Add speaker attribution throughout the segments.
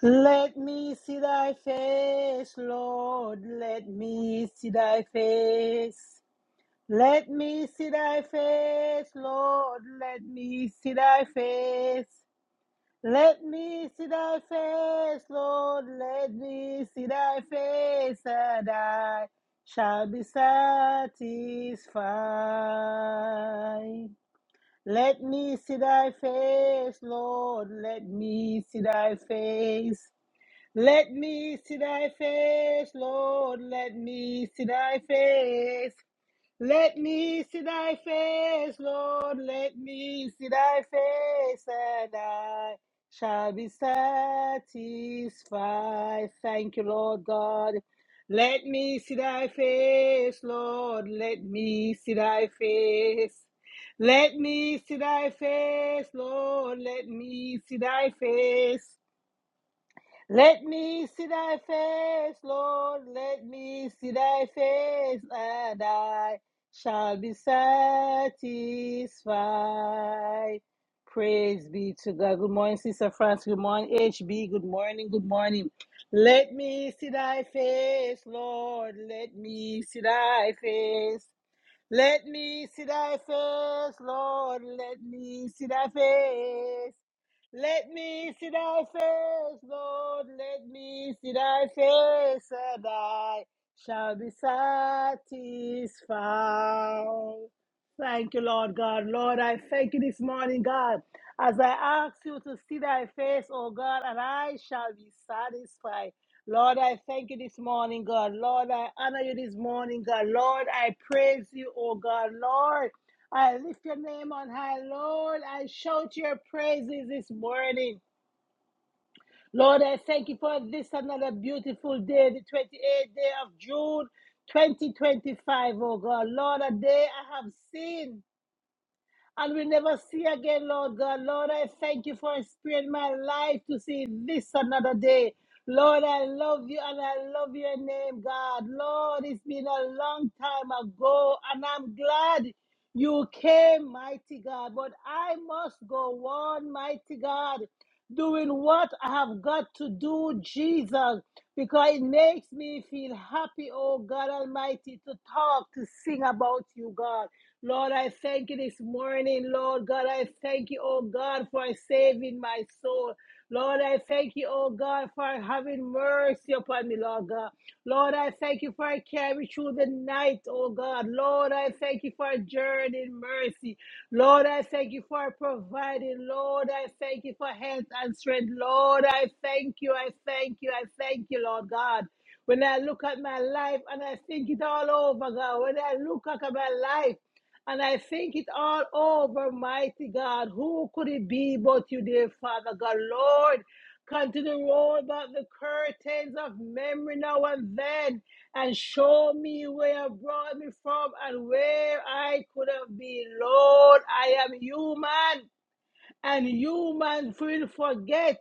Speaker 1: Let me see thy face, Lord. Let me see thy face. Let me see thy face, Lord. Let me see thy face. Let me see thy face, Lord. Let me see thy face, and I shall be satisfied. Let me see thy face, Lord. Let me see thy face. Let me see thy face, Lord. Let me see thy face. Let me see thy face, Lord. Let me see thy face, and I shall be satisfied. Thank you, Lord God. Let me see thy face, Lord. Let me see thy face. Let me see thy face, Lord. Let me see thy face. Let me see thy face, Lord. Let me see thy face, and I shall be satisfied. Praise be to God. Good morning, Sister France. Good morning, HB. Good morning. Good morning. Let me see thy face, Lord. Let me see thy face. Let me see thy face, Lord. Let me see thy face. Let me see thy face, Lord. Let me see thy face, and I shall be satisfied. Thank you, Lord God. Lord, I thank you this morning, God, as I ask you to see thy face, oh God, and I shall be satisfied. Lord, I thank you this morning, God. Lord, I honor you this morning, God. Lord, I praise you, oh God. Lord, I lift your name on high, Lord. I shout your praises this morning. Lord, I thank you for this another beautiful day, the 28th day of June 2025, oh God. Lord, a day I have seen and we never see again, Lord God. Lord, I thank you for sparing my life to see this another day. Lord, I love you and I love your name, God. Lord, it's been a long time ago, and I'm glad you came, mighty God. But I must go on, mighty God, doing what I have got to do, Jesus, because it makes me feel happy, oh God Almighty, to talk, to sing about you, God. Lord, I thank you this morning. Lord God, I thank you, oh God, for saving my soul. Lord, I thank you, oh God, for having mercy upon me, Lord God. Lord, I thank you for carrying me through the night, oh God. Lord, I thank you for journeying mercy. Lord, I thank you for providing. Lord, I thank you for health and strength. Lord, I thank you, I thank you, I thank you, Lord God. When I look at my life and I think it all over, God, when I look at my life, and I think it all over, mighty God. Who could it be but you, dear Father God? Lord, continue to roll back the curtains of memory now and then and show me where you brought me from and where I could have been. Lord, I am human and human will forget.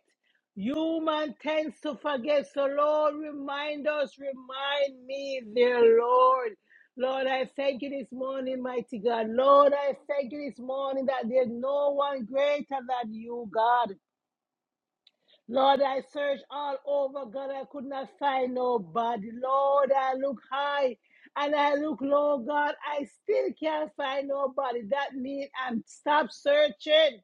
Speaker 1: Human tends to forget. So, Lord, remind us, remind me, dear Lord. Lord, I thank you this morning, mighty God. Lord, I thank you this morning that there's no one greater than you, God. Lord, I searched all over, God, I could not find nobody. Lord, I look high and I look low, God, I still can't find nobody. That means I'm stop searching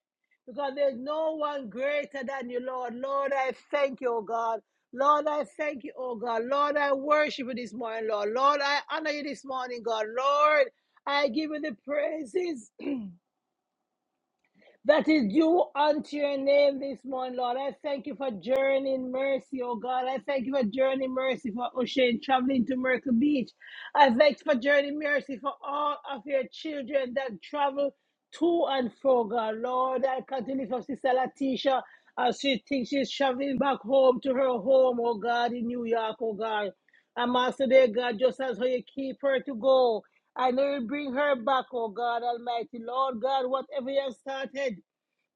Speaker 1: because there's no one greater than you, Lord. Lord, I thank you, oh God. Lord, I thank you, oh God. Lord, I worship you this morning, Lord. Lord, I honor you this morning, God. Lord, I give you the praises that is due unto your name this morning, Lord. I thank you for journeying mercy, oh God. I thank you for journeying mercy for Oshane traveling to Myrtle Beach. I thank you for journeying mercy for all of your children that travel to and fro, God. Lord, I continue for Sister Latisha as she thinks she's traveling back home to her home, oh God, in New York, oh God. I'm asking dear God, just as how you keep her to go. I know you bring her back, oh God Almighty. Lord God, whatever you have started,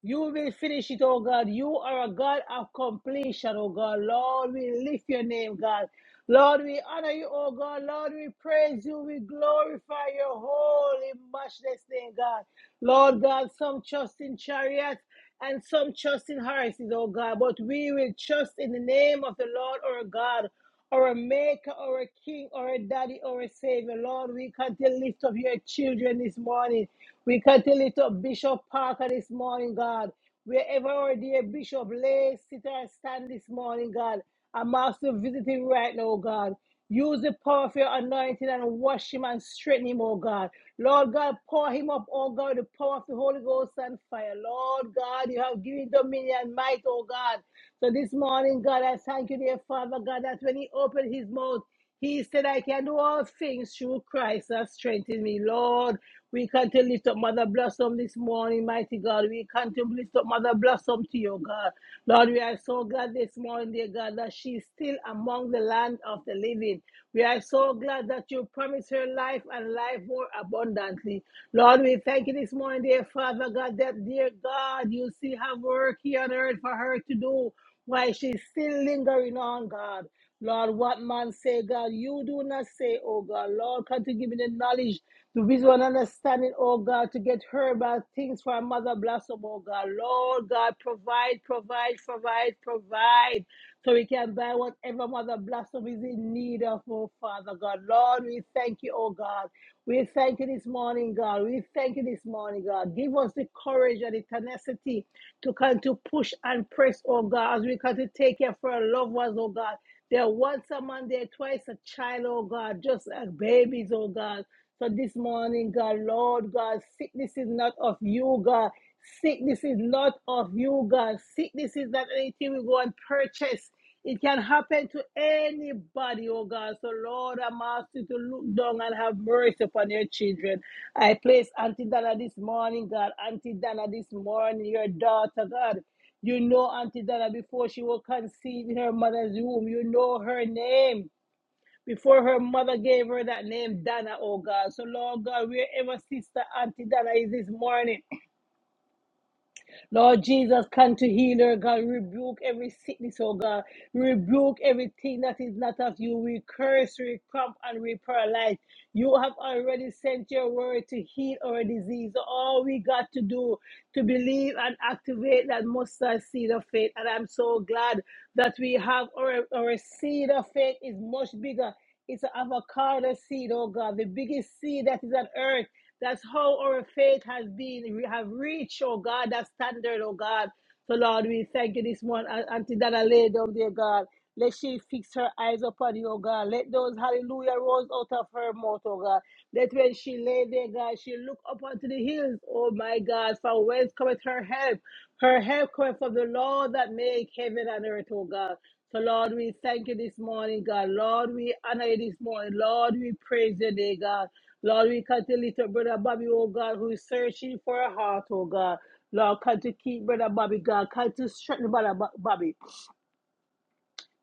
Speaker 1: you will finish it, oh God. You are a God of completion, oh God. Lord, we lift your name, God. Lord, we honor you, oh God. Lord, we praise you. We glorify your holy, matchless name, God. Lord God, some trust in chariots and some trust in horses, oh God, but we will trust in the name of the Lord our God, our Maker, our King, our Daddy, our Savior. Lord, we can to lift up your children this morning. We can to lift up Bishop Parker this morning, God. Wherever our dear Bishop lay, sit or stand this morning, God. I'm also visiting right now, God. Use the power of your anointing and wash him and straighten him, oh God. Lord God, pour him up, oh God, the power of the Holy Ghost and fire. Lord God, you have given dominion and might, oh God. So this morning, God, I thank you, dear Father God, that when he opened his mouth, he said, I can do all things through Christ that strengthens me. Lord, we come to lift up Mother Blossom this morning, mighty God. We come to lift up Mother Blossom to you, God. Lord, we are so glad this morning, dear God, that she's still among the land of the living. We are so glad that you promised her life and life more abundantly. Lord, we thank you this morning, dear Father God, that, dear God, you still have work here on earth for her to do while she's still lingering on, God. Lord, what man say, God, you do not say, oh God. Lord, come to give me the knowledge, the wisdom and understanding, oh God, to get her about things for our mother blossom, oh God. Lord God, provide, provide, provide, provide. So we can buy whatever mother blossom is in need of, oh Father God. Lord, we thank you, oh God. We thank you this morning, God. We thank you this morning, God. Give us the courage and the tenacity to come to push and press, oh God, as we come to take care for our loved ones, oh God. They're once a man, they're twice a child, oh God, just like babies, oh God. So this morning, God, Lord God, sickness is not of you, God. Sickness is not of you, God. Sickness is not anything we go and purchase. It can happen to anybody, oh God. So, Lord, I'm asking you to look down and have mercy upon your children. I place Auntie Dana this morning, God. Auntie Dana this morning, your daughter, God. You know Auntie Dana before she was conceived in her mother's womb. You know her name before her mother gave her that name, Dana, oh God. So, Lord God, wherever Sister Auntie Dana is this morning, Lord Jesus, come to heal her, God. Rebuke every sickness, oh God. Rebuke everything that is not of you. We curse, we cramp, and we paralyze. You have already sent your word to heal our disease. All we got to do to believe and activate that mustard seed of faith. And I'm so glad that we have our, our seed of faith is much bigger. It's an avocado seed, oh God, the biggest seed that is on earth. That's how our faith has been. We have reached, oh God, that standard, oh God. So, Lord, we thank you this morning. Aunt- Auntie Dana lay down there, God. Let she fix her eyes upon you, oh God. Let those hallelujah rolls out of her mouth, oh God. That when she lay there, God, she look up onto the hills, oh my God, from whence cometh her help. Her help cometh from the Lord that made heaven and earth, oh God. So, Lord, we thank you this morning, God. Lord, we honor you this morning. Lord, we praise your name, God. Lord, we come to lift up Brother Bobby, oh God, who is searching for a heart, oh God. Lord, come to keep Brother Bobby, God. Come to strengthen Brother Bo- Bobby.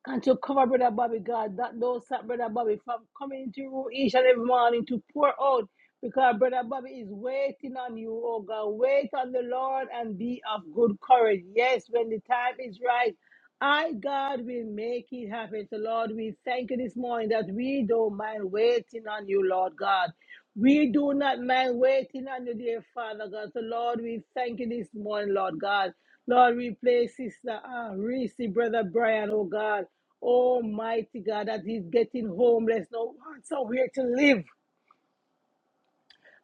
Speaker 1: Come to cover Brother Bobby, God. That those that Brother Bobby from coming to you each and every morning to pour out because Brother Bobby is waiting on you, oh God. Wait on the Lord and be of good courage. Yes, when the time is right. I, God, will make it happen. So, Lord, we thank you this morning that we don't mind waiting on you, Lord God. We do not mind waiting on you, dear Father God. So, Lord, we thank you this morning, Lord God. Lord, we play Sister uh, Reese, Brother Brian, oh God. Almighty God, that he's getting homeless, no one somewhere to live.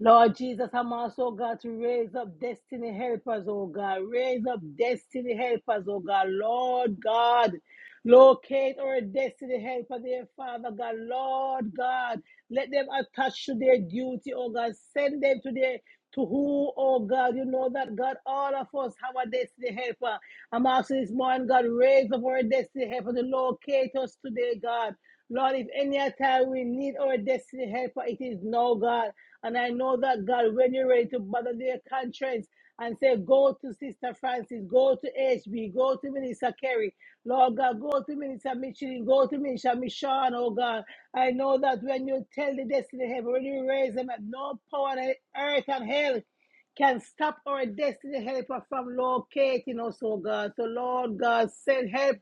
Speaker 1: Lord Jesus, I'm also God to raise up destiny helpers, oh God. Raise up destiny helpers, oh God. Lord God, Locate our destiny, help us, dear Father God, Lord God. Let them attach to their duty, oh God. Send them to their to who, oh God, you know that God, all of us have a destiny helper. I'm asking this morning, God, raise up our destiny helper to locate us today, God. Lord, if any time we need our destiny helper, it is now, God. And I know that, God, when you're ready to bother their conscience and say, Go to Sister Francis, go to HB, go to Minister Kerry, Lord God, go to Minister Michelin, go to Minister Michonne, oh God. I know that when you tell the destiny of heaven, when you raise them up, no power on earth and hell can stop our destiny helper from locating us, oh God. So, Lord God, send help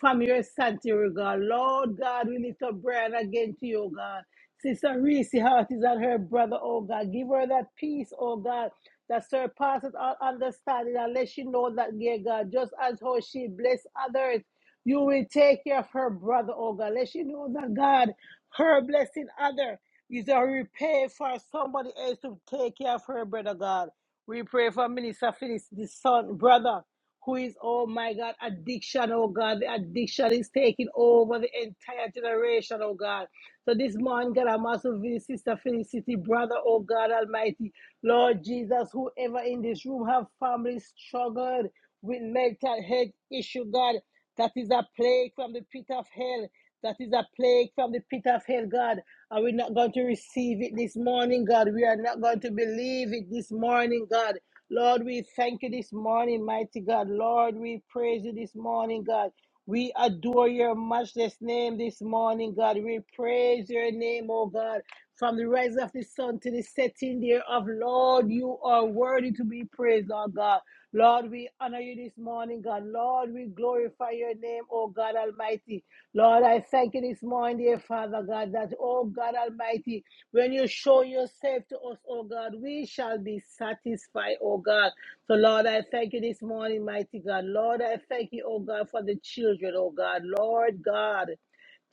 Speaker 1: from your sanctuary, God. Lord God, we lift up Brian again to you, oh God. Sister Reese Hart is on her brother, oh God. Give her that peace, oh God that surpasses all understanding unless you know that, dear God, just as how she blessed others, you will take care of her brother, oh God. Let you know that, God, her blessing other is a repay for somebody else to take care of her brother, God. We pray for Minister Phyllis, the son, brother, who is, oh my God, addiction, oh God. The addiction is taking over the entire generation, oh God. So this morning, God, I'm also with Sister Felicity, brother, oh God Almighty. Lord Jesus, whoever in this room have family struggled with mental health issue, God, that is a plague from the pit of hell. That is a plague from the pit of hell, God. Are we not going to receive it this morning, God? We are not going to believe it this morning, God. Lord, we thank you this morning, mighty God. Lord, we praise you this morning, God. We adore your matchless name this morning, God. We praise your name, oh God. From the rise of the sun to the setting thereof, Lord, you are worthy to be praised, Lord God. Lord, we honor you this morning, God. Lord, we glorify your name, oh God Almighty. Lord, I thank you this morning, dear Father God, that, oh God Almighty, when you show yourself to us, oh God, we shall be satisfied, oh God. So, Lord, I thank you this morning, mighty God. Lord, I thank you, oh God, for the children, oh God. Lord God.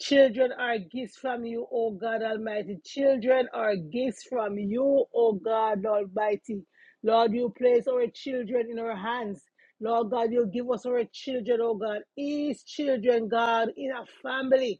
Speaker 1: Children are gifts from you, O God Almighty. Children are gifts from you, O God Almighty. Lord, you place our children in our hands. Lord God, you give us our children, O God. Each children, God, in a family.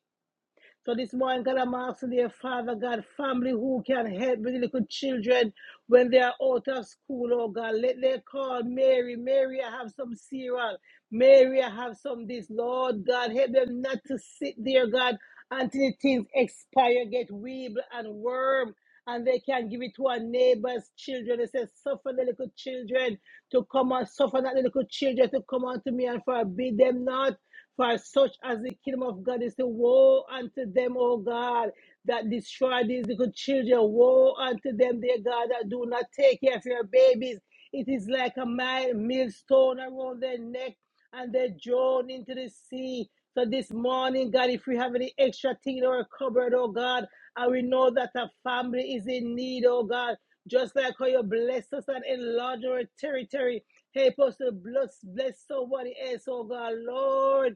Speaker 1: So this morning, God, I'm asking dear Father God, family who can help with little children when they are out of school, oh God. Let they call Mary. Mary, I have some cereal. Mary, I have some this. Lord God, help them not to sit there, God, until the things expire, get weeble and worm. And they can give it to our neighbors' children. They say, suffer the little children to come and suffer not the little children to come unto me and forbid them not. For such as the kingdom of God is to woe unto them, O God, that destroy these little children. Woe unto them, dear God, that do not take care of your babies. It is like a mile millstone around their neck and they drown into the sea. So this morning, God, if we have any extra thing in our cupboard, oh God, and we know that our family is in need, oh God, just like how you bless us and enlarge our territory, help us to bless, bless somebody else, oh God, Lord.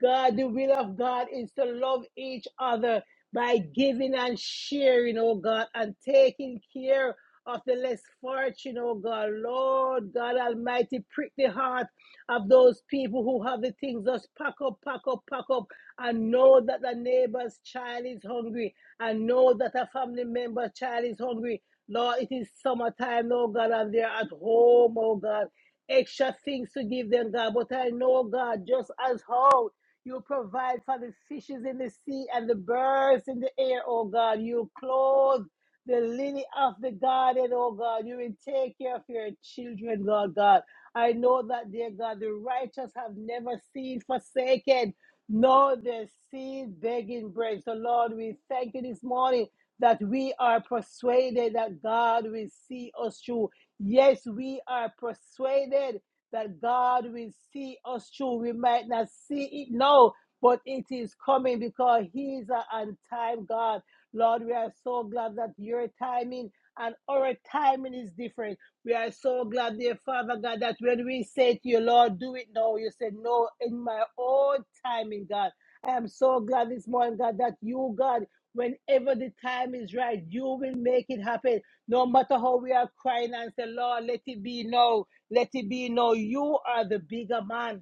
Speaker 1: God, the will of God is to love each other by giving and sharing, oh God, and taking care of the less fortunate, oh God. Lord God Almighty, prick the heart of those people who have the things just pack up, pack up, pack up, and know that the neighbor's child is hungry, and know that a family member's child is hungry. Lord, it is summertime, oh God, and they're at home, oh God extra things to give them, God. But I know, God, just as how You'll provide for the fishes in the sea and the birds in the air, oh God. You'll clothe the lily of the garden, oh God. You will take care of your children, Lord God. I know that, dear God, the righteous have never seen forsaken, nor their seed begging bread. So, Lord, we thank you this morning that we are persuaded that God will see us through. Yes, we are persuaded that God will see us through. We might not see it now, but it is coming because He is an on time God. Lord, we are so glad that your timing and our timing is different. We are so glad, dear Father God, that when we say to you, Lord, do it now, you said, No, in my own timing, God. I am so glad this morning, God, that you, God, whenever the time is right, you will make it happen. No matter how we are crying and say, Lord, let it be now. Let it be known you are the bigger man.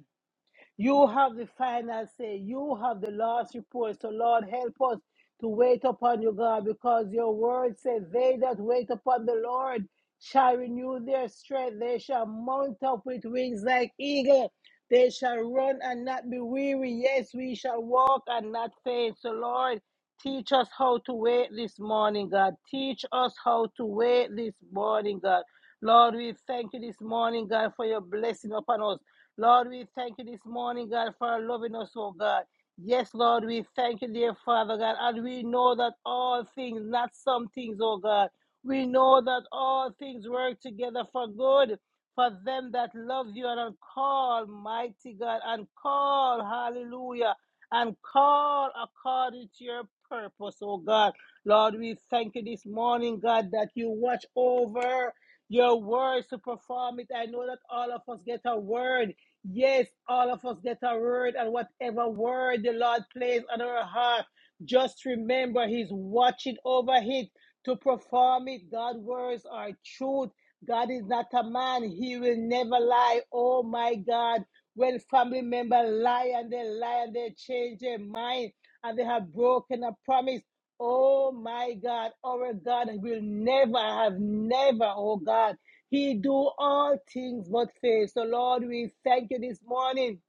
Speaker 1: You have the final say. You have the last report. So, Lord, help us to wait upon you, God, because your word says, They that wait upon the Lord shall renew their strength. They shall mount up with wings like eagle. They shall run and not be weary. Yes, we shall walk and not faint. So, Lord, teach us how to wait this morning, God. Teach us how to wait this morning, God. Lord, we thank you this morning, God, for your blessing upon us. Lord, we thank you this morning, God, for loving us, oh God. Yes, Lord, we thank you, dear Father God, and we know that all things, not some things, oh God. We know that all things work together for good for them that love you and are called, mighty God, and call, hallelujah, and call according to your purpose, oh God. Lord, we thank you this morning, God, that you watch over your words to perform it. I know that all of us get a word Yes, all of us get a word, and whatever word the Lord plays on our heart, just remember He's watching over it to perform it. God's words are truth. God is not a man, He will never lie. Oh my God, when family members lie and they lie and they change their mind and they have broken a promise, Oh my God, our God will never have never, oh God. He do all things but fail. So Lord, we thank you this morning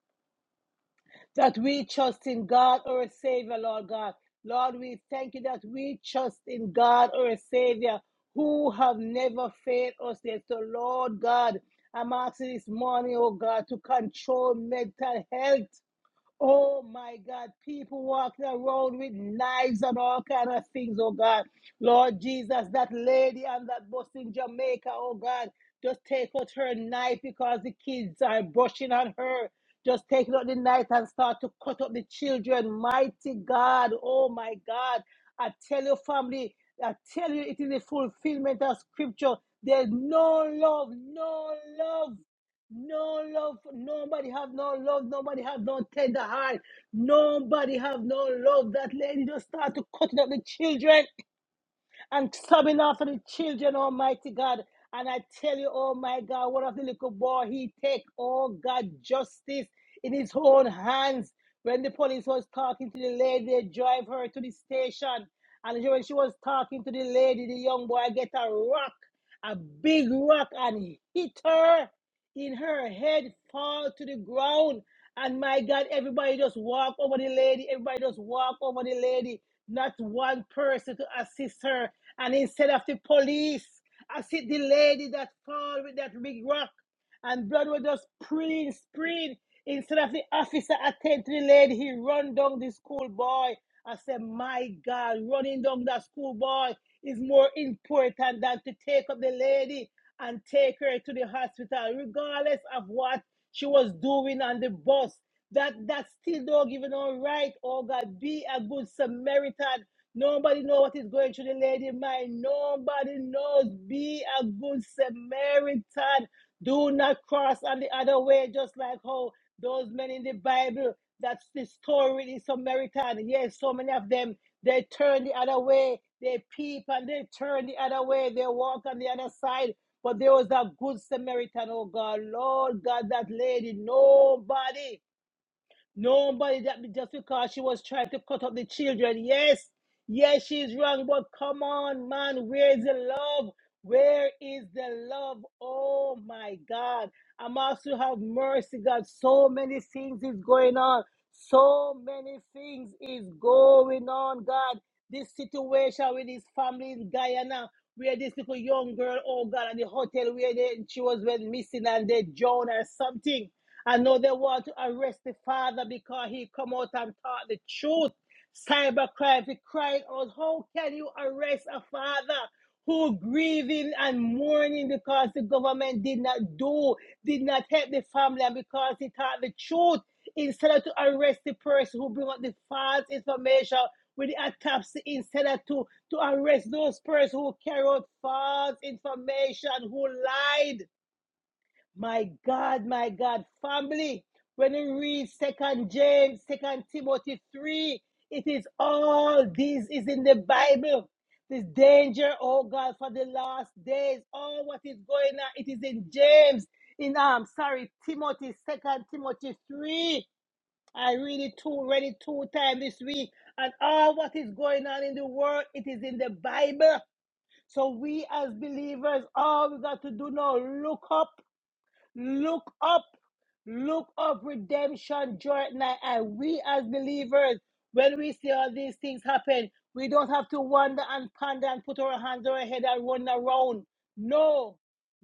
Speaker 1: that we trust in God our Savior, Lord God. Lord, we thank you that we trust in God our Savior who have never failed us yet. So Lord God, I'm asking this morning, oh God, to control mental health Oh my God, people walking around with knives and all kind of things, oh God. Lord Jesus, that lady on that bus in Jamaica, oh God, just take out her knife because the kids are brushing on her. Just take out the knife and start to cut up the children. Mighty God, oh my God. I tell you, family, I tell you, it is the fulfillment of scripture. There's no love, no love no love. Nobody have no love. Nobody have no tender heart. Nobody have no love. That lady just start to cutting up the children and sobbing after the children, Almighty God. And I tell you, oh my God, one of the little boy, he take, oh God, justice in his own hands. When the police was talking to the lady, they drive her to the station. And when she was talking to the lady, the young boy get a rock, a big rock, and hit her in her head, fall to the ground. And my God, everybody just walk over the lady. Everybody just walk over the lady. Not one person to assist her. And instead of the police, assist the lady that fall with that big rock. And blood was just spraying, spraying. Instead of the officer attend to the lady, he run down the schoolboy. I said, my God, running down that schoolboy is more important than to take up the lady and take her to the hospital, regardless of what she was doing on the bus. That that still don't give her no right. Oh God, be a good Samaritan. Nobody know what is going through the lady mind. Nobody knows. Be a good Samaritan. Do not cross on the other way, just like how those men in the Bible. That's the story in Samaritan. Yes, so many of them they turn the other way. They peep and they turn the other way. They walk on the other side. But there was that good Samaritan, oh God, Lord God, that lady, nobody. Nobody that just because she was trying to cut up the children. Yes, yes, she's wrong, but come on, man, where is the love? Where is the love? Oh my God. I'm also have mercy, God. So many things is going on. So many things is going on, God. This situation with his family in Guyana, where this little young girl, oh God, at the hotel where they, she was went missing and they drowned or something. I know they want to arrest the father because he come out and taught the truth. Cybercrime, he cried out, how can you arrest a father who grieving and mourning because the government did not do, did not help the family and because he taught the truth instead of to arrest the person who bring up the false information with the autopsy instead of to, to arrest those persons who carry out false information, who lied my God, my God, family. When you read Second James, Second Timothy three, it is all this is in the Bible. This danger, oh God, for the last days, all what is going on, it is in James, in um, sorry, Timothy, Second Timothy three. I read it two, read it two times this week, and all what is going on in the world, it is in the Bible. So we as believers, all we got to do now, look up Look up. Look up redemption draw at night. And we as believers, when we see all these things happen, we don't have to wonder and ponder and put our hands on our head and run around. No.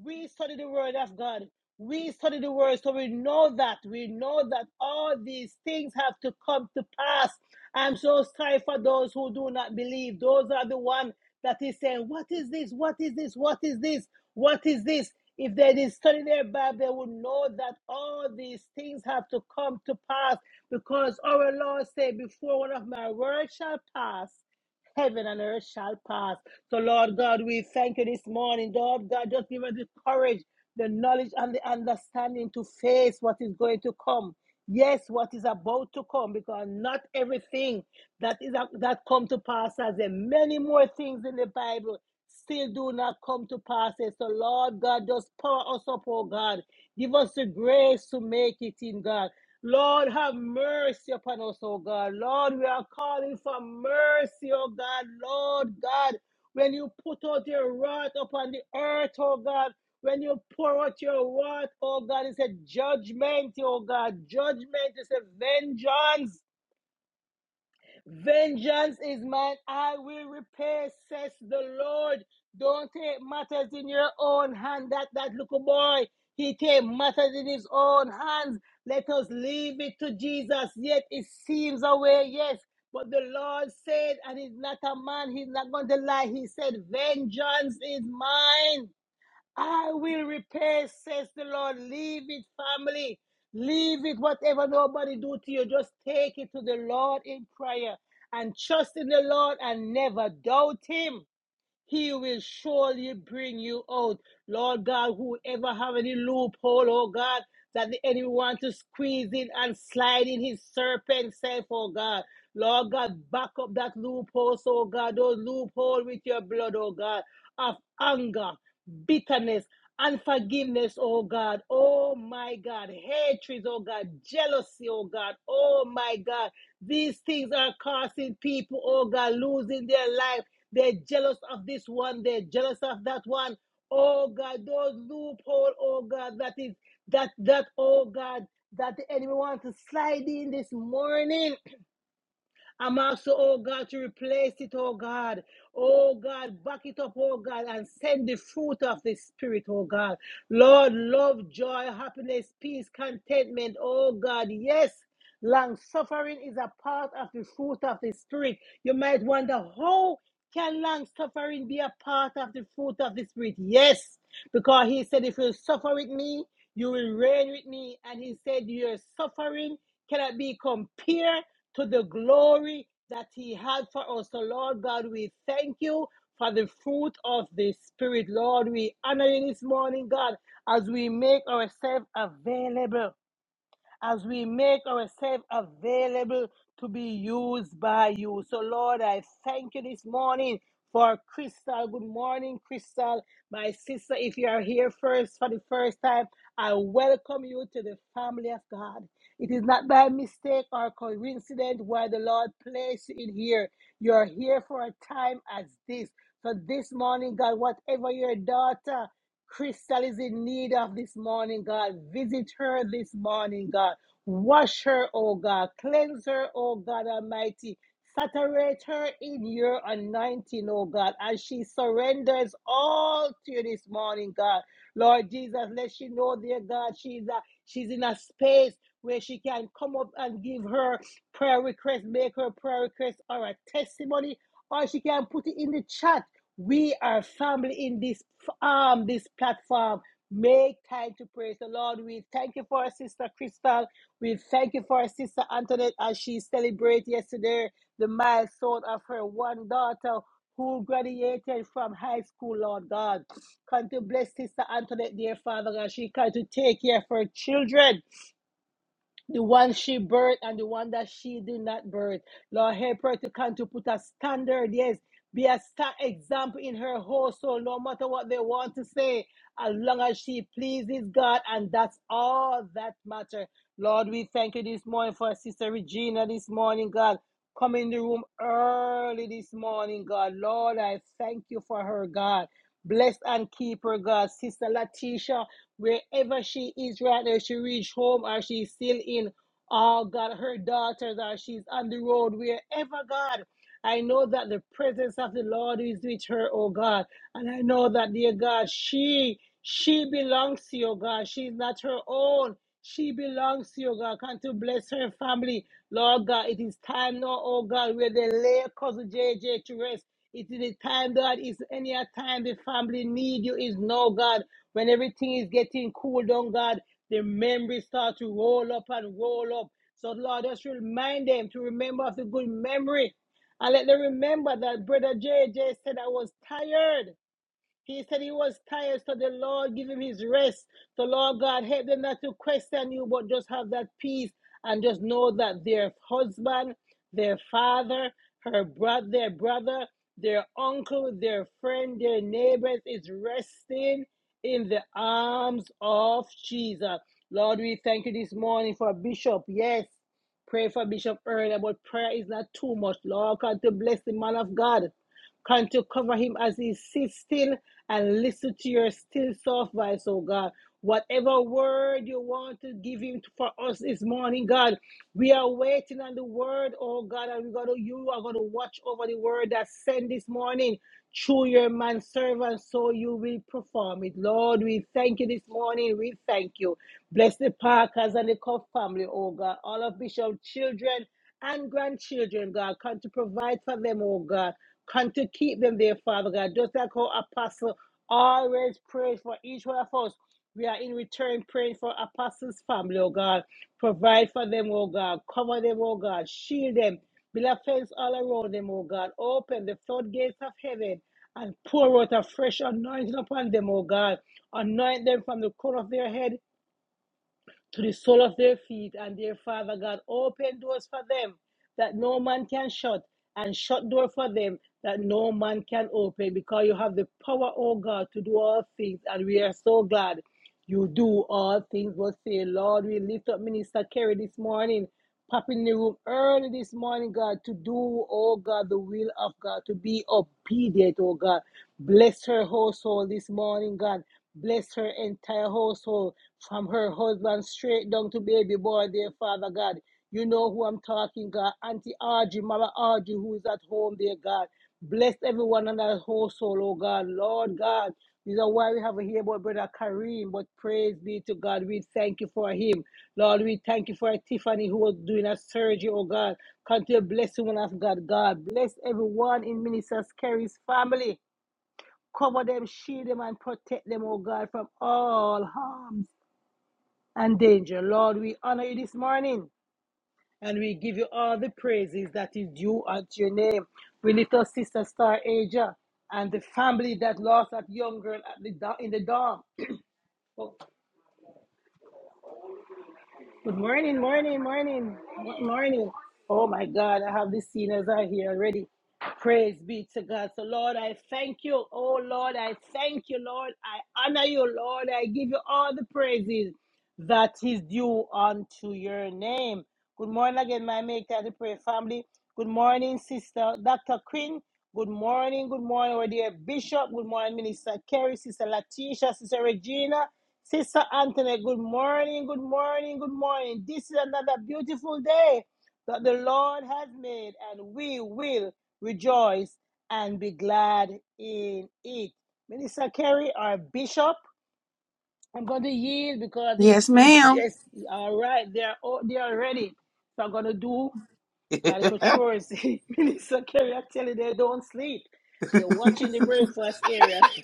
Speaker 1: We study the word of God. We study the word, so we know that. We know that all these things have to come to pass. I'm so sorry for those who do not believe. Those are the one that is saying, What is this? What is this? What is this? What is this? If they did study their Bible, they would know that all these things have to come to pass because our Lord said, Before one of my words shall pass, heaven and earth shall pass. So, Lord God, we thank you this morning. Lord God, just give us the courage, the knowledge, and the understanding to face what is going to come. Yes, what is about to come, because not everything that is that come to pass as there are many more things in the Bible still do not come to pass. So, Lord God, just power us up, oh God. Give us the grace to make it in God. Lord, have mercy upon us, oh God. Lord, we are calling for mercy, oh God. Lord God, when you put out your wrath upon the earth, oh God, when you pour out your wrath, oh God, it's a judgment, oh God. Judgment is a vengeance. Vengeance is mine, I will repay, says the Lord. Don't take matters in your own hand. That that little boy, he take matters in his own hands. Let us leave it to Jesus. Yet it seems a way. yes. But the Lord said, and he's not a man, he's not going to lie. He said, Vengeance is mine. I will repay, says the Lord. Leave it, family. Leave it, whatever nobody do to you. Just take it to the Lord in prayer and trust in the Lord and never doubt Him. He will surely bring you out. Lord God, whoever have any loophole, oh God, that the enemy want to squeeze in and slide in his serpent self, oh God. Lord God, back up that loophole, so, oh God, those loophole with your blood, oh God, of anger, bitterness, unforgiveness, oh God. Oh my God. Hatred, oh God. Jealousy, oh God. Oh my God. These things are causing people, oh God, losing their life. They're jealous of this one. They're jealous of that one. Oh God, those loophole. Oh God, that is that that. Oh God, that the enemy wants to slide in this morning. I'm also, oh God, to replace it, oh God. Oh God, back it up, oh God, and send the fruit of the Spirit, oh God. Lord, love, joy, happiness, peace, contentment, oh God. Yes, long suffering is a part of the fruit of the Spirit. You might wonder how can long suffering be a part of the fruit of the Spirit? Yes, because He said, if you suffer with me, you will reign with me. And He said, your suffering cannot be compared to the glory that he had for us. So, Lord God, we thank you for the fruit of the Spirit. Lord, we honor you this morning, God, as we make ourselves available as we make ourselves available to be used by you. So, Lord, I thank you this morning for Crystal. Good morning, Crystal. My sister, if you are here first for the first time, I welcome you to the family of God. It is not by mistake or coincidence why the Lord placed you in here. You're here for a time as this. So this morning, God, whatever your daughter Crystal is in need of this morning, God. Visit her this morning, God. Wash her, oh God. Cleanse her, oh God Almighty. Saturate her in your anointing, oh God, as she surrenders all to you this morning, God. Lord Jesus, let she know, dear God, she's a, she's in a space where she can come up and give her prayer request, make her prayer request or a testimony, or she can put it in the chat. We are family in this um, this platform. Make time to praise the Lord. We thank you for our sister Crystal. We thank you for our sister Antoinette as she celebrated yesterday the milestone of her one daughter who graduated from high school, Lord God. Come to bless Sister Antoinette, dear Father God. She come to take care of her children the one she birthed and the one that she did not birth. Lord, help her to come to put a standard, yes, be a star example in her household, no matter what they want to say, as long as she pleases God, and that's all that matters. Lord, we thank you this morning for Sister Regina this morning, God. Come in the room early this morning, God. Lord, I thank you for her, God. Bless and keep her, God. Sister Latisha, Wherever she is right now, she reached home or she's still in. Oh God, her daughters or she's on the road, wherever God. I know that the presence of the Lord is with her, oh God. And I know that, dear God, she she belongs to you, oh, God. She's not her own. She belongs to you, oh, God. Come to bless her family. Lord God, it is time now, oh God, where they lay cousin J J to rest. It is the time, God, It's any time the family need you is now, God. When everything is getting cool down, God, the memories start to roll up and roll up. So, Lord, just remind them to remember of the good memory. And let them remember that Brother J J said I was tired. He said he was tired, so the Lord give him his rest. So, Lord God, help them not to question you, but just have that peace and just know that their husband, their father, her brother, their brother, their uncle, their friend, their neighbors is resting in the arms of Jesus. Lord, we thank you this morning for Bishop. Yes, pray for Bishop earlier, but prayer is not too much. Lord, God, to bless the man of God. Can to cover him as he sits still and listen to your still soft voice, oh God. Whatever word you want to give him for us this morning, God, we are waiting on the word, oh God, and we got to, you are going to watch over the word that sent this morning through your man servant, so you will perform it. Lord, we thank you this morning. We thank you. Bless the Parkers and the Cuff family, oh God, all of Bishop's children and grandchildren, God. Come to provide for them, oh God. Come to keep them there, Father God. Just like our apostle always prays for each one of us. We are in return praying for apostles' family, oh God. Provide for them, oh God. Cover them, oh God. Shield them. Build a fence all around them, oh God. Open the floodgates of heaven and pour out a fresh anointing upon them, oh God. Anoint them from the crown of their head to the sole of their feet, and their Father God, open doors for them that no man can shut, and shut door for them that no man can open, because you have the power, oh God, to do all things, and we are so glad you do all things. But say, Lord, we lift up Minister Kerry this morning, pop in the room early this morning, God, to do, oh God, the will of God, to be obedient, oh God. Bless her household this morning, God. Bless her entire household, from her husband straight down to baby boy, dear Father God. You know who I'm talking, God. Auntie Audrey, Mama Audrey, who is at home, dear God. Bless everyone in that household, oh God. Lord God, this is why we have a here about Brother Kareem, but praise be to God. We thank you for him. Lord, we thank you for Tiffany who was doing a surgery, oh God. Continue blessing one of God. God, bless everyone in Minister Kerry's family. Cover them, shield them, and protect them, oh God, from all harms and danger. Lord, we honor you this morning and we give you all the praises that is due unto your name. We lift our sister Star Asia and the family that lost that young girl at the dawn- in the dawn. Good morning, morning, morning, mo- morning. Oh my God, I have the sinners are here already. Praise be to God. So, Lord, I thank you. Oh, Lord, I thank you, Lord. I honor you, Lord. I give you all the praises that is due unto your name. Good morning again, my Make Time to Pray family. Good morning, Sister Dr. Quinn. Good morning, good morning, our dear Bishop. Good morning, Minister Kerry, Sister Latisha, Sister Regina. Sister Anthony, good morning, good morning, good morning. This is another beautiful day that the Lord has made, and we will rejoice and be glad in it. Minister Kerry, our bishop, I'm going to yield because the,
Speaker 2: Yes,
Speaker 1: the
Speaker 2: ma'am.
Speaker 1: guests are right. They are, all, they are ready. So I'm going to do my little chores. Minister Kerry, I tell you, they don't sleep. They're watching the breakfast area.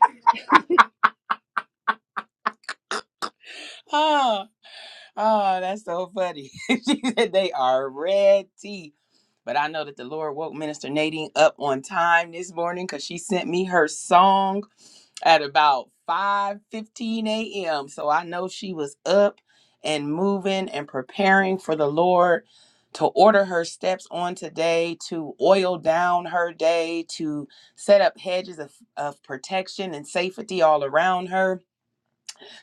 Speaker 2: Oh, oh, that's so funny. she said they are red tea. But I know that the Lord woke Minister Nadine up on time this morning because she sent me her song at about 5 15 a.m. So I know she was up and moving and preparing for the Lord to order her steps on today, to oil down her day, to set up hedges of, of protection and safety all around her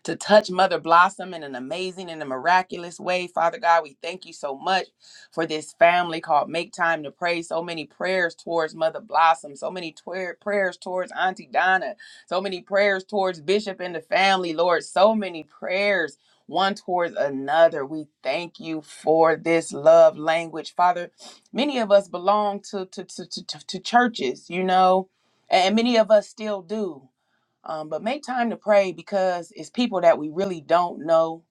Speaker 2: to touch Mother Blossom in an amazing and a miraculous way. Father God, we thank you so much for this family called Make Time to Pray. So many prayers towards Mother Blossom, so many twer- prayers towards Auntie Donna, so many prayers towards Bishop and the family, Lord, so many prayers. One towards another. We thank you for this love language. Father, many of us belong to, to, to, to, to to churches, you know, and many of us still do. Um, but make time to pray because it's people that we really don't know.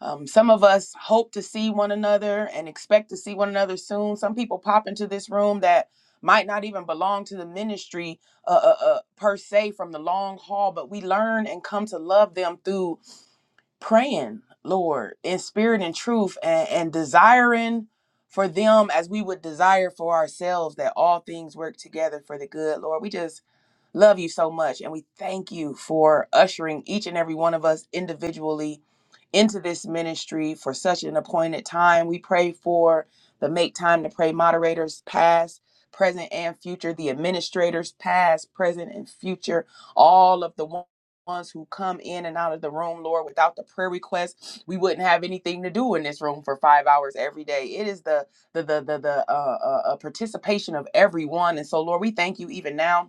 Speaker 2: Um, some of us hope to see one another and expect to see one another soon. Some people pop into this room that might not even belong to the ministry uh, uh, uh, per se from the long haul, but we learn and come to love them through praying, Lord, in spirit and truth, and, and desiring for them as we would desire for ourselves that all things work together for the good, Lord. We just Love you so much. And we thank you for ushering each and every one of us individually into this ministry for such an appointed time. We pray for the Make Time to Pray moderators, past, present, and future, the administrators, past, present, and future, all of the one- ones who come in and out of the room, Lord, without the prayer requests, we wouldn't have anything to do in this room for five hours every day. It is the the the the, the uh, uh, uh, participation of everyone, and so Lord, we thank you even now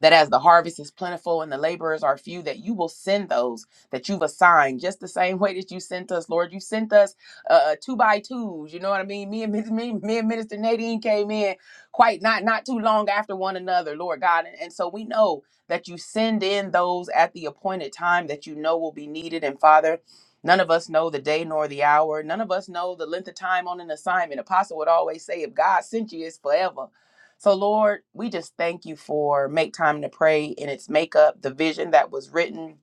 Speaker 2: that as the harvest is plentiful and the laborers are few, that you will send those that you've assigned just the same way that you sent us, Lord. You sent us uh, uh, two by twos, you know what I mean? Me and, Min- me, me and Minister Nadine came in quite not, not too long after one another, Lord God. And, and so we know that you send in those at the appointed time that you know will be needed. And Father, None of us know the day nor the hour. None of us know the length of time on an assignment. Apostle would always say, if God sent you, it's forever. So, Lord, we just thank you for Make Time to Pray in its makeup, the vision that was written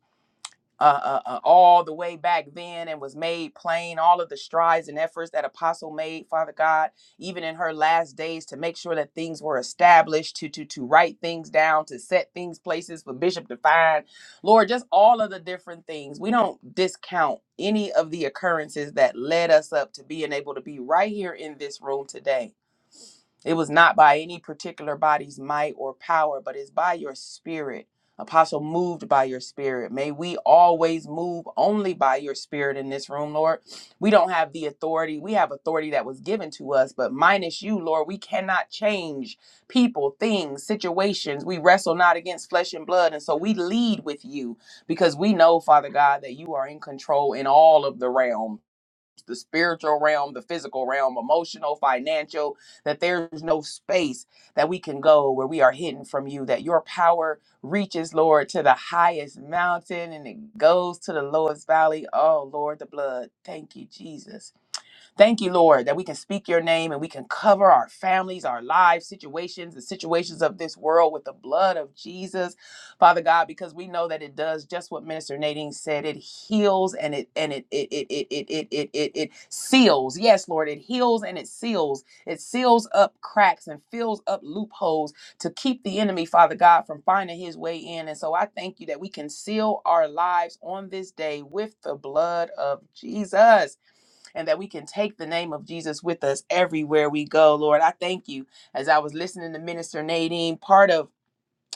Speaker 2: uh, uh, uh, all the way back then and was made plain, all of the strides and efforts that Apostle made, Father God, even in her last days to make sure that things were established, to, to, to write things down, to set things places for Bishop to find. Lord, just all of the different things. We don't discount any of the occurrences that led us up to being able to be right here in this room today. It was not by any particular body's might or power, but it's by your spirit. Apostle, moved by your spirit. May we always move only by your spirit in this room, Lord. We don't have the authority. We have authority that was given to us, but minus you, Lord, we cannot change people, things, situations. We wrestle not against flesh and blood. And so we lead with you because we know, Father God, that you are in control in all of the realms the spiritual realm, the physical realm, emotional, financial, that there's no space that we can go where we are hidden from you, that your power reaches, Lord, to the highest mountain and it goes to the lowest valley. Oh, Lord, the blood. Thank you, Jesus. Thank you, Lord, that we can speak your name and we can cover our families, our lives, situations, the situations of this world with the blood of Jesus, Father God, because we know that it does just what Minister Nadine said. It heals and it and it it it it it it it it, it seals. Yes, Lord, it heals and it seals. It seals up cracks and fills up loopholes to keep the enemy, Father God, from finding his way in. And so I thank you that we can seal our lives on this day with the blood of Jesus and that we can take the name of Jesus with us everywhere we go. Lord, I thank you as I was listening to Minister Nadine, part of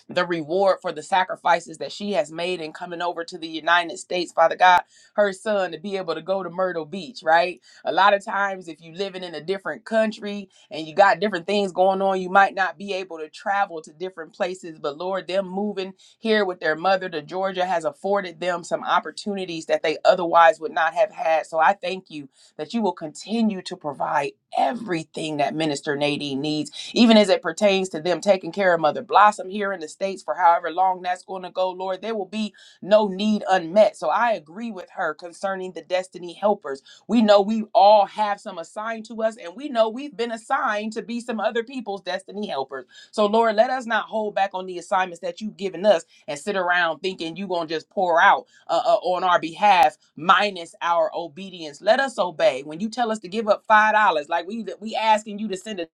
Speaker 2: the reward for the sacrifices that she has made in coming over to the United States, Father God, her son to be able to go to Myrtle Beach, right? A lot of times, if you living in a different country and you got different things going on, you might not be able to travel to different places. But Lord, them moving here with their mother to Georgia has afforded them some opportunities that they otherwise would not have had. So I thank you that you will continue to provide everything that Minister Nadine needs even as it pertains to them taking care of Mother Blossom here in the States for however long that's going to go, Lord, there will be no need unmet. So I agree with her concerning the destiny helpers. We know we all have some assigned to us, and we know we've been assigned to be some other people's destiny helpers. So, Lord, let us not hold back on the assignments that you've given us and sit around thinking you're going to just pour out uh, uh, on our behalf minus our obedience. Let us obey. When you tell us to give up $5, like we we asking you to send a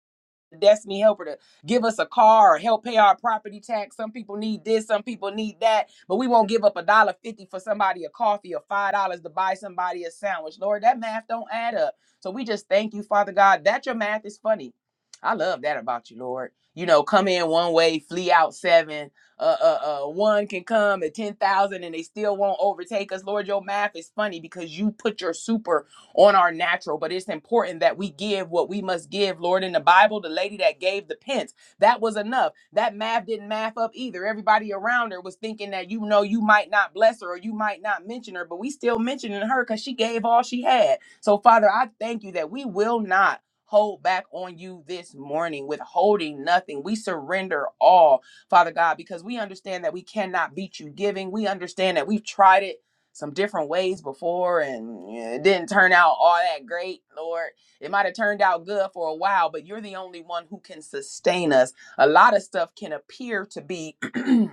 Speaker 2: destiny helper to give us a car or help pay our property tax. Some people need this, some people need that, but we won't give up a dollar fifty for somebody a coffee or five dollars to buy somebody a sandwich. Lord, that math don't add up. So we just thank you, Father God, that your math is funny. I love that about you, Lord. You know, come in one way, flee out seven. Uh, uh, uh, one can come at ten thousand, and they still won't overtake us. Lord, your math is funny because you put your super on our natural, but it's important that we give what we must give. Lord, in the Bible, the lady that gave the pence, that was enough. That math didn't math up either. Everybody around her was thinking that, you know, you might not bless her or you might not mention her, but we still mentioning her because she gave all she had. So, Father, I thank you that we will not hold back on you this morning, withholding nothing. We surrender all, Father God, because we understand that we cannot beat you giving. We understand that we've tried it some different ways before and yeah, it didn't turn out all that great, Lord. It might have turned out good for a while, but you're the only one who can sustain us. A lot of stuff can appear to be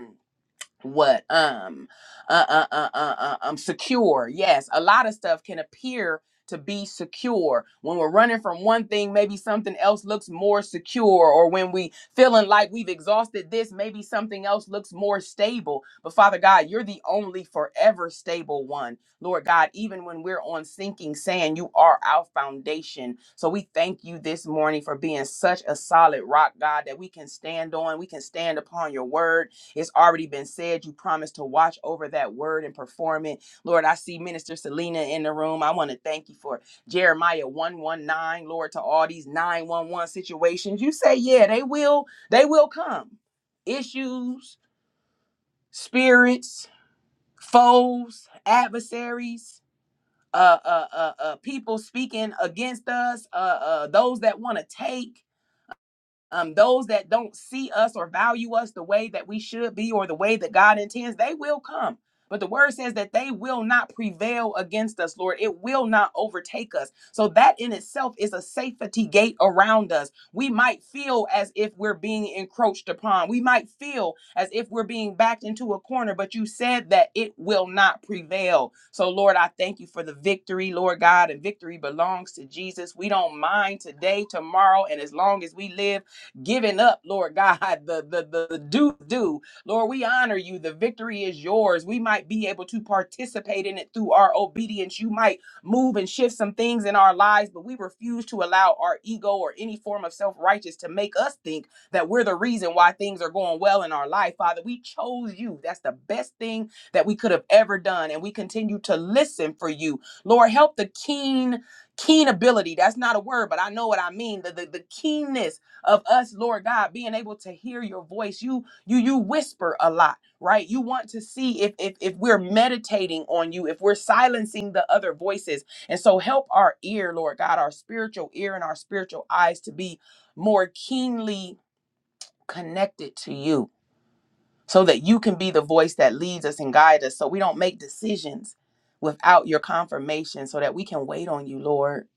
Speaker 2: what um uh, uh uh uh uh um secure yes a lot of stuff can appear to be secure when we're running from one thing maybe something else looks more secure or when we feeling like we've exhausted this maybe something else looks more stable but father god you're the only forever stable one lord god even when we're on sinking sand you are our foundation so we thank you this morning for being such a solid rock god that we can stand on we can stand upon your word it's already been said. You promised to watch over that word and perform it. Lord, I see Minister Selena in the room. I want to thank you for Jeremiah 119, Lord, to all these 911 situations. You say, yeah, they will, they will come. Issues, spirits, foes, adversaries, uh, uh, uh, uh people speaking against us, uh, uh, those that want to take um, those that don't see us or value us the way that we should be or the way that God intends, they will come. But the word says that they will not prevail against us, Lord. It will not overtake us. So that in itself is a safety gate around us. We might feel as if we're being encroached upon. We might feel as if we're being backed into a corner, but you said that it will not prevail. So, Lord, I thank you for the victory, Lord God, and victory belongs to Jesus. We don't mind today, tomorrow, and as long as we live giving up, Lord God, the the the, the do do. Lord, we honor you. The victory is yours. We might be able to participate in it through our obedience. You might move and shift some things in our lives, but we refuse to allow our ego or any form of self-righteous to make us think that we're the reason why things are going well in our life. Father, we chose you. That's the best thing that we could have ever done. And we continue to listen for you. Lord, help the keen, keen ability. That's not a word, but I know what I mean. The, the, the keenness of us, Lord God, being able to hear your voice. You you you whisper a lot, right? You want to see if if if we're meditating on you, if we're silencing the other voices. And so help our ear, Lord God, our spiritual ear and our spiritual eyes to be more keenly connected to you so that you can be the voice that leads us and guides us so we don't make decisions without your confirmation so that we can wait on you lord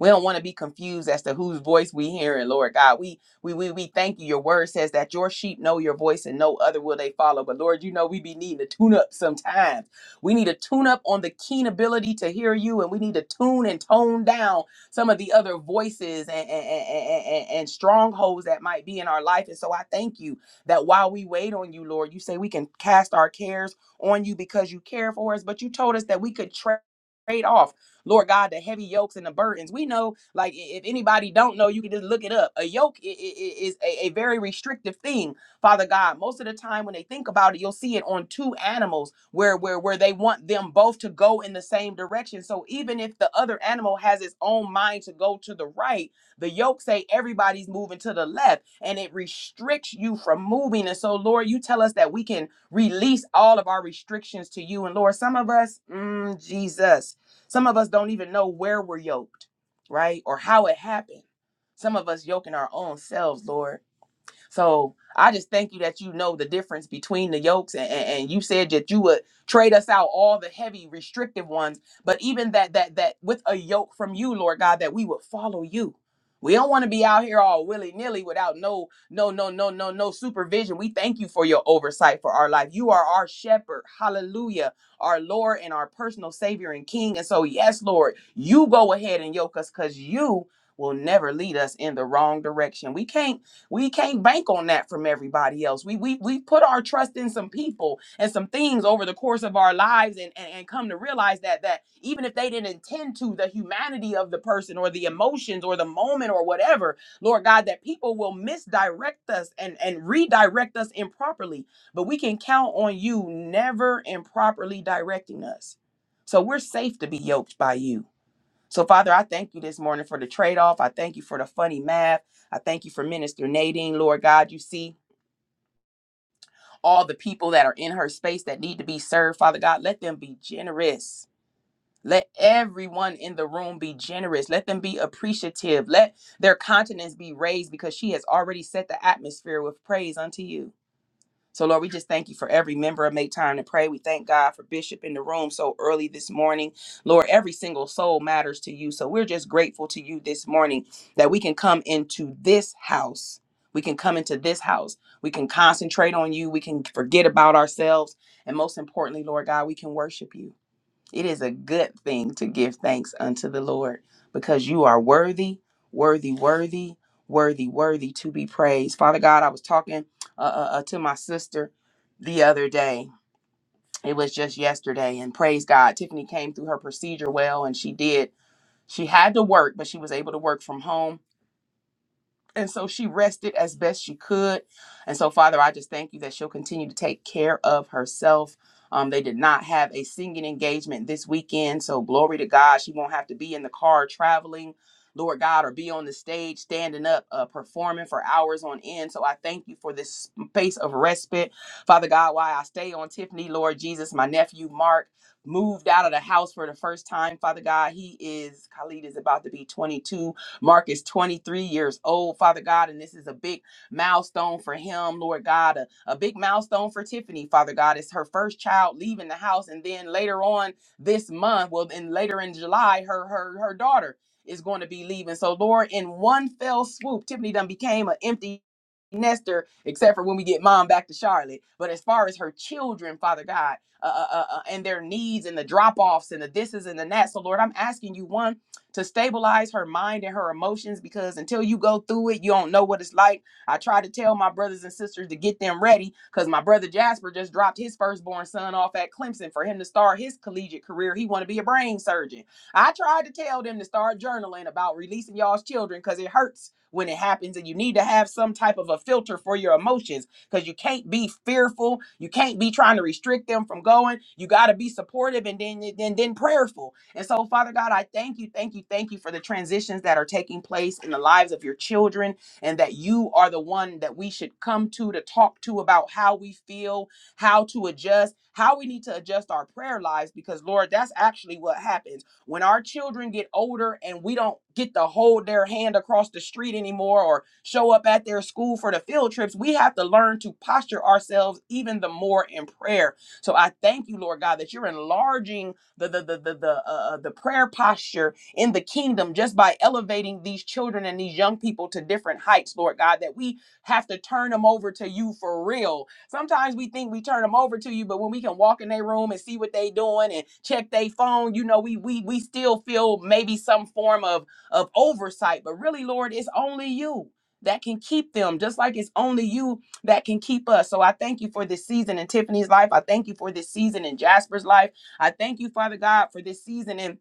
Speaker 2: we don't want to be confused as to whose voice we hearing lord god we, we we we thank you your word says that your sheep know your voice and no other will they follow but lord you know we be needing to tune up sometimes we need to tune up on the keen ability to hear you and we need to tune and tone down some of the other voices and, and, and, and, and strongholds that might be in our life and so i thank you that while we wait on you, Lord, you say we can cast our cares on you because you care for us, but you told us that we could tra- trade off, Lord God, the heavy yokes and the burdens. We know, like, i- if anybody don't know, you can just look it up. A yoke i- i- i- is a, a very restrictive thing, Father God. Most of the time when they think about it, you'll see it on two animals where, where, where they want them both to go in the same direction. So even if the other animal has its own mind to go to the right, the yoke say everybody's moving to the left and it restricts you from moving. And so, Lord, you tell us that we can release all of our restrictions to you. And Lord, some of us, mm, Jesus, some of us don't even know where we're yoked, right? Or how it happened. Some of us yoking our own selves, Lord. So I just thank you that you know the difference between the yokes, and, and, and you said that you would trade us out all the heavy, restrictive ones, but even that that that with a yoke from you, Lord God, that we would follow you. We don't want to be out here all willy nilly without no no no no no no supervision. We thank you for your oversight for our life. You are our shepherd, Hallelujah, our Lord and our personal Savior and King. And so, yes, Lord, you go ahead and yoke us, cause you will never lead us in the wrong direction. We can't we can't bank on that from everybody else. We we we put our trust in some people and some things over the course of our lives and, and, and come to realize that that even if they didn't intend to the humanity of the person or the emotions or the moment or whatever, Lord God, that people will misdirect us and, and redirect us improperly. But we can count on you never improperly directing us. So we're safe to be yoked by you. So, Father, I thank you this morning for the trade off. I thank you for the funny math. I thank you for Minister Nadine. Lord God, you see all the people that are in her space that need to be served. Father God, let them be generous. Let everyone in the room be generous. Let them be appreciative. Let their countenance be raised because she has already set the atmosphere with praise unto you. So, Lord, we just thank you for every member of Make Time to Pray. We thank God for Bishop in the room so early this morning. Lord, every single soul matters to you. So, we're just grateful to you this morning that we can come into this house. We can come into this house. We can concentrate on you. We can forget about ourselves. And most importantly, Lord God, we can worship you. It is a good thing to give thanks unto the Lord because you are worthy, worthy, worthy, worthy, worthy to be praised. Father God, I was talking uh, uh, uh, to my sister the other day. It was just yesterday, and praise God, Tiffany came through her procedure well, and she did. She had to work, but she was able to work from home and so she rested as best she could. And so, Father, I just thank you that she'll continue to take care of herself. Um, they did not have a singing engagement this weekend. So, glory to God. She won't have to be in the car traveling, Lord God, or be on the stage standing up, uh, performing for hours on end. So, I thank you for this space of respite. Father God, why I stay on Tiffany, Lord Jesus, my nephew, Mark. Moved out of the house for the first time, Father God. He is, Khalid is about to be 22 Mark is 23 years old, Father God, and this is a big milestone for him, Lord God, a, a big milestone for Tiffany, Father God. It's her first child leaving the house, and then later on this month, well, then later in July, her her her daughter is going to be leaving. So, Lord, in one fell swoop, Tiffany done became an empty nester, except for when we get mom back to Charlotte. But as far as her children, Father God, uh, uh, uh, uh, and their needs and the drop offs and the thises and the that. So, Lord, I'm asking you one to stabilize her mind and her emotions because until you go through it, you don't know what it's like. I try to tell my brothers and sisters to get them ready because my brother Jasper just dropped his firstborn son off at Clemson for him to start his collegiate career. He want to be a brain surgeon. I tried to tell them to start journaling about releasing y'all's children because it hurts when it happens and you need to have some type of a filter for your emotions because you can't be fearful you can't be trying to restrict them from going you got to be supportive and then then then prayerful and so, Father God, I thank you, thank you, thank you for the transitions that are taking place in the lives of your children, and that you are the one that we should come to to talk to about how we feel, how to adjust, how we need to adjust our prayer lives, because, Lord, that's actually what happens when our children get older and we don't get to hold their hand across the street anymore or show up at their school for the field trips, we have to learn to posture ourselves even the more in prayer. So I thank you, Lord God, that you're enlarging the the the the the, uh, uh, the prayer posture in the kingdom just by elevating these children and these young people to different heights, Lord God, that we have to turn them over to you for real. Sometimes we think we turn them over to you, but when we can walk in their room and see what they doing and check their phone, you know, we we we still feel maybe some form of of oversight. But really, Lord, it's only you that can keep them, just like it's only you that can keep us. So I thank you for this season in Tiffany's life. I thank you for this season in Jasper's life. I thank you, Father God, for this season and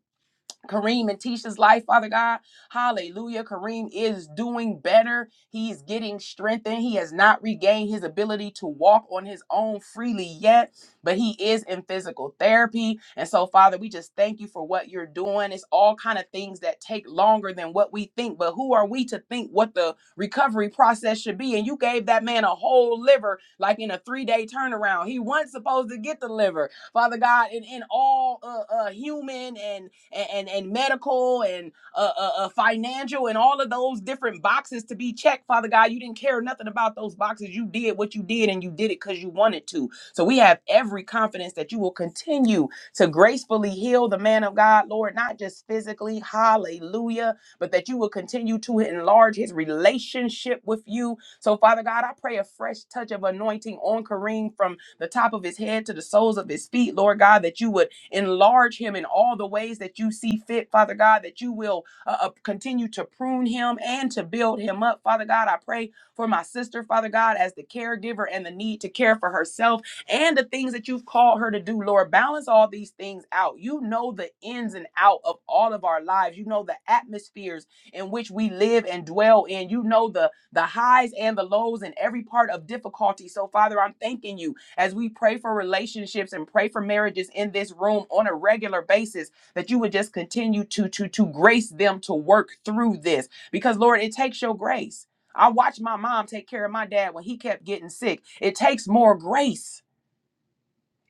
Speaker 2: Kareem and Tisha's life, Father God. Hallelujah. Kareem is doing better. He's getting strengthened. He has not regained his ability to walk on his own freely yet, but he is in physical therapy. And so, Father, we just thank you for what you're doing. It's all kind of things that take longer than what we think, but who are we to think what the recovery process should be? And you gave that man a whole liver like in a 3-day turnaround. He wasn't supposed to get the liver. Father God, in, in all uh, uh, human and, and and, and medical and uh, uh, uh, financial and all of those different boxes to be checked, Father God. You didn't care nothing about those boxes. You did what you did, and you did it because you wanted to. So we have every confidence that you will continue to gracefully heal the man of God, Lord, not just physically, hallelujah, but that you will continue to enlarge his relationship with you. So, Father God, I pray a fresh touch of anointing on Kareem from the top of his head to the soles of his feet, Lord God, that you would Enlarge him in all the ways that you see fit, Father God, that you will uh, uh, continue to prune him and to build him up. Father God, I pray for my sister, Father God, as the caregiver and the need to care for herself and the things that you've called her to do, Lord. Balance all these things out. You know the ins and out of all of our lives. You know the atmospheres in which we live and dwell in. You know the the highs and the lows and every part of difficulty. So, Father, I'm thanking you as we pray for relationships and pray for marriages in this room on a regular basis, that you would just continue to to to grace them to work through this. Because Lord, it takes your grace. I watched my mom take care of my dad when he kept getting sick. It takes more grace.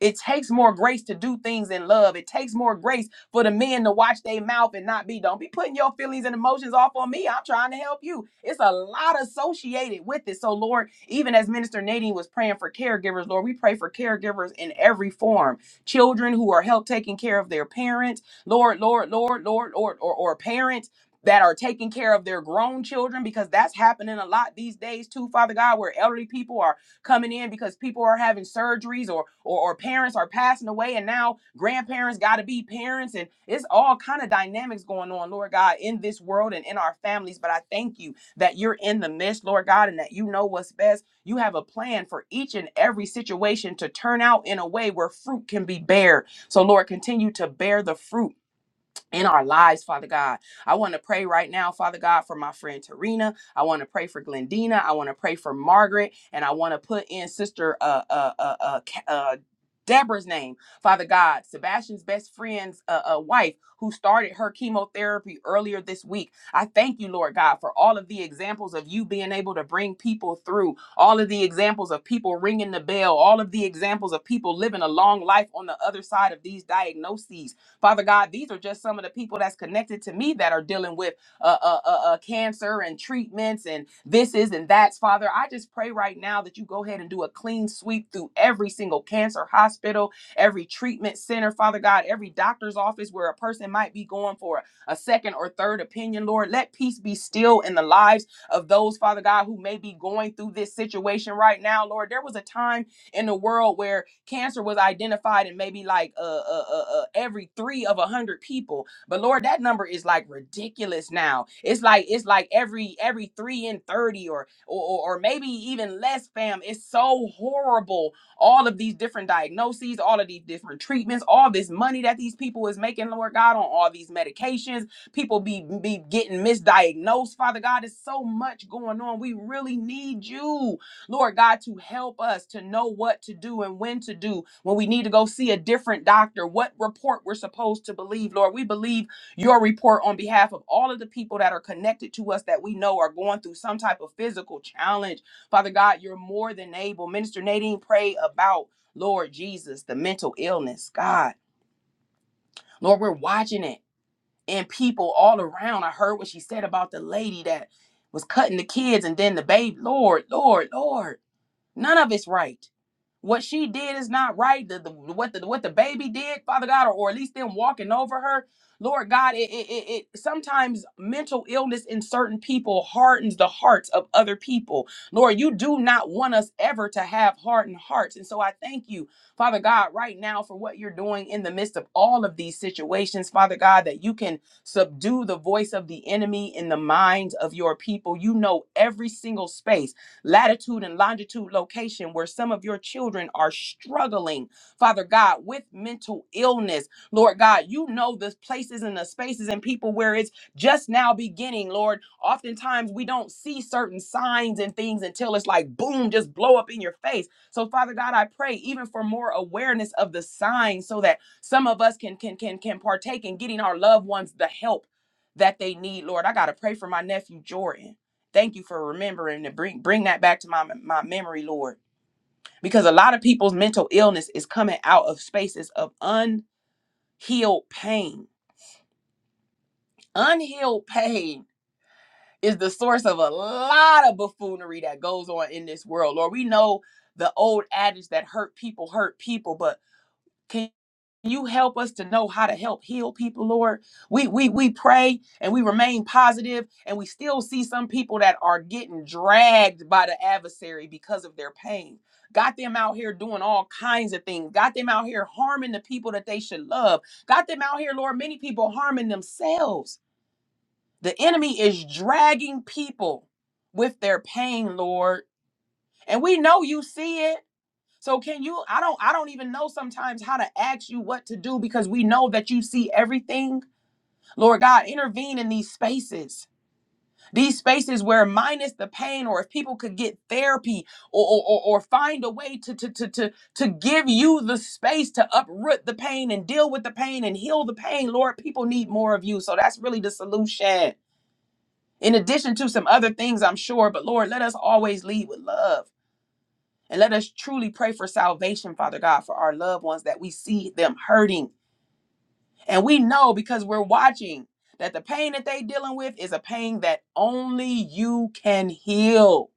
Speaker 2: It takes more grace to do things in love. It takes more grace for the men to watch their mouth and not be. Don't be putting your feelings and emotions off on me. I'm trying to help you. It's a lot associated with it. So, Lord, even as Minister Nadine was praying for caregivers, Lord, we pray for caregivers in every form. Children who are help taking care of their parents, Lord, Lord, Lord, Lord, Lord, or, or parents. That are taking care of their grown children because that's happening a lot these days too, Father God, where elderly people are coming in because people are having surgeries or or, or parents are passing away and now grandparents got to be parents and it's all kind of dynamics going on lord god in this world and in our families but i thank you that you're in the midst lord god and that you know what's best you have a plan for each and every situation to turn out in a way where fruit can be bared so lord continue to bear the fruit in our lives, Father God. I want to pray right now, Father God, for my friend Tarina. I want to pray for Glendina. I want to pray for Margaret, and I want to put in Sister uh uh uh uh. Ca- uh Deborah's name, Father God, Sebastian's best friend's uh, uh, wife, who started her chemotherapy earlier this week. I thank you, Lord God, for all of the examples of you being able to bring people through, all of the examples of people ringing the bell, all of the examples of people living a long life on the other side of these diagnoses. Father God, these are just some of the people that's connected to me that are dealing with uh, uh, uh, uh, cancer and treatments and this is and that's. Father, I just pray right now that you go ahead and do a clean sweep through every single cancer hospital, every treatment center, Father God, every doctor's office where a person might be going for a second or third opinion, Lord. Let peace be still in the lives of those, Father God, who may be going through this situation right now, Lord. There was a time in the world where cancer was identified in maybe like uh, uh, uh, uh every three of a hundred people. But Lord, that number is like ridiculous now. It's like it's like every every three in thirty or or, or or maybe even less. Fam, it's so horrible. All of these different diagnoses, all of these different treatments, all this money that these people is making, Lord God, on all these medications people be be getting misdiagnosed father god there's so much going on we really need you Lord God, to help us to know what to do and when to do when we need to go see a different doctor, what report we're supposed to believe. Lord, we believe your report on behalf of all of the people that are connected to us that we know are going through some type of physical challenge. Father God, you're more than able. Minister Nadine, pray about, Lord Jesus, the mental illness. God, Lord, we're watching it and people all around. I heard what she said about the lady that was cutting the kids and then the baby. Lord, Lord, Lord. None of it's right. What she did is not right. The, the, what the what the baby did, Father God, or, or at least them walking over her, Lord God. It, it it it sometimes mental illness in certain people hardens the hearts of other people. Lord, you do not want us ever to have hardened hearts, and so I thank you, Father God, right now for what you're doing in the midst of all of these situations, Father God, that you can subdue the voice of the enemy in the minds of your people. You know every single space latitude and longitude location where some of your children are struggling, Father God, with mental illness. Lord God, you know the places and the spaces and people where it's just now beginning, Lord. Oftentimes we don't see certain signs and things until it's like boom, just blow up in your face. So Father God, I pray even for more awareness of the signs so that some of us can can can can partake in getting our loved ones the help that they need, Lord. I got to pray for my nephew Jordan. Thank you for remembering to bring bring that back to my my memory, Lord, because a lot of people's mental illness is coming out of spaces of unhealed pain. Unhealed pain is the source of a lot of buffoonery that goes on in this world. Lord, we know the old adage that hurt people hurt people, but can you help us to know how to help heal people lord we we we pray and we remain positive and we still see some people that are getting dragged by the adversary because of their pain got them out here doing all kinds of things got them out here harming the people that they should love got them out here lord many people harming themselves the enemy is dragging people with their pain lord and we know you see it so can you I don't I don't even know sometimes how to ask you what to do because we know that you see everything. Lord God, intervene in these spaces. These spaces where minus the pain or if people could get therapy or or, or, or find a way to, to to to to give you the space to uproot the pain and deal with the pain and heal the pain, Lord, people need more of you. So that's really the solution. In addition to some other things, I'm sure, but Lord, let us always lead with love. And let us truly pray for salvation, Father God, for our loved ones that we see them hurting. And we know because we're watching that the pain that they dealing with is a pain that only you can heal.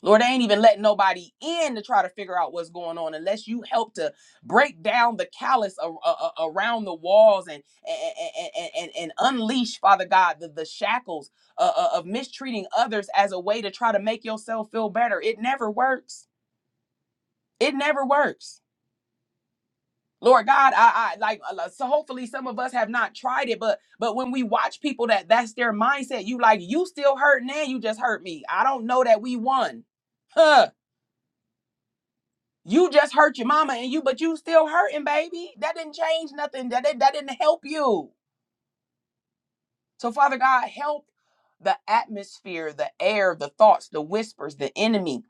Speaker 2: Lord, I ain't even letting nobody in to try to figure out what's going on unless you help to break down the callus a- a- a- around the walls and, and, and, and, and unleash, Father God, the, the shackles uh, uh, of mistreating others as a way to try to make yourself feel better. It never works. It never works. Lord God, I, I like uh, so. Hopefully, some of us have not tried it, but but when we watch people that that's their mindset, you like you still hurt now. You just hurt me. I don't know that we won, huh? You just hurt your mama and you, but you still hurting, baby. That didn't change nothing. That didn't- that didn't help you. So Father God, help the atmosphere, the air, the thoughts, the whispers, the enemy,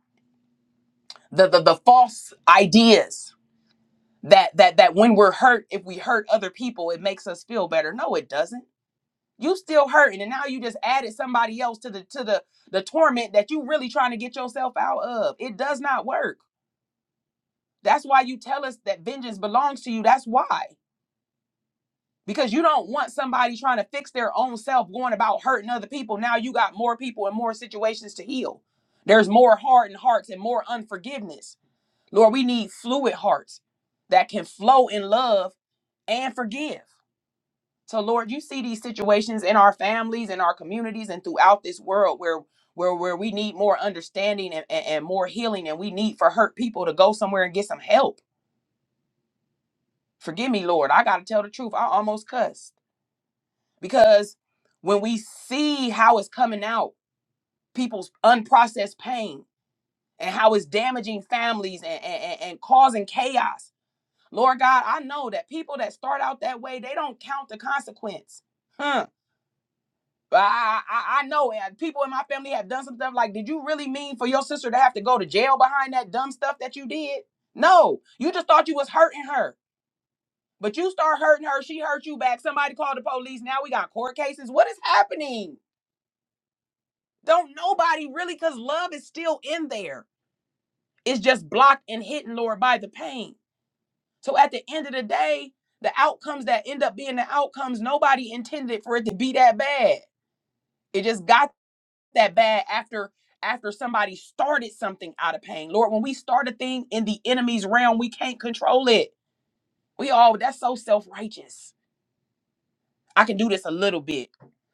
Speaker 2: the the, the false ideas that that that when we're hurt, if we hurt other people, it makes us feel better. No, it doesn't You still hurting, and now you just added somebody else to the to the the torment that you really trying to get yourself out of. It does not work. That's why you tell us that vengeance belongs to you. That's why. Because you don't want somebody trying to fix their own self going about hurting other people. Now you got more people and more situations to heal. There's more hardened hearts and more unforgiveness. Lord, we need fluid hearts that can flow in love and forgive. So Lord, you see these situations in our families, in our communities, and throughout this world where where where we need more understanding and, and, and more healing, and we need for hurt people to go somewhere and get some help. Forgive me, Lord. I gotta tell the truth. I almost cussed. Because when we see how it's coming out, people's unprocessed pain and how it's damaging families and, and, and and causing chaos. Lord God, I know that people that start out that way, they don't count the consequence. huh? I, I, I know, and people in my family have done some stuff. Like, did you really mean for your sister to have to go to jail behind that dumb stuff that you did? No, you just thought you was hurting her, but you start hurting her. She hurt you back. Somebody called the police. Now we got court cases. What is happening? Don't nobody really, because love is still in there. It's just blocked and hidden, Lord, by the pain. So at the end of the day, the outcomes that end up being the outcomes, nobody intended for it to be that bad. It just got that bad after after somebody started something out of pain. Lord, when we start a thing in the enemy's realm, we can't control it. We all that's so self-righteous. I can do this a little bit.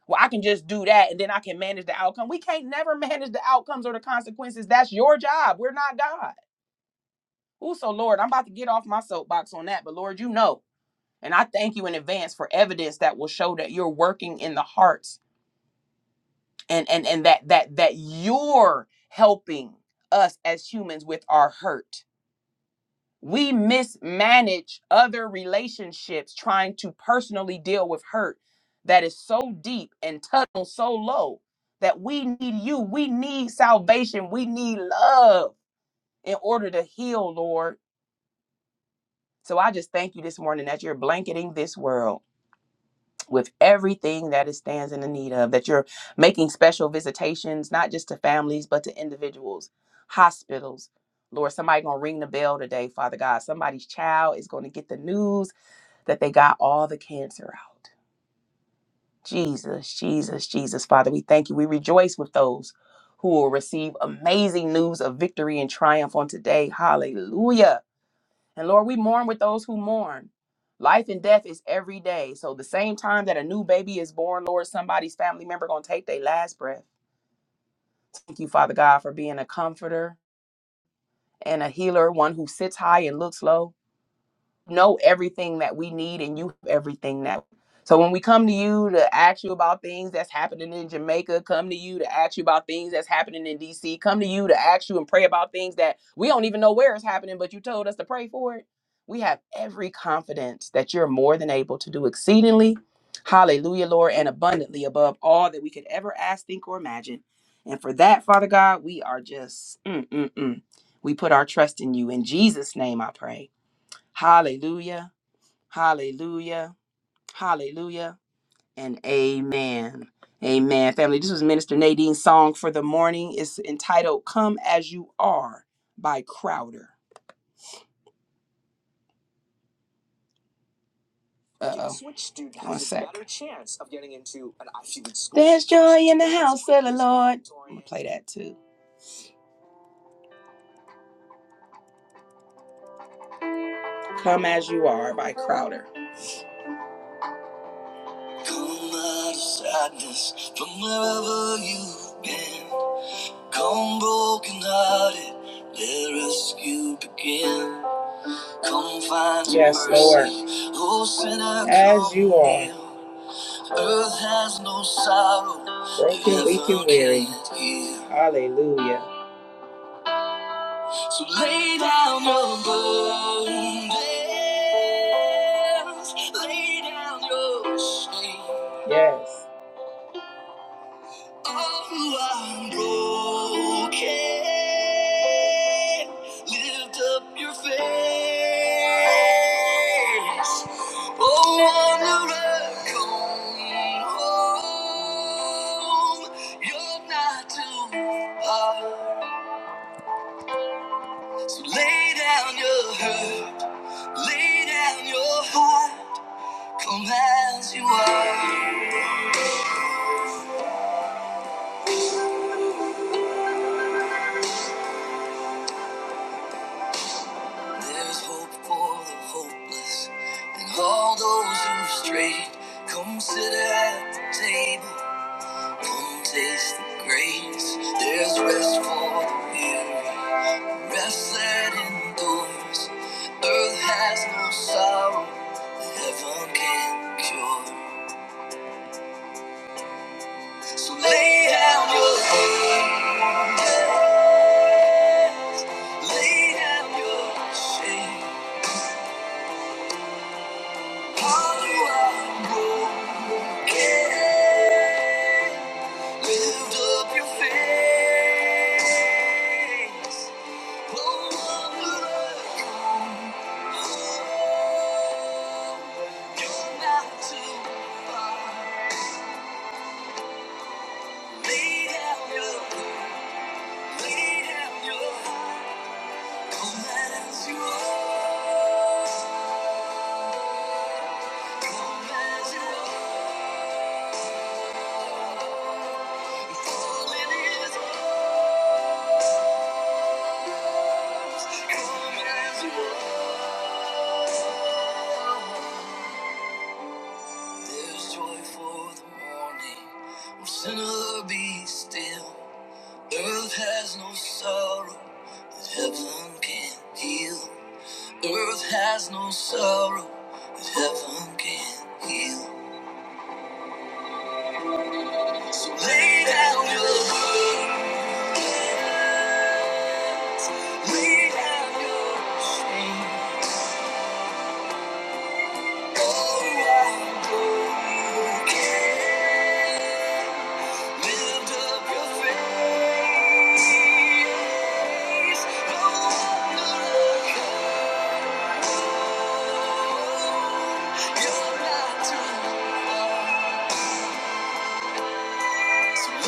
Speaker 2: Well, I can just do that and then I can manage the outcome. We can't never manage the outcomes or the consequences. That's your job. We're not God. Ooh, so Lord, I'm about to get off my soapbox on that, but Lord, you know. And I thank you in advance for evidence that will show that you're working in the hearts and and and that that that you're helping us as humans with our hurt we mismanage other relationships trying to personally deal with hurt that is so deep and tunnel so low that we need you we need salvation we need love in order to heal lord so i just thank you this morning that you're blanketing this world with everything that it stands in the need of, that you're making special visitations, not just to families, but to individuals, hospitals. Lord, somebody gonna ring the bell today, Father God. Somebody's child is gonna get the news that they got all the cancer out. Jesus, Jesus, Jesus, Father, we thank you. We rejoice with those who will receive amazing news of victory and triumph on today. Hallelujah. And Lord, we mourn with those who mourn. Life and death is every day. So the same time that a new baby is born, Lord, somebody's family member gonna take their last breath. Thank you, Father God, for being a comforter and a healer, one who sits high and looks low know everything that we need and you have everything that so when we come to you to ask you about things that's happening in Jamaica, come to you to ask you about things that's happening in DC, come to you to ask you and pray about things that we don't even know where it's happening, but you told us to pray for it. We have every confidence that you're more than able to do exceedingly, hallelujah, Lord, and abundantly above all that we could ever ask, think, or imagine. And for that, Father God, we are just, mm, mm, mm. we put our trust in you. In Jesus' name, I pray. Hallelujah. Hallelujah. Hallelujah. And amen. Amen. Family, this was Minister Nadine's song for the morning. It's entitled Come As You Are by Crowder. That too. Come As You Are by Crowder. Come out of sadness from wherever you've been. Come broken hearted, let rescue begin. Come find yes, mercy, Lord. oh sinner, As come you are. near. Earth has no sorrow. Broken, weak, and weary. Hallelujah. So lay down your burdens. Lay down your shame. Yes. Oh, I'm broken. Lift up your face. Oh, wanderer, come home. You're not too far. So lay down your hurt. Lay down your heart. Come as you are. There's hope for the hopeless and all those who are strayed. Come sit at the table, come taste the grace. There's rest for the weary, rest that endures. Earth has no sorrow, that heaven can cure. So lay down your head, lay down your shame. All Follow are broken. Lift up your face. No one will overcome. Oh, you're not too far. Lay down your, heart. Come as you are. Come as you are. Come as you There's joy for the morning. When sinner be still. Earth has no sorrow that heaven can heal. Earth has no sorrow that heaven can heal. So lay down your burden, lay down your shame. All around, the world, no So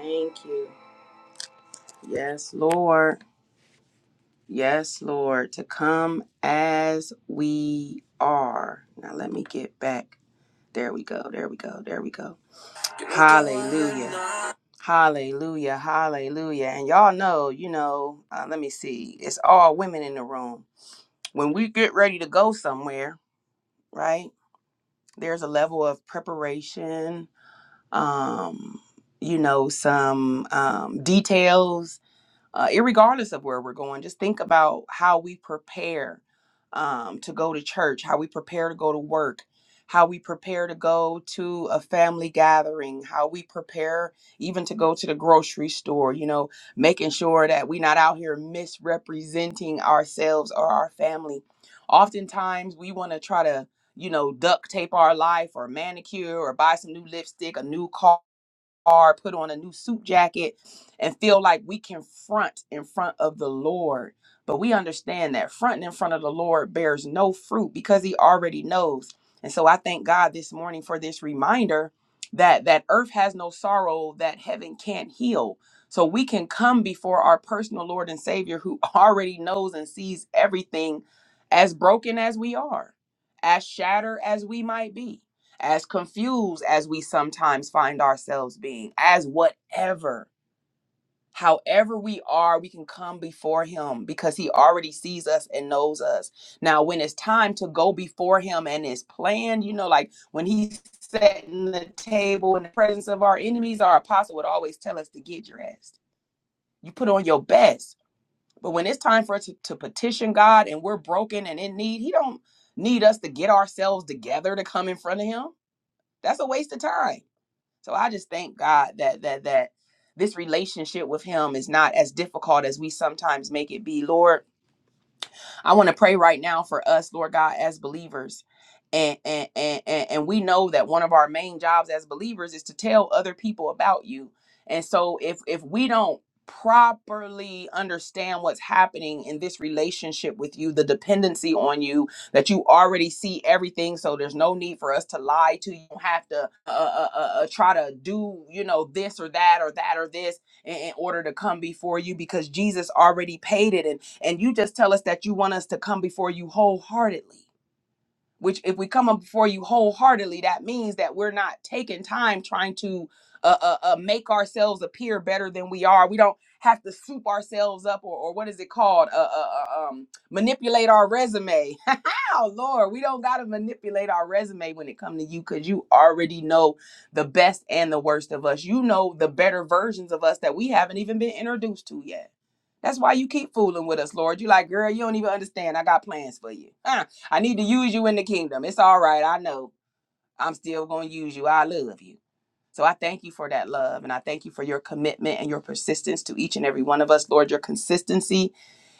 Speaker 2: Thank you. Yes, Lord. Yes, Lord. To come as we are. Now let me get back. There we go. There we go. There we go. Hallelujah. Hallelujah. Hallelujah. And y'all know, you know, uh, let me see. It's all women in the room. When we get ready to go somewhere, right? There's a level of preparation, um, you know, some um, details uh, irregardless of where we're going, just think about how we prepare um, to go to church, how we prepare to go to work, how we prepare to go to a family gathering, how we prepare even to go to the grocery store, you know, making sure that we're not out here misrepresenting ourselves or our family. Oftentimes, we want to try to, you know, duct tape our life or manicure or buy some new lipstick, a new car are, put on a new suit jacket, and feel like we can front in front of the Lord. But we understand that fronting in front of the Lord bears no fruit because He already knows. And so I thank God this morning for this reminder that that earth has no sorrow that heaven can't heal. So we can come before our personal Lord and Savior who already knows and sees everything as broken as we are, as shattered as we might be as confused as we sometimes find ourselves being, as whatever, however we are, we can come before Him because He already sees us and knows us. Now, when it's time to go before Him and it's planned, you know, like when He's setting the table in the presence of our enemies, our apostle would always tell us to get dressed. You put on your best. But when it's time for us to, to petition God and we're broken and in need, He don't need us to get ourselves together to come in front of Him. That's a waste of time so I just thank God that that that this relationship with him is not as difficult as we sometimes make it be. Lord, I want to pray right now for us, Lord God, as believers. And, and and and and we know that one of our main jobs as believers is to tell other people about you. And so if if we don't properly understand what's happening in this relationship with you, the dependency on you, that you already see everything so there's no need for us to lie to you You don't have to uh, uh, uh, uh, uh, try to do you know this or that or that or this in, in order to come before you because jesus already paid it and. And you just tell us that you want us to come before you wholeheartedly which if we come up before you wholeheartedly that means that we're not taking time trying to uh, uh, uh make ourselves appear better than we are we don't have to soup ourselves up or, or what is it called uh, uh, uh, um manipulate our resume oh lord we don't got to manipulate our resume when it comes to you because you already know the best and the worst of us you know the better versions of us that we haven't even been introduced to yet that's why you keep fooling with us lord you like girl you don't even understand i got plans for you Huh? I need to use you in the kingdom. It's all right. I know. I'm still going to use you. I love you. So I thank you for that love and I thank you for your commitment and your persistence to each and every one of us, Lord, your consistency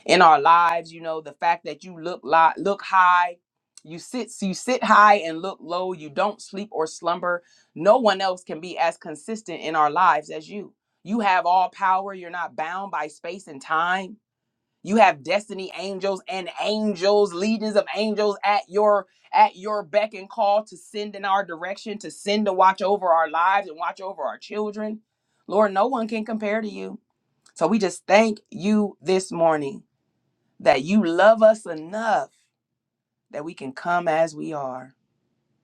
Speaker 2: in our lives, you know, the fact that you look li- look high, you sit you sit high and look low, you don't sleep or slumber. No one else can be as consistent in our lives as you. You have all power. You're not bound by space and time. You have destiny angels and angels, legions of angels at your at your beck and call to send in our direction, to send to watch over our lives and watch over our children. Lord, no one can compare to you. So we just thank you this morning that you love us enough that we can come as we are.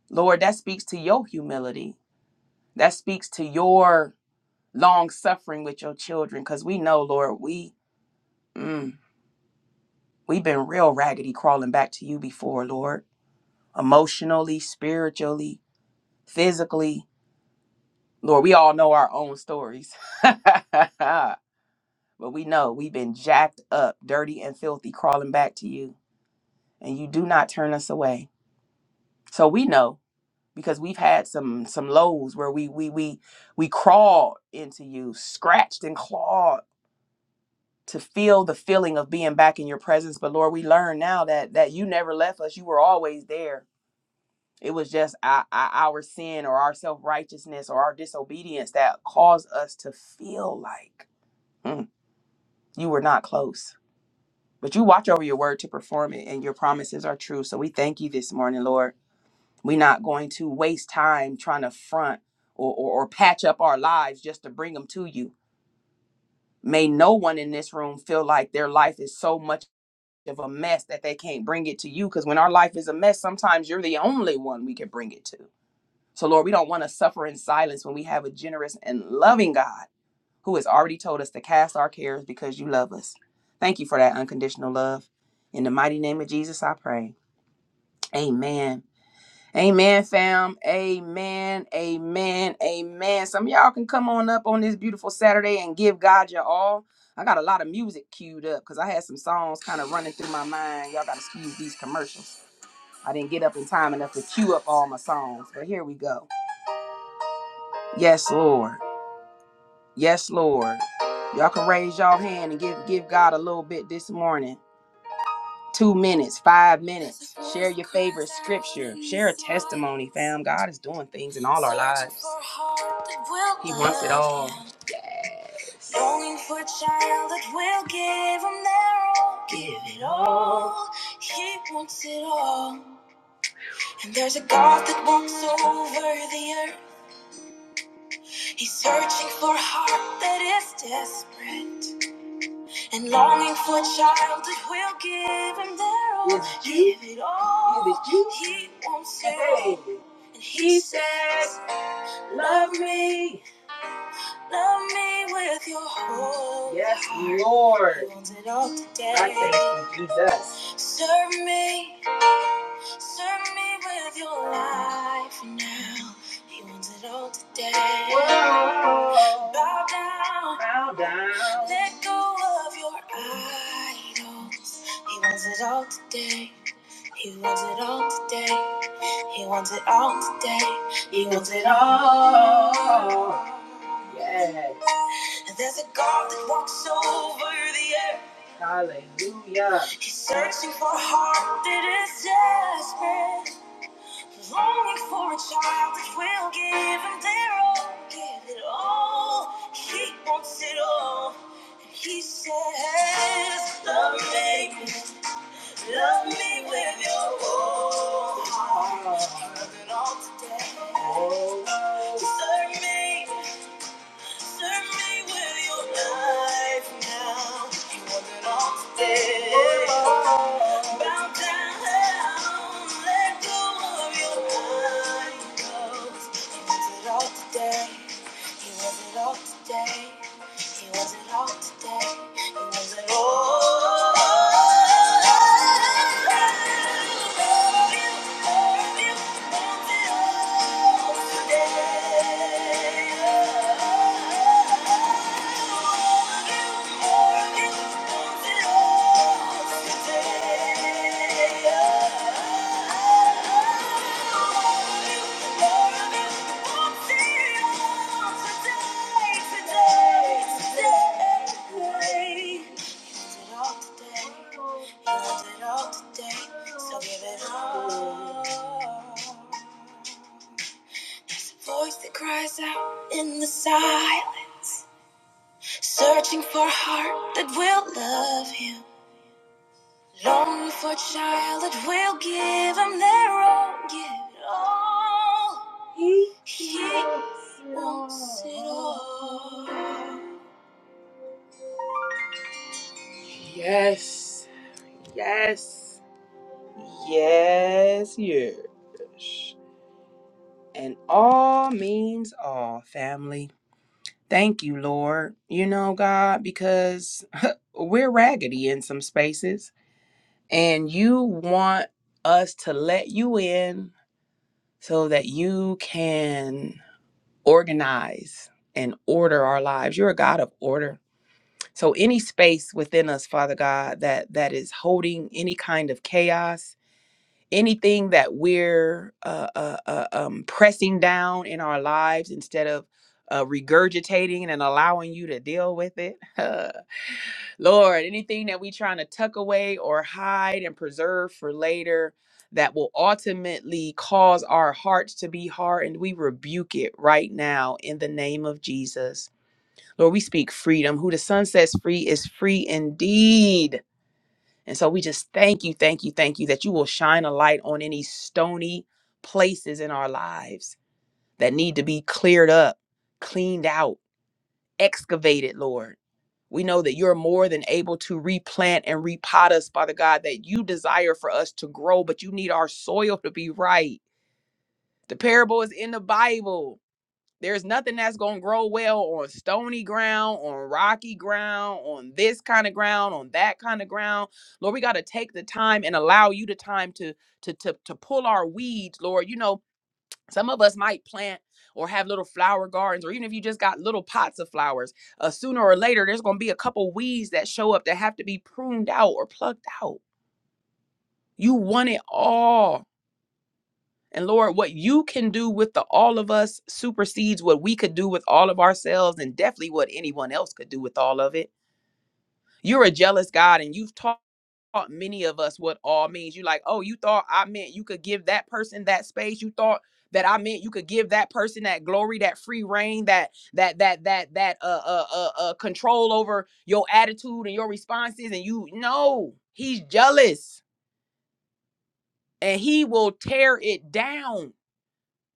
Speaker 2: Lord, that speaks to your humility. That speaks to your long suffering with your children cuz we know, Lord, we mm, we've been real raggedy crawling back to you before, Lord. emotionally, spiritually, physically. Lord, we all know our own stories. but we know we've been jacked up, dirty and filthy, crawling back to you. And you do not turn us away. So we know because we've had some some lows where we we we we crawled into you, scratched and clawed to feel the feeling of being back in your presence. But Lord, we learn now that that you never left us. You were always there It was just our, our sin or our self righteousness or our disobedience that caused us to feel like "Mm, you were not close. But you watch over your word to perform it, and your promises are true. So we thank you this morning, Lord. We're not going to waste time trying to front or, or, or patch up our lives just to bring them to you. May no one in this room feel like their life is so much of a mess that they can't bring it to you. Because when our life is a mess, sometimes you're the only one we can bring it to. So, Lord, we don't want to suffer in silence when we have a generous and loving God who has already told us to cast our cares because you love us. Thank you for that unconditional love. In the mighty name of Jesus, I pray. Amen. Amen, fam. Amen. Amen. Amen. Some of y'all can come on up on this beautiful Saturday and give God your all. I got a lot of music queued up because I had some songs kind of running through my mind. Y'all got to excuse these commercials. I didn't get up in time enough to queue up all my songs, but here we go. Yes, Lord. Yes, Lord. Y'all can raise y'all hand and give give God a little bit this morning. Two minutes, five minutes. Share your favorite scripture. Share a testimony, fam. God is doing things in all our lives. He wants it all. Longing for a child that will give him their all. Give it all. He wants it all. And there's a God that walks over the earth. He's searching for a heart that is desperate. And longing for a child that will give him their all. Yes, you- Give it all. Yes, you- He wants it all. Hey. And he says, Love me, love me with your whole Yes, heart." Lord. He wants it all today. I thank you. Serve me, serve me with your life now. He wants it all today. Whoa. Bow down, Bow. let go of your idols. He wants it all today. He wants it all today. He wants it all today. He wants it all. And there's a God that walks over the earth. He's searching for a heart that is desperate, longing for a child that will give him their all. Give it all. He wants it all. And he says, Love me. Love me with your whole heart. Give it all today. Serve me. Serve me with your life now. You want it all today. Bow down, let go of your idols. He wants it all today. He wants it all today. He wants it all today. He wants it all. Today, so give it all. Voice that cries out in the silence, searching for a heart that will love him. Longing for a child that will give him their all, give it all. He, he wants it all. Yes, yes, yes, yes. And all means all, family. Thank you, Lord. You know, God, because we're raggedy in some spaces, and you want us to let you in so that you can organize and order our lives. You're a God of order. So any space within us, Father God, that that is holding any kind of chaos anything that we're uh, uh, uh, um, pressing down in our lives instead of uh, regurgitating and allowing you to deal with it. Lord, anything that we trying to tuck away or hide and preserve for later that will ultimately cause our hearts to be hardened, we rebuke it right now in the name of Jesus. Lord, we speak freedom. Who the Son sets free is free indeed. And so we just thank you, thank you, thank you that you will shine a light on any stony places in our lives that need to be cleared up, cleaned out, excavated, Lord. We know that you're more than able to replant and repot us, Father God, that you desire for us to grow, but you need our soil to be right. The parable is in the Bible there's nothing that's going to grow well on stony ground, on rocky ground, on this kind of ground, on that kind of ground. Lord, we got to take the time and allow you the time to to to to pull our weeds, Lord. You know, some of us might plant or have little flower gardens or even if you just got little pots of flowers, uh, sooner or later there's going to be a couple weeds that show up that have to be pruned out or plucked out. You want it all. And Lord, what you can do with the all of us supersedes what we could do with all of ourselves and definitely what anyone else could do with all of it. You're a jealous God and you've taught many of us what all means. You're like, oh, you thought I meant you could give that person that space. You thought that I meant you could give that person that glory, that free reign, that that that that that uh uh uh, uh control over your attitude and your responses. And you know he's jealous and he will tear it down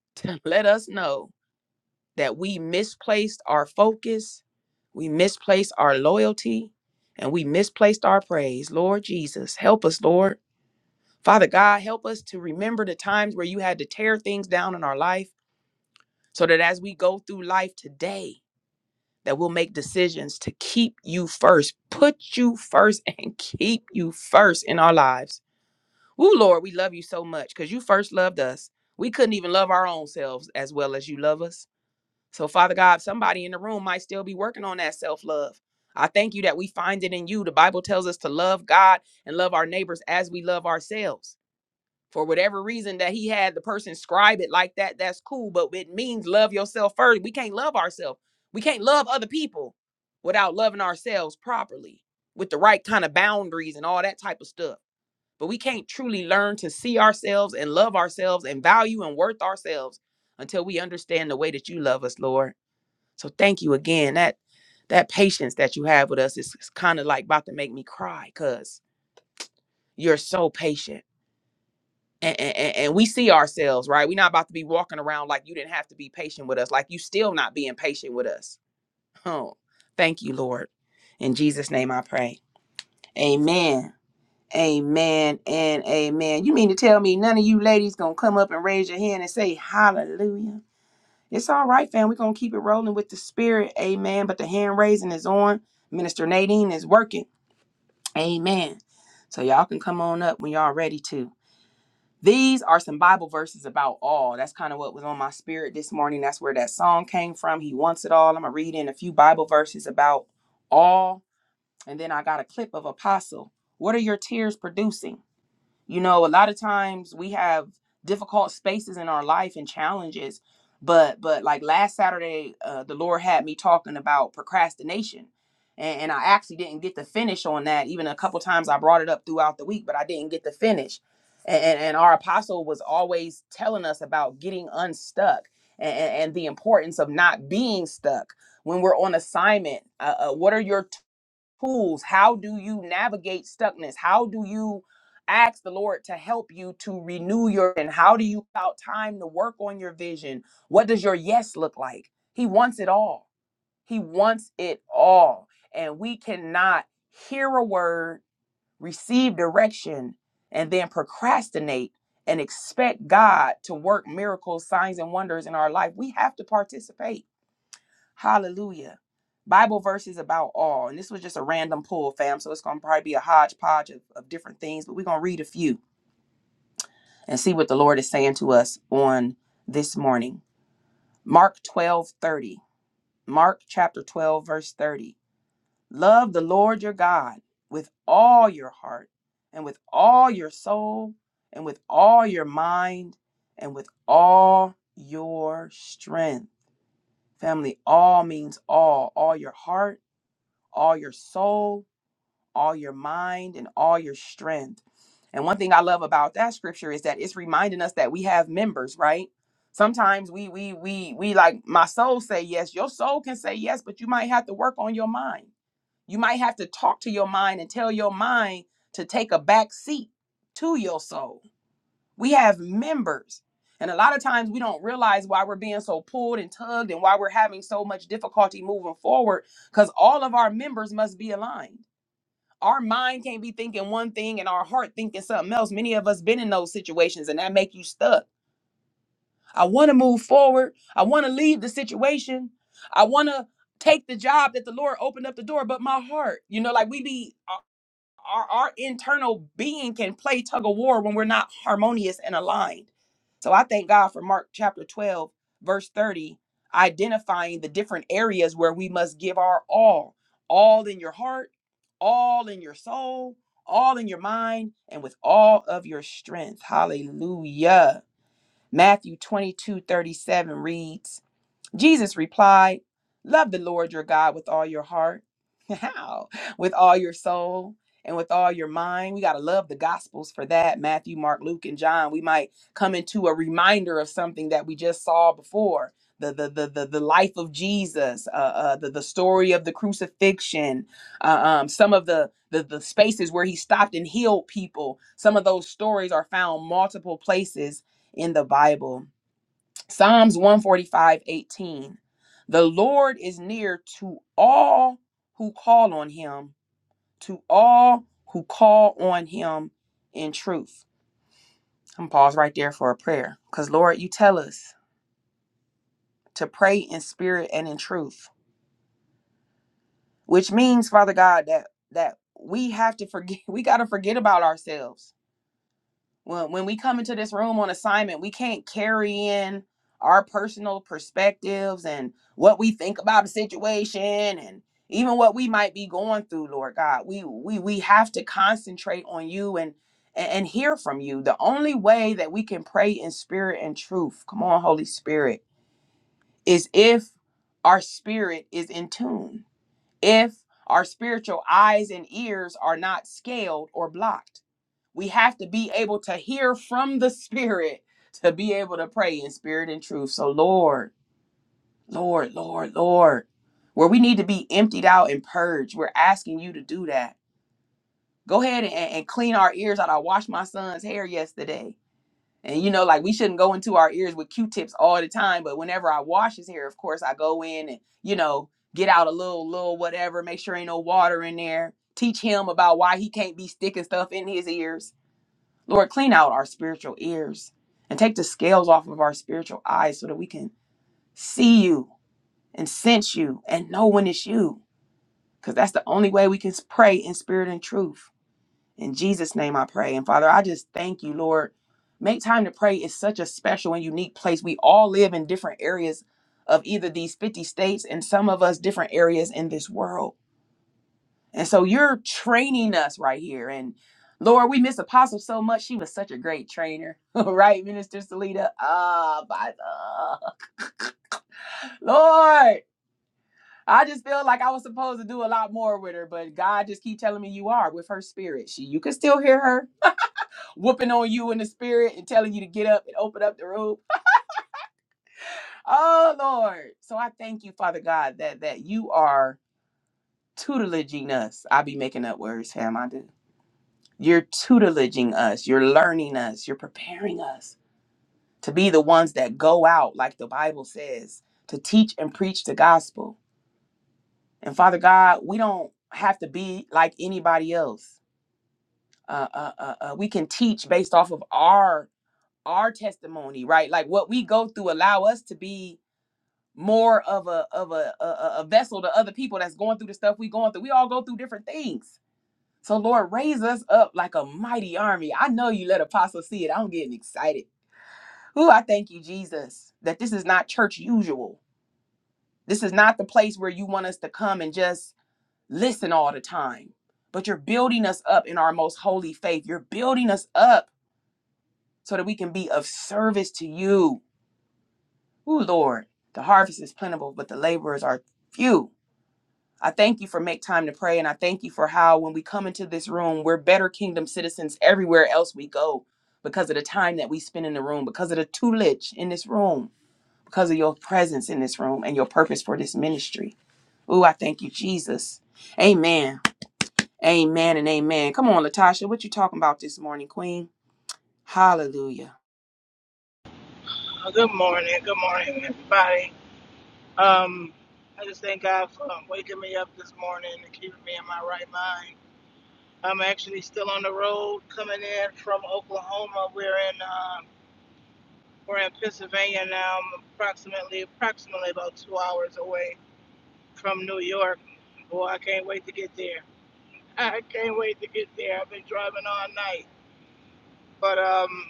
Speaker 2: to let us know that we misplaced our focus, we misplaced our loyalty, and we misplaced our praise. Lord Jesus, help us, Lord. Father God, help us to remember the times where you had to tear things down in our life so that as we go through life today, that we'll make decisions to keep you first, put you first, and keep you first in our lives. Woo, Lord, we love you so much because you first loved us. We couldn't even love our own selves as well as you love us. So, Father God, somebody in the room might still be working on that self love. I thank you that we find it in you. The Bible tells us to love God and love our neighbors as we love ourselves. For whatever reason that he had the person scribe it like that, that's cool, but it means love yourself first. We can't love ourselves. We can't love other people without loving ourselves properly with the right kind of boundaries and all that type of stuff. But we can't truly learn to see ourselves and love ourselves and value and worth ourselves until we understand the way that you love us, Lord. So thank you again. That that patience that you have with us is, kind of like about to make me cry because you're so patient. And, and, and we see ourselves, right? We're not about to be walking around like you didn't have to be patient with us, like you still not being patient with us. Oh, thank you, Lord. In Jesus' name I pray. Amen. Amen and amen. You mean to tell me none of you ladies gonna come up and raise your hand and say hallelujah? It's all right, fam. We're going to keep it rolling with the spirit. Amen. But the hand raising is on. Minister Nadine is working. Amen. So y'all can come on up when y'all ready to. These are some Bible verses about all. That's kind of what was on my spirit this morning. That's where that song came from. He wants it all. I'm going to read in a few Bible verses about all. And then I got a clip of Apostle. What are your tears producing? You know, a lot of times we have difficult spaces in our life and challenges, but but like last Saturday, uh, the Lord had me talking about procrastination, and, and I actually didn't get to finish on that. Even a couple times I brought it up throughout the week, but I didn't get to finish. And, and, and our apostle was always telling us about getting unstuck and, and the importance of not being stuck when we're on assignment. Uh, uh, what are your tools? How do you navigate stuckness? How do you ask the Lord to help you to renew your and how do you out time to work on your vision? What does your yes look like? He wants it all. He wants it all. And we cannot hear a word, receive direction, and then procrastinate and expect God to work miracles, signs, and wonders in our life. We have to participate Hallelujah. Bible verses about all. And this was just a random pull, fam. So it's going to probably be a hodgepodge of, of different things, but we're going to read a few and see what the Lord is saying to us on this morning. Mark 12 30, Mark chapter 12, verse 30. Love the Lord your God with all your heart and with all your soul and with all your mind and with all your strength. Family, all means all. All your heart all your soul, all your mind, and all your strength. And one thing I love about that scripture is that it's reminding us that we have members, right? Sometimes we we we we like my soul say yes, your soul can say yes, but you might have to work on your mind. You might have to talk to your mind and tell your mind to take a back seat to your soul we have members. And a lot of times we don't realize why we're being so pulled and tugged and why we're having so much difficulty moving forward because all of our members must be aligned. Our mind can't be thinking one thing and our heart thinking something else. Many of us been in those situations and that make you stuck. I want to move forward. I want to leave the situation. I want to take the job that the Lord opened up the door, but my heart, you know, like we be our, our internal being can play tug of war when we're not harmonious and aligned. So I thank God for Mark chapter 12, verse 30, identifying the different areas where we must give our all, all in your heart, all in your soul, all in your mind, and with all of your strength. Hallelujah. Matthew 22 37 reads, Jesus replied, Love the Lord your God with all your heart, how? with all your soul, and with all your mind. We got to love the Gospels for that Matthew, Mark, Luke, and John. We might come into a reminder of something that we just saw before. The, the, the, the, the life of Jesus, uh, uh, the, the story of the crucifixion, uh, um, some of the, the, the spaces where he stopped and healed people. Some of those stories are found multiple places in the Bible. Psalms one forty five eighteen, The Lord is near to all who call on him, to all who call on him in truth. I'm gonna pause right there for a prayer. Because Lord, you tell us to pray in spirit and in truth. Which means, Father God, that that we have to forget, we gotta forget about ourselves when when we come into this room on assignment, we can't carry in our personal perspectives and what we think about the situation and even what we might be going through, Lord God. We we we have to concentrate on you and and and hear from you. The only way that we can pray in spirit and truth, come on, Holy Spirit, is if our spirit is in tune. If our spiritual eyes and ears are not scaled or blocked we have to be able to hear from the Spirit to be able to pray in spirit and truth. So, Lord, Lord, Lord, Lord, where we need to be emptied out and purged, we're asking you to do that. Go ahead and, and clean our ears out. I washed my son's hair yesterday. And you know, like we shouldn't go into our ears with Q-tips all the time, but whenever I wash his hair, of course, I go in and, you know, get out a little, little whatever, make sure ain't no water in there, teach him about why he can't be sticking stuff in his ears Lord, clean out our spiritual ears and take the scales off of our spiritual eyes so that we can see you and sense you and know when it's you. Because that's the only way we can pray in spirit and truth. In Jesus' name I pray. And Father, I just thank you, Lord. Make time to pray is such a special and unique place. We all live in different areas of either these 50 states and some of us different areas in this world. And so you're training us right here. And Lord, we miss Apostle so much. She was such a great trainer, right, Minister Salida? Ah, by the Lord, I just feel like I was supposed to do a lot more with her, but God just keep telling me you are with her spirit. She, you can still hear her whooping on you in the spirit and telling you to get up and open up the room. Oh Lord, so I thank you, Father God, that that you are tutelaging us. I be making up words, Sam. I do You're tutelaging us, you're learning us, you're preparing us to be the ones that go out, like the Bible says, to teach and preach the gospel. And Father God, we don't have to be like anybody else. Uh, uh, uh, uh, we can teach based off of our our testimony, right? Like what we go through, allow us to be more of a of a, a a a vessel to other people that's going through the stuff we going through. We all go through different things So, Lord, raise us up like a mighty army. I know you let apostle see it. I'm getting excited. Ooh, I thank you, Jesus, that this is not church usual. This is not the place where you want us to come and just listen all the time, but you're building us up in our most holy faith. You're building us up so that we can be of service to you. Ooh, Lord, the harvest is plentiful, but the laborers are few. I thank you for make time to pray. And I thank you for how when we come into this room, we're better kingdom citizens everywhere else we go because of the time that we spend in the room, because of the tutelage in this room, because of your presence in this room and your purpose for this ministry. Ooh, I thank you, Jesus. Amen. Amen and amen. Come on, Latasha, what you talking about this morning, Queen? Hallelujah.
Speaker 3: Oh, good morning. Good morning, everybody. Um, I just thank God for um, waking me up this morning and keeping me in my right mind. I'm actually still on the road coming in from Oklahoma. We're in um, we're in Pennsylvania now. I'm approximately approximately about two hours away from New York. Boy, I can't wait to get there. I can't wait to get there. I've been driving all night, but um,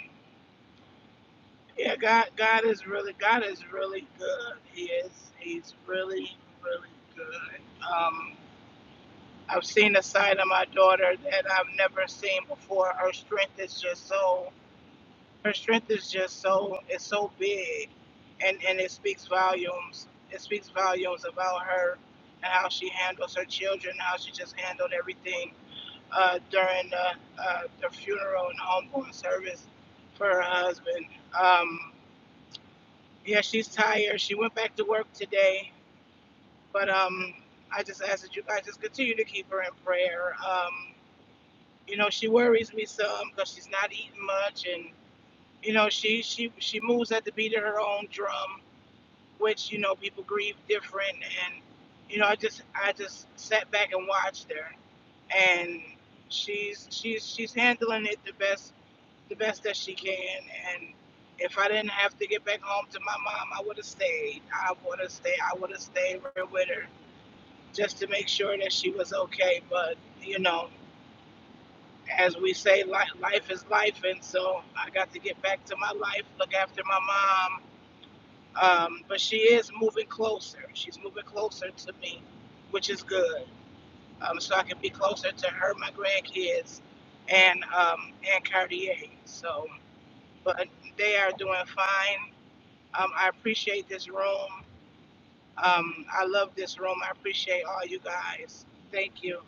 Speaker 3: Yeah, God, God is really, God is really good. He is, he's really, really good. Um, I've seen a side of my daughter that I've never seen before. Her strength is just so, her strength is just so, it's so big, and and it speaks volumes. It speaks volumes about her and how she handles her children, how she just handled everything uh, during the, uh, the funeral and homegoing service for her husband. Um, yeah, she's tired. She went back to work today, but um, I just ask that you guys just continue to keep her in prayer. Um, you know, she worries me some because she's not eating much, and you know, she she she moves at the beat of her own drum, which you know people grieve different, and you know, I just I just sat back and watched her, and she's she's she's handling it the best the best that she can. And if I didn't have to get back home to my mom, I would have stayed. I would have stayed. I would have stayed right with her just to make sure that she was okay. But you know, as we say, life, life is life, and so I got to get back to my life, look after my mom. Um, but she is moving closer. She's moving closer to me, which is good. Um, so I can be closer to her, my grandkids, and um, and Cartier. So, but they are doing fine. Um, I appreciate this room. Um, I love this room. I appreciate all you guys. Thank you.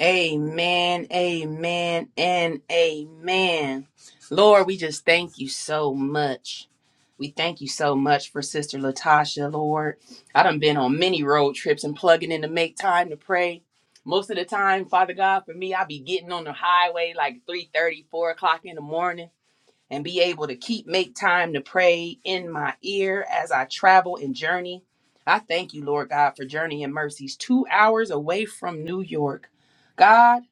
Speaker 2: Amen, amen, and amen. Lord, we just thank you so much. We thank you so much for Sister Latasha, Lord. I done been on many road trips and plugging in to make time to pray. Most of the time, Father God, for me, I be getting on the highway like three thirty, four o'clock in the morning and be able to keep make time to pray in my ear as I travel and journey. I thank you, Lord God, for Journey and Mercies, two hours away from New York. God,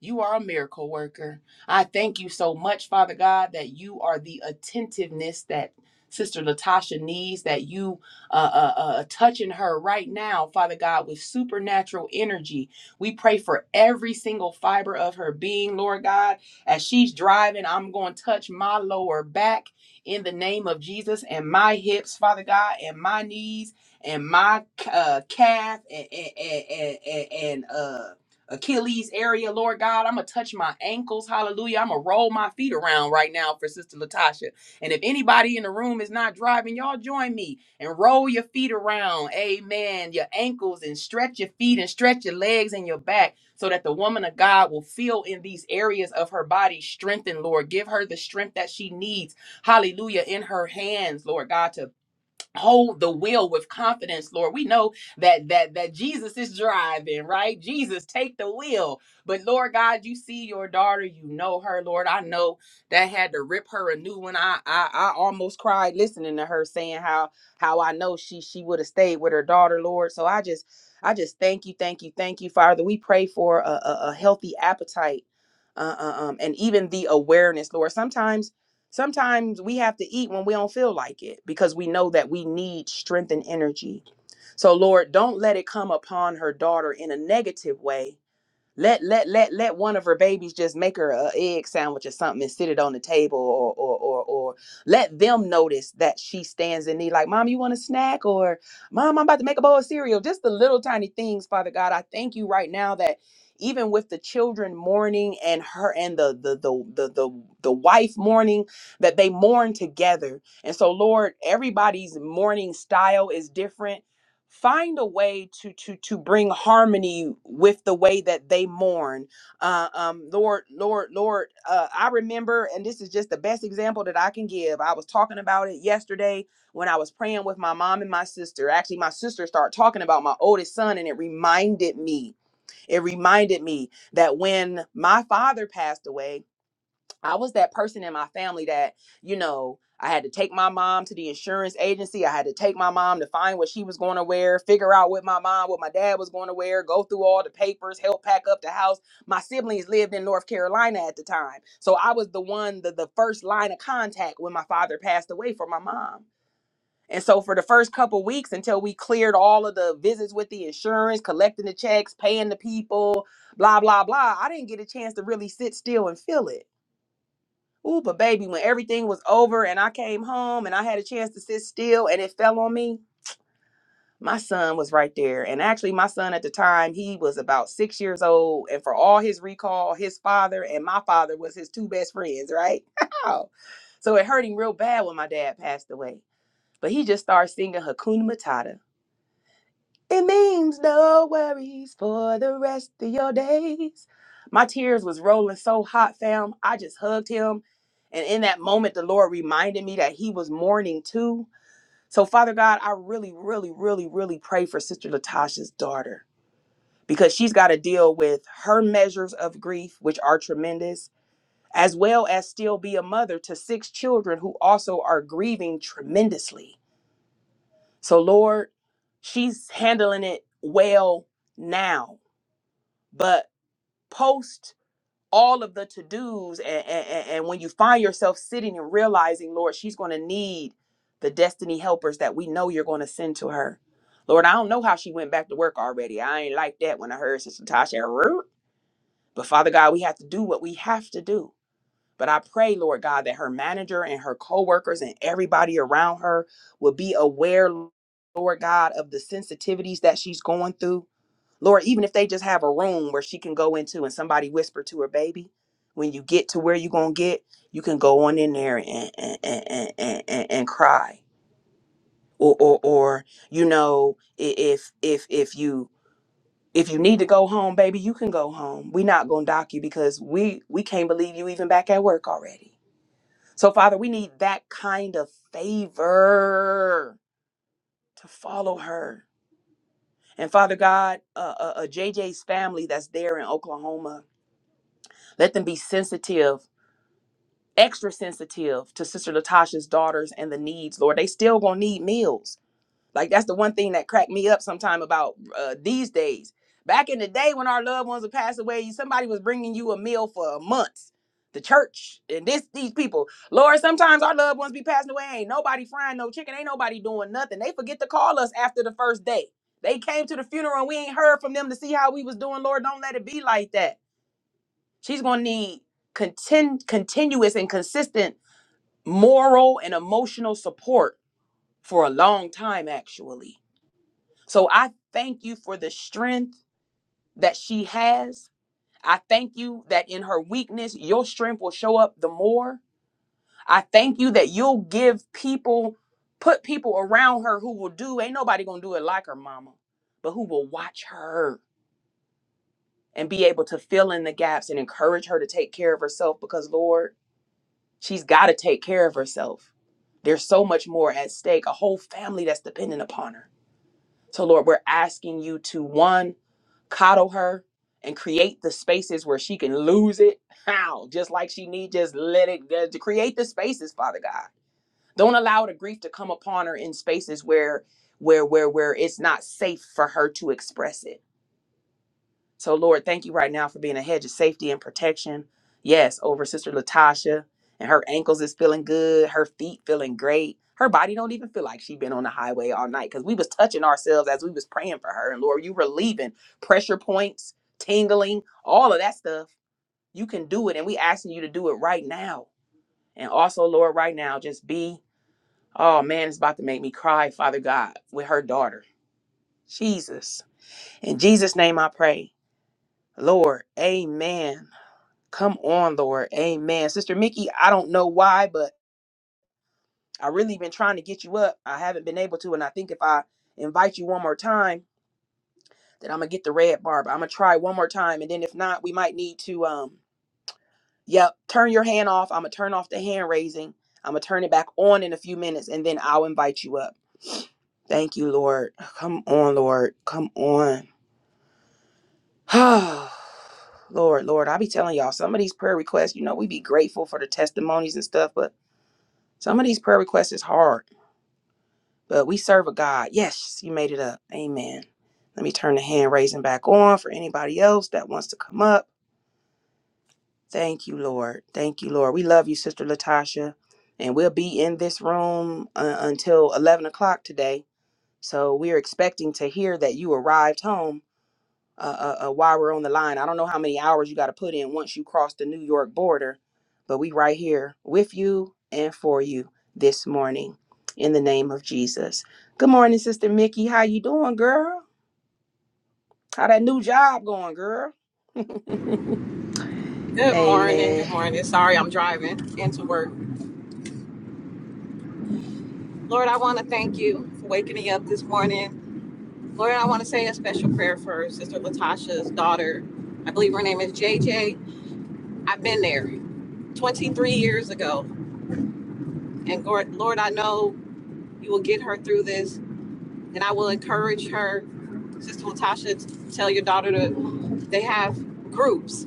Speaker 2: you are a miracle worker. I thank you so much, Father God, that you are the attentiveness that Sister Latasha needs, that you uh, uh, uh, touching her right now, Father God, with supernatural energy. We pray for every single fiber of her being, Lord God as she's driving, I'm going to touch my lower back in the name of Jesus and my hips, Father God, and my knees and my uh, calf and, and, and, and, and uh, Achilles area, Lord God. I'm going to touch my ankles. Hallelujah. I'm going to roll my feet around right now for Sister Latasha. And if anybody in the room is not driving, y'all join me and roll your feet around. Amen. Your ankles and stretch your feet and stretch your legs and your back so that the woman of God will feel in these areas of her body strengthened, Lord. Give her the strength that she needs, hallelujah, in her hands, Lord God, to hold the wheel with confidence lord we know that that that jesus is driving right jesus take the wheel but lord god you see your daughter you know her lord i know that had to rip her a new one i i, I almost cried listening to her saying how how i know she she would have stayed with her daughter lord so i just i just thank you thank you thank you father we pray for a, a, a healthy appetite uh, uh, um, and even the awareness lord sometimes Sometimes we have to eat when we don't feel like it because we know that we need strength and energy. So, Lord, don't let it come upon her daughter in a negative way let let let let one of her babies just make her a egg sandwich or something and sit it on the table or or or, or let them notice that she stands in need. Like, mom, you want a snack? Or mom, I'm about to make a bowl of cereal. Just the little tiny things, Father God. I thank you right now that even with the children mourning and her and the the the the the, the wife mourning, that they mourn together. And so, Lord, everybody's mourning style is different find a way to to to bring harmony with the way that they mourn uh, um lord lord lord uh, i remember and this is just the best example that i can give i was talking about it yesterday when i was praying with my mom and my sister actually my sister started talking about my oldest son and it reminded me it reminded me that when my father passed away I was that person in my family that, you know, I had to take my mom to the insurance agency. I had to take my mom to find what she was going to wear, figure out with my mom, what my dad was going to wear, go through all the papers, help pack up the house. My siblings lived in North Carolina at the time. So I was the one, the, the first line of contact when my father passed away for my mom. And so for the first couple weeks until we cleared all of the visits with the insurance, collecting the checks, paying the people, blah, blah, blah, I didn't get a chance to really sit still and feel it. Ooh, but baby, when everything was over and I came home and I had a chance to sit still and it fell on me, my son was right there. And actually, my son at the time, he was about six years old. And for all his recall, his father and my father was his two best friends, right? so it hurt him real bad when my dad passed away. But he just started singing Hakuna Matata. It means no worries for the rest of your days. My tears was rolling so hot, fam. I just hugged him. And in that moment, the Lord reminded me that he was mourning too. So, Father God, I really, really, really, really pray for Sister Latasha's daughter because she's got to deal with her measures of grief, which are tremendous, as well as still be a mother to six children who also are grieving tremendously. So, Lord, she's handling it well now but post all of the to-dos and, and, and when you find yourself sitting and realizing lord she's going to need the destiny helpers that we know you're going to send to her lord i don't know how she went back to work already i ain't like that when i heard sister tasha "Root." but father god we have to do what we have to do but i pray lord god that her manager and her coworkers and everybody around her will be aware lord god of the sensitivities that she's going through Lord, even if they just have a room where she can go into and somebody whisper to her baby, when you get to where you're going to get, you can go on in there and, and, and, and, and, and cry. Or, or, or, you know, i- if, if, if you, if you need to go home, baby, you can go home. We're not going to dock you because we, we can't believe you even back at work already. So Father, we need that kind of favor to follow her. And Father God, uh, uh, uh, JJ's family that's there in Oklahoma, Let them be sensitive, extra sensitive to Sister Latasha's daughters and the needs, Lord. They still gonna need meals. Like that's the one thing that cracked me up sometime about uh, these days. Back in the day when our loved ones would pass away, somebody was bringing you a meal for months. The church and this these people, Lord. Sometimes our loved ones be passing away. Ain't nobody frying no chicken. Ain't nobody doing nothing. They forget to call us after the first day. They came to the funeral and we ain't heard from them to see how we was doing. Lord, don't let it be like that. She's going to need contin- continuous and consistent moral and emotional support for a long time, actually. So I thank you for the strength that she has. I thank you that in her weakness, your strength will show up the more. I thank you that you'll give people, put people around her who will do, ain't nobody going to do it like her mama, but who will watch her and be able to fill in the gaps and encourage her to take care of herself because, Lord, She's got to take care of herself. There's so much more at stake, a whole family that's dependent upon her. So, Lord, we're asking you to one, coddle her and create the spaces where she can lose it. How? Just like she need, just let it uh, to create the spaces, Father God. Don't allow the grief to come upon her in spaces where where where where it's not safe for her to express it. So, Lord, thank you right now for being a hedge of safety and protection. Yes, over Sister Latasha, and her ankles is feeling good, her feet feeling great. Her body don't even feel like she been on the highway all night because we was touching ourselves as we was praying for her. And Lord, you relieving pressure points, tingling, all of that stuff. You can do it, and we asking you to do it right now. And also, Lord, right now, just be. Oh man, it's about to make me cry, Father God, with her daughter. Jesus. In Jesus' name I pray. Lord, amen. Come on, Lord. Amen. Sister Mickey, I don't know why, but I really been trying to get you up. I haven't been able to. And I think if I invite you one more time, then I'm gonna get the red bar. But I'm gonna try one more time. And then if not, we might need to um yep, turn your hand off. I'm gonna turn off the hand raising. I'm gonna turn it back on in a few minutes and then I'll invite you up. Thank you, Lord. Come on, Lord. Come on. Lord, Lord, I be telling y'all some of these prayer requests, you know, we be grateful for the testimonies and stuff, but Some of these prayer requests is hard, but we serve a God. Yes, you made it up. Amen. Let me turn the hand raising back on for anybody else that wants to come up. Thank you, Lord. Thank you, Lord. We love you, Sister Latasha. And we'll be in this room uh, until 11 o'clock today. So we're expecting to hear that you arrived home uh, uh, uh, while we're on the line. I don't know how many hours you got to put in once you cross the New York border, but we right here with you and for you this morning in the name of Jesus. Good morning, Sister Mickey. How you doing, girl? How that new job going, girl?
Speaker 4: Good morning.
Speaker 2: Amen.
Speaker 4: Good morning. Sorry, I'm driving into work. Lord, I want to thank you for waking me up this morning. Lord, I want to say a special prayer for Sister Latasha's daughter. I believe her name is JJ. I've been there 23 years ago. And Lord, Lord, I know you will get her through this. And I will encourage her, Sister Latasha, to tell your daughter to they have groups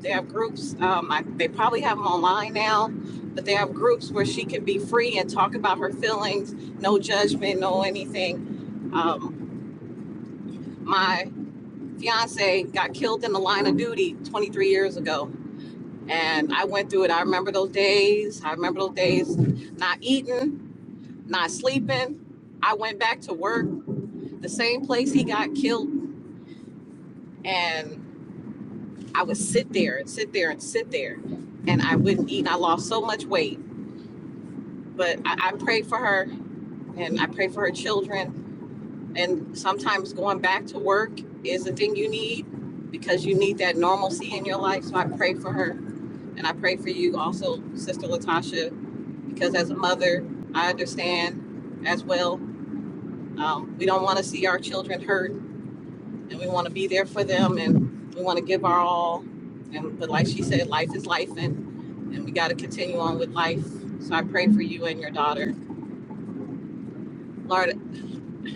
Speaker 4: They have groups. Um, I, they probably have them online now, but they have groups where she can be free and talk about her feelings, no judgment, no anything. Um, my fiance got killed in the line of duty 23 years ago, and I went through it. I remember those days. I remember those days, not eating, not sleeping. I went back to work, the same place he got killed, and I would sit there and sit there and sit there, and I wouldn't eat. and I lost so much weight but I, I pray for her and I pray for her children. And sometimes going back to work is the thing you need because you need that normalcy in your life. So I pray for her and I pray for you also, Sister Latasha, because as a mother, I understand as well. Um, we don't want to see our children hurt and we want to be there for them and we want to give our all. And but like she said, life is life and and we got to continue on with life. So I pray for you and your daughter. Lord,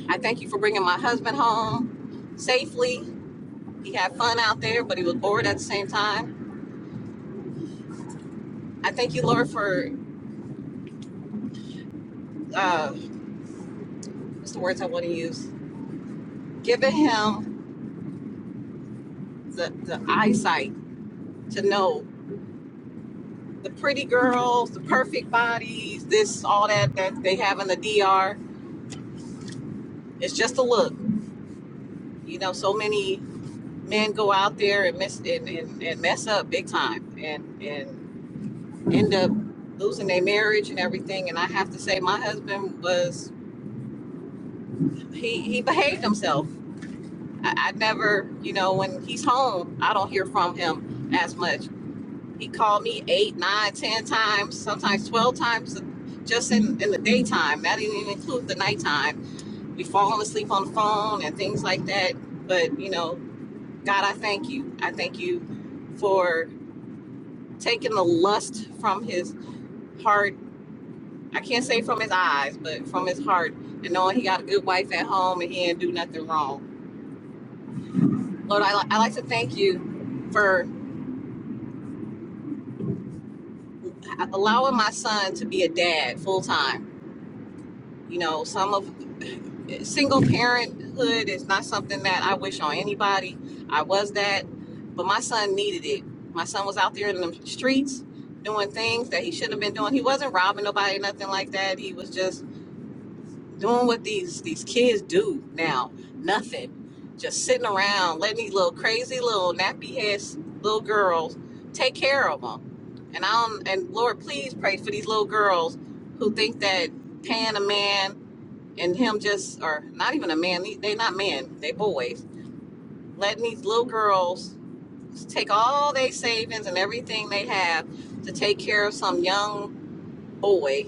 Speaker 4: I thank you for bringing my husband home safely. He had fun out there, but he was bored at the same time. I thank you, Lord, for uh, what's the words I want to use? Giving him the, the eyesight to know the pretty girls, the perfect bodies, this, all that that they have in the DR. It's just a look. You know, so many men go out there and mess and, and, and mess up big time and and end up losing their marriage and everything. And I have to say, my husband was he he behaved himself. I, I never, you know, when he's home, I don't hear from him as much. He called me eight, nine, ten times, sometimes twelve times, just in in the daytime. That didn't even include the nighttime. We falling asleep on the phone and things like that. But you know, God, I thank you. I thank you for taking the lust from his heart. I can't say from his eyes, but from his heart, and knowing he got a good wife at home and he didn't do nothing wrong. Lord, I, li- I like to thank you for allowing my son to be a dad full time. You know, some of single parenthood is not something that I wish on anybody. I was that, but my son needed it. My son was out there in the streets doing things that he shouldn't have been doing. He wasn't robbing nobody, nothing like that. He was just doing what these these kids do now. Nothing, just sitting around letting these little crazy little nappy ass little girls take care of them. And I don't, and Lord, please pray for these little girls who think that paying a man and him just or not even a man. They they not men. They boys. Letting these little girls take all their savings and everything they have to take care of some young boy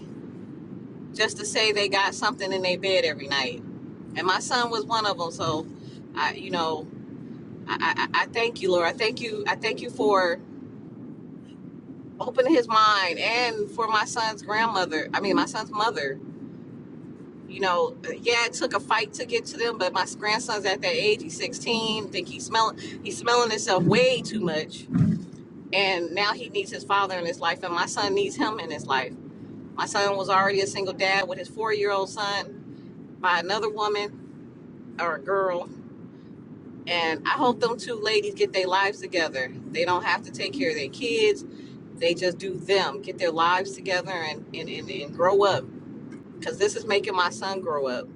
Speaker 4: just to say they got something in their bed every night. And my son was one of them. So, I, you know, I, I, I thank you, Lord. I thank you. I thank you for opening his mind and for my son's grandmother. I mean, my son's mother. You know, yeah, it took a fight to get to them, but my grandson's at that age. He's 16. I think he's smelling. He's smelling himself way too much, and now he needs his father in his life, and my son needs him in his life. My son was already a single dad with his four-year-old son by another woman or a girl. And I hope them two ladies get their lives together. They don't have to take care of their kids. They just do them, get their lives together and, and, and, and grow up. Because this is making my son grow up.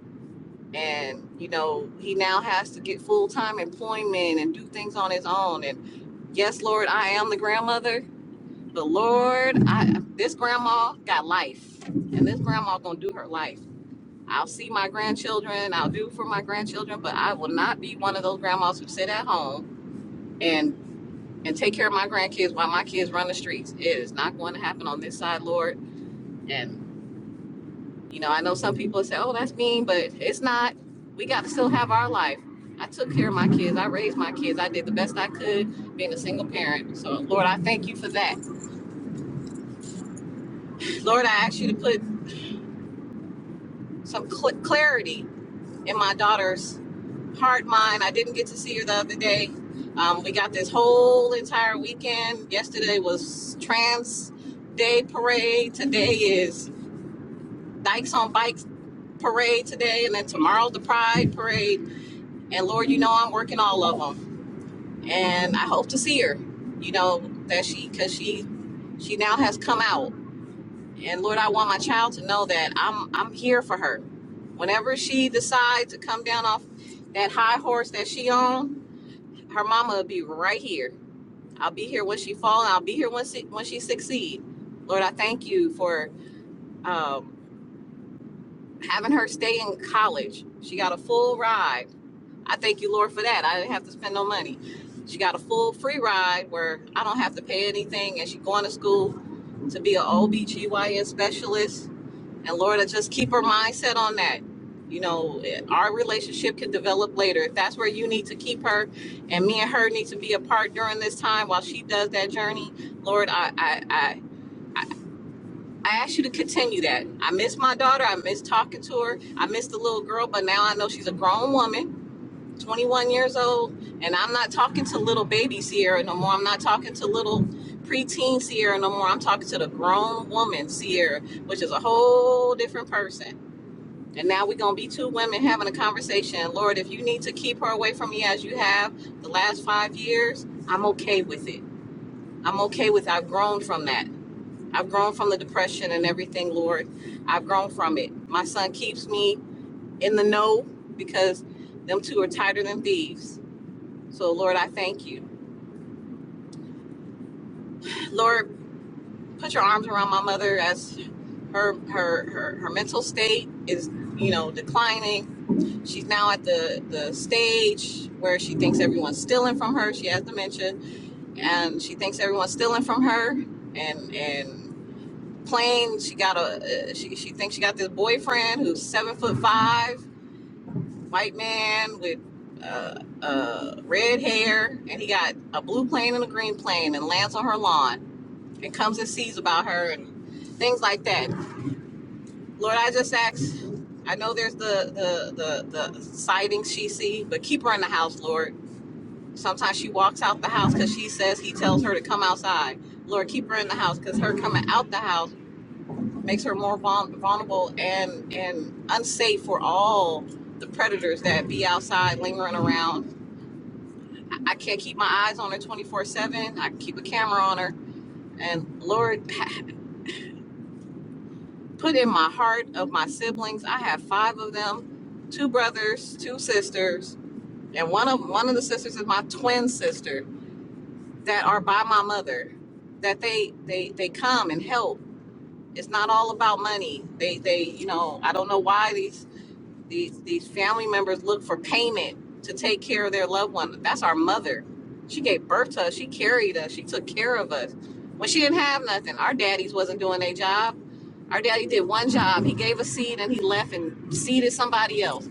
Speaker 4: And, you know, he now has to get full time employment and do things on his own. And yes, Lord, I am the grandmother, but Lord, I, this grandma got life. And this grandma going to do her life. I'll see my grandchildren. I'll do for my grandchildren, but I will not be one of those grandmas who sit at home and and take care of my grandkids while my kids run the streets. It is not going to happen on this side, Lord. And you know, I know some people say, "Oh, that's mean," but it's not. We got to still have our life. I took care of my kids. I raised my kids. I did the best I could being a single parent. So, Lord, I thank you for that. Lord, I ask you to put some cl- clarity in my daughter's part mind. I didn't get to see her the other day. Um, we got this whole entire weekend. Yesterday was Trans Day Parade. Today is Dykes on Bikes Parade today, and then tomorrow's the Pride Parade. And Lord, you know I'm working all of them, and I hope to see her. You know that she, cause she, she now has come out. And Lord, I want my child to know that I'm I'm here for her. Whenever she decides to come down off that high horse that she on, her mama will be right here. I'll be here when she fall. I'll be here when she, when she succeed. Lord, I thank you for um, having her stay in college. She got a full ride. I thank you, Lord, for that. I didn't have to spend no money. She got a full free ride where I don't have to pay anything, and she going to school to be an OBGYN specialist and Lord, I just keep her mindset on that. You know, our relationship can develop later. If that's where you need to keep her, and me and her need to be apart during this time while she does that journey, Lord, I, I, I, I I ask you to continue that. I miss my daughter. I miss talking to her. I miss the little girl, but now I know she's a grown woman, 21 years old, and I'm not talking to little baby Sierra no more. I'm not talking to little preteen Sierra no more. I'm talking to the grown woman Sierra, which is a whole different person and now we're going to be two women having a conversation. Lord, if you need to keep her away from me as you have the last five years, I'm okay with it. I'm okay with I've grown from that. I've grown from the depression and everything, Lord. I've grown from it. My son keeps me in the know because them two are tighter than thieves. So, Lord, I thank you. Lord, put your arms around my mother as her her her, her mental state is, you know, declining She's now at the, the stage where she thinks everyone's stealing from her. She has dementia, and she thinks everyone's stealing from her. And and plain, she got a uh, she she thinks she got this boyfriend who's seven foot five, white man with uh, uh, red hair, and he got a blue plane and a green plane, and lands on her lawn, and comes and sees about her and things like that. Lord, I just ask. I know there's the the the, the sightings she see, but keep her in the house, Lord. Sometimes she walks out the house because she says he tells her to come outside. Lord, keep her in the house because her coming out the house makes her more vul- vulnerable and and unsafe for all the predators that be outside lingering around. I I can't keep my eyes on her 24 seven. I can keep a camera on her, and Lord. put in my heart of my siblings. I have five of them, two brothers, two sisters, and one of one of the sisters is my twin sister that are by my mother. That they they they come and help. It's not all about money. They they you know I don't know why these these these family members look for payment to take care of their loved one. That's our mother. She gave birth to us. She carried us. She took care of us. When she didn't have nothing, our daddies wasn't doing their job. Our daddy did one job. He gave a seed and he left and seeded somebody else.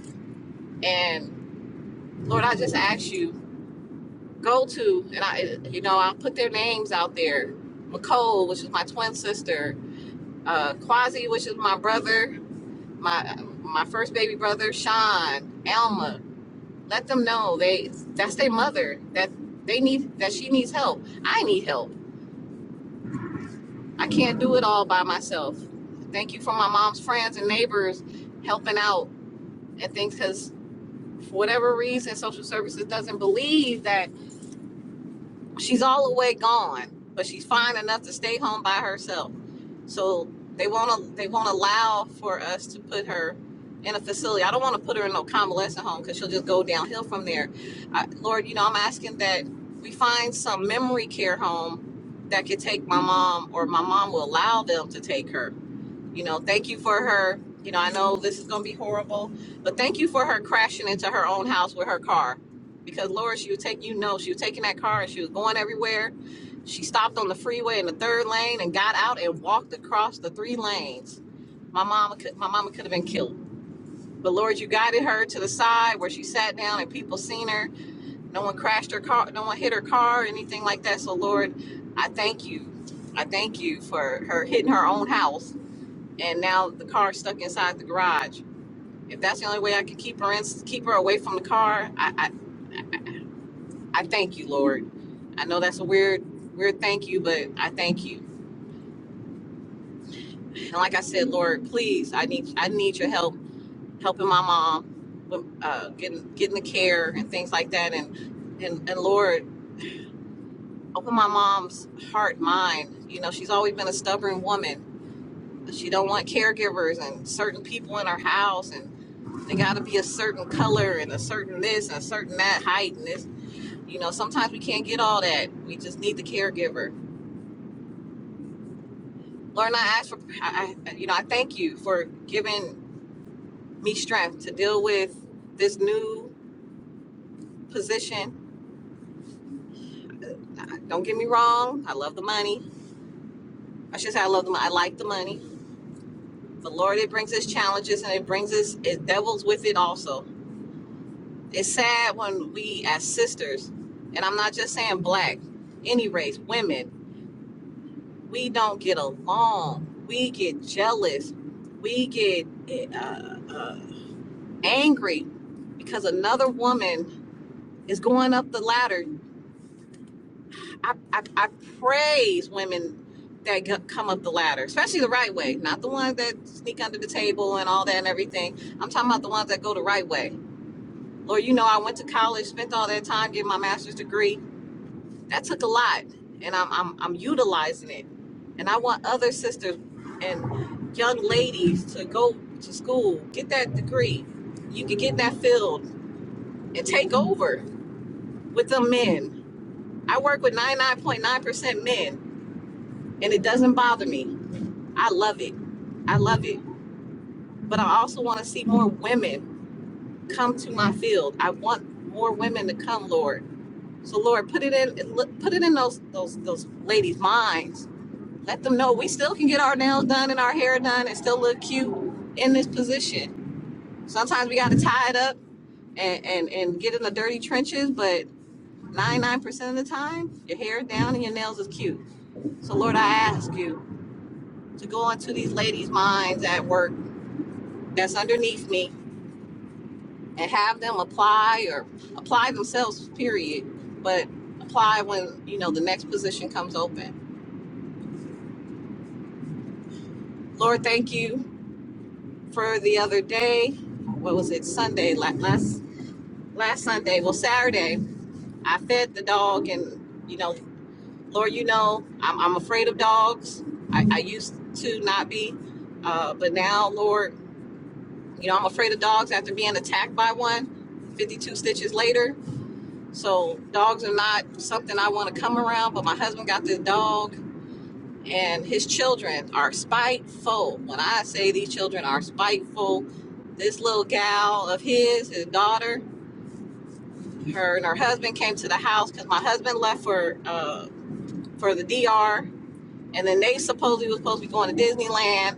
Speaker 4: And Lord, I just ask you, go to and I, you know, I'll put their names out there. McCole, which is my twin sister, uh, Quasi, which is my brother, my my first baby brother, Sean, Alma, Let them know they that's their mother that they need that she needs help. I need help. I can't do it all by myself. Thank you for my mom's friends and neighbors helping out and things because for whatever reason social services doesn't believe that she's all the way gone, but she's fine enough to stay home by herself. So they won't they won't allow for us to put her in a facility. I don't want to put her in no convalescent home because she'll just go downhill from there. I, Lord, you know I'm asking that we find some memory care home that could take my mom, or my mom will allow them to take her you know, thank you for her. You know, I know this is going to be horrible, but thank you for her crashing into her own house with her car. Because Lord, she was taking, you know, she was taking that car and she was going everywhere. She stopped on the freeway in the third lane and got out and walked across the three lanes. My mama could, my mama could have been killed. But Lord, you guided her to the side where she sat down and people seen her. No one crashed her car, no one hit her car or anything like that. So Lord, I thank you. I thank you for her hitting her own house and now the car's stuck inside the garage. If that's the only way I could keep her in, keep her away from the car, I, I, I thank you, Lord. I know that's a weird, weird thank you, but I thank you. And like I said, Lord, please, I need, I need your help, helping my mom, with, uh, getting, getting the care and things like that. And, and, and Lord, open my mom's heart, mind. You know, she's always been a stubborn woman. She don't want caregivers and certain people in her house, and. They got to be a certain color and a certain this and a certain that height and this. You know, sometimes we can't get all that. We just need the caregiver. Lord, I ask for, I, I- you know, I thank you for giving me strength to deal with this new position. Uh, Don't get me wrong, I love the money. I should say I love the money. I like the money. But Lord, it brings us challenges and it brings us it devils with it also. It's sad when we as sisters, and I'm not just saying black, any race, women. we don't get along. We get jealous. We get eh, uh, uh, angry because another woman is going up the ladder. I, I, I praise women that go- come up the ladder, especially the right way, not the ones that sneak under the table and all that and everything. I'm talking about the ones that go the right way. Lord, you know, I went to college, spent all that time getting my master's degree. that took a lot and I'm, I'm i'm utilizing it and i want other sisters and young ladies to go to school get that degree you can get in that field and take over with the men i work with 99.9% men and it doesn't bother me i love it i love it but i also want to see more women come to my field i want more women to come lord so lord put it in put it in those those those ladies minds Let them know we still can get our nails done and our hair done and still look cute in this position. Sometimes we got to tie it up and, and, and get in the dirty trenches, but 99% of the time, your hair is down and your nails is cute. So, Lord, I ask you to go into these ladies' minds at work that's underneath me and have them apply or apply themselves, period, but apply when, you know, the next position comes open. Lord, thank you for the other day. What was it? Sunday, la- last last Sunday, well, Saturday, I fed the dog, and you know, Lord, you know, I'm, I'm afraid of dogs. I, I used to not be, uh, but now, Lord, you know, I'm afraid of dogs after being attacked by one 52 stitches later. So, dogs are not something I want to come around, but my husband got this dog. And his children are spiteful. When I say these children are spiteful, this little gal of his, his daughter, her and her husband came to the house because my husband left for uh for the DR, and then they supposedly was supposed to be going to Disneyland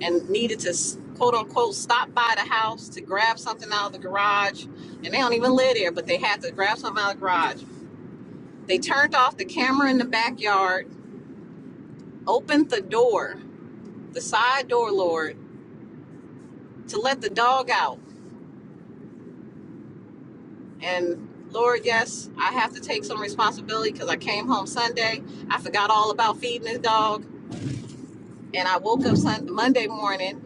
Speaker 4: and needed to quote unquote stop by the house to grab something out of the garage, and they don't even live there, but they had to grab something out of the garage. They turned off the camera in the backyard, opened the door, the side door, Lord, to let the dog out, and. Lord, yes, I have to take some responsibility because I came home Sunday. I forgot all about feeding this dog and I woke up Sunday, Monday morning,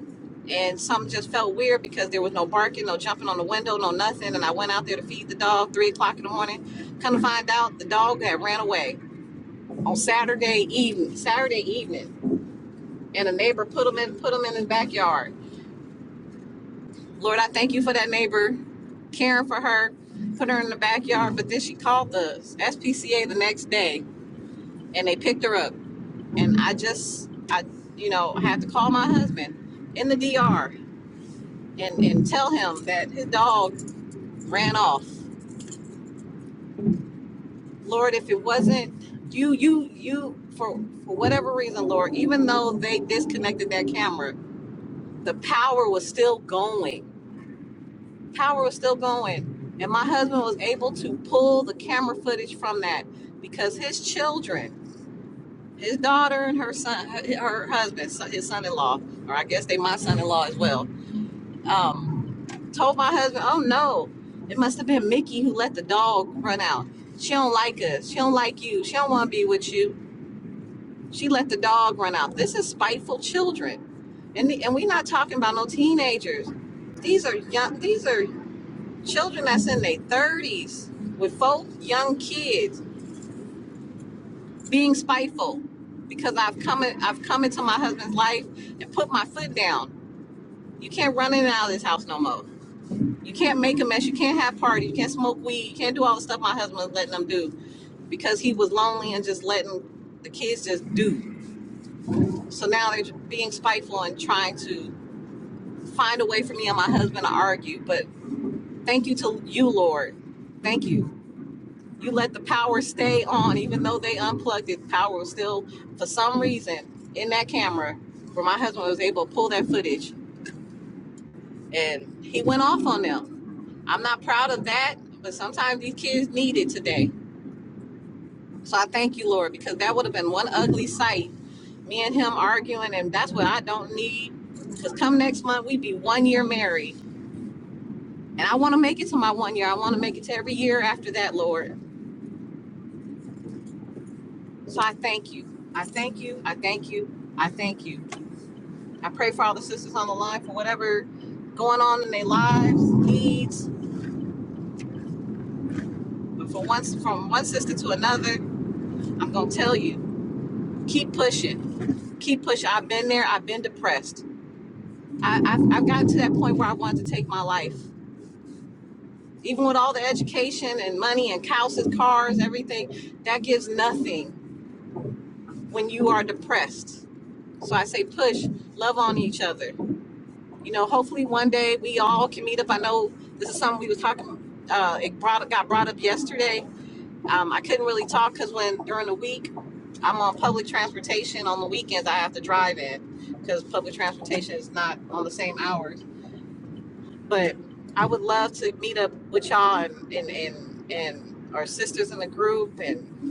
Speaker 4: and something just felt weird because there was no barking, no jumping on the window, no nothing. And I went out there to feed the dog three o'clock in the morning. Come to find out, the dog had ran away on Saturday evening. Saturday evening, and a neighbor put him in put him in his backyard. Lord, I thank you for that neighbor, caring for her, put her in the backyard. But then she called the SPCA the next day, and they picked her up. And I just, I, you know, I had to call my husband in the DR and and tell him that his dog ran off. Lord, if it wasn't you, you, you, for for whatever reason, Lord, even though they disconnected that camera, the power was still going. Power was still going, and my husband was able to pull the camera footage from that because his children, his daughter and her son, her husband, son- his son-in-law, or I guess they my son-in-law as well. Um, told my husband, "Oh no, it must have been Mickey who let the dog run out. She don't like us. She don't like you. She don't want to be with you. She let the dog run out. This is spiteful children, and the, and we're not talking about no teenagers. These are young. These are children that's in their thirties with folk young kids being spiteful because I've come in, I've come into my husband's life and put my foot down. You can't run in and out of this house no more. You can't make a mess. You can't have parties. You can't smoke weed. You can't do all the stuff my husband was letting them do because he was lonely and just letting the kids just do. So now they're being spiteful and trying to find a way for me and my husband to argue. But thank you to you, Lord. Thank you. You let the power stay on, even though they unplugged it. Power was still, for some reason, in that camera where my husband was able to pull that footage and he went off on them. I'm not proud of that, but sometimes these kids need it today So I thank you, Lord, because that would have been one ugly sight. Me and him arguing, and that's what I don't need. Because come next month, we would be one year married. And I want to make it to my one year. I want to make it to every year after that, Lord. So I thank you. I thank you. I thank you. I thank you. I pray for all the sisters on the line for whatever going on in their lives, needs. But for once, from one sister to another, I'm going to tell you keep pushing keep pushing. I've been there. I've been depressed. I, I, I've gotten to that point where I wanted to take my life. Even with all the education and money and houses, cars, everything, that gives nothing when you are depressed. So I say, push, love on each other. You know, hopefully one day we all can meet up. I know this is something we was talking. Uh, it brought got brought up yesterday. Um, I couldn't really talk because when during the week I'm on public transportation. On the weekends I have to drive in because public transportation is not on the same hours but I would love to meet up with y'all and and and, and our sisters in the group and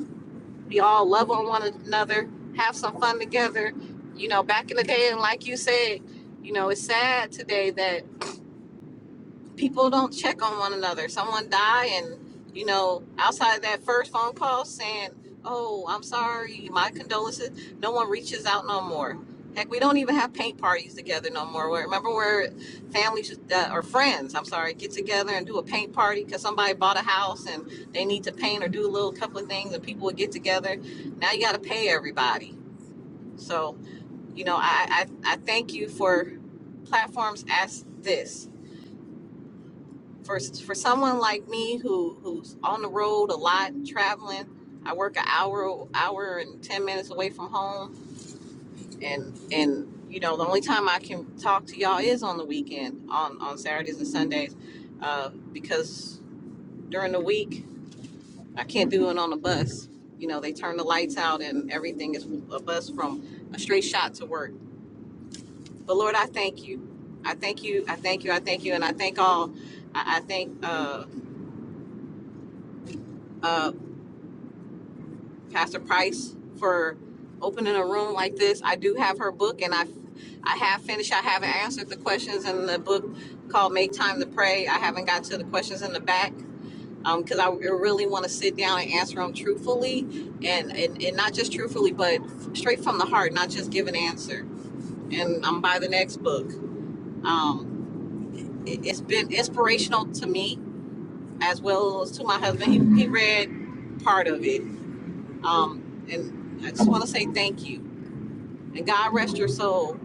Speaker 4: we all love on one another, have some fun together. You know, back in the day, and like you said, you know, it's sad today that people don't check on one another. Someone die and you know, outside of that first phone call saying, "Oh, I'm sorry, my condolences," no one reaches out no more. Heck, we don't even have paint parties together no more. Where remember where families uh, or friends, I'm sorry, get together and do a paint party because somebody bought a house and they need to paint or do a little couple of things, and people would get together. Now you got to pay everybody. So you know, I, I I thank you for platforms as this for for someone like me who who's on the road a lot traveling i work an hour hour and 10 minutes away from home and and you know the only time i can talk to y'all is on the weekend on on saturdays and sundays uh, because during the week i can't do it on the bus you know they turn the lights out and everything is a bus from a straight shot to work but lord i thank you i thank you i thank you i thank you and i thank all i, I thank uh uh, Pastor Price for opening a room like this. I do have her book, and I I have finished. I haven't answered the questions in the book called "Make Time to Pray." I haven't got to the questions in the back because I really want to sit down and answer them truthfully, and, and and not just truthfully, but straight from the heart, not just give an answer. And I'm by the next book. Um, it, it's been inspirational to me as well as to my husband. He, he read part of it, um, and I just want to say thank you and God rest your soul.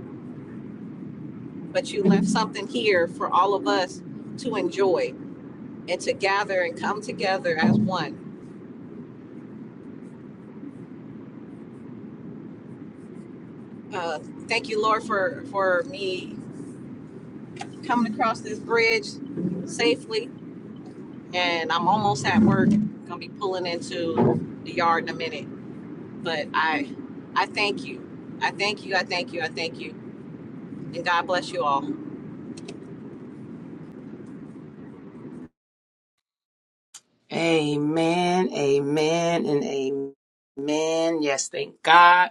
Speaker 4: But you left something here for all of us to enjoy and to gather and come together as one. Uh, thank you, Lord, for for me coming across this bridge safely. And I'm almost at work. Gonna be pulling into the yard in a minute. But I I thank you. I thank you. I thank you. I thank you. And God bless you all.
Speaker 2: Amen. Amen. And amen. Yes, thank God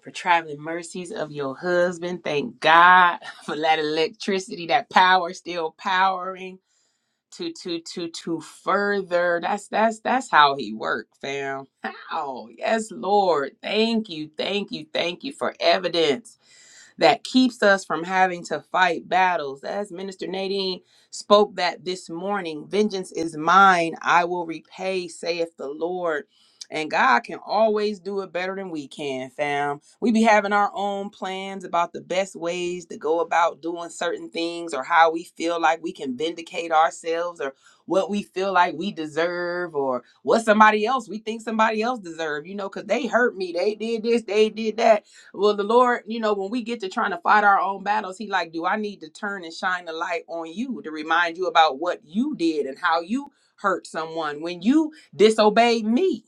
Speaker 2: for traveling mercies of your husband. Thank God for that electricity, that power still powering. to to to to further that's that's that's how he worked fam how yes lord thank you thank you thank you for evidence that keeps us from having to fight battles as minister nadine spoke that this morning vengeance is mine i will repay saith the lord and God can always do it better than we can, fam. We be having our own plans about the best ways to go about doing certain things or how we feel like we can vindicate ourselves or what we feel like we deserve or what somebody else we think somebody else deserve, you know, cuz they hurt me, they did this, they did that. Well, the Lord, you know, when we get to trying to fight our own battles, he like, "Do I need to turn and shine the light on you to remind you about what you did and how you hurt someone when you disobeyed me?"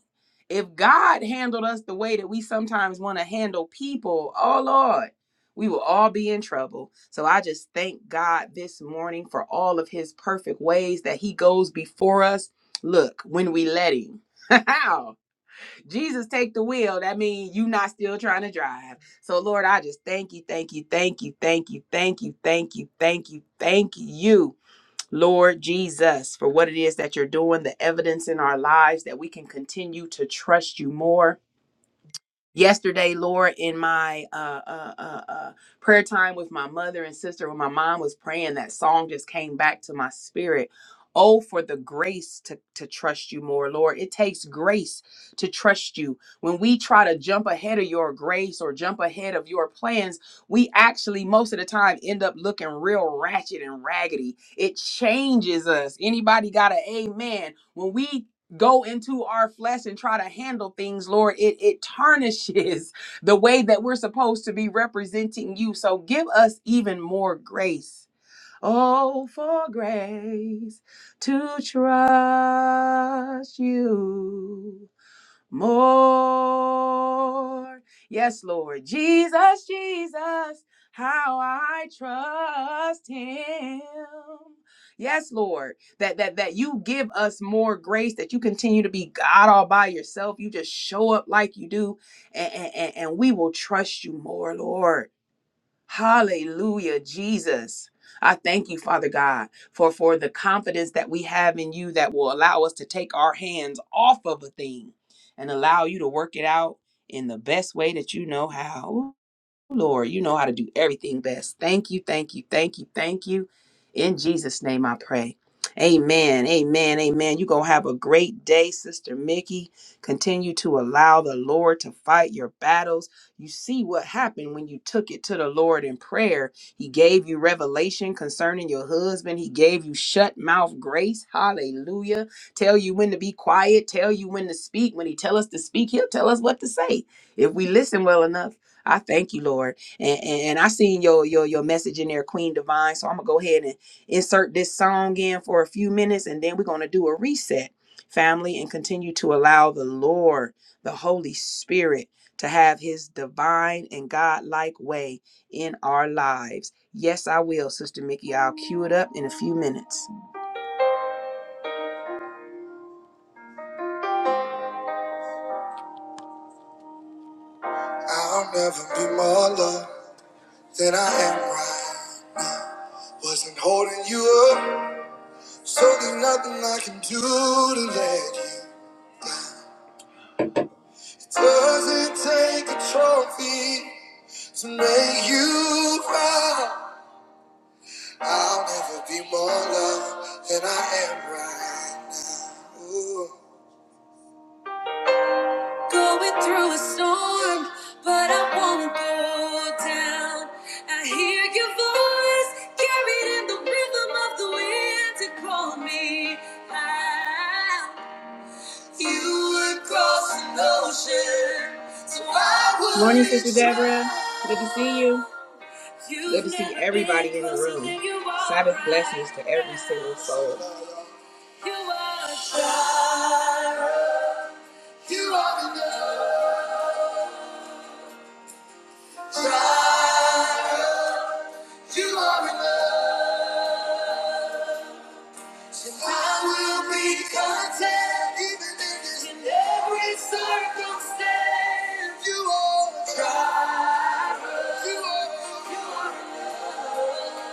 Speaker 2: if God handled us the way that we sometimes want to handle people, oh Lord, we will all be in trouble. So I just thank God this morning for all of his perfect ways that he goes before us. Look, when we let him. Jesus take the wheel. That means you not still trying to drive. So Lord, I just thank you, thank you, thank you, thank you, thank you, thank you, thank you, thank you. Lord Jesus, for what it is that you're doing, the evidence in our lives that we can continue to trust you more yesterday lord in my uh, uh uh uh prayer time with my mother and sister when my mom was praying that song just came back to my spirit oh for the grace to to trust you more lord it takes grace to trust you when we try to jump ahead of your grace or jump ahead of your plans we actually most of the time end up looking real ratchet and raggedy it changes us anybody got an amen when we go into our flesh and try to handle things, Lord, it, it tarnishes the way that we're supposed to be representing you. So give us even more grace. Oh, for grace to trust you more. Yes, Lord. Jesus, Jesus, how I trust him. Yes, Lord. That that that you give us more grace, that you continue to be God all by yourself. You just show up like you do, and, and, and we will trust you more, Lord. Hallelujah, Jesus. I thank you, Father God, for, for the confidence that we have in you that will allow us to take our hands off of a thing and allow you to work it out in the best way that you know how. Lord, you know how to do everything best. Thank you, thank you, thank you, thank you. In Jesus' name I pray. Amen, amen, amen. You're going to have a great day, Sister Mickey. Continue to allow the Lord to fight your battles. You see what happened when you took it to the Lord in prayer. He gave you revelation concerning your husband, He gave you shut mouth grace. Hallelujah. Tell you when to be quiet, tell you when to speak. When He tell us to speak, He'll tell us what to say if we listen well enough. I thank you, Lord. And, and, and I seen your, your your message in there, Queen Divine. So I'm gonna go ahead and insert this song in for a few minutes, and then we're gonna do a reset, family, and continue to allow the Lord, the Holy Spirit, to have His divine and God-like way in our lives. Yes, I will, Sister Mickey. I'll cue it up in a few minutes. I'll never be more loved than I am right. Wasn't holding you up. So there's nothing I can do to let you. It doesn't take a trophy to make you cry. I'll never be more loved than I am right now. Ooh. I rhythm of the wind to call me out. You would cross an ocean, so I would. Morning, Sister Deborah. Good to see you. Good to see everybody in the room. Sabbath blessings to every single soul. You are Jireh. You are enough. Jireh. You are enough. And I will be content even in this. in every circumstance. You are Jireh. You you are enough.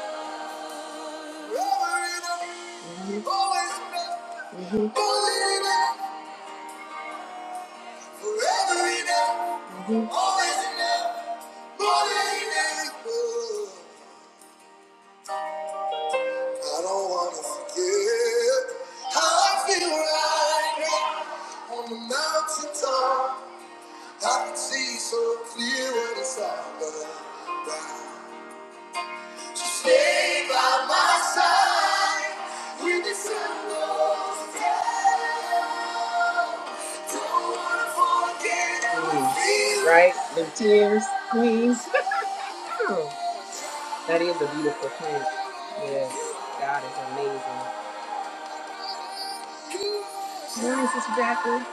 Speaker 2: You are enough. Always enough. Always enough. right the so Mm, Right, the tears, please. That is a beautiful plant. Yes, God is amazing. Morning, Sister Jacqueline.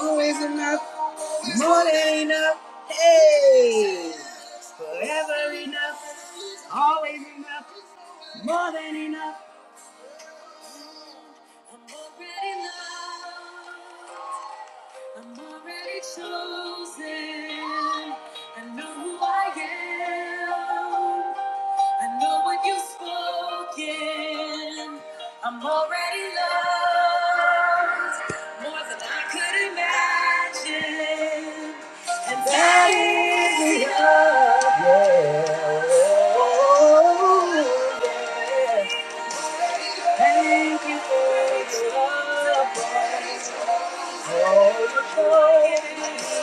Speaker 2: Always enough. Morning. Forever enough. Always enough. I'm already loved. I'm already chosen. I know who I am. I know what you've spoken. I'm already loved more than I could imagine. And that is enough. Yeah. Oh yeah. Thank you for its love, for all the joy it is.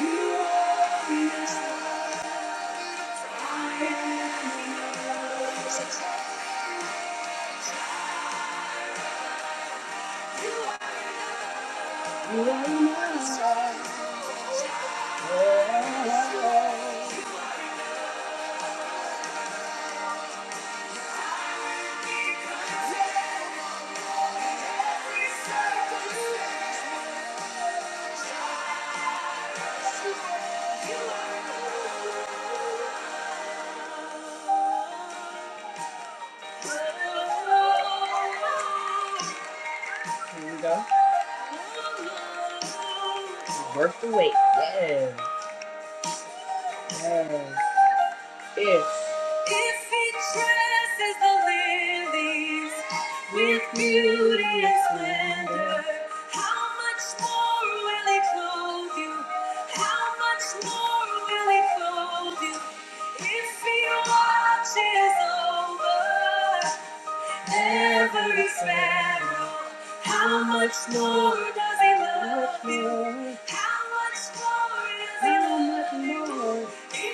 Speaker 2: You are enough. If he dresses the lilies with beauty and splendor, how much more will he clothe you? How much more will he clothe you? If he watches over every sparrow, how much more does he love you? How much more does he love you? More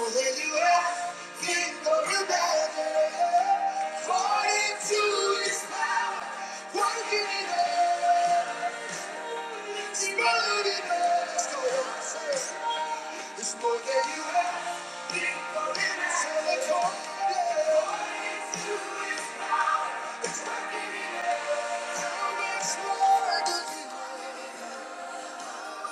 Speaker 2: than you ever think or imagine, according to His power, working in us. It's more than you have. It's more than you have. It's more do you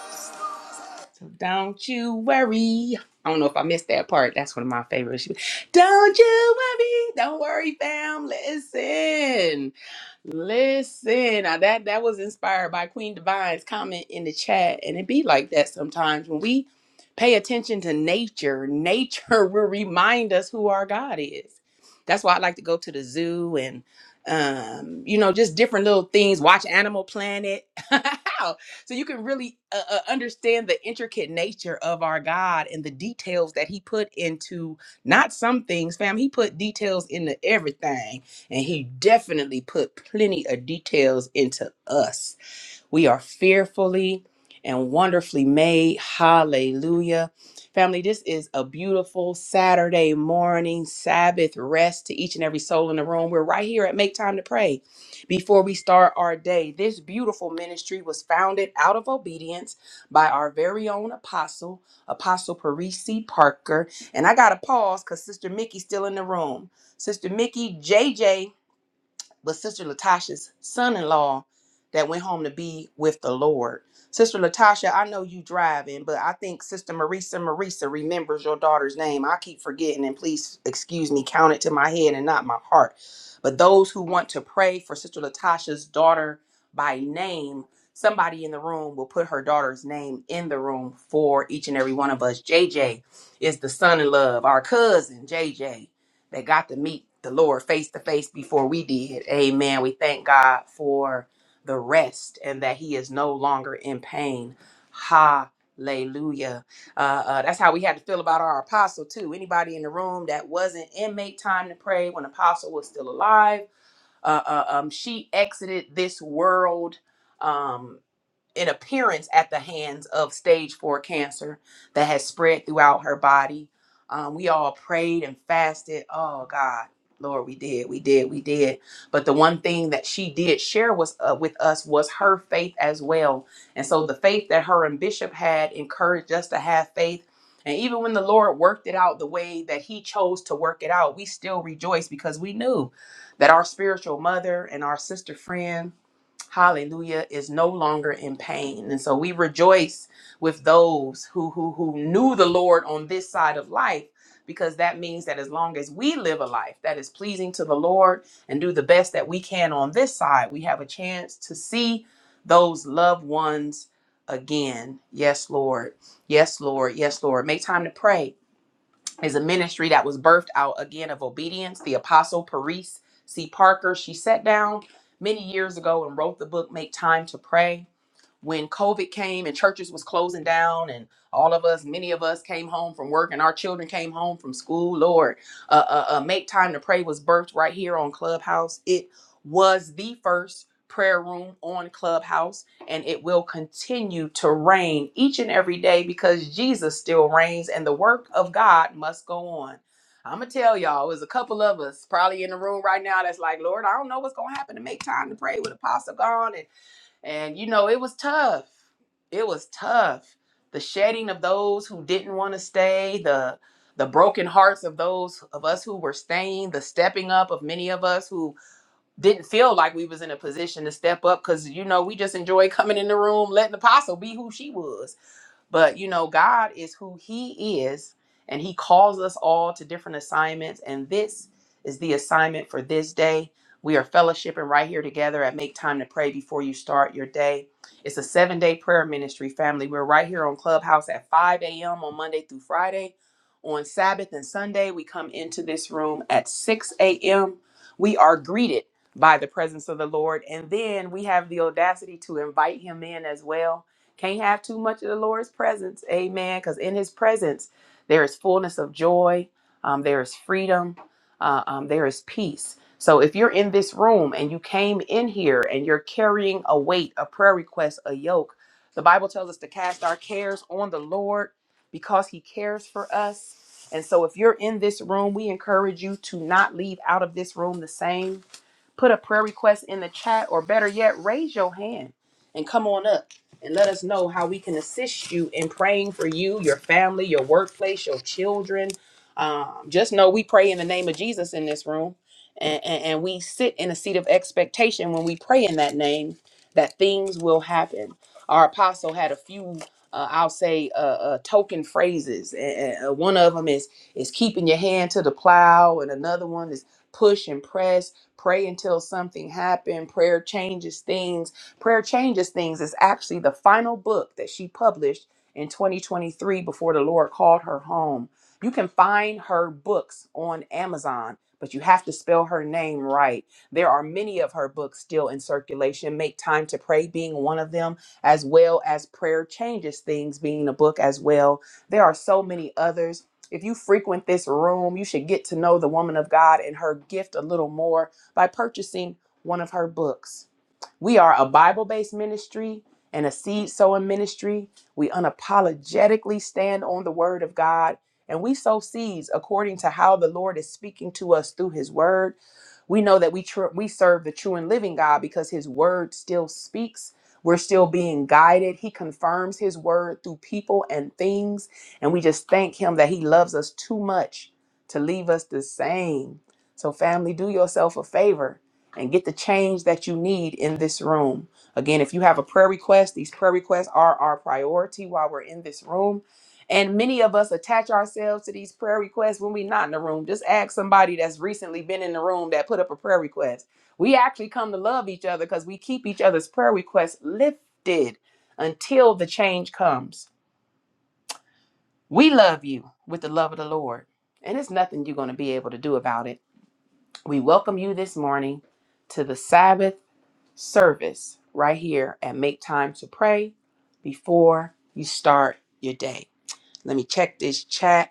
Speaker 2: have? So don't you worry. I don't know if I missed that part. That's one of my favorites. Don't you worry. Don't worry, fam. Listen. Listen, now that that was inspired by Queen Divine's comment in the chat, and it be like that sometimes when we pay attention to nature. Nature will remind us who our God is. That's why I like to go to the zoo and, um, you know, just different little things. Watch Animal Planet, so you can really uh, uh, understand the intricate nature of our God and the details that He put into not some things, fam. He put details into everything and he definitely put plenty of details into us. We are fearfully and wonderfully made. Hallelujah. Family, this is a beautiful Saturday morning Sabbath rest to each and every soul in the room. We're right here at Make Time to Pray before we start our day. This beautiful ministry was founded out of obedience by our very own apostle, Apostle Parisi Parker. And I got to pause because Sister Mickey's still in the room. Sister Mickey, J J but Sister Latasha's son-in-law that went home to be with the Lord. Sister Latasha, I know you driving, but I think Sister Marisa Marisa remembers your daughter's name. I keep forgetting, and please excuse me, count it to my head and not my heart. But those who want to pray for Sister Latasha's daughter by name, somebody in the room will put her daughter's name in the room for each and every one of us. J J is the son in love, our cousin, J J that got to meet the Lord face to face before we did. Amen. We thank God for the rest and that He is no longer in pain. Hallelujah. Uh, uh, that's how we had to feel about our apostle, too. Anybody in the room that wasn't inmate time to pray when apostle was still alive, uh, uh, um, she exited this world. Um, an appearance at the hands of stage four cancer that has spread throughout her body. Um, we all prayed and fasted. Oh God, Lord, we did, we did, we did. But the one thing that she did share was uh, with us was her faith as well. And so the faith that her and Bishop had encouraged us to have faith. And even when the Lord worked it out the way that He chose to work it out, we still rejoice because we knew that our spiritual mother and our sister friend hallelujah is no longer in pain and so we rejoice with those who who who knew the lord on this side of life because that means that as long as we live a life that is pleasing to the lord and do the best that we can on this side we have a chance to see those loved ones again yes lord yes lord yes lord make time to pray is a ministry that was birthed out again of obedience. The apostle Paris C. Parker, she sat down many years ago and wrote the book Make Time to Pray when COVID came and churches was closing down and all of us, many of us came home from work and our children came home from school. Lord, uh, uh, uh, Make Time to Pray was birthed right here on Clubhouse. It was the first prayer room on Clubhouse and it will continue to reign each and every day because Jesus still reigns and the work of God must go on. I'm gonna tell y'all, there's a couple of us probably in the room right now that's like, Lord, I don't know what's gonna happen to make time to pray with Apostle gone, and and you know, it was tough. It was tough. The shedding of those who didn't want to stay, the the broken hearts of those of us who were staying, the stepping up of many of us who didn't feel like we was in a position to step up cuz you know, we just enjoyed coming in the room letting apostle be who she was but you know, God is who He is, and He calls us all to different assignments. And this is the assignment for this day. We are fellowshipping right here together at Make Time to Pray before you start your day. It's a seven day prayer ministry family. We're right here on Clubhouse at 5 a.m. on Monday through Friday. On Sabbath and Sunday, we come into this room at 6 a.m. We are greeted by the presence of the Lord, and then we have the audacity to invite Him in as well can't have too much of the Lord's presence. Amen. Because in his presence, there is fullness of joy, um, there is freedom, uh, um, there is peace. So if you're in this room and you came in here and you're carrying a weight, a prayer request, a yoke, the Bible tells us to cast our cares on the Lord because he cares for us. And so if you're in this room, we encourage you to not leave out of this room the same put a prayer request in the chat, or better yet, raise your hand and come on up and let us know how we can assist you in praying for you, your family, your workplace, your children. Um, just know we pray in the name of Jesus in this room, and, and, and we sit in a seat of expectation when we pray in that name that things will happen. Our apostle had a few, uh, I'll say, uh, uh, token phrases. And, and, uh, one of them is is keeping your hand to the plow, and another one is push and press Pray until something happened. Prayer changes things. Prayer changes things is actually the final book that she published in 2023 before the Lord called her home. You can find her books on Amazon, but you have to spell her name right. There are many of her books still in circulation, Make Time to Pray being one of them, as well as Prayer Changes Things being a book as well. There are so many others. If you frequent this room, you should get to know the woman of God and her gift a little more by purchasing one of her books. We are a Bible based ministry and a seed sowing ministry. We unapologetically stand on the word of God and we sow seeds according to how the Lord is speaking to us through his word. We know that we tr- we serve the true and living God because his word still speaks. We're still being guided. He confirms his word through people and things. And we just thank him that he loves us too much to leave us the same. So, family, do yourself a favor and get the change that you need in this room. Again, if you have a prayer request, these prayer requests are our priority while we're in this room. And many of us attach ourselves to these prayer requests when we're not in the room. Just ask somebody that's recently been in the room that put up a prayer request. We actually come to love each other because we keep each other's prayer requests lifted until the change comes. We love you with the love of the Lord, and it's nothing you're going to be able to do about it. We welcome you this morning to the Sabbath service right here and make time to pray before you start your day. Let me check this chat.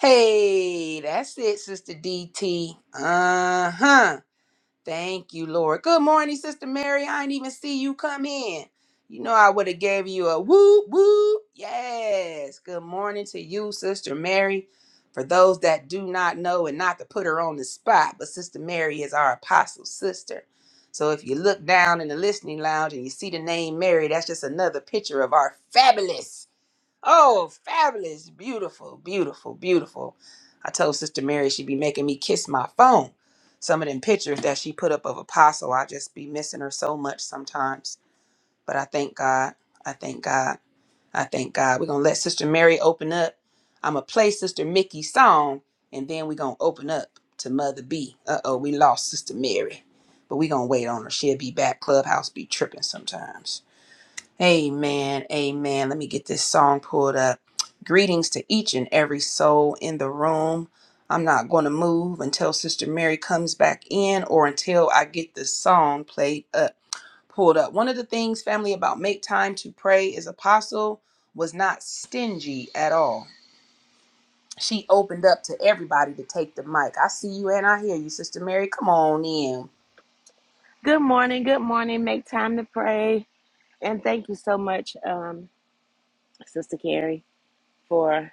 Speaker 2: Hey, that's it, Sister DT. Uh huh. Thank you, Lord. Good morning, Sister Mary. I didn't even see you come in. You know I would have gave you a whoop whoop. Yes. Good morning to you, Sister Mary. For those that do not know, and not to put her on the spot, but Sister Mary is our apostle sister. So if you look down in the listening lounge and you see the name Mary, that's just another picture of our fabulous Oh, fabulous. Beautiful, beautiful, beautiful. I told Sister Mary she'd be making me kiss my phone. Some of them pictures that she put up of Apostle, I just be missing her so much sometimes. But I thank God. I thank God. I thank God. We're going to let Sister Mary open up. I'm going to play Sister Mickey's song, and then we're going to open up to Mother B. Uh oh, we lost Sister Mary. But we're going to wait on her. She'll be back. Clubhouse be tripping sometimes. Amen. Amen. Let me get this song pulled up. Greetings to each and every soul in the room. I'm not going to move until Sister Mary comes back in or until I get this song played up, pulled up. One of the things, family, about make time to pray is Apostle was not stingy at all. She opened up to everybody to take the mic. I see you and I hear you, Sister Mary. Come on in.
Speaker 5: Good morning. Good morning. Make time to pray. And thank you so much, um, Sister Carrie, for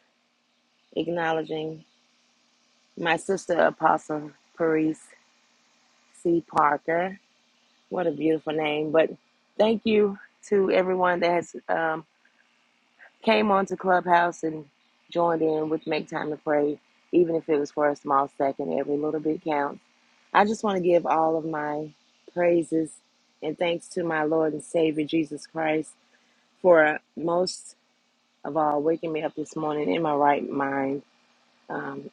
Speaker 5: acknowledging my sister, Apostle Paris C. Parker. What a beautiful name. But thank you to everyone that has um, came onto Clubhouse and joined in with Make Time to Pray, even if it was for a small second. Every little bit counts. I just want to give all of my praises and thanks to my Lord and Savior, Jesus Christ for most of all waking me up this morning in my right mind. Um,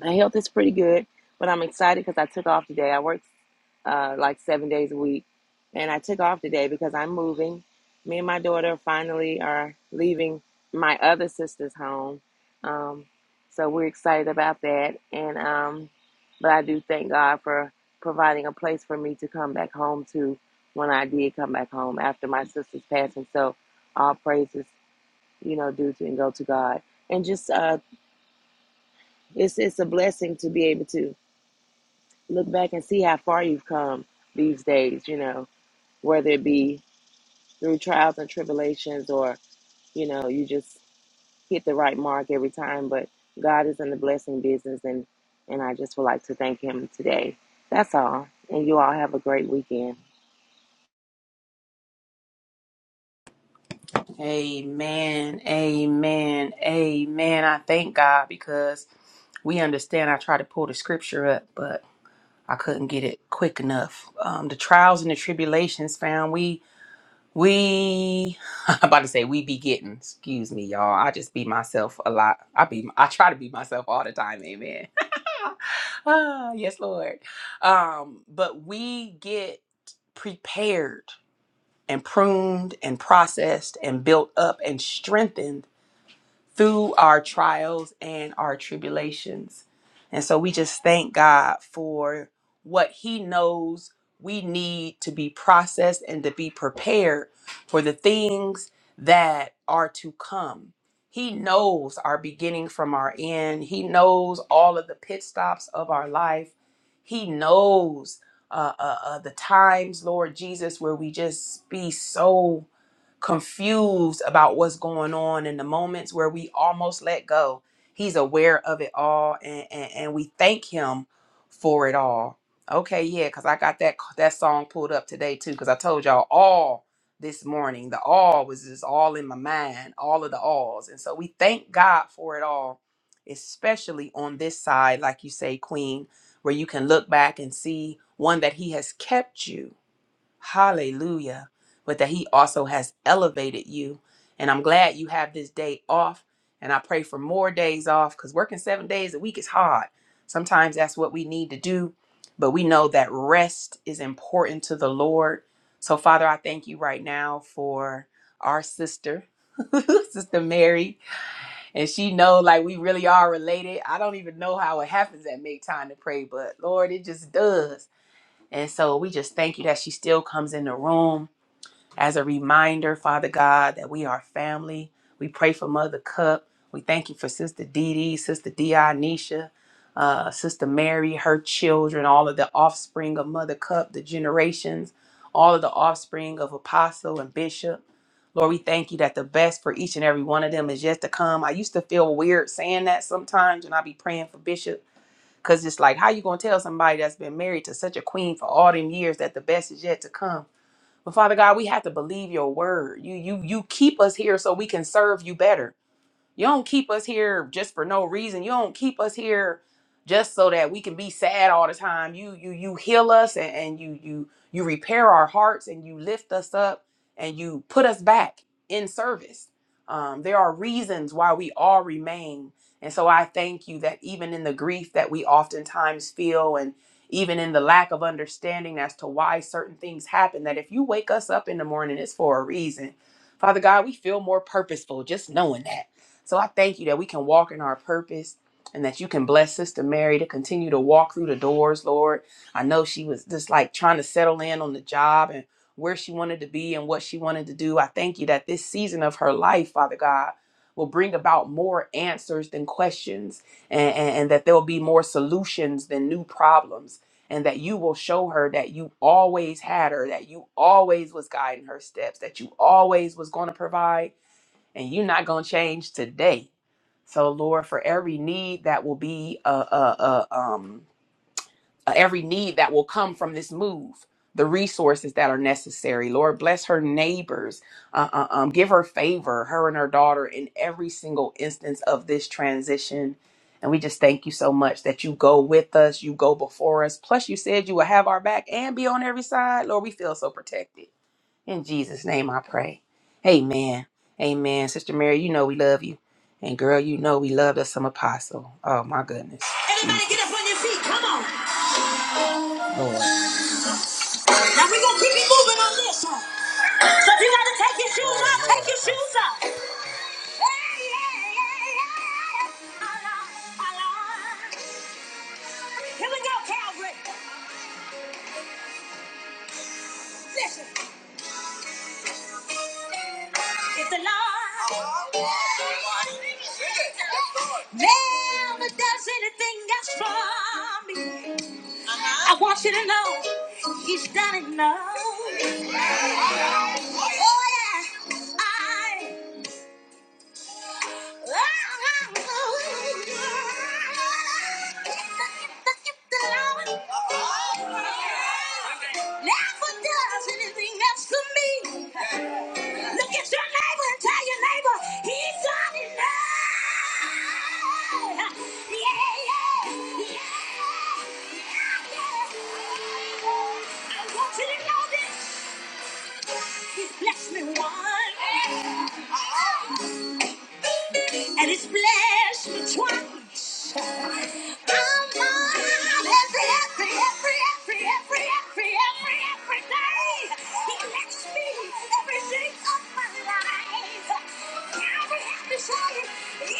Speaker 5: my health is pretty good, but I'm excited because I took off today. I worked uh, like seven days a week, and I took off today because I'm moving. Me and my daughter finally are leaving my other sister's home, um, so we're excited about that. And um, but I do thank God for providing a place for me to come back home to when I did come back home after my sister's passing. So all praises you know, do to and go to God. And just uh it's it's a blessing to be able to look back and see how far you've come these days, you know, whether it be through trials and tribulations or, you know, you just hit the right mark every time. But God is in the blessing business and and I just would like to thank him today. That's all. And you all have a great weekend.
Speaker 2: Amen. Amen. Amen. I thank God because we understand. I tried to pull the scripture up, but I couldn't get it quick enough. Um, the trials and the tribulations found we we I'm about to say we be getting. Excuse me, y'all. I just be myself a lot. I be I try to be myself all the time. Amen. ah, yes, Lord. Um, but we get prepared and pruned and processed and built up and strengthened through our trials and our tribulations. And so we just thank God for what He knows we need to be processed and to be prepared for the things that are to come. He knows our beginning from our end, He knows all of the pit stops of our life, He knows. Uh, uh, uh, the times, Lord Jesus, where we just be so confused about what's going on in the moments where we almost let go. He's aware of it all, and and, and we thank him for it all. Okay, yeah, because I got that that song pulled up today too, because I told y'all all this morning. The all was just all in my mind, all of the alls, and so we thank God for it all, especially on this side, like you say, Queen, where you can look back and see one that He has kept you Hallelujah. But that He also has elevated you. And I'm glad you have this day off. And I pray for more days off because working seven days a week is hard. Sometimes that's what we need to do. But we know that rest is important to the Lord. So, Father, I thank you right now for our sister, Sister Mary. And she know like we really are related. I don't even know how it happens at make time to pray, but Lord, it just does. And so we just thank you that she still comes in the room as a reminder, Father God, that we are family. We pray for Mother Cup. We thank you for Sister Dee Dee, Sister Dionysia, uh, Sister Mary, her children, all of the offspring of Mother Cup, the generations, all of the offspring of Apostle and Bishop. Lord, we thank you that the best for each and every one of them is yet to come. I used to feel weird saying that sometimes, and i be praying for Bishop Cause it's like, how you gonna tell somebody that's been married to such a queen for all them years that the best is yet to come? But Father God, we have to believe your word. You you you keep us here so we can serve you better. You don't keep us here just for no reason. You don't keep us here just so that we can be sad all the time. You you you heal us and, and you you you repair our hearts and you lift us up and you put us back in service. Um, there are reasons why we all remain. And so I thank you that even in the grief that we oftentimes feel and even in the lack of understanding as to why certain things happen, that if you wake us up in the morning, it's for a reason. Father God, we feel more purposeful just knowing that. So I thank you that we can walk in our purpose and that you can bless Sister Mary to continue to walk through the doors, Lord. I know she was just like trying to settle in on the job and where she wanted to be and what she wanted to do. I thank you that this season of her life, Father God, will bring about more answers than questions and, and, and that there will be more solutions than new problems and that you will show her that you always had her that you always was guiding her steps that you always was going to provide and you're not going to change today. So, Lord, for every need that will be, uh, uh, uh, um, uh, every need that will come from this move, the resources that are necessary, Lord, bless her neighbors, uh, uh, um, give her favor, her and her daughter, in every single instance of this transition. And we just thank you so much that you go with us, you go before us. Plus, you said you will have our back and be on every side. Lord, we feel so protected. In Jesus' name I pray. Amen. Amen. Sister Mary, you know we love you. And girl, you know we love us some apostle. Oh my goodness. Everybody get up on your feet. Come on. Now we're gonna keep you moving on this one. So if you wanna take your shoes Oh, off, take your shoes off. Hey, hey, hey, hey. hey. I love, I love. Come on. I want Never does anything else for me. Look at your neighbor and tell your neighbor he's got enough. Yeah, yeah, yeah, yeah. I want you to know this. He's blessed me once and it's blessed me twice. I'm alive every, every, every, every, every, every, every, every day. He blessed me every day of my life. Now we have to say, if the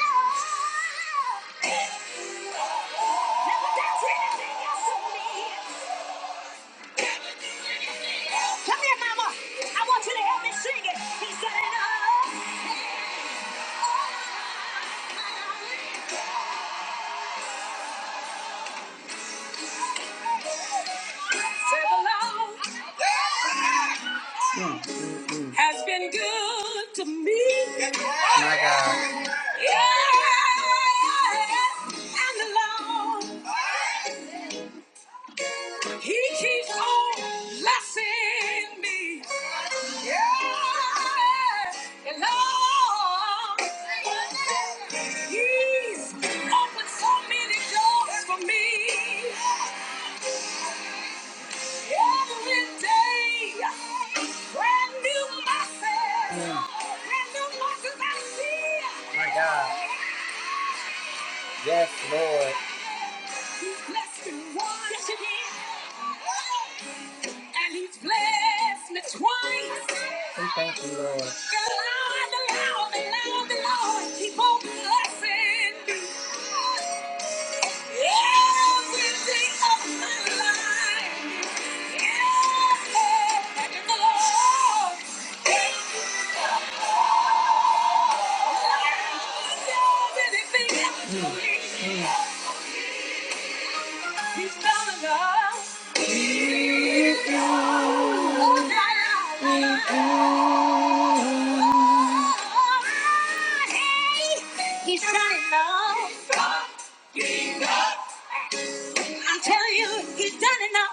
Speaker 2: Lord never does anything else for me. Come here, Mama. I want you to help me sing it. He said, enough. Serve the has been good to me. My God. Yeah, and the Lord, He keeps on blessing me. Yeah, and Lord, He's opened so many doors for me. Every day, brand new mercies. Mm. Brand new new I see. My God. He blessed me once. Yes, he did. And he's blessed me twice. Okay. God, the Lord, the Lord, the Lord, keep on blessing me. Every day of my life. Yeah. And the Lord. He's done it now. I'm telling you, he's done it now.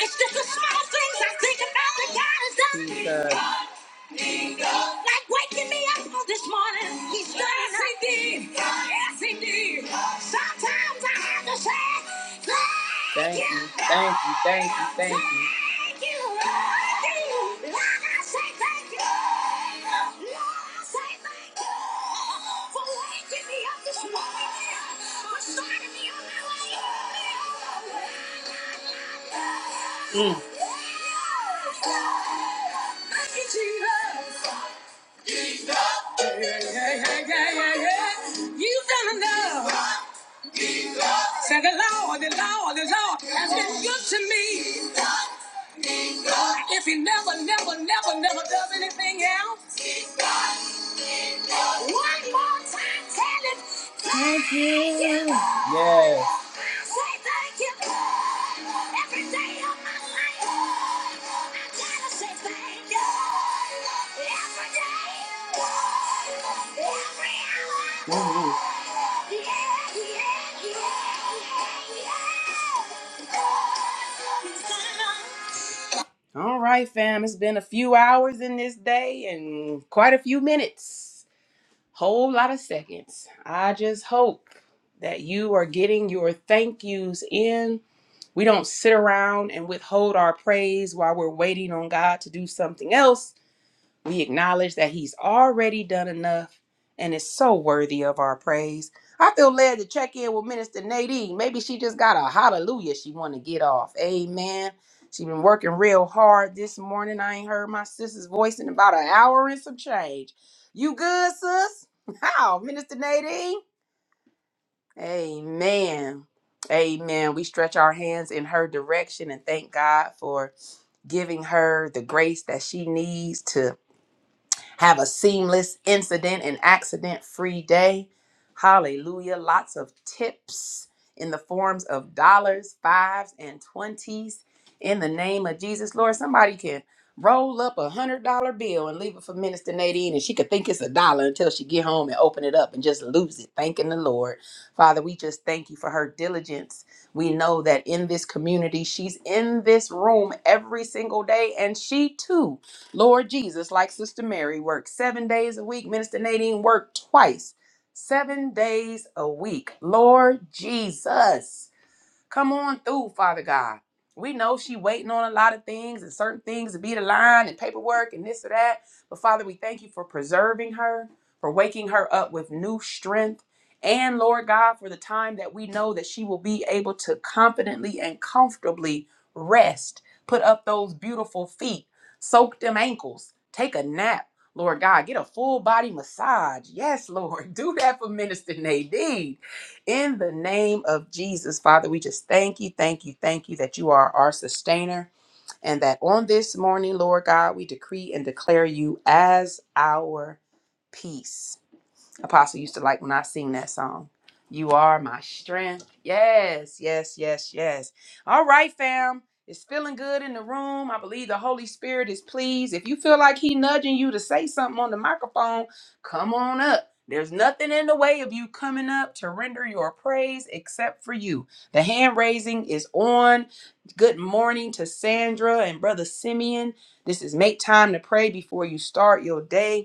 Speaker 2: It's just the small things I think about that God has done. Like waking me up. yes, he did. Yes, he did. Sometimes I have to say, thank, you, thank you, thank you, thank you. Thank you, Lord. Lord, I say thank you. Lord, I say thank you for waking me up this morning, for starting me on my way. Thank you, Jesus. Yeah, yeah, yeah, yeah, yeah. You've done enough. Say the Lord, the Lord, the Lord has been good to me. If he never, never, never, never does anything else, one more time, tell him. Yeah, I say thank you every day of my life. I gotta say thank you every day, every hour. All right, fam. It's been a few hours in this day and quite a few minutes. Whole lot of seconds. I just hope that you are getting your thank yous in. We don't sit around and withhold our praise while we're waiting on God to do something else. We acknowledge that He's already done enough and is so worthy of our praise. I feel led to check in with Minister Nadine. Maybe she just got a hallelujah she want to get off. Amen. She been working real hard this morning. I ain't heard my sister's voice in about an hour and some change. You good, sis? How, Minister Nadine? Amen. Amen. We stretch our hands in her direction and thank God for giving her the grace that she needs to have a seamless incident and accident free day. Hallelujah. Lots of tips in the forms of dollars, fives, and twenties in the name of Jesus. Lord, somebody can roll up a hundred dollar bill and leave it for Minister Nadine and she could think it's a dollar until she get home and open it up and just lose it. Thanking the Lord. Father, we just thank you for her diligence. We know that in this community, she's in this room every single day and she too Lord Jesus, like Sister Mary, worked seven days a week. Minister Nadine worked twice, seven days a week. Lord Jesus. Come on through, Father God. We know she waiting on a lot of things and certain things to be the line and paperwork and this or that. But Father, we thank you for preserving her, for waking her up with new strength. And Lord God, for the time that we know that she will be able to confidently and comfortably rest, put up those beautiful feet, soak them ankles, take a nap. Lord God, get a full body massage. Yes, Lord, do that for Minister Nadine. In the name of Jesus, Father, we just thank you, thank you, thank you that you are our sustainer and that on this morning, Lord God, we decree and declare you as our peace. Apostle used to like when I sing that song. You are my strength. Yes, yes, yes, yes. All right, fam. It's feeling good in the room. I believe the Holy Spirit is pleased. If you feel like He nudging you to say something on the microphone, come on up. There's nothing in the way of you coming up to render your praise except for you. The hand raising is on. Good morning to Sandra and Brother Simeon. This is Make Time to Pray Before You Start Your Day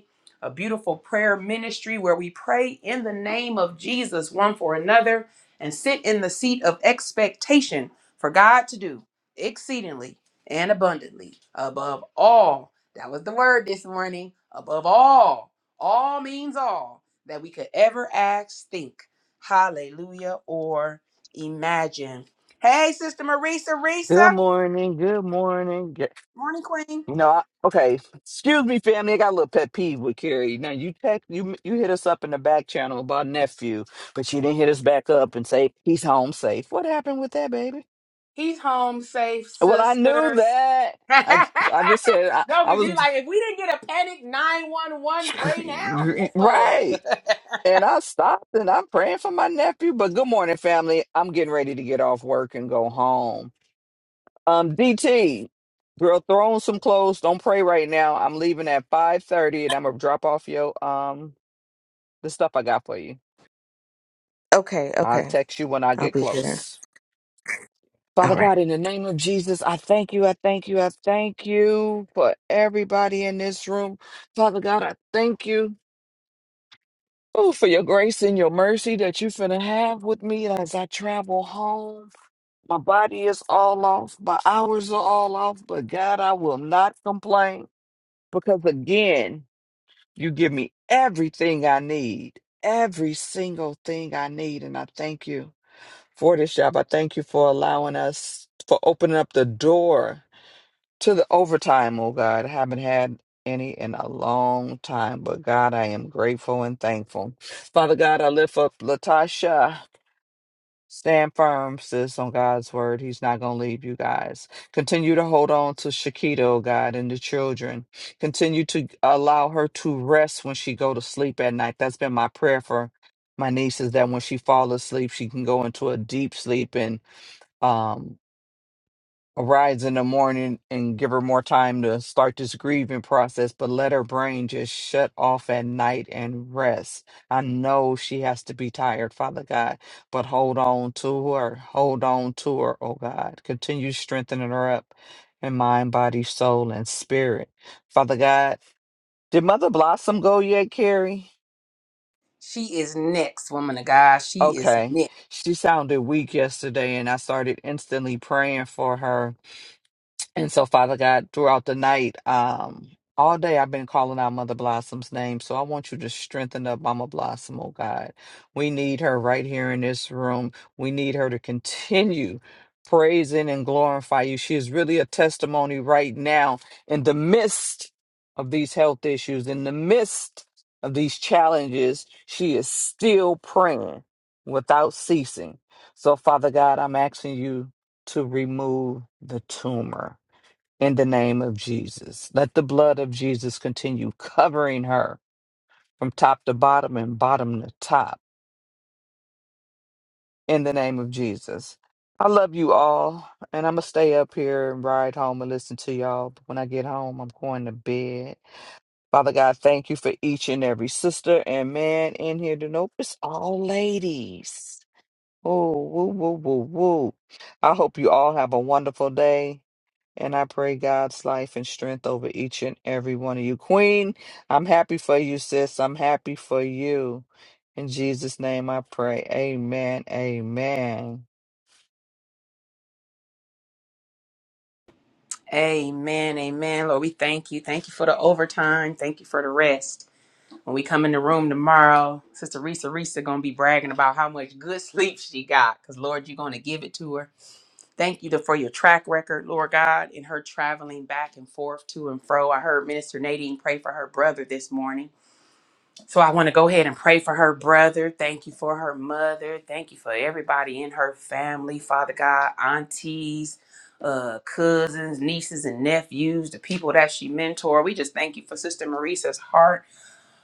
Speaker 2: a beautiful prayer ministry where we pray in the name of Jesus one for another and sit in the seat of expectation for God to do exceedingly and abundantly above all. That was the word this morning. Above all, all means all that we could ever ask, think, hallelujah, or imagine. Hey, Sister Marisa,
Speaker 6: Good
Speaker 2: Risa,
Speaker 6: morning. Good morning. Ge-
Speaker 2: morning, Queen.
Speaker 6: You know, I, okay. Excuse me, family. I got a little pet peeve with Carrie. Now you text you you hit us up in the back channel about nephew, but you didn't hit us back up and say he's home safe. What happened with that, baby?
Speaker 2: He's home safe,
Speaker 6: Well, I knew
Speaker 2: sisters.
Speaker 6: that. I I just said I,
Speaker 2: no,
Speaker 6: I
Speaker 2: because
Speaker 6: was
Speaker 2: you like, if we didn't get a panic 911, pray now. Yes, Lord.
Speaker 6: right, and I stopped and I'm praying for my nephew. But good morning, family. I'm getting ready to get off work and go home. Um, DT, girl, throw on some clothes. Don't pray right now. I'm leaving at five thirty, and I'm gonna drop off your um the stuff I got for you.
Speaker 7: Okay,
Speaker 6: I'll
Speaker 7: okay.
Speaker 6: text you when I
Speaker 7: I'll
Speaker 6: get
Speaker 7: be here.
Speaker 6: close.
Speaker 7: All
Speaker 6: Father
Speaker 7: right.
Speaker 6: God, in the name of Jesus, I thank you. I thank you. I thank you for everybody in this room. Father God, I thank you. Oh, for your grace and your mercy that you finna have with me as I travel home. My body is all off. My hours are all off, but God, I will not complain. because again, you give me everything I need, every single thing I need. And I thank you for this job. I thank you for allowing us, for opening up the door to the overtime, oh God. I haven't had any in a long time, but God, I am grateful and thankful. Father God, I lift up Latasha. Stand firm, sis, on God's word. He's not going to leave you guys. Continue to hold on to Shakita, oh God, and the children. Continue to allow her to rest when she go to sleep at night. That's been my prayer for my niece is that when she fall asleep, she can go into a deep sleep and um arise in the morning and give her more time to start this grieving process, but let her brain just shut off at night and rest. I know she has to be tired, Father God, but hold on to her. Hold on to her, oh God. Continue strengthening her up in mind, body, soul, and spirit. Father God, did Mother Blossom go yet, Carrie?
Speaker 2: She is next, woman of God. She is
Speaker 6: Okay.
Speaker 2: next.
Speaker 6: She sounded weak yesterday, and I started instantly praying for her And so, Father God, throughout the night, um, all day I've been calling out Mother Blossom's name. So I want you to strengthen up Mama Blossom, oh God. We need her right here in this room. We need her to continue praising and glorify you. She is really a testimony right now in the midst of these health issues, in the midst of these challenges. She is still praying without ceasing. So, Father God, I'm asking you to remove the tumor in the name of Jesus. Let the blood of Jesus continue covering her from top to bottom and bottom to top in the name of Jesus. I love you all, and I'm going to stay up here and ride home and listen to y'all. But when I get home, I'm going to bed. Father God, thank you for each and every sister and man in here to know it's all ladies. Oh, woo, woo, woo, woo. I hope you all have a wonderful day. And I pray God's life and strength over each and every one of you. Queen, I'm happy for you, sis. I'm happy for you. In Jesus' name I pray. Amen. Amen.
Speaker 2: Amen. Amen. Lord, we thank you. Thank you for the overtime. Thank you for the rest. When we come in the room tomorrow, Sister Risa Risa gonna be bragging about how much good sleep she got. Cause Lord, you're gonna give it to her. Thank you to- for your track record, Lord God, in her traveling back and forth to and fro. I heard Minister Nadine pray for her brother this morning. So I want to go ahead and pray for her brother. Thank you for her mother. Thank you for everybody in her family, Father God, aunties, uh, cousins, nieces, and nephews, the people that she mentored. We just thank you for Sister Marisa's heart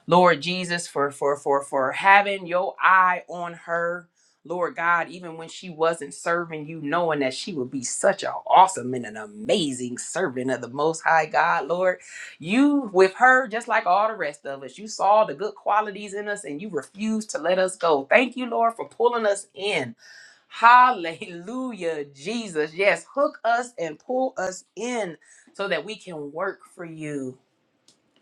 Speaker 2: Lord Jesus, for for for for having your eye on her, Lord God, even when she wasn't serving you, knowing that she would be such an awesome and an amazing servant of the Most High God, Lord. You with her, just like all the rest of us, you saw the good qualities in us and you refused to let us go. Thank you, Lord, for pulling us in. Hallelujah, Jesus. Yes, hook us and pull us in so that we can work for you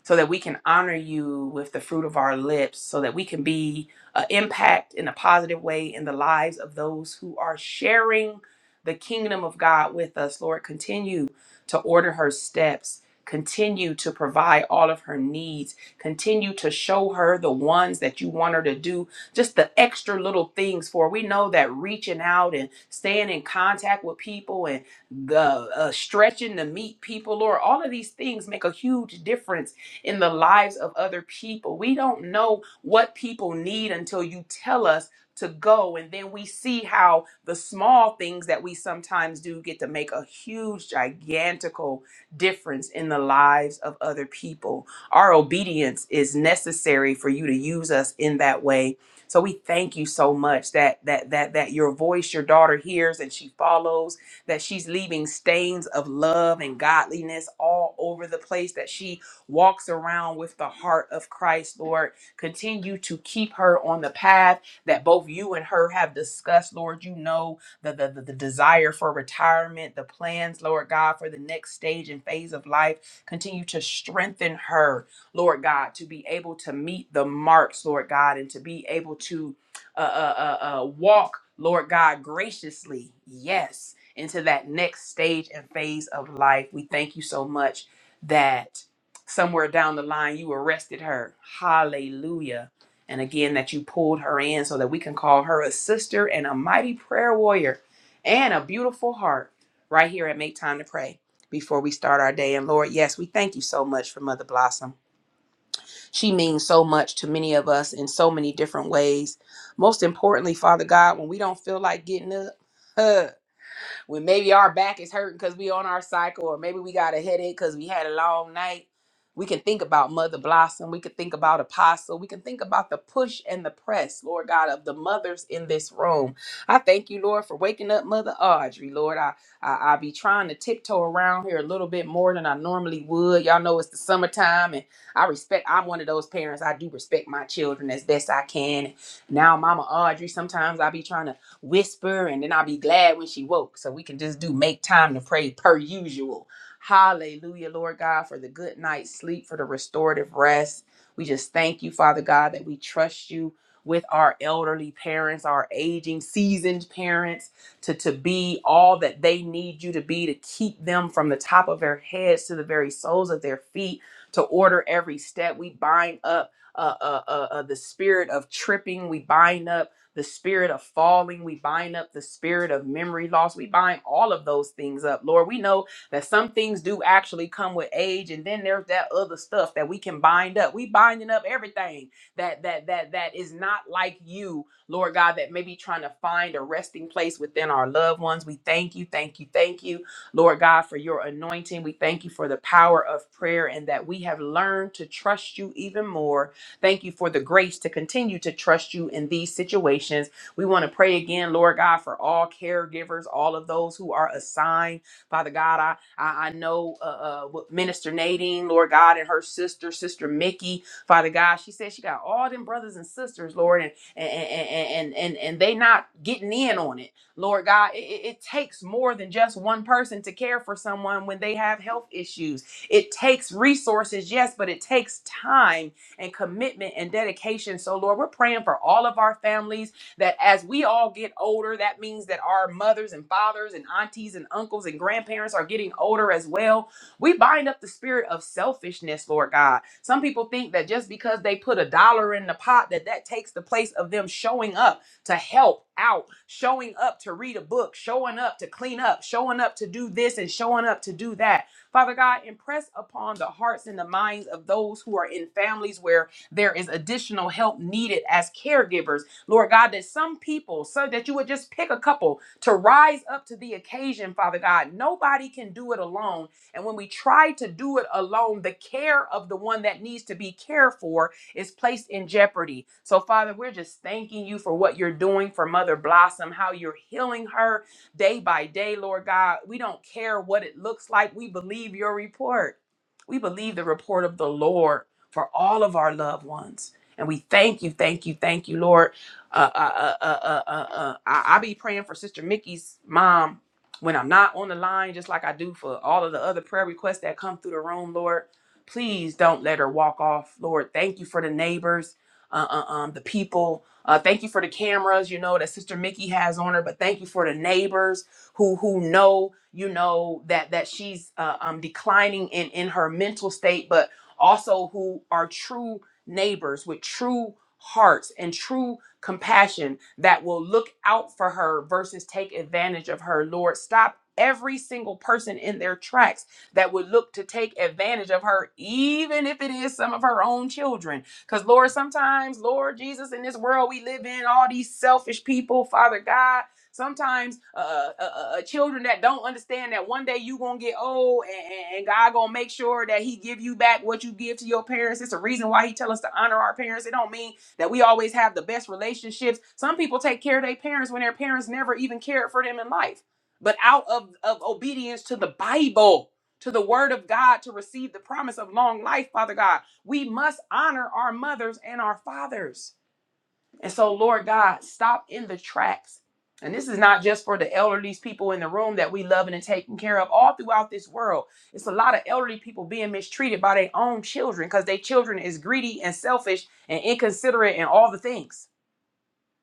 Speaker 2: so that we can honor you with the fruit of our lips, so that we can be an impact in a positive way in the lives of those who are sharing the kingdom of God with us. Lord, continue to order her steps. Continue to provide all of her needs. Continue to show her the ones that you want her to do, just the extra little things for. We know that reaching out and staying in contact with people and the uh, stretching to meet people, Lord, all of these things make a huge difference in the lives of other people. We don't know what people need until you tell us to go. And then we see how the small things that we sometimes do get to make a huge, gigantical difference in the lives of other people. Our obedience is necessary for you to use us in that way. So we thank you so much that that that that your voice your daughter hears and she follows that she's leaving stains of love and godliness all over the place that she walks around with the heart of Christ, Lord. Continue to keep her on the path that both you and her have discussed, Lord. You know the, the, the, the desire for retirement, the plans, Lord God, for the next stage and phase of life. Continue to strengthen her, Lord God, to be able to meet the marks, Lord God, and to be able to uh, uh, uh, uh, walk, Lord God, graciously, yes, into that next stage and phase of life. We thank you so much that somewhere down the line you arrested her. Hallelujah. And again, that you pulled her in so that we can call her a sister and a mighty prayer warrior and a beautiful heart right here at Make Time to Pray before we start our day. And Lord, yes, we thank you so much for Mother Blossom. She means so much to many of us in so many different ways. Most importantly, Father God, when we don't feel like getting up, when maybe our back is hurting because we on our cycle, or maybe we got a headache because we had a long night. We can think about Mother Blossom. We can think about Apostle. We can think about the push and the press, Lord God, of the mothers in this room. I thank you, Lord, for waking up Mother Audrey. Lord, I, I I be trying to tiptoe around here a little bit more than I normally would. Y'all know it's the summertime, and I respect. I'm one of those parents. I do respect my children as best I can. Now, Mama Audrey, sometimes I be trying to whisper, and then I'll be glad when she woke. So we can just do make time to pray per usual. Hallelujah, Lord God, for the good night's sleep, for the restorative rest. We just thank you, Father God, that we trust you with our elderly parents, our aging, seasoned parents, to, to be all that they need you to be, to keep them from the top of their heads to the very soles of their feet, to order every step. We bind up uh, uh, uh, uh, the spirit of tripping. We bind up the spirit of falling. We bind up the spirit of memory loss. We bind all of those things up. Lord, we know that some things do actually come with age, and then there's that other stuff that we can bind up. We binding up everything that that that that is not like you, Lord God, that may be trying to find a resting place within our loved ones. We thank you, thank you, thank you, Lord God, for your anointing. We thank you for the power of prayer and that we have learned to trust you even more Thank you for the grace to continue to trust you in these situations. We want to pray again, Lord God, for all caregivers, all of those who are assigned. Father God, I, I, I know uh, uh, what Minister Nadine, Lord God, and her sister, Sister Mickey, Father God, she said she got all them brothers and sisters, Lord, and and and and and, and they not getting in on it. Lord God, it, it it takes more than just one person to care for someone when they have health issues. It takes resources, yes, but it takes time and commitment and dedication. So, Lord, we're praying for all of our families that as we all get older, that means that our mothers and fathers and aunties and uncles and grandparents are getting older as well. We bind up the spirit of selfishness, Lord God. Some people think that just because they put a dollar in the pot, that that takes the place of them showing up to help out, showing up to read a book, showing up to clean up, showing up to do this and showing up to do that. Father God, impress upon the hearts and the minds of those who are in families where there is additional help needed as caregivers. Lord God, that some people, so that you would just pick a couple to rise up to the occasion, Father God. Nobody can do it alone. And when we try to do it alone, the care of the one that needs to be cared for is placed in jeopardy. So, Father, we're just thanking you for what you're doing for Mother Blossom, how you're healing her, day by day, Lord God. We don't care what it looks like. We believe your report. We believe the report of the Lord for all of our loved ones. And we thank you, thank you, thank you, Lord. Uh, uh, uh, uh, uh, uh, uh, I, I be praying for Sister Mickey's mom when I'm not on the line, just like I do for all of the other prayer requests that come through the room, Lord. Please don't let her walk off, Lord. Thank you for the neighbors, uh, uh, um, the people, uh, thank you for the cameras, you know, that Sister Mickey has on her. But thank you for the neighbors who who know, you know, that that she's uh, um, declining in in her mental state, but also who are true neighbors with true hearts and true compassion that will look out for her versus take advantage of her. Lord, stop every single person in their tracks that would look to take advantage of her, even if it is some of her own children because, Lord, sometimes, Lord Jesus, in this world we live in, all these selfish people, Father God, sometimes uh, uh, uh, uh, uh, children that don't understand that one day you gonna get old and, and God gonna make sure that He give you back what you give to your parents. It's a reason why He tell us to honor our parents. It don't mean that we always have the best relationships. Some people take care of their parents when their parents never even cared for them in life. But out of, of obedience to the Bible, to the word of God, to receive the promise of long life, Father God. We must honor our mothers and our fathers. And so, Lord God, stop in the tracks. And this is not just for the elderly people in the room that we loving and taking care of all throughout this world. It's a lot of elderly people being mistreated by their own children because their children is greedy and selfish and inconsiderate and all the things.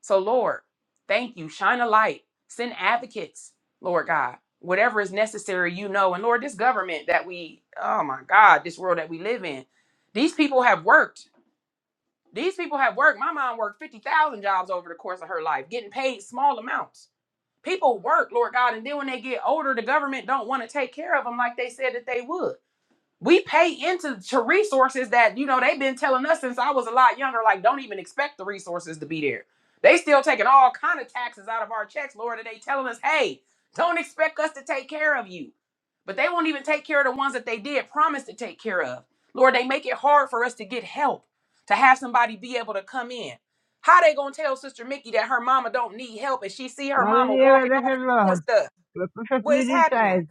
Speaker 2: So, Lord, thank you. Shine a light. Send advocates, Lord God. Whatever is necessary, you know. And Lord, this government that we, oh my God, this world that we live in, these people have worked. These people have worked. My mom worked 50,000 jobs over the course of her life, getting paid small amounts. People work, Lord God, and then when they get older, the government don't want to take care of them like they said that they would we pay into to resources that you know they've been telling us since I was a lot younger. Like, don't even expect the resources to be there. They still taking all kind of taxes out of our checks, Lord, and they telling us, hey, don't expect us to take care of you. But they won't even take care of the ones that they did promise to take care of. Lord, they make it hard for us to get help, to have somebody be able to come in. How they gonna tell Sister Mickey that her mama don't need help and she see her
Speaker 8: Not in
Speaker 2: mama
Speaker 8: the area
Speaker 2: walking off
Speaker 8: that has
Speaker 2: and doing
Speaker 8: laws,
Speaker 2: stuff?
Speaker 8: but
Speaker 2: What is
Speaker 8: perfectly
Speaker 2: happening?
Speaker 8: decided.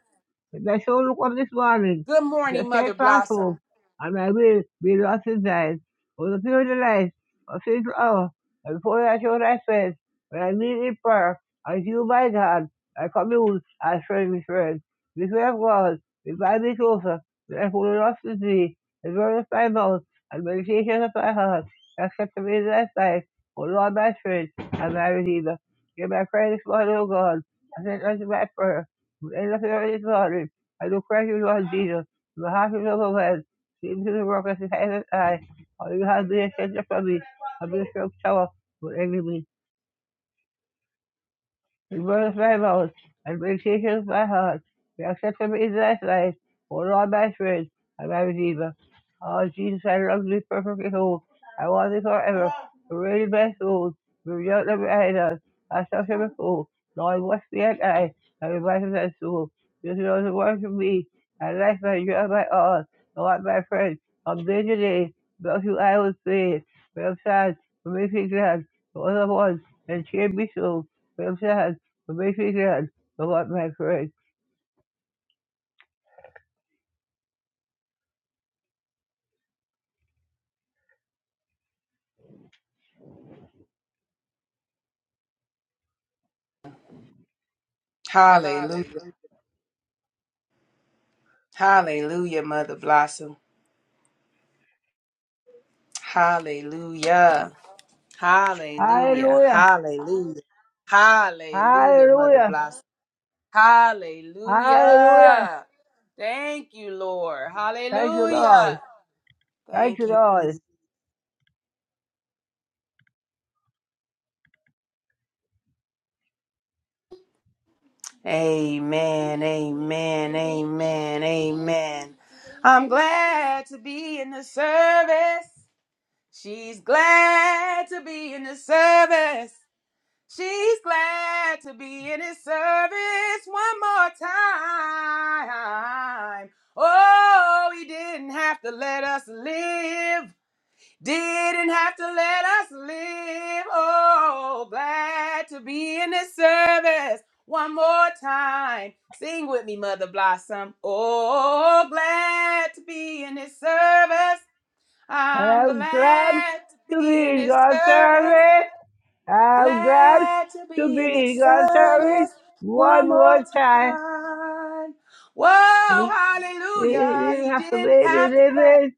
Speaker 8: They shall look up this morning.
Speaker 2: Good
Speaker 8: The
Speaker 2: morning, Mother
Speaker 8: steadfast
Speaker 2: Blossom.
Speaker 8: hope, and I will be lost in thine. For the pure delight of sinful hour, and before I show thy face, when I meet in prayer, as you, my God, I commune as friend with friend. This way of God, revive me closer, that I will lost in thee, the word of thy mouth, and meditation of my heart, accept me in thy sight, O Lord, my friend, and my redeemer. Hear my prayer this morning, O God, and send unto my prayer. In the furious body, I do praise you, Lord Jesus. In the heart is overwhelmed. Seem to the work of his head eye. All you have been a shelter for me. I've been a strong tower with enemy. His word is my mouth and meditation is my heart. Be acceptable in thy sight, O Lord, my friend and my redeemer. Oh, Jesus, I love thee perfectly whole. I want thee forever. To reign in my soul, be out of my idols. I shall shall be full. Lord, wash me and I, and revive me thy soul. This is the word to me, and life my joy, and my all. Lord, my friend, from day to day, about you I will sing. When I'm sad, for me be glad. For other ones, and cheer me so. When I'm sad, so basically, said, the Lord my courage.
Speaker 2: Hallelujah. Hallelujah, Mother Blossom. Hallelujah. Hallelujah.
Speaker 8: Hallelujah!
Speaker 2: Hallelujah. Hallelujah, Mother
Speaker 8: Hallelujah!
Speaker 2: Blossom.
Speaker 8: Hallelujah!
Speaker 2: Hallelujah. Thank you, Lord.
Speaker 8: Thank you, Lord.
Speaker 2: Hallelujah.
Speaker 8: Thank
Speaker 2: Thank
Speaker 8: you,
Speaker 2: you.
Speaker 8: Lord.
Speaker 2: Jesus. Amen. Amen. Amen. Amen. I'm glad to be in the service. She's glad to be in the service. She's glad to be in his service one more time. Oh, he didn't have to let us live. Didn't have to let us live. Oh, glad to be in his service one more time. Sing with me, Mother Blossom. Oh, glad to be in his service. I'm
Speaker 8: I'm glad
Speaker 2: glad to
Speaker 8: to
Speaker 2: be in
Speaker 8: be in
Speaker 2: his
Speaker 8: God's
Speaker 2: service.
Speaker 8: service. I'm glad
Speaker 2: Glad to
Speaker 8: to
Speaker 2: be in
Speaker 8: be in
Speaker 2: his
Speaker 8: God's service
Speaker 2: service
Speaker 8: one
Speaker 2: one more
Speaker 8: more time.
Speaker 2: time. Whoa,
Speaker 8: It
Speaker 2: hallelujah.
Speaker 8: it didn't
Speaker 2: He
Speaker 8: have to
Speaker 2: didn't
Speaker 8: make me
Speaker 2: have to let
Speaker 8: living.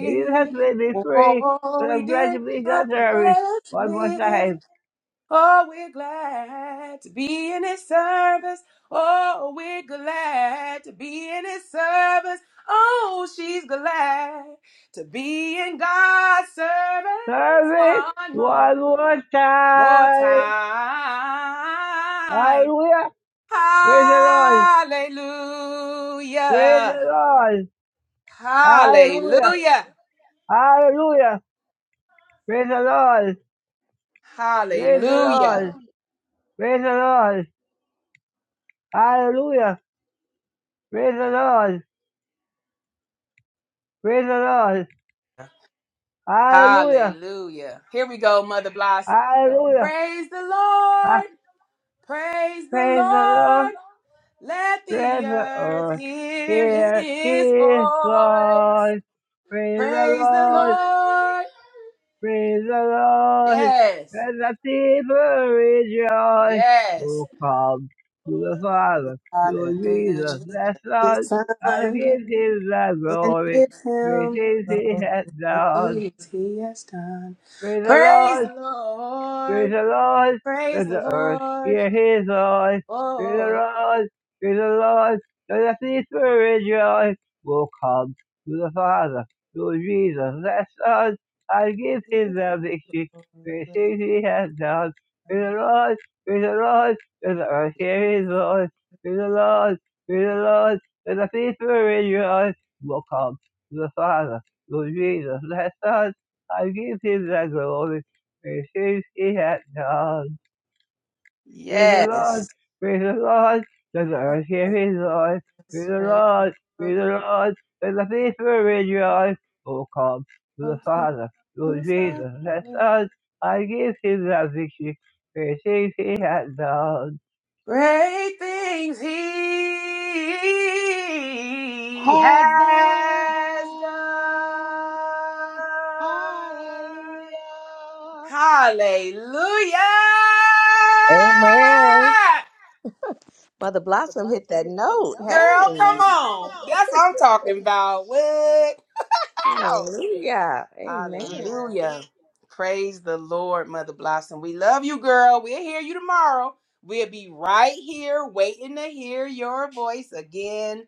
Speaker 8: It didn't have to make me free.
Speaker 2: Oh,
Speaker 8: But
Speaker 2: he
Speaker 8: I'm glad to
Speaker 2: didn't
Speaker 8: be in God's
Speaker 2: have to
Speaker 8: service
Speaker 2: let us
Speaker 8: one more
Speaker 2: live.
Speaker 8: time.
Speaker 2: Oh, we're glad to be in his service. Oh, we're glad to be in his service. Oh, she's glad to be in God's service
Speaker 8: Service
Speaker 2: one more
Speaker 8: one more
Speaker 2: more
Speaker 8: time.
Speaker 2: time.
Speaker 8: Hallelujah! Praise the Lord. Praise
Speaker 2: Hallelujah.
Speaker 8: the Lord. Hallelujah.
Speaker 2: Hallelujah.
Speaker 8: Hallelujah. Praise the Lord. Praise the
Speaker 2: Hallelujah.
Speaker 8: Lord. Praise the Lord. Hallelujah. Praise the Lord. Praise the Lord. Hallelujah.
Speaker 2: Hallelujah. Here we go, Mother Blossom.
Speaker 8: Hallelujah.
Speaker 2: Praise the
Speaker 8: Ah,
Speaker 2: Lord. Praise the
Speaker 8: Praise the Lord.
Speaker 2: Lord. Let
Speaker 8: Praise
Speaker 2: the
Speaker 8: the
Speaker 2: earth
Speaker 8: Lord.
Speaker 2: hear
Speaker 8: Here
Speaker 2: his
Speaker 8: is
Speaker 2: voice.
Speaker 8: God. Praise the
Speaker 2: Praise the
Speaker 8: Lord.
Speaker 2: Lord.
Speaker 8: Praise the Lord,
Speaker 2: Yes.
Speaker 8: let the people rejoice.
Speaker 2: Yes.
Speaker 8: Oh, come to the
Speaker 2: To the
Speaker 8: Father,
Speaker 2: Father
Speaker 8: to
Speaker 2: through
Speaker 8: Jesus,
Speaker 2: Jesus
Speaker 8: the Son,
Speaker 2: His Son,
Speaker 8: and give
Speaker 2: and
Speaker 8: him the glory.
Speaker 2: give
Speaker 8: Praise
Speaker 2: him
Speaker 8: him, he
Speaker 2: glory for
Speaker 8: has
Speaker 2: the
Speaker 8: done.
Speaker 2: deeds he has done.
Speaker 8: Praise the
Speaker 2: Praise
Speaker 8: Lord.
Speaker 2: the
Speaker 8: Praise
Speaker 2: Lord,
Speaker 8: the Lord,
Speaker 2: praise
Speaker 8: let
Speaker 2: the
Speaker 8: the earth
Speaker 2: Lord.
Speaker 8: hear his voice. Praise the
Speaker 2: Oh,
Speaker 8: Lord, praise the Lord, let the sea rejoice. Will come to the Father, to Jesus, that Son, and give
Speaker 2: give
Speaker 8: him
Speaker 2: him
Speaker 8: the victory.
Speaker 2: glory,
Speaker 8: Praise
Speaker 2: with
Speaker 8: things he has done. Praise
Speaker 2: the
Speaker 8: the Lord, praise the Lord, let the earth hear his
Speaker 2: God.
Speaker 8: voice. Praise the Lord, praise the Lord, let the sea rejoice. Will come to the Father, to Jesus, that Son, and give him the glory. Praise his he hath done. Praise the Lord,
Speaker 2: yes.
Speaker 8: praise the Lord, let the earth hear
Speaker 2: Let's
Speaker 8: his voice. Praise the
Speaker 2: praise the
Speaker 8: Lord, praise
Speaker 2: Lord.
Speaker 8: the Lord, let the faithful rejoice. O come to the
Speaker 2: Come come
Speaker 8: Father,
Speaker 2: to
Speaker 8: Lord
Speaker 2: the
Speaker 8: Jesus, the
Speaker 2: Father.
Speaker 8: Son, I give him that victory. Praise his he hath done.
Speaker 2: Great things he
Speaker 1: Has
Speaker 2: has done.
Speaker 1: done. Hallelujah.
Speaker 2: Hallelujah.
Speaker 7: Amen. Mother Blossom hit that note.
Speaker 2: Girl, come
Speaker 7: Hey,
Speaker 2: on. That's what I'm talking about. What? Wow.
Speaker 7: hallelujah. Amen.
Speaker 2: Hallelujah. Praise the Lord, Mother Blossom. We love you, girl. We'll hear you tomorrow. We'll be right here waiting to hear your voice again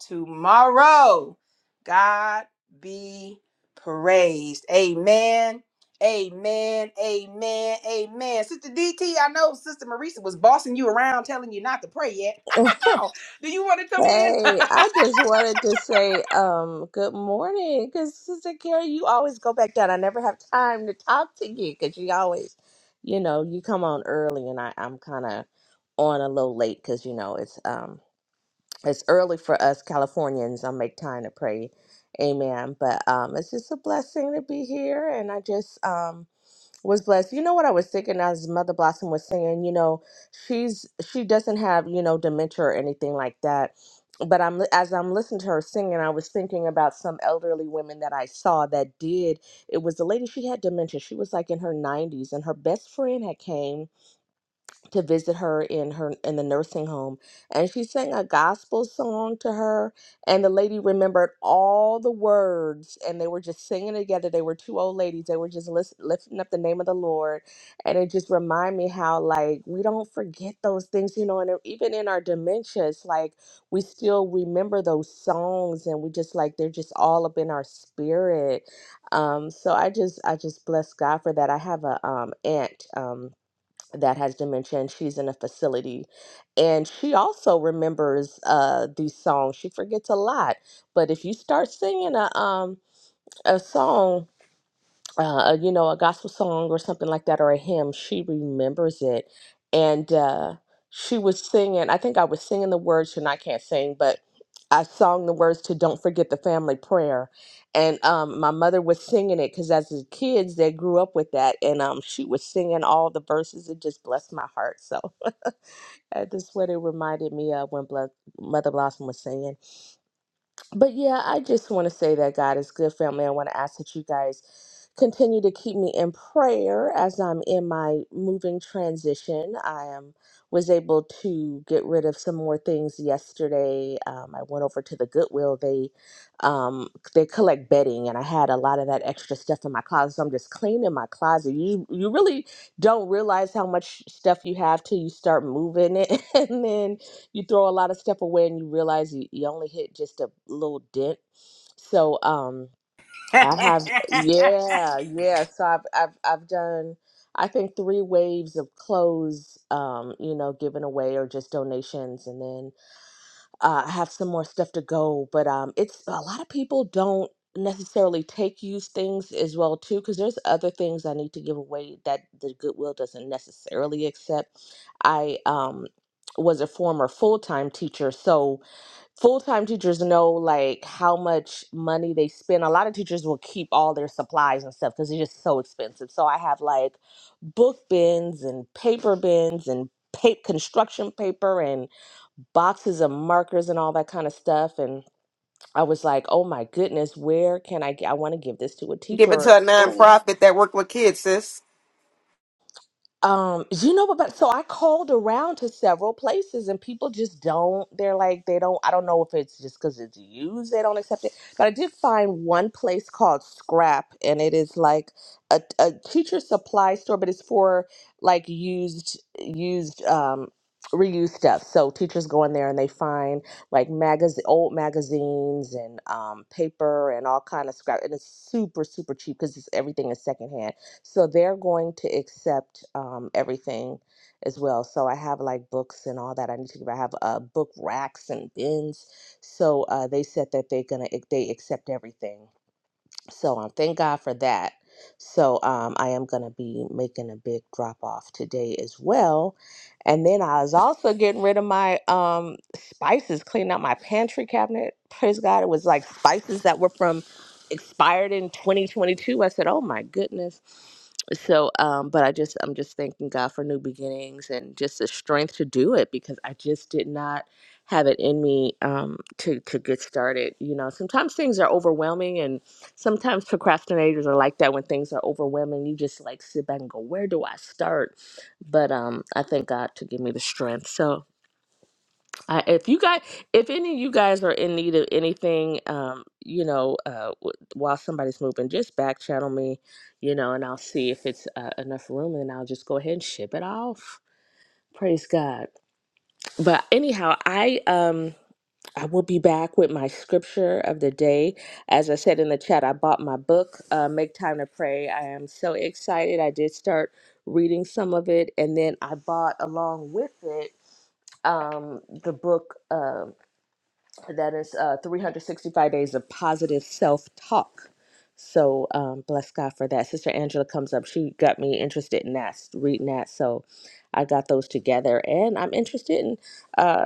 Speaker 2: tomorrow. God be praised. Amen. Amen. Amen. Amen. Sister DT, I know Sister Marisa was bossing you around telling you not to pray yet. How? Do you want to come
Speaker 7: Hey, I just wanted to say um, good morning because Sister Carrie, you always go back down. I never have time to talk to you because you always, you know, you come on early and I, I'm kind of on a little late because, you know, it's um, it's early for us Californians. I'll make time to pray. Amen. But um it's just a blessing to be here and I just um was blessed. You know what I was thinking as Mother Blossom was saying, you know, she's she doesn't have, you know, dementia or anything like that. But I'm as I'm listening to her singing, I was thinking about some elderly women that I saw that did. It was a lady she had dementia. She was like in her 90s and her best friend had came to visit her in her in the nursing home and she sang a gospel song to her and the lady remembered all the words and they were just singing together they were two old ladies they were just lis- lifting up the name of the lord and it just reminded me how like we don't forget those things you know and even in our dementia it's like we still remember those songs and we just like they're just all up in our spirit um so i just i just bless god for that i have a um aunt um that has dementia and she's in a facility and she also remembers uh these songs she forgets a lot but if you start singing a um a song uh, a- you know, a gospel song or something like that, or a hymn, she remembers it. And uh, she was singing, I think I was singing the words, and I can't sing, but I sung the words to Don't Forget the Family Prayer. And um, my mother was singing it because as the kids, they grew up with that. And um, she was singing all the verses. It just blessed my heart. So uh, that's what it reminded me of when Blo- Mother Blossom was singing. But yeah, I just want to say that God is good, family. I want to ask that you guys continue to keep me in prayer as I'm in my moving transition. I am was able to get rid of some more things yesterday. Um, I went over to the Goodwill. They um, they collect bedding, and I had a lot of that extra stuff in my closet. So I'm just cleaning my closet. You you really don't realize how much stuff you have till you start moving it, and then you throw a lot of stuff away and you realize you, you only hit just a little dent. So um I have
Speaker 2: in?
Speaker 7: yeah, yeah. So I've I've I've done I think three waves of clothes um, you know, given away or just donations and then uh, I have some more stuff to go, but um, it's a lot of people don't necessarily take used things as well too, because there's other things I need to give away that the Goodwill doesn't necessarily accept. I um was a former full-time teacher, so full-time teachers know like how much money they spend. A lot of teachers will keep all their supplies and stuff because they're just so expensive. So I have like book bins and paper bins and pa- construction paper boxes of markers and all that kind of stuff. And I was like, oh my goodness, where can I get? I want to give this to a teacher
Speaker 9: Give it
Speaker 7: or
Speaker 9: to a nonprofit that work with kids, sis.
Speaker 7: Um, you know but but- so I called around to several places and people just don't they're like they don't I don't know if it's just because it's used they don't accept it. But I did find one place called Scrap and it is like a, a teacher supply store, but it's for like used used um reused stuff. So teachers go in there and they find like magazine old magazines and um paper and all kind of scrap and it's super super cheap because everything is secondhand so they're going to accept um, everything as well. So I have like books and all that. I need to give. I have uh, book racks and bins. So uh, they said that they're gonna eh, they accept everything so um, thank God for that. So um, I am going to be making a big drop off today as well. And then I was also getting rid of my um, spices, cleaning out my pantry cabinet. Praise God. It was like spices that were from expired in 2022. I said, oh my goodness. So, um, but I just, I'm just thanking God for new beginnings and just the strength to do it because I just did not have it in me um, to, to get started. You know, sometimes things are overwhelming and sometimes procrastinators are like that when things are overwhelming you just like sit back and go where do i start but um i thank god to give me the strength so i if you guys if any of you guys are in need of anything um you know uh w- while somebody's moving just back channel me you know and i'll see if it's uh, enough room and i'll just go ahead and ship it off praise god but anyhow i um I will be back with my scripture of the day. As I said in the chat, I bought my book, uh, Make Time to Pray. I am so excited. I did start reading some of it, and then I bought along with it um, the book uh, that is uh, 365 Days of Positive Self Talk. So um, bless God for that. Sister Angela comes up. She got me interested in that, reading that. So I got those together, and I'm interested in. uh,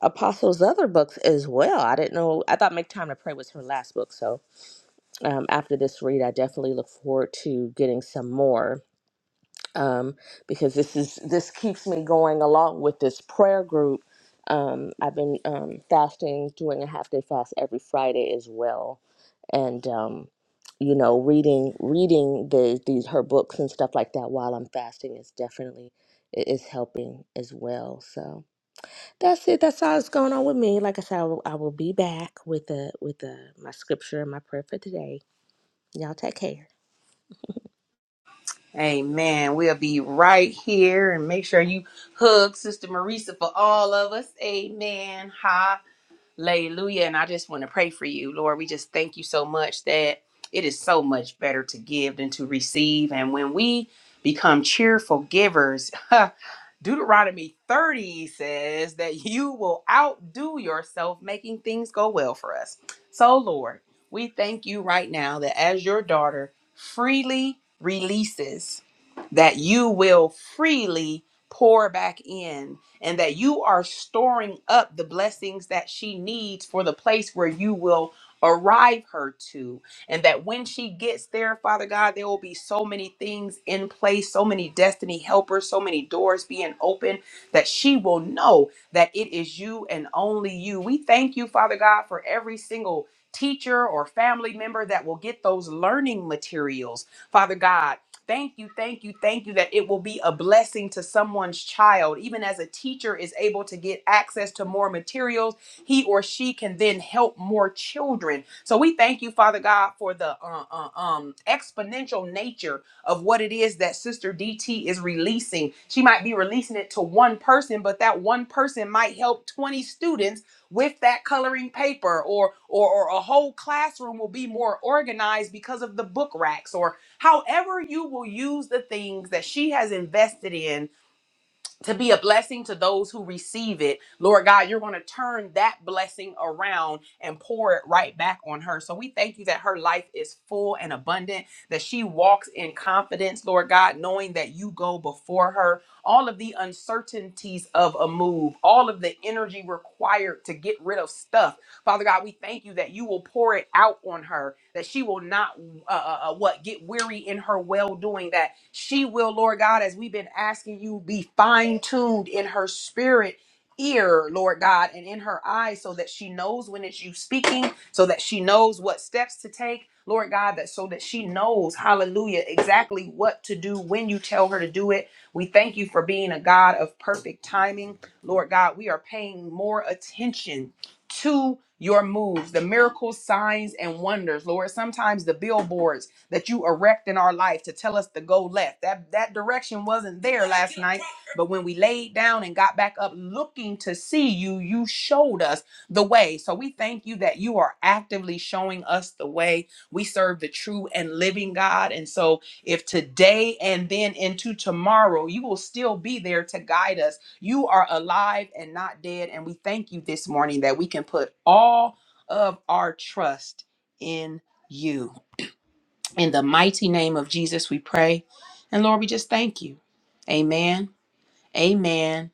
Speaker 7: Apostle's other books as well. I didn't know. I thought Make Time to Pray was her last book. So um, after this read, I definitely look forward to getting some more um, because this is this keeps me going along with this prayer group. Um, I've been um, fasting, doing a half day fast every Friday as well, and um, you know, reading reading the these her books and stuff like that while I'm fasting is definitely i- is helping as well. So. That's it. That's all that's going on with me. Like I said, I will, I will be back with the with the my scripture and my prayer for today. Y'all take care.
Speaker 2: Amen. We'll be right here and make sure you hug Sister Marisa for all of us. Amen. Hallelujah. And I just want to pray for you, Lord. We just thank you so much that it is so much better to give than to receive. And when we become cheerful givers, Deuteronomy 30 says that you will outdo yourself making things go well for us. So, Lord. We thank you right now that as your daughter freely releases that you will freely pour back in and that you are storing up the blessings that she needs for the place where you will arrive her to and that when she gets there father god there will be so many things in place so many destiny helpers so many doors being open that she will know that it is you and only you we thank you father god for every single teacher or family member that will get those learning materials father god Thank you, thank you, thank you that it will be a blessing to someone's child. Even as a teacher is able to get access to more materials, he or she can then help more children. So we thank you, Father God, for the uh, uh, um, exponential nature of what it is that Sister DT is releasing. She might be releasing it to one person, but that one person might help 20 students with that coloring paper or or, or a whole classroom will be more organized because of the book racks or However, you will use the things that she has invested in to be a blessing to those who receive it. Lord God, you're going to turn that blessing around and pour it right back on her. So we thank you that her life is full and abundant, that she walks in confidence, Lord God, knowing that you go before her. All of the uncertainties of a move, all of the energy required to get rid of stuff Father God, we thank you that you will pour it out on her, that she will not, uh, uh, uh, what, get weary in her well doing, that she will, Lord God, as we've been asking you, be fine tuned in her spirit. Ear, Lord God, and in her eyes, so that she knows when it's you speaking, so that she knows what steps to take, Lord God, that so that she knows, hallelujah, exactly what to do when you tell her to do it. We thank you for being a God of perfect timing, Lord God. We are paying more attention to your moves, the miracles, signs, and wonders, Lord. Sometimes the billboards that you erect in our life to tell us to go left. That that direction wasn't there last night, but when we laid down and got back up looking to see you, you showed us the way. So we thank you that you are actively showing us the way. We serve the true and living God. And so if today and then into tomorrow, you will still be there to guide us you are alive and not dead. And we thank you this morning that we can put all of our trust in you. In the mighty name of Jesus, we pray. And Lord, we just thank you. Amen. Amen.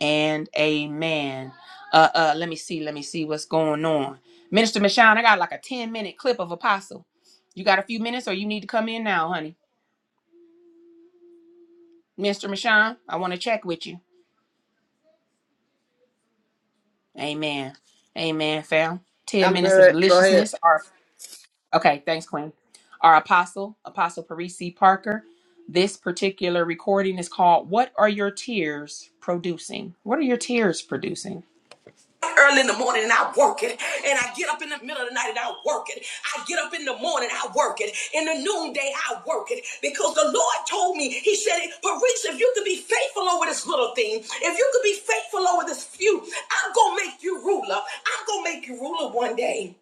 Speaker 2: And amen. Uh uh, let me see. Let me see what's going on. Minister Michon, I got like a 10 minute clip of Apostle. You got a few minutes or you need to come in now, honey. Mr. Michon, I want to check with you. Amen. Amen, fam. 10
Speaker 9: I'm
Speaker 2: minutes of
Speaker 9: good. Go ahead.
Speaker 2: deliciousness. Okay, thanks, Queen. Our apostle, Apostle Parisi Parker. This particular recording is called What Are Your Tears Producing? What are your tears producing? Early in the morning and I work it. And I get up in the middle of the night and I work it. I get up in the morning, I work it. In the noonday, I work it. Because the Lord told me, He said, Parisi, if you could be faithful over this little thing, if you could be faithful over this few, I'm going to make you ruler. I'm going to make you ruler one day.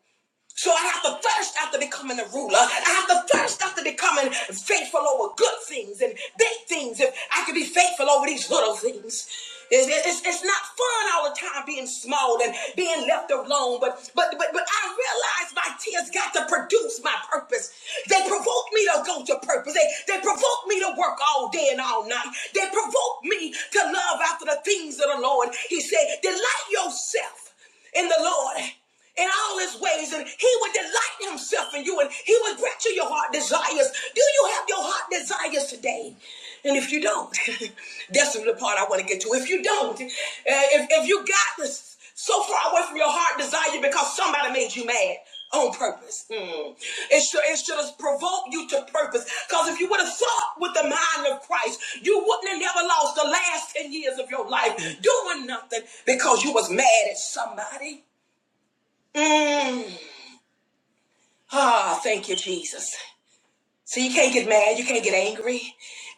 Speaker 2: So I have to thirst after becoming a ruler. I have to thirst after becoming faithful over good things and big things. If I could be faithful over these little things. It's, it's, it's not fun all the time being small and being left alone, but but but but I realize my tears got to produce my purpose. They provoke me to go to purpose. They they provoke me to work all day and all night. They provoke me to love after the things of the Lord. He said, delight yourself in the Lord, in all his ways, and he would delight himself in you, and he would grant you your heart desires. Do you have your heart desires today? And if you don't, that's the part I want to get to. If you don't, uh, if, if you got this so far away from your heart desire because somebody made you mad on purpose, mm, it should it should have provoked you to purpose. Because if you would have thought with the mind of Christ, you wouldn't have never lost the last 10 years of your life doing nothing because you was mad at somebody. Mm. Ah, thank you, Jesus. So you can't get mad, you can't get angry,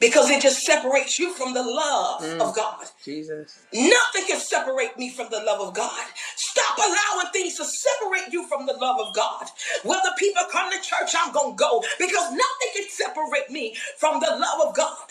Speaker 2: because it just separates you from the love Mm. of God. Nothing can separate me from the love of God. Stop allowing things to separate you from the love of God. Whether people come to church, I'm going to go, because nothing can separate me from the love of God.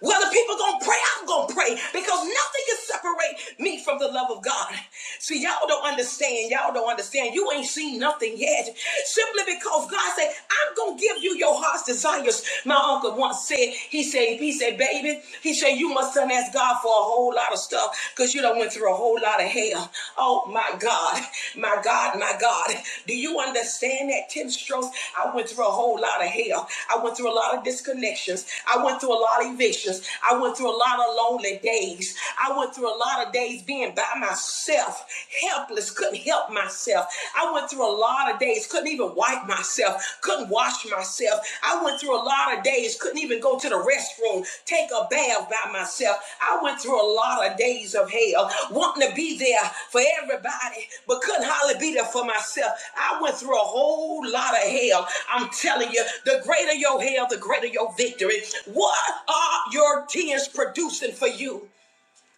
Speaker 2: Whether people gonna pray, I'm gonna pray because nothing can separate me from the love of God. See, y'all don't understand. Y'all don't understand. You ain't seen nothing yet. Simply because God said, I'm gonna give you your heart's desires. My uncle once said, he said, he said, baby, he said, you must son ask God for a whole lot of stuff because you done went through a whole lot of hell. Oh my God, my God, my God. Do you understand that 10 strokes? I went through a whole lot of hell. I went through a lot of disconnections. I went through a lot of evictions. I went through a lot of lonely days. I went through a lot of days being by myself, helpless, couldn't help myself. I went through a lot of days, couldn't even wipe myself, couldn't wash myself myself. I went through a lot of days, couldn't even go to the restroom, take a bath by myself. I went through a lot of days of hell, wanting to be there for everybody, but couldn't hardly be there for myself. I went through a whole lot of hell. I'm telling you, the greater your hell, the greater your victory. What are your tears producing for you?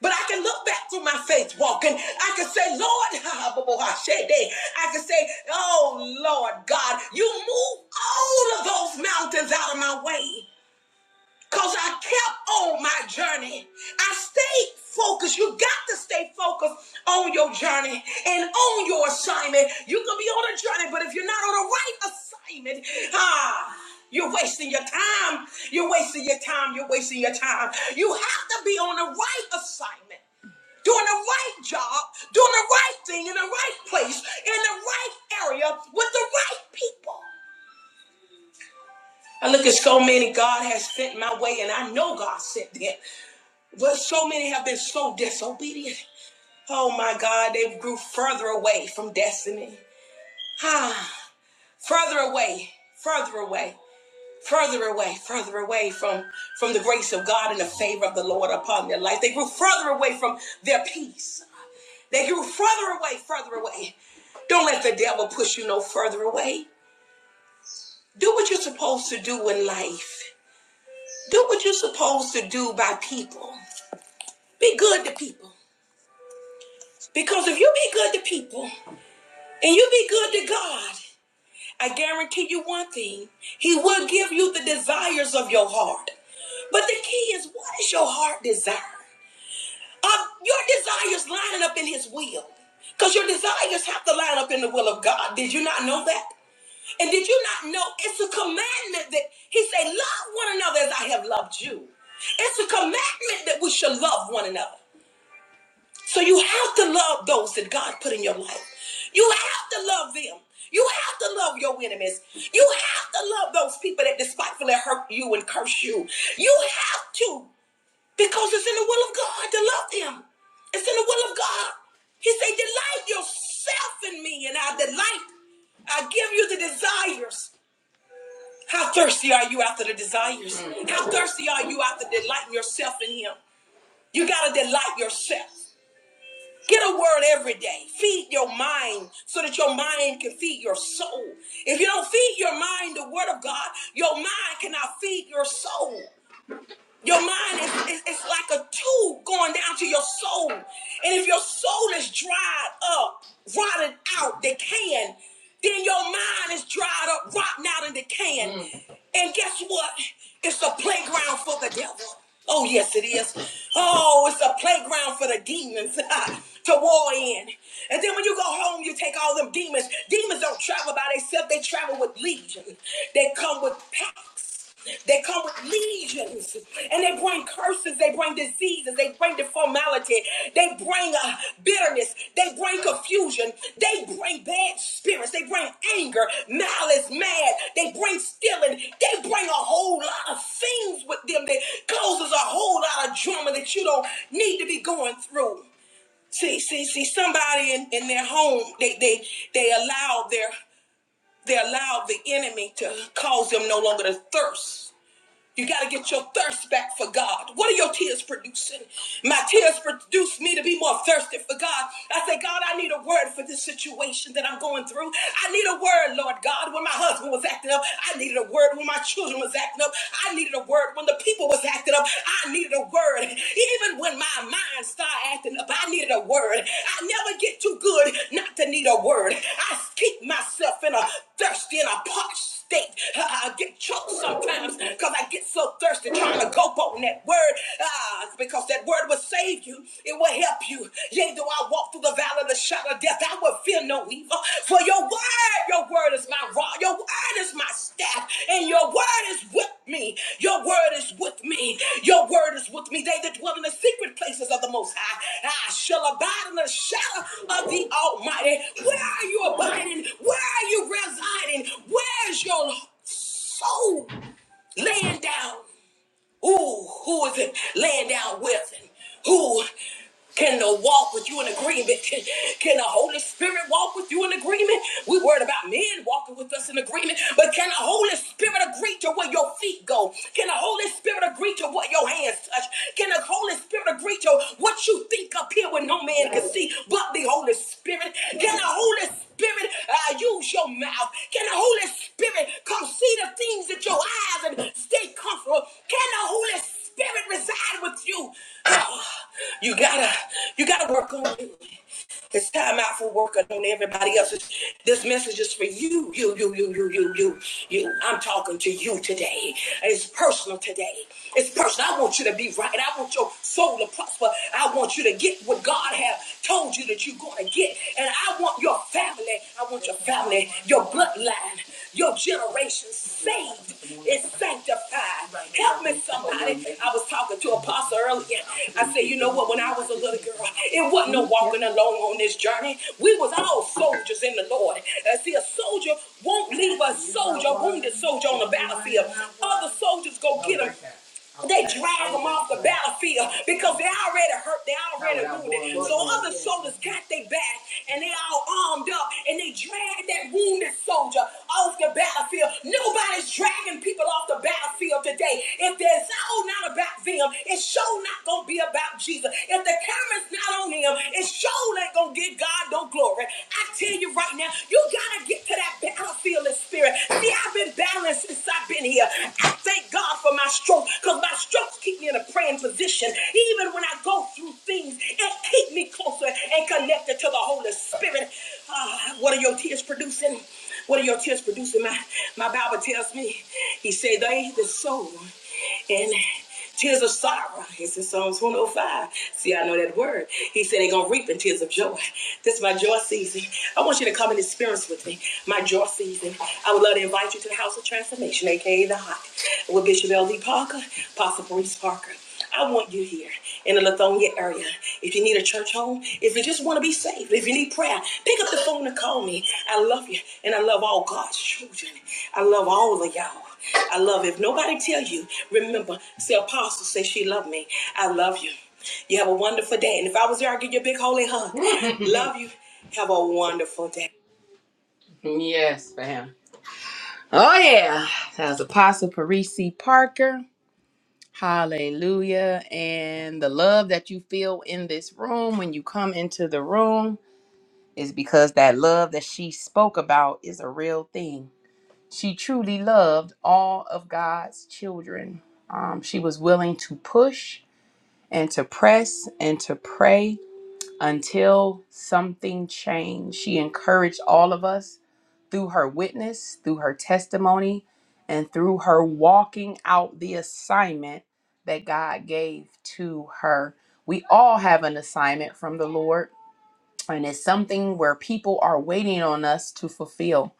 Speaker 2: But I can look back through my faith walking. I can say, Lord, I can say, oh Lord God, you move all of those mountains out of my way. Cause I kept on my journey. I stayed focused. You got to stay focused on your journey and on your assignment. You can be on a journey, but if you're not on the right assignment, ah, you're wasting your time. You're wasting your time. You're wasting your time. You have to be on the right assignment doing the right job, doing the right thing in the right place, in the right area, with the right people. I look at so many God has sent my way, and I know God sent them, but so many have been so disobedient. Oh my God, they grew further away from destiny. Ah, further away, further away, further away, further away from, from the grace of God and the favor of the Lord upon their life. They grew further away from their peace. They grew further away, further away. Don't let the devil push you no further away. Do what you're supposed to do in life. Do what you're supposed to do by people. Be good to people. Because if you be good to people and you be good to God, I guarantee you one thing He will give you the desires of your heart. But the key is what is your heart desire? Are your desires lining up in His will? Because your desires have to line up in the will of God. Did you not know that? And did you not know it's a commandment that he said, Love one another as I have loved you? It's a commandment that we should love one another. So you have to love those that God put in your life. You have to love them. You have to love your enemies. You have to love those people that despitefully hurt you and curse you. You have to, because it's in the will of God to love them. It's in the will of God. He said, Delight yourself in me, and I delight. I give you the desires. How thirsty are you after the desires? How thirsty are you after delighting yourself in Him? You got to delight yourself. Get a word every day. Feed your mind so that your mind can feed your soul. If you don't feed your mind the word of God, your mind cannot feed your soul. Your mind is, is, is like a tube going down to your soul. And if your soul is dried up, rotted out, decaying, then your mind is dried up, rotten out, and decaying. Mm. And guess what? It's a playground for the devil. Oh, yes, it is. Oh, it's a playground for the demons to war in. And then when you go home, you take all them demons. Demons don't travel by themselves, they travel with legion. They come with packs. They come with lesions and they bring curses, they bring diseases, they bring deformality, they bring uh, bitterness, they bring confusion, they bring bad spirits, they bring anger, malice, mad, they bring stealing, they bring a whole lot of things with them that causes a whole lot of drama that you don't need to be going through. See, see, see, somebody in, in their home, they they they allow their they allow the enemy to cause them no longer to thirst you got to get your thirst back for God. What are your tears producing? My tears produce me to be more thirsty for God. I say, God, I need a word for this situation that I'm going through. I need a word, Lord God, when my husband was acting up. I needed a word when my children was acting up. I needed a word when the people was acting up. I needed a word. Even when my mind started acting up, I needed a word. I never get too good not to need a word. I keep myself in a thirsty and a parched state. I get choked sometimes because I get so thirsty trying to go on that word. Ah, because that word will save you. It will help you. Yea, though I walk through the valley of the shadow of death, I will fear no evil. For your word, your word is my rod. Your word is my staff and your word is with me. Your word is with me. Your word is with me. They that dwell in the secret places of the Most High, I shall abide in the shadow of the Almighty. Where are you abiding? Where are you residing? Where's your soul laying down? Ooh, who is it laying down with? And who can uh, walk with you in agreement? Can, can the Holy Spirit walk with you in agreement? We worried about men walking with us in agreement, but can the Holy Spirit agree to where your feet go? Can the Holy Spirit agree to what your hands touch? Can the Holy Spirit agree? preacher, what you think up here when no man can see but the Holy Spirit? Can the Holy Spirit uh, use your mouth? Can the Holy Spirit come see the things that your eyes and stay comfortable? Can the Holy Spirit reside with you? you gotta, you gotta work on it. It's time out for working on everybody else. It's- This message is for you, you, you, you, you, you, you, you. I'm talking to you today. It's personal today. It's personal. I want you to be right. I want your soul to prosper. I want you to get what God has told you that you're going to get. And I want your family. I want your family, your bloodline. Your generation saved is sanctified. Help me, somebody. I was talking to Apostle earlier. I said, you know what? When I was a little girl, it wasn't no walking alone on this journey. We was all soldiers in the Lord. Uh, see, a soldier won't leave a soldier, wounded soldier on the battlefield. Other soldiers go get him. They drag them off the battlefield because they already hurt, they already wounded. So other soldiers got their back and they all armed up and they drag that wounded soldier off the battlefield. Nobody's dragging people off the battlefield today. If it's all not about them, it's sure not gonna be about Jesus. If the camera's not on him, it's sure ain't gonna get God no glory. I tell you right now, you gotta get to that battlefield in spirit. See, I've been battling honor since I've been here. I thank God for my strokes because my strokes keep me in a praying position. Even when I go through things, it keep me closer and connected to the Holy Spirit. Ah, what are your tears producing? What are your tears producing? My, my Bible tells me, he said, they, the soul. And Tears of sorrow. It's in Psalms 105. See, I know that word. He said they're gonna reap in tears of joy. This is my joy season. I want you to come and experience with me. My joy season. I would love to invite you to the House of Transformation, aka the Hot, with Bishop L.D. Parker, Apostle Maurice Parker. I want you here in the Lithonia area. If you need a church home, if you just want to be saved, if you need prayer, pick up the phone and call me. I love you, and I love all God's children. I love all of y'all. I love. it. If nobody tell you, remember, say Apostle say she loved me. I love you. You have a wonderful day, and if I was there, I'd give you a big holy hug. love you. Have a wonderful day. Yes, fam. Oh yeah, that was Apostle Parisi Parker. Hallelujah. And the love that you feel in this room when you come into the room is because that love that she spoke about is a real thing. She truly loved all of God's children. Um, she was willing to push and to press and to pray until something changed. She encouraged all of us through her witness, through her testimony, and through her walking out the assignment that God gave to her. We all have an assignment from the Lord, and it's something where people are waiting on us to fulfill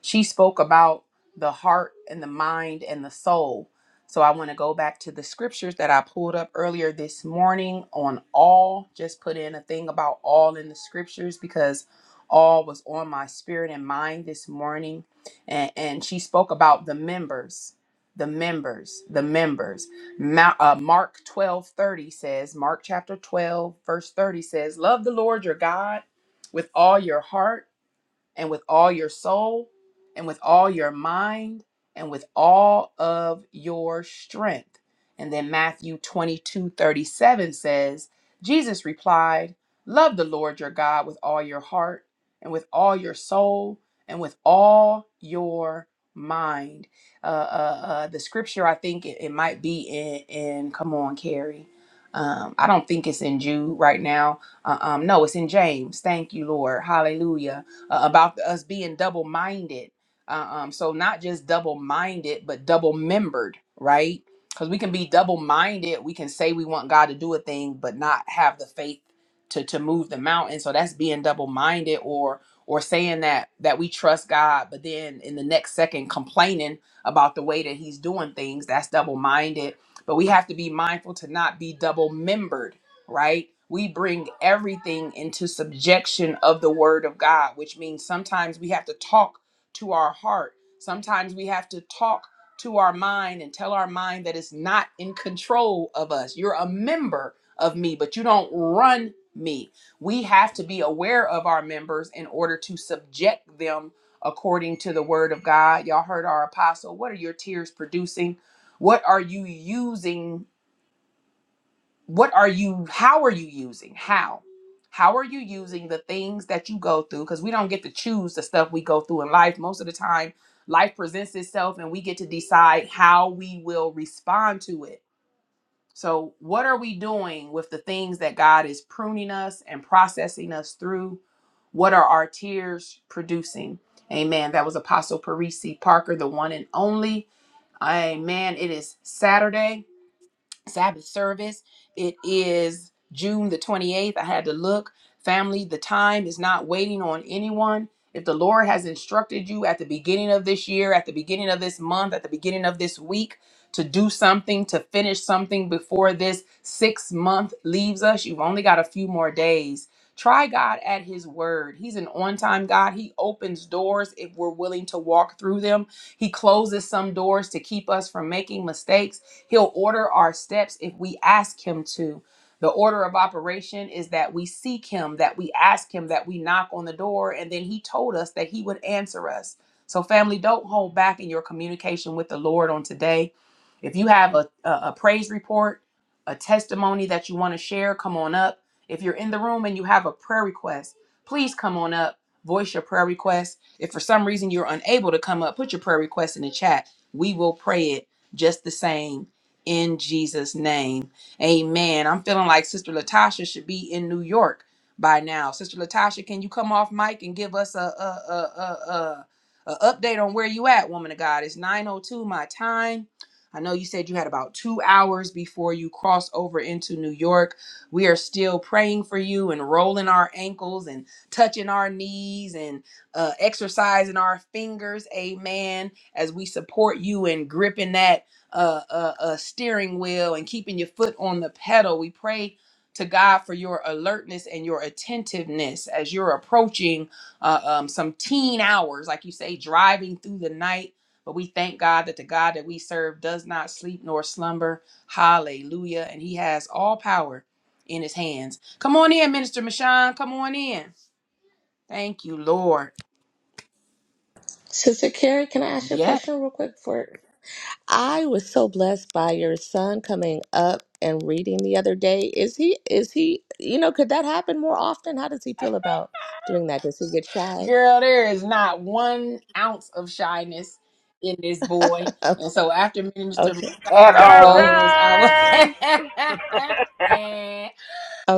Speaker 2: she spoke about the heart and the mind and the soul. So I want to go back to the scriptures that I pulled up earlier this morning on all. Just put in a thing about all in the scriptures because all was on my spirit and mind this morning. And, and she spoke about the members, the members, the members. Ma- uh, Mark 12 30 says, Mark chapter 12, verse 30 says, Love the Lord your God with all your heart and with all your soul and with all your mind and with all of your strength. And then Matthew 22 37 says, Jesus replied, Love the Lord your God with all your heart and with all your soul and with all your mind. Uh, uh, uh, the scripture, I think it, it might be in, in, come on, Carrie. Um, I don't think it's in Jude right now. Uh, um, no, it's in James. Thank you, Lord. Hallelujah uh, about us being double minded. Uh, um, so not just double minded, but double membered, right? Because we can be double minded. We can say we want God to do a thing, but not have the faith to to move the mountain. So that's being double minded, or or saying that that we trust God, but then in the next second complaining about the way that He's doing things. That's double minded. But we have to be mindful to not be double membered right? We bring everything into subjection of the word of God, which means sometimes we have to talk to our heart. Sometimes we have to talk to our mind and tell our mind that it's not in control of us. You're a member of me, but you don't run me. We have to be aware of our members in order to subject them according to the word of God. Y'all heard our apostle. What are your tears producing? What are you using? what are you how are you using how how are you using the things that you go through because we don't get to choose the stuff we go through in life most of the time life presents itself and we get to decide how we will respond to it so what are we doing with the things that god is pruning us and processing us through what are our tears producing amen that was apostle parisi parker the one and only amen it is saturday Sabbath service. It is June the 28th. I had to look. Family, the time is not waiting on anyone. If the Lord has instructed you at the beginning of this year, at the beginning of this month, at the beginning of this week to do something, to finish something before this six month leaves us, you've only got a few more days. Try God at His word. He's an on time God. He opens doors if we're willing to walk through them, He closes some doors to keep us from making mistakes. He'll order our steps if we ask Him to. The order of operation is that we seek Him, that we ask Him, that we knock on the door, and then He told us that He would answer us. So, family, don't hold back in your communication with the Lord on today. If you have a, a, a praise report, a testimony that you want to share, come on up. If you're in the room and you have a prayer request, please come on up, voice your prayer request. If for some reason you're unable to come up, put your prayer request in the chat. We will pray it just the same in Jesus' name. Amen. I'm feeling like Sister Latasha should be in New York by now. Sister Latasha, can you come off mic and give us a a a a, a, a update on where you at, woman of God? It's 9:02 my time. I know you said you had about two hours before you crossed over into New York. We are still praying for you and rolling our ankles and touching our knees and uh, exercising our fingers. Amen. As we support you and gripping that uh, uh, uh, steering wheel and keeping your foot on the pedal. We pray to God for your alertness and your attentiveness as you're approaching uh, um, some teen hours, like you say, driving through the night. But we thank God that the God that we serve does not sleep nor slumber. Hallelujah. And he has all power in his hands. Come on in, Minister Michon. Come on in. Thank you, Lord.
Speaker 7: Sister Carrie, can I ask you a
Speaker 2: Yes.
Speaker 7: question real quick? For I was so blessed by your son coming up and reading the other day. Is he? Is he? You know, could that happen more often? How does he feel about doing that? Does he get shy?
Speaker 2: Girl, there is not one ounce of shyness in this boy. And so after Minister
Speaker 7: okay.
Speaker 9: At
Speaker 2: John
Speaker 9: all.
Speaker 2: goes, I will
Speaker 6: Karan!
Speaker 2: and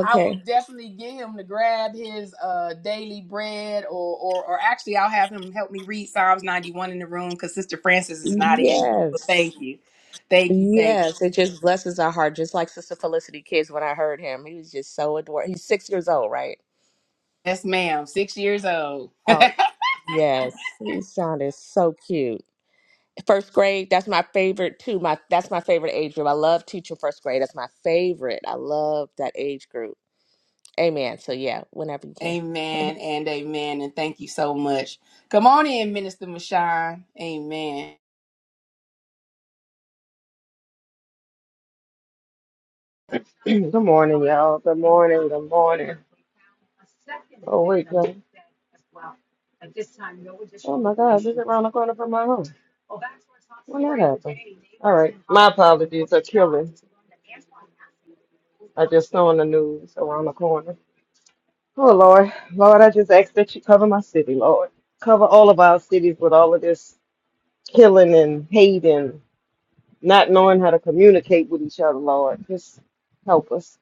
Speaker 2: I will definitely get him to grab his uh daily bread or or or actually I'll have him help me read Psalms 91 in the room because Sister Francis is not in. So
Speaker 7: Yes.
Speaker 2: thank you. Thank you, thank you.
Speaker 7: Yes. It just blesses our heart. Just like Sister Felicity Kids when I heard him. He was just so adorable. He's six years old, right?
Speaker 2: Yes, ma'am. Six years old.
Speaker 7: Oh yes, he sounded so cute. First grade, that's my favorite too. My that's my favorite age group. I love teaching first grade. That's my favorite. I love that age group. Amen. So yeah, whenever you can.
Speaker 2: amen and amen. And thank you so much. Come on in, Minister Mashawn. Amen.
Speaker 9: good morning, y'all. Good morning. Good morning. Oh, wait, y'all. Oh, my God. This is around the corner from my home. When that happened? All right. My apologies. A killing. I just saw in the news around the corner. Oh, Lord. Lord, I just ask that you cover my city, Lord. Cover all of our cities with all of this killing and hating. not knowing how to communicate with each other, Lord. Just help us.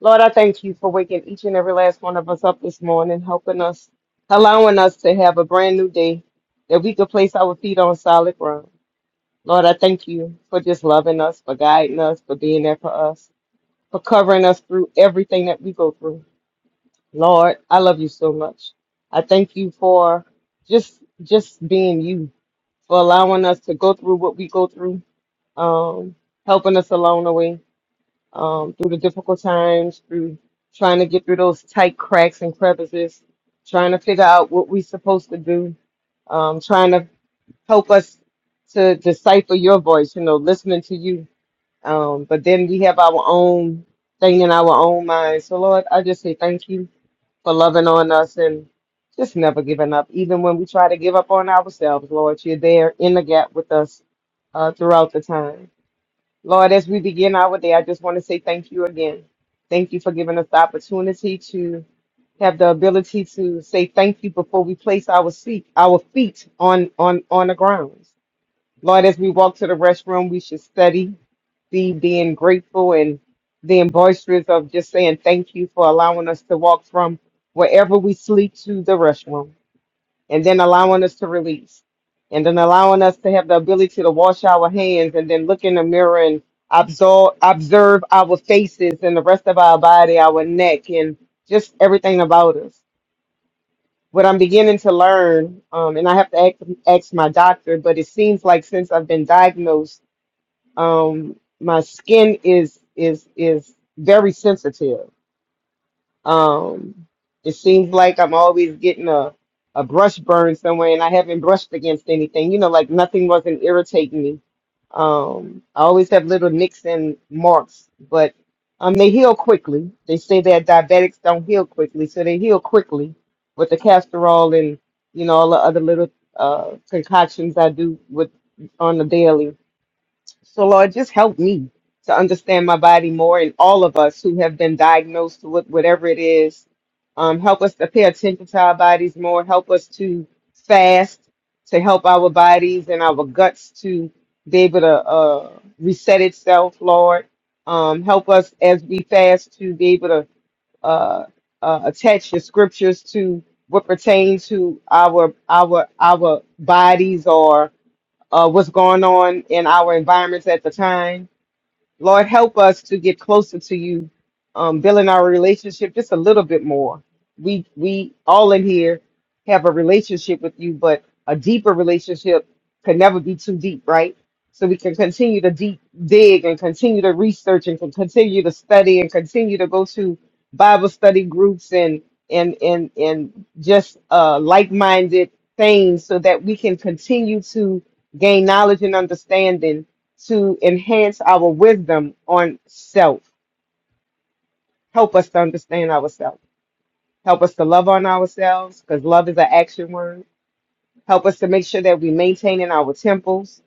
Speaker 9: Lord, I thank you for waking each and every last one of us up this morning, helping us, allowing us to have a brand new day that we could place our feet on solid ground. Lord, I thank you for just loving us, for guiding us, for being there for us, for covering us through everything that we go through. Lord, I love you so much. I thank you for just just being you, for allowing us to go through what we go through. Um, helping us along the way um, through the difficult times, through trying to get through those tight cracks and crevices, trying to figure out what we're supposed to do, um, trying to help us to decipher your voice, you know, listening to you. Um, but then we have our own thing in our own minds. So, Lord, I just say thank you for loving on us and just never giving up. Even when we try to give up on ourselves, Lord, you're there in the gap with us uh, throughout the time. Lord, as we begin our day, I just want to say thank you again. Thank you for giving us the opportunity to have the ability to say thank you before we place our seat, our feet on on on the ground. Lord, as we walk to the restroom, we should study the being grateful and being boisterous of just saying thank you for allowing us to walk from wherever we sleep to the restroom and then allowing us to release, and then allowing us to have the ability to wash our hands, and then look in the mirror and observe, observe our faces and the rest of our body, our neck, and just everything about us. What I'm beginning to learn, um, and I have to ask, ask my doctor, but it seems like since I've been diagnosed, um, my skin is is is very sensitive um, it seems like I'm always getting a, a brush burn somewhere and I haven't brushed against anything. You know, like nothing wasn't irritating me. Um, I always have little nicks and marks, but um, they heal quickly. They say that diabetics don't heal quickly, so they heal quickly with the castor oil and you know all the other little uh concoctions I do with on the daily. So, Lord, just help me to understand my body more and all of us who have been diagnosed with whatever it is. Um, help us to pay attention to our bodies more. Help us to fast to help our bodies and our guts to be able to uh, reset itself, Lord. Um, help us as we fast to be able to uh, uh, attach your scriptures to what pertains to our our our bodies or uh, what's going on in our environments at the time Lord, help us to get closer to you, um, building our relationship just a little bit more. We we all in here have a relationship with you, but a deeper relationship can never be too deep, right? So we can continue to deep dig and continue to research and can continue to study and continue to go to Bible study groups and and and and just uh, like-minded things, so that we can continue to gain knowledge and understanding to enhance our wisdom on self. Help us to understand ourselves. Help us to love on ourselves because love is an action word. Help us to make sure that we maintain in our temples,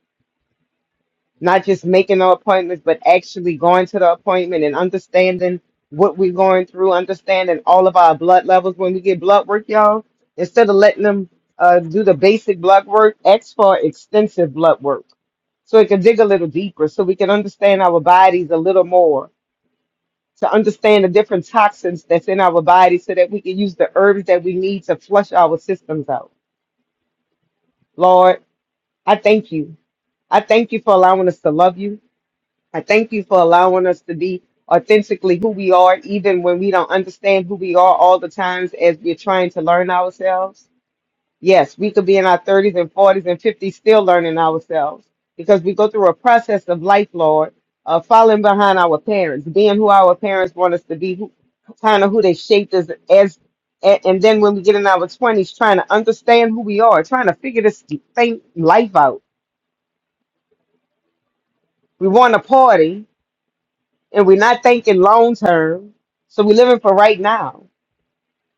Speaker 9: not just making our appointments, but actually going to the appointment and understanding what we're going through, understanding all of our blood levels. When we get blood work, y'all, instead of letting them uh, do the basic blood work, ask for extensive blood work so it can dig a little deeper, so we can understand our bodies a little more to understand the different toxins that's in our body so that we can use the herbs that we need to flush our systems out. Lord, I thank you. I thank you for allowing us to love you. I thank you for allowing us to be authentically who we are, even when we don't understand who we are all the times as we're trying to learn ourselves. Yes, we could be in our 30s and 40s and 50s still learning ourselves because we go through a process of life, Lord, of following behind our parents, being who our parents want us to be, who, kind of who they shaped us as. And, and then when we get in our 20s, trying to understand who we are, trying to figure this thing, life out. We want a party and we're not thinking long term. So we're living for right now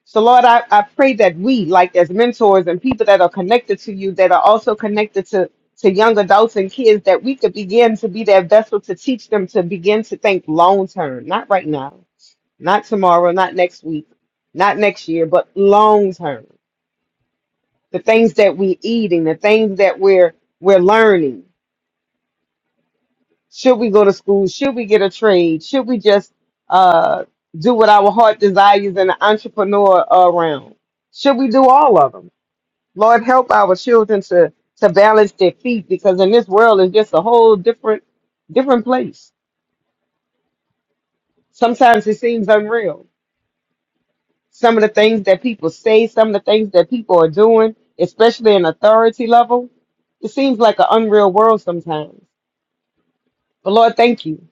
Speaker 9: So, Lord, I, I pray that we, like as mentors and people that are connected to you, that are also connected to, to young adults and kids, that we could begin to be that vessel to teach them to begin to think long term, not right now, not tomorrow, not next week, not next year, but long term. The things that we're eating, the things that we're we're learning. Should we go to school? Should we get a trade? Should we just uh, do what our heart desires in the entrepreneur uh, realm? Should we do all of them? Lord, help our children to to balance their feet because in this world is just a whole different different place. Sometimes it seems unreal. Some of the things that people say, some of the things that people are doing, especially in authority level, it seems like an unreal world sometimes. But Lord, thank you.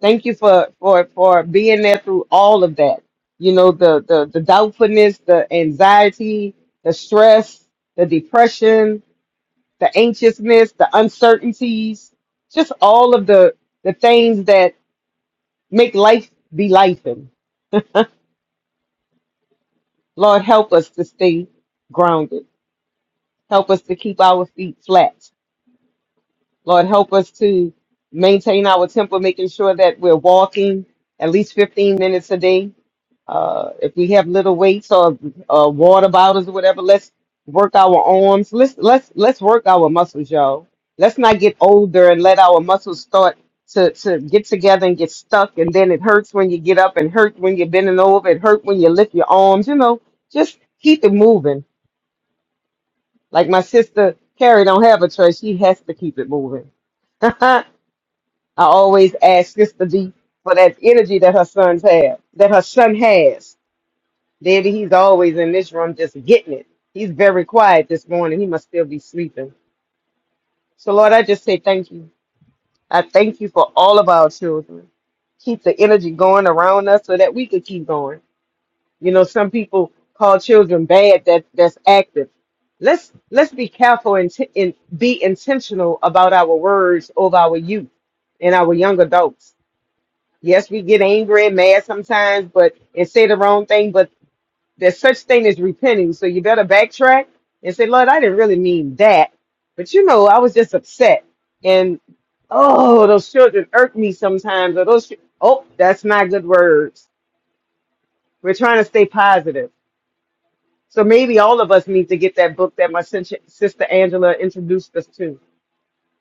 Speaker 9: Thank you for for for being there through all of that. You know, the the the doubtfulness, the anxiety, the stress, the depression, the anxiousness, the uncertainties, just all of the the things that make life be life. Lord, help us to stay grounded. Help us to keep our feet flat. Lord, help us to maintain our temper, making sure that we're walking at least 15 minutes a day Uh, if we have little weights or uh, water bottles or whatever, let's work our arms. Let's let's let's work our muscles, y'all. Let's not get older and let our muscles start to to get together and get stuck, and then it hurts when you get up, and hurt when you're bending over, it hurt when you lift your arms. You know, just keep it moving. Like my sister Carrie don't have a choice; she has to keep it moving. I always ask Sister D for that energy that her sons have, that her son has Daddy, he's always in this room just getting it. He's very quiet this morning. He must still be sleeping. So, Lord, I just say thank you. I thank you for all of our children. Keep the energy going around us so that we could keep going. You know, some people call children bad that that's active. Let's let's be careful and, t- and be intentional about our words over our youth and our young adults. Yes, we get angry and mad sometimes, but and say the wrong thing. but. There's such thing as repenting, so you better backtrack and say, Lord, I didn't really mean that. But you know, I was just upset. And oh, those children irk me sometimes, or those, chi- oh, that's not good words. We're trying to stay positive. So maybe all of us need to get that book that my sin- sister Angela introduced us to,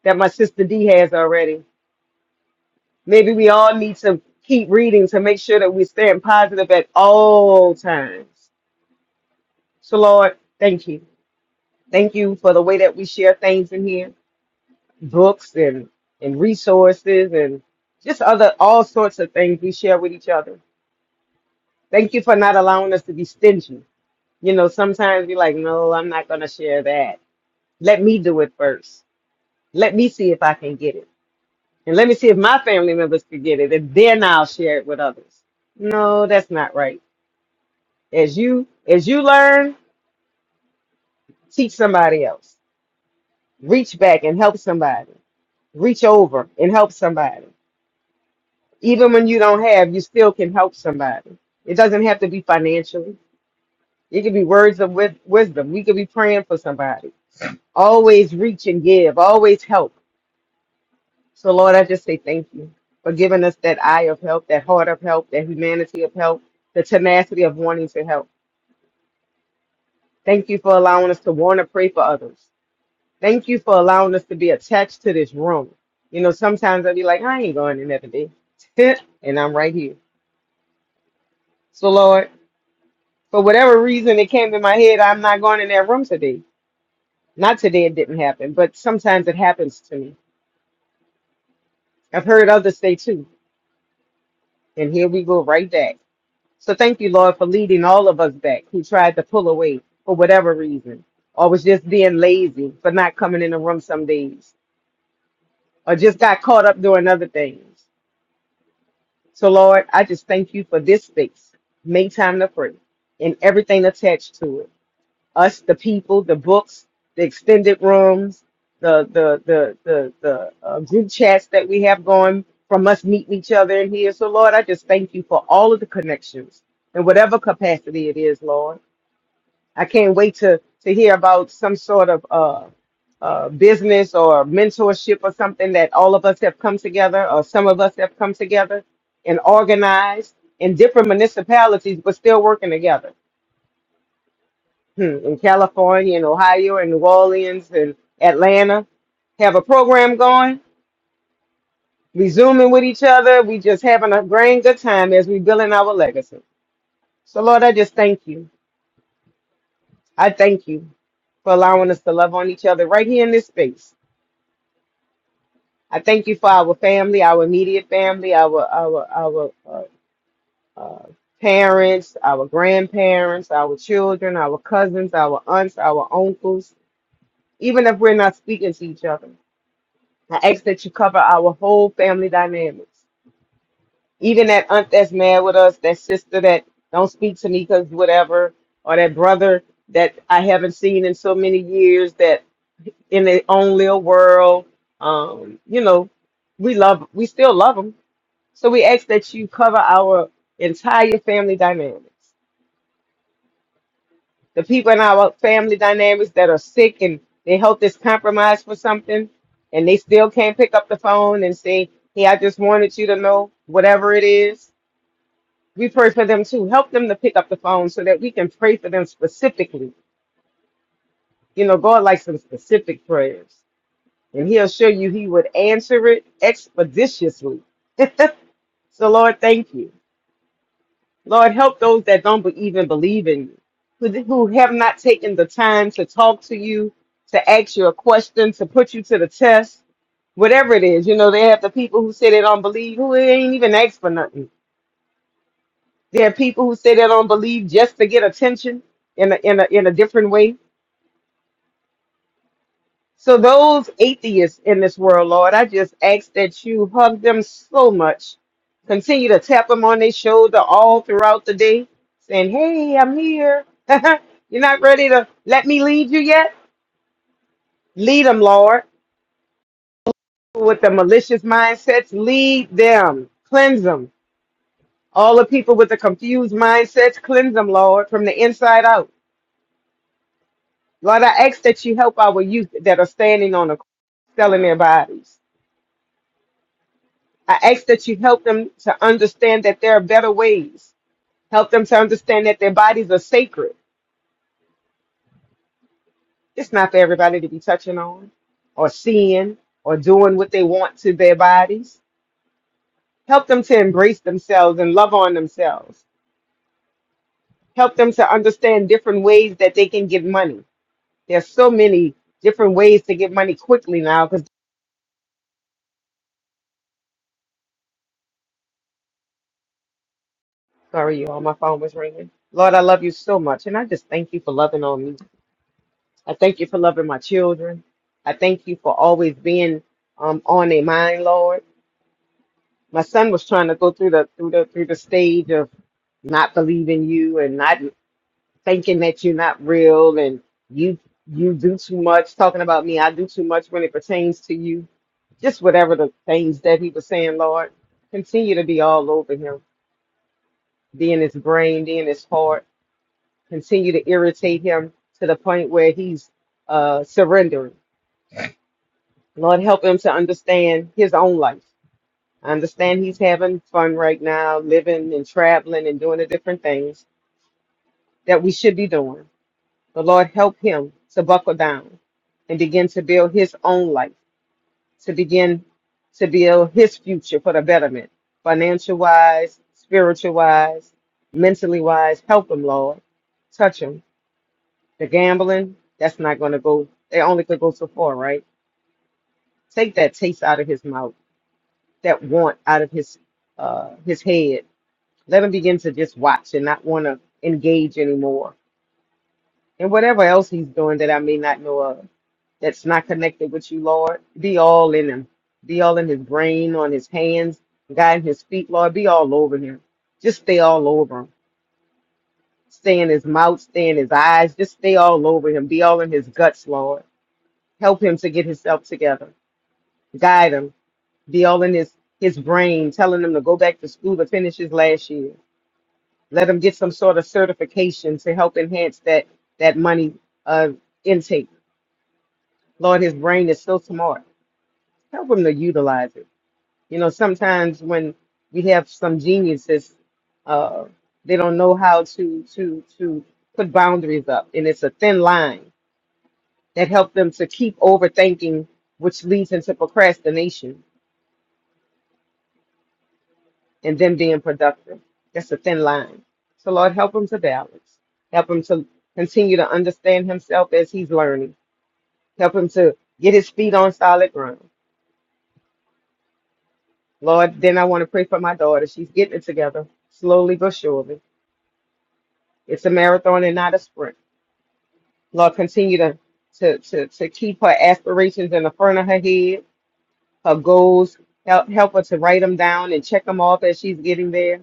Speaker 9: that my sister D has already. Maybe we all need to keep reading to make sure that we're staying positive at all times. So, Lord, thank you. Thank you for the way that we share things in here, books and and resources and just other all sorts of things we share with each other. Thank you for not allowing us to be stingy. You know, sometimes you're like, no, I'm not gonna share that. Let me do it first. Let me see if I can get it. And let me see if my family members can get it. And then I'll share it with others. No, that's not right. As you as you learn, teach somebody else. Reach back and help somebody. Reach over and help somebody even when you don't have, you still can help somebody. It doesn't have to be financially. It could be words of wis- wisdom. We could be praying for somebody. Always reach and give. Always help. So Lord, I just say thank you for giving us that eye of help, that heart of help, that humanity of help, the tenacity of wanting to help. Thank you for allowing us to want to pray for others. Thank you for allowing us to be attached to this room. You know, sometimes I'll be like, I ain't going another day. and I'm right here. So Lord. For whatever reason, it came to my head, I'm not going in that room today. Not today, it didn't happen, but sometimes it happens to me. I've heard others say too, and here we go right back. So thank you, Lord, for leading all of us back who tried to pull away for whatever reason, or was just being lazy for not coming in the room some days, or just got caught up doing other things. So, Lord, I just thank you for this space. Make time to pray and everything attached to it. us, the people, the books, the extended rooms, the the the the, the uh, group chats that we have going from us meeting each other in here. So Lord, I just thank you for all of the connections in whatever capacity it is, Lord. I can't wait to to hear about some sort of uh, uh, business or mentorship or something that all of us have come together, or some of us have come together and organized in different municipalities, but still working together hmm, in California and Ohio and New Orleans and Atlanta have a program going. We zooming with each other. We just having a grand good time as we building our legacy. So Lord, I just thank you. I thank you for allowing us to love on each other right here in this space. I thank you for our family, our immediate family, our our our uh, uh, parents, our grandparents, our children, our cousins, our aunts, our uncles. Even if we're not speaking to each other, I ask that you cover our whole family dynamics. Even that aunt that's mad with us, that sister that don't speak to me because whatever, or that brother that I haven't seen in so many years that in their own little world. Um, you know, we love, we still love them. So we ask that you cover our entire family dynamics. the people in our family dynamics that are sick and their health is compromised for something and they still can't pick up the phone and say, Hey, I just wanted you to know whatever it is. We pray for them too. Help them to pick up the phone so that we can pray for them specifically. You know, God likes some specific prayers. And He'll show you He would answer it expeditiously. so, Lord, thank you. Lord, help those that don't be- even believe in you, who, who have not taken the time to talk to you, to ask you a question, to put you to the test, whatever it is. You know, they have the people who say they don't believe, who ain't even asked for nothing. There are people who say they don't believe just to get attention in a, in a, in a different way. So those atheists in this world, Lord, I just ask that you hug them so much. Continue to tap them on their shoulder all throughout the day, saying, Hey, I'm here. You're not ready to let me lead you yet? Lead them, Lord. With the malicious mindsets, lead them. Cleanse them. All the people with the confused mindsets, cleanse them, Lord, from the inside out. Lord, I ask that you help our youth that are standing on the selling their bodies. I ask that you help them to understand that there are better ways. Help them to understand that their bodies are sacred. It's not for everybody to be touching on or seeing or doing what they want to their bodies. Help them to embrace themselves and love on themselves. Help them to understand different ways that they can get money. There's so many different ways to get money quickly now because sorry you all my phone was ringing. Lord, I love you so much and I just thank you for loving on me I thank you for loving my children. I thank you for always being um, on their mind, Lord. My son was trying to go through the through the through the stage of not believing you and not thinking that you're not real and you you do too much talking about me. I do too much when it pertains to you. Just whatever the things that he was saying, Lord, continue to be all over him, be in his brain, be in his heart. Continue to irritate him to the point where he's uh, surrendering Lord, help him to understand his own life. I understand he's having fun right now, living and traveling and doing the different things that we should be doing. But Lord, help him to buckle down and begin to build his own life, to begin to build his future for the betterment, financial wise, spiritual wise, mentally wise. Help him, Lord. Touch him. The gambling, that's not going to go. They only could go so far, right? Take that taste out of his mouth that want out of his uh, his head. Let him begin to just watch and not want to engage anymore. And whatever else he's doing that I may not know of, that's not connected with you, Lord, be all in him. Be all in his brain, on his hands, guiding his feet, Lord. Be all over him. Just stay all over him. Stay in his mouth, stay in his eyes. Just stay all over him. Be all in his guts, Lord. Help him to get himself together. Guide him. Be all in his his brain, telling him to go back to school to finish his last year let them get some sort of certification to help enhance that that money uh intake. Lord, his brain is so smart. Help him to utilize it. You know, sometimes when we have some geniuses, uh, they don't know how to to to put boundaries up, and it's a thin line that helps them to keep overthinking, which leads into procrastination and them being productive. That's a thin line. So Lord, help him to balance. Help him to continue to understand himself as he's learning Help him to get his feet on solid ground. Lord, then I want to pray for my daughter. She's getting it together slowly but surely. It's a marathon and not a sprint. Lord, continue to to to, to keep her aspirations in the front of her head, her goals. Help help her to write them down and check them off as she's getting there.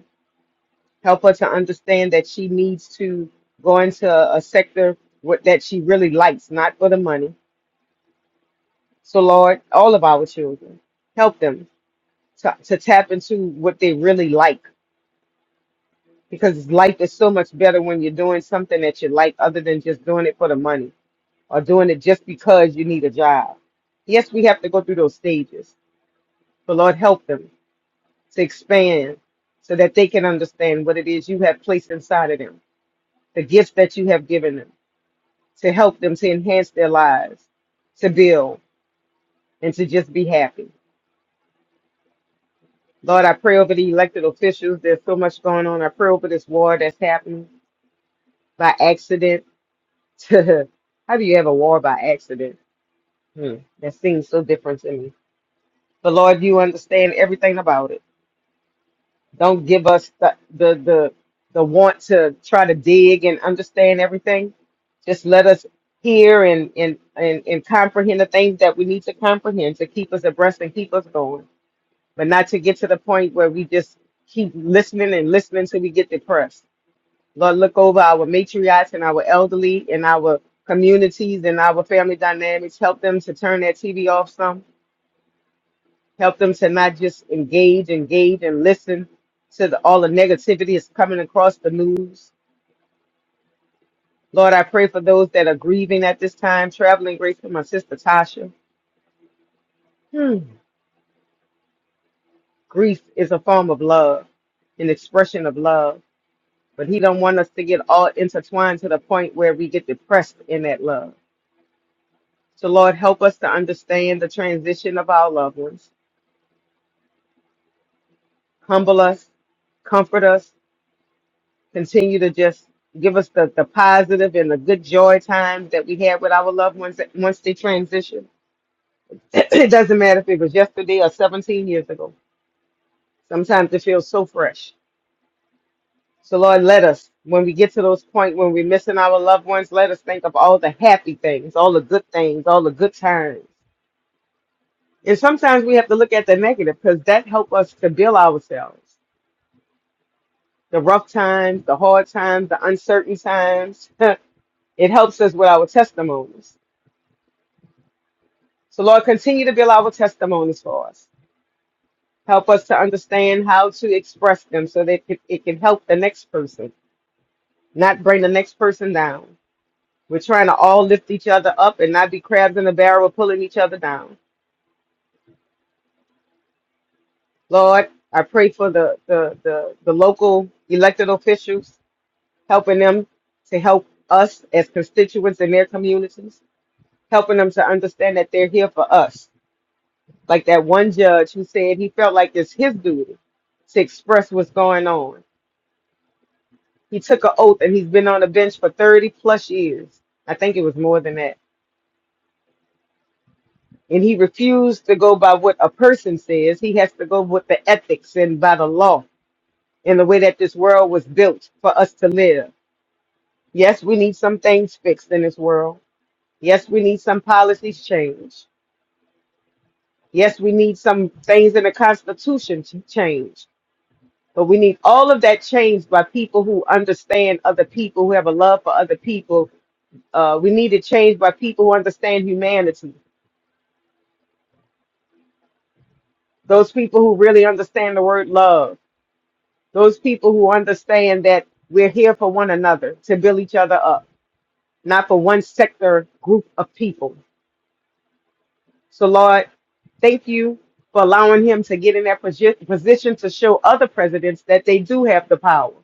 Speaker 9: Help her to understand that she needs to go into a sector what that she really likes, not for the money. So Lord, all of our children, help them to, to tap into what they really like because life is so much better when you're doing something that you like other than just doing it for the money or doing it just because you need a job. Yes, we have to go through those stages, but Lord, help them to expand so that they can understand what it is you have placed inside of them, the gifts that you have given them, to help them to enhance their lives, to build, and to just be happy. Lord, I pray over the elected officials. There's so much going on. I pray over this war that's happening by accident. how do you have a war by accident? Hmm, that seems so different to me. But Lord, you understand everything about it. Don't give us the, the the the want to try to dig and understand everything. Just let us hear and and and, and comprehend the things that we need to comprehend to keep us abreast and keep us going, but not to get to the point where we just keep listening and listening till we get depressed. Lord, look over our matriarchs and our elderly and our communities and our family dynamics. Help them to turn that TV off some Help them to not just engage, engage, and listen to the, all the negativity that's coming across the news. Lord, I pray for those that are grieving at this time, traveling grace for my sister Tasha. Hmm. Grief is a form of love, an expression of love, but He don't want us to get all intertwined to the point where we get depressed in that love. So, Lord, help us to understand the transition of our loved ones. Humble us, comfort us, continue to just give us the, the positive and the good joy times that we had with our loved ones that- once they transition. it doesn't matter if it was yesterday or 17 years ago. Sometimes it feels so fresh. So Lord, let us, when we get to those point when we're missing our loved ones, let us think of all the happy things, all the good things, all the good times. And sometimes we have to look at the negative because that helps us to build ourselves. The rough times, the hard times, the uncertain times. it helps us with our testimonies So, Lord, continue to build our testimonies for us. Help us to understand how to express them so that it it can help the next person, not bring the next person down. We're trying to all lift each other up and not be crabs in a barrel pulling each other down. Lord, I pray for the, the, the, the local elected officials, helping them to help us as constituents in their communities, helping them to understand that they're here for us Like that one judge who said he felt like it's his duty to express what's going on. He took an oath and he's been on the bench for 30 plus years. I think it was more than that. And he refused to go by what a person says. He has to go with the ethics and by the law and the way that this world was built for us to live. Yes, we need some things fixed in this world. Yes, we need some policies changed. Yes, we need some things in the Constitution to change. But we need all of that changed by people who understand other people, who have a love for other people. Uh, we need it changed by people who understand humanity, those people who really understand the word love, those people who understand that we're here for one another to build each other up, not for one sector group of people. So, Lord, thank you for allowing him to get in that posi- position to show other presidents that they do have the power.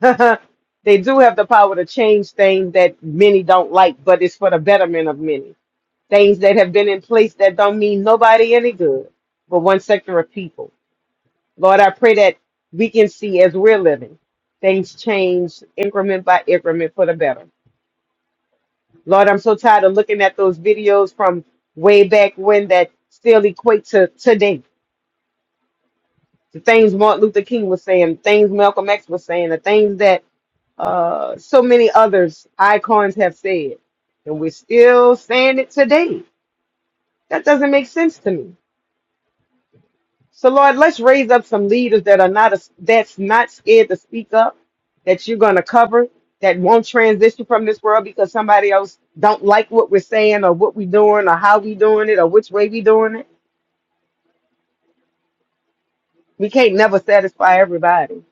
Speaker 9: they do have the power to change things that many don't like, but it's for the betterment of many. Things that have been in place that don't mean nobody any good, but one sector of people. Lord, I pray that we can see as we're living, things change increment by increment for the better. Lord, I'm so tired of looking at those videos from way back when that still equate to today. The things Martin Luther King was saying, things Malcolm X was saying, the things that uh, so many others icons have said, and we're still saying it today. That doesn't make sense to me. So Lord, let's raise up some leaders that are not a, that's not scared to speak up, that you're going to cover, that won't transition from this world because somebody else don't like what we're saying or what we're doing or how we doing it or which way we doing it. We can't never satisfy everybody.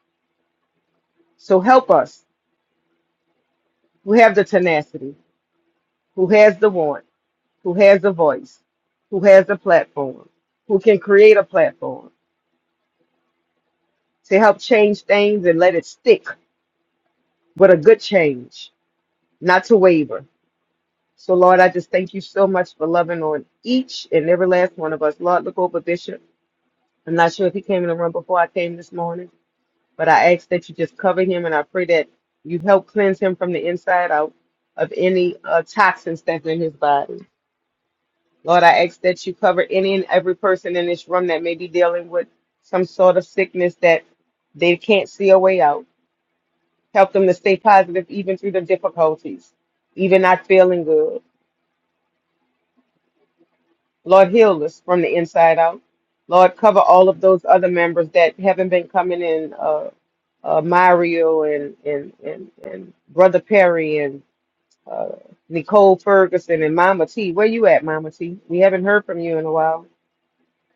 Speaker 9: So help us who have the tenacity, who has the want, who has a voice, who has a platform, who can create a platform to help change things and let it stick, but a good change, not to waver. So, Lord, I just thank you so much for loving on each and every last one of us. Lord, look over Bishop. I'm not sure if he came in the room before I came this morning, but I ask that you just cover him and I pray that you help cleanse him from the inside out of any uh, toxins that's in his body. Lord, I ask that you cover any and every person in this room that may be dealing with some sort of sickness that they can't see a way out. Help them to stay positive even through the difficulties, even not feeling good. Lord, heal us from the inside out. Lord, cover all of those other members that haven't been coming in, uh, uh, Mario and, and, and, and Brother Perry and uh, Nicole Ferguson and Mama T. Where you at, Mama T? We haven't heard from you in a while.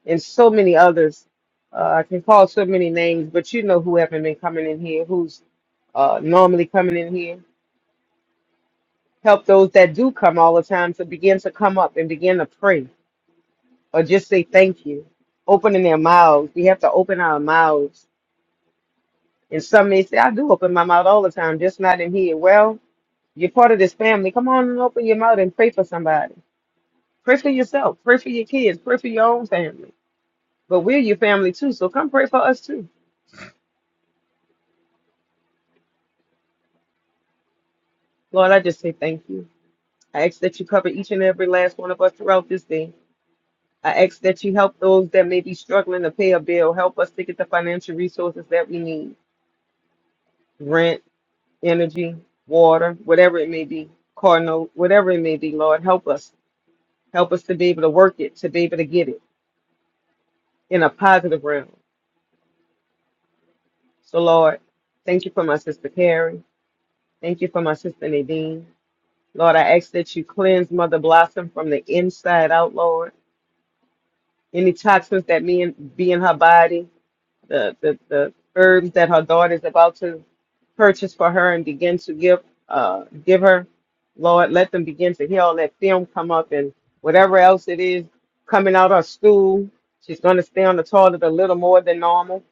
Speaker 9: and so many others. Uh, I can call so many names, but you know who haven't been coming in here, who's uh, normally coming in here. Help those that do come all the time to begin to come up and begin to pray or just say thank you. Opening their mouths. We have to open our mouths. And some may say, I do open my mouth all the time, just not in here. Well, you're part of this family. Come on and open your mouth and pray for somebody. Pray for yourself. Pray for your kids. Pray for your own family. But we're your family too. So come pray for us too. Lord, I just say thank you. I ask that you cover each and every last one of us throughout this day. I ask that you help those that may be struggling to pay a bill. Help us to get the financial resources that we need rent, energy, water, whatever it may be, car note, whatever it may be, Lord. Help us. Help us to be able to work it, to be able to get it in a positive realm. So, Lord, thank you for my sister Carrie. Thank you for my sister Nadine. Lord, I ask that you cleanse Mother Blossom from the inside out, Lord. Any toxins that may be in her body, the, the, the herbs that her daughter is about to purchase for her and begin to give uh give her lord let them begin to heal let film come up and whatever else it is coming out her stool she's going to stay on the toilet a little more than normal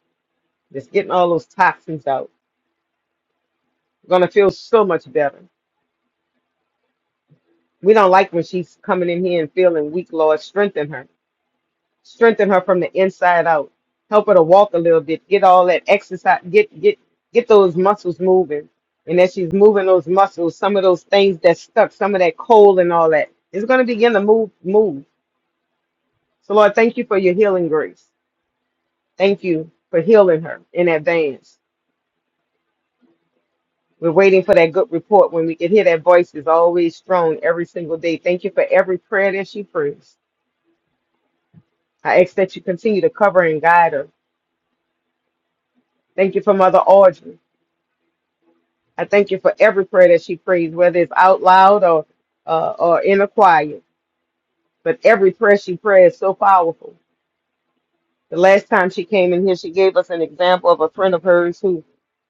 Speaker 9: just getting all those toxins out going to feel so much better we don't like when she's coming in here and feeling weak lord strengthen her strengthen her from the inside out help her to walk a little bit get all that exercise get get get those muscles moving and as she's moving those muscles some of those things that's stuck some of that cold and all that, it's going to begin to move move so lord thank you for your healing grace thank you for healing her in advance we're waiting for that good report when we can hear that voice is always strong every single day thank you for every prayer that she prays i ask that you continue to cover and guide her thank you for mother audrey I thank you for every prayer that she prays, whether it's out loud or uh, or in a choir. But every prayer she prays is so powerful. The last time she came in here, she gave us an example of a friend of hers who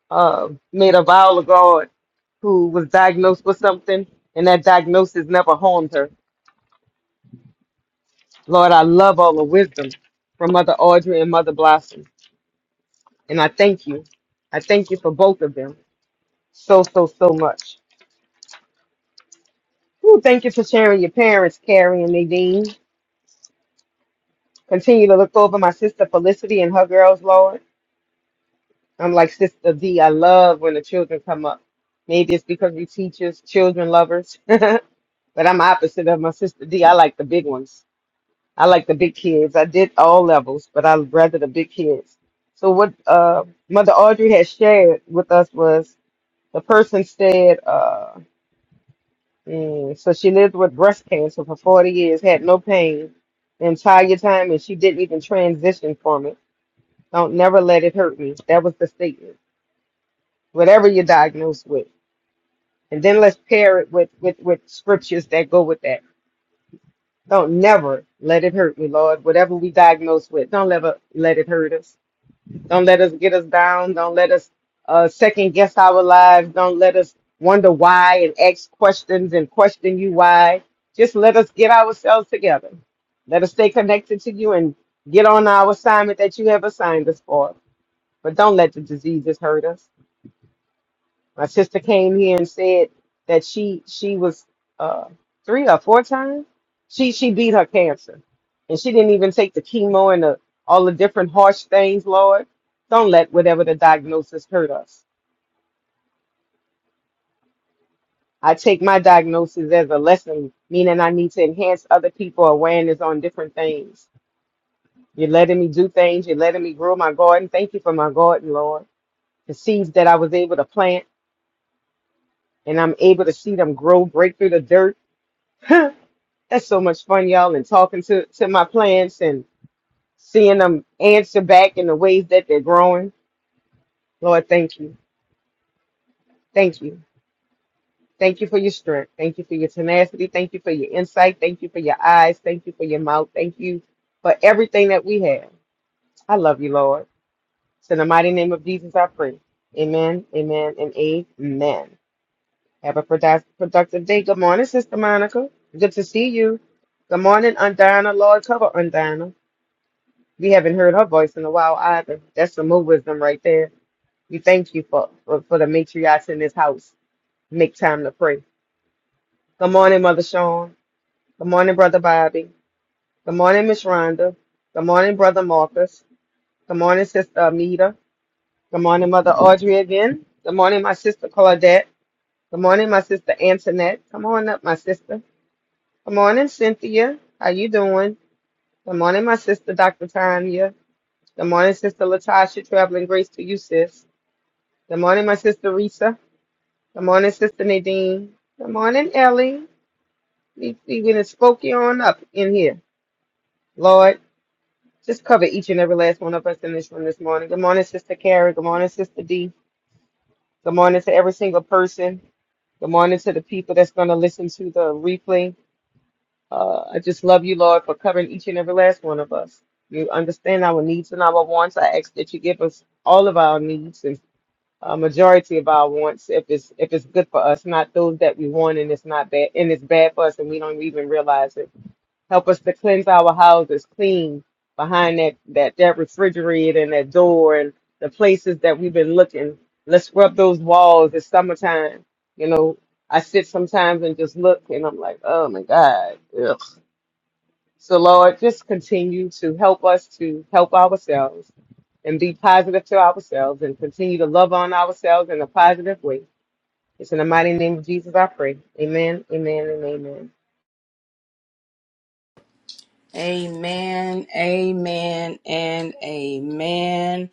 Speaker 9: uh, made a vow to God, who was diagnosed with something, and that diagnosis never harmed her. Lord, I love all the wisdom from Mother Audrey and Mother Blossom, and I thank you. I thank you for both of them so so so much. Ooh, thank you for sharing your parents, Carrie and Nadine. Continue to look over my sister Felicity and her girls, Lord. I'm like Sister D. I love when the children come up. Maybe it's because we teachers, children lovers. but I'm opposite of my sister D. I like the big ones. I like the big kids. I did all levels, but I rather the big kids. So what uh, Mother Audrey had shared with us was the person said, uh, mm, so she lived with breast cancer for 40 years, had no pain the entire time, and she didn't even transition from it Don't never let it hurt me. That was the statement. Whatever you're diagnosed with. And then let's pair it with, with, with scriptures that go with that. Don't never let it hurt me, Lord. Whatever we diagnosed with, don't never let it hurt us. Don't let us get us down. Don't let us uh, second guess our lives. Don't let us wonder why and ask questions and question you why. Just let us get ourselves together. Let us stay connected to you and get on our assignment that you have assigned us for. But don't let the diseases hurt us. My sister came here and said that she she was uh, three or four times. She she beat her cancer, and she didn't even take the chemo and the, all the different harsh things. Lord, don't let whatever the diagnosis hurt us. I take my diagnosis as a lesson, meaning I need to enhance other people awareness on different things. You're letting me do things. You're letting me grow my garden. Thank you for my garden, Lord. The seeds that I was able to plant, and I'm able to see them grow, break through the dirt. That's so much fun, y'all, and talking to, to my plants and seeing them answer back in the ways that they're growing. Lord, thank you. Thank you. Thank you for your strength. Thank you for your tenacity. Thank you for your insight. Thank you for your eyes. Thank you for your mouth. Thank you for everything that we have. I love you, Lord. It's in the mighty name of Jesus I pray. Amen, amen, and amen. Have a produc- productive day. Good morning, Sister Monica. Good to see you. Good morning, Undana. Lord, cover Undana. We haven't heard her voice in a while either. That's some more wisdom right there. We thank you for, for, for the matriarchs in this house. Make time to pray. Good morning, Mother Sean. Good morning, Brother Bobby. Good morning, Miss Rhonda. Good morning, Brother Marcus. Good morning, Sister Amita. Good morning, Mother Audrey again. Good morning, my sister Claudette. Good morning, my sister Antoinette. Come on up, my sister. Good morning, Cynthia. How you doing? Good morning, my sister Dr. Tanya. Good morning, Sister Latasha. Traveling grace to you, sis. Good morning, my sister Risa. Good morning, sister Nadine. Good morning, Ellie. We we went and spoke you on up in here. Lord, just cover each and every last one of us in this room this morning. Good morning, sister Carrie. Good morning, sister D. Good morning to every single person. Good morning to the people that's going to listen to the replay. Uh, I just love you, Lord, for covering each and every last one of us. You understand our needs and our wants. I ask that you give us all of our needs and. a majority of our wants if it's if it's good for us, not those that we want and it's not bad and it's bad for us and we don't even realize it. Help us to cleanse our houses clean behind that that that refrigerator and that door and the places that we've been looking. Let's scrub those walls. It's summertime. You know, I sit sometimes and just look and I'm like, oh my God. Ugh. So, Lord, just continue to help us to help ourselves and be positive to ourselves and continue to love on ourselves in a positive way. It's in the mighty name of Jesus I pray. Amen, amen, and
Speaker 2: Amen, amen, and amen.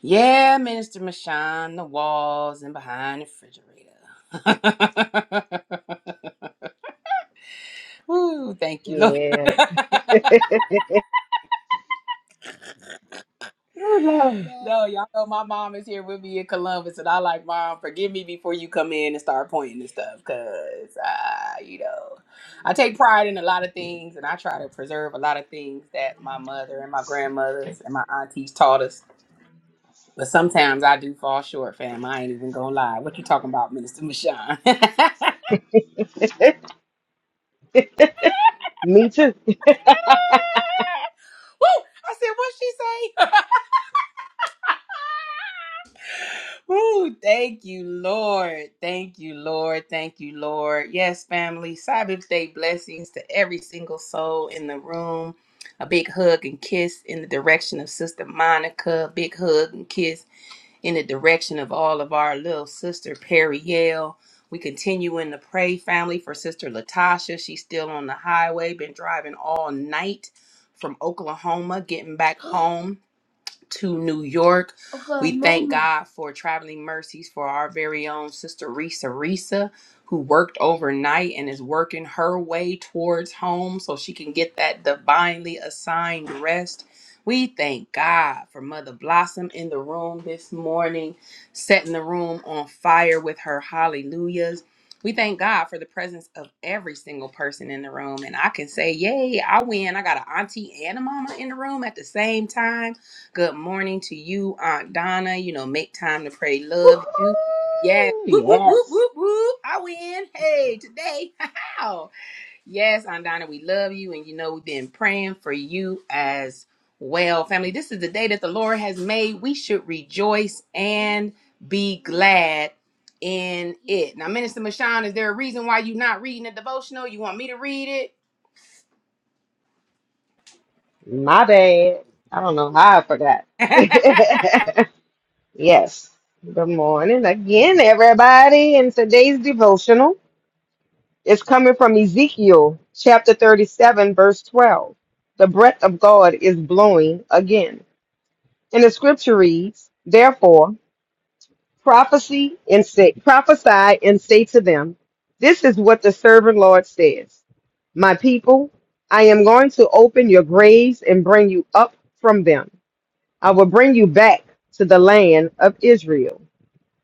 Speaker 2: Yeah, Minister Mashan, the walls and behind the refrigerator. Woo, thank you, Lord.
Speaker 9: amen. Yeah. oh,
Speaker 2: no, y'all know my mom is here with me in Columbus, and I like, Mom, forgive me before you come in and start pointing and stuff, because, uh, you know, I take pride in a lot of things, and I try to preserve a lot of things that my mother and my grandmothers and my aunties taught us But sometimes I do fall short, fam. I ain't even gonna lie. What you talking about, Minister Michon? Woo! I
Speaker 9: Lord. Me too.
Speaker 2: said, what she say? Woo! Thank you, Lord. Thank you, Lord. Thank you, Lord. Yes, family. Sabbath day blessings to every single soul in the room. A big hug and kiss in the direction of Sister Monica. Big hug and kiss in the direction of all of our little sister Perry Yale. We continuing to pray, family, for Sister Latasha. She's still on the highway, been driving all night from Oklahoma, getting back home to New York. Okay, We thank Mama. God for traveling mercies for our very own sister Risa Risa, who worked overnight and is working her way towards home so she can get that divinely assigned rest. We thank God for Mother Blossom in the room this morning, setting the room on fire with her hallelujahs. We thank God for the presence of every single person in the room. And I can say, Yay, I win. I got an auntie and a mama in the room at the same time Good morning to you, Aunt Donna. You know, make time to pray. Love you. Yes.
Speaker 9: Woo-hoo!
Speaker 2: Whoop, whoop, whoop,
Speaker 9: yes.
Speaker 2: whoop, whoop. I win. Hey, today. How? Yes, Aunt Donna, we love you. And you know, we've been praying for you as well. Family, this is the day that the Lord has made. We should rejoice and be glad in it. Now, Minister Mashawn, is there a reason why you're not reading the devotional? You want me to read
Speaker 9: My bad. I don't know how I forgot.
Speaker 2: it?
Speaker 9: yes. Good morning again, everybody, in today's devotional. It's coming from Ezekiel chapter 37, verse 12. The breath of God is blowing again. And the scripture reads, Therefore, prophecy and say, prophesy and say to them, This is what the servant Lord says. My people, I am going to open your graves and bring you up from them. I will bring you back to the land of Israel.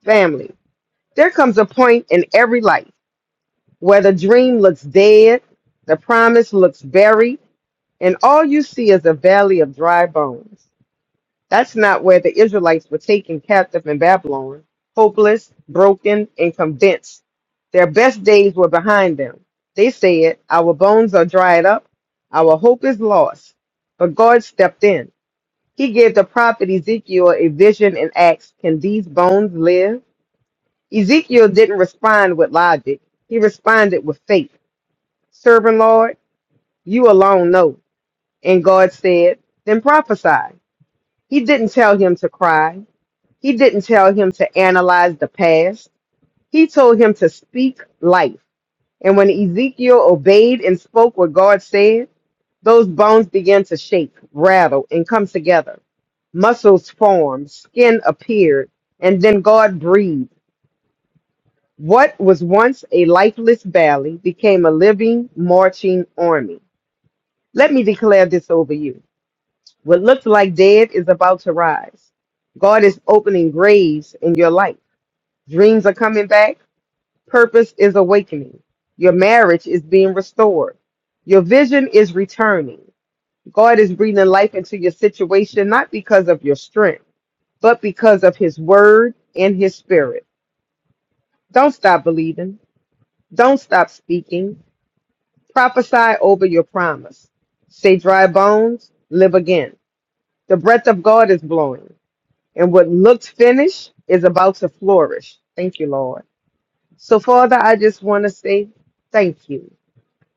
Speaker 9: Family, there comes a point in every life where the dream looks dead, the promise looks buried, and all you see is a valley of dry bones. That's not where the Israelites were taken captive in Babylon, hopeless, broken, and convinced. Their best days were behind them. They said, Our bones are dried up, our hope is lost. But God stepped in. He gave the prophet Ezekiel a vision and asked, Can these bones live? Ezekiel didn't respond with logic, he responded with faith. Servant Lord, you alone know. And God said, Then prophesy. He didn't tell him to cry. He didn't tell him to analyze the past. He told him to speak life. And when Ezekiel obeyed and spoke what God said, those bones began to shake, rattle, and come together. Muscles formed, skin appeared, and then God breathed. What was once a lifeless valley became a living, marching army. Let me declare this over you. What looks like dead is about to rise. God is opening graves in your life. Dreams are coming back. Purpose is awakening. Your marriage is being restored. Your vision is returning. God is breathing life into your situation, not because of your strength, but because of his word and his spirit. Don't stop believing. Don't stop speaking. Prophesy over your promise. Say, dry bones, live again. The breath of God is blowing. and what looked finished is about to flourish. Thank you, Lord. So, Father, I just want to say thank you.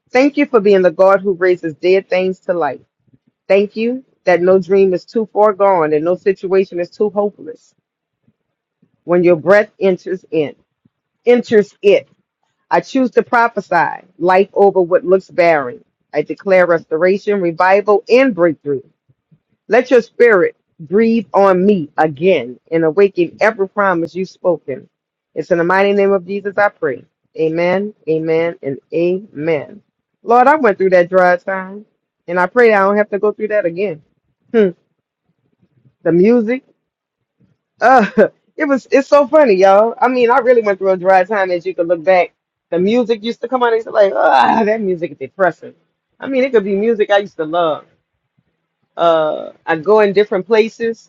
Speaker 9: Thank you for being the God who raises dead things to life. Thank you that no dream is too far gone and no situation is too hopeless. When your breath enters in, enters it, I choose to prophesy life over what looks barren. I declare restoration, revival, and breakthrough Let your spirit breathe on me again and awaken every promise you've spoken. It's in the mighty name of Jesus I pray. Amen, amen, and amen. Lord, I went through that dry time, and I pray I don't have to go through that again. Hmm, the music, uh, it was it's so funny, y'all. I mean, I really went through a dry time as you could look back. The music used to come on, and it's like, ah, that music is depressing. I mean, it could be music I used to love. Uh, I go in different places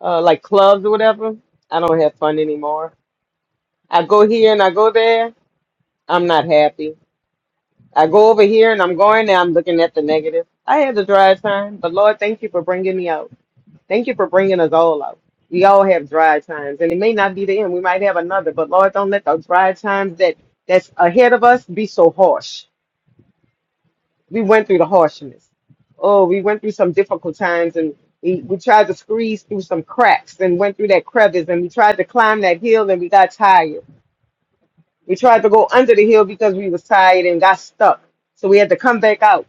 Speaker 9: uh, like clubs or whatever. I don't have fun anymore. I go here and I go there. I'm not happy. I go over here and I'm going there. I'm looking at the negative. I had a dry time, but Lord, thank you for bringing me out. Thank you for bringing us all out. We all have dry times, and it may not be the end. We might have another, but Lord, don't let the dry times that that's ahead of us be so harsh. we went through the harshness. Oh, we went through some difficult times and we, we tried to squeeze through some cracks and went through that crevice and we tried to climb that hill and we got tired. We tried to go under the hill because we was tired and got stuck. So we had to come back out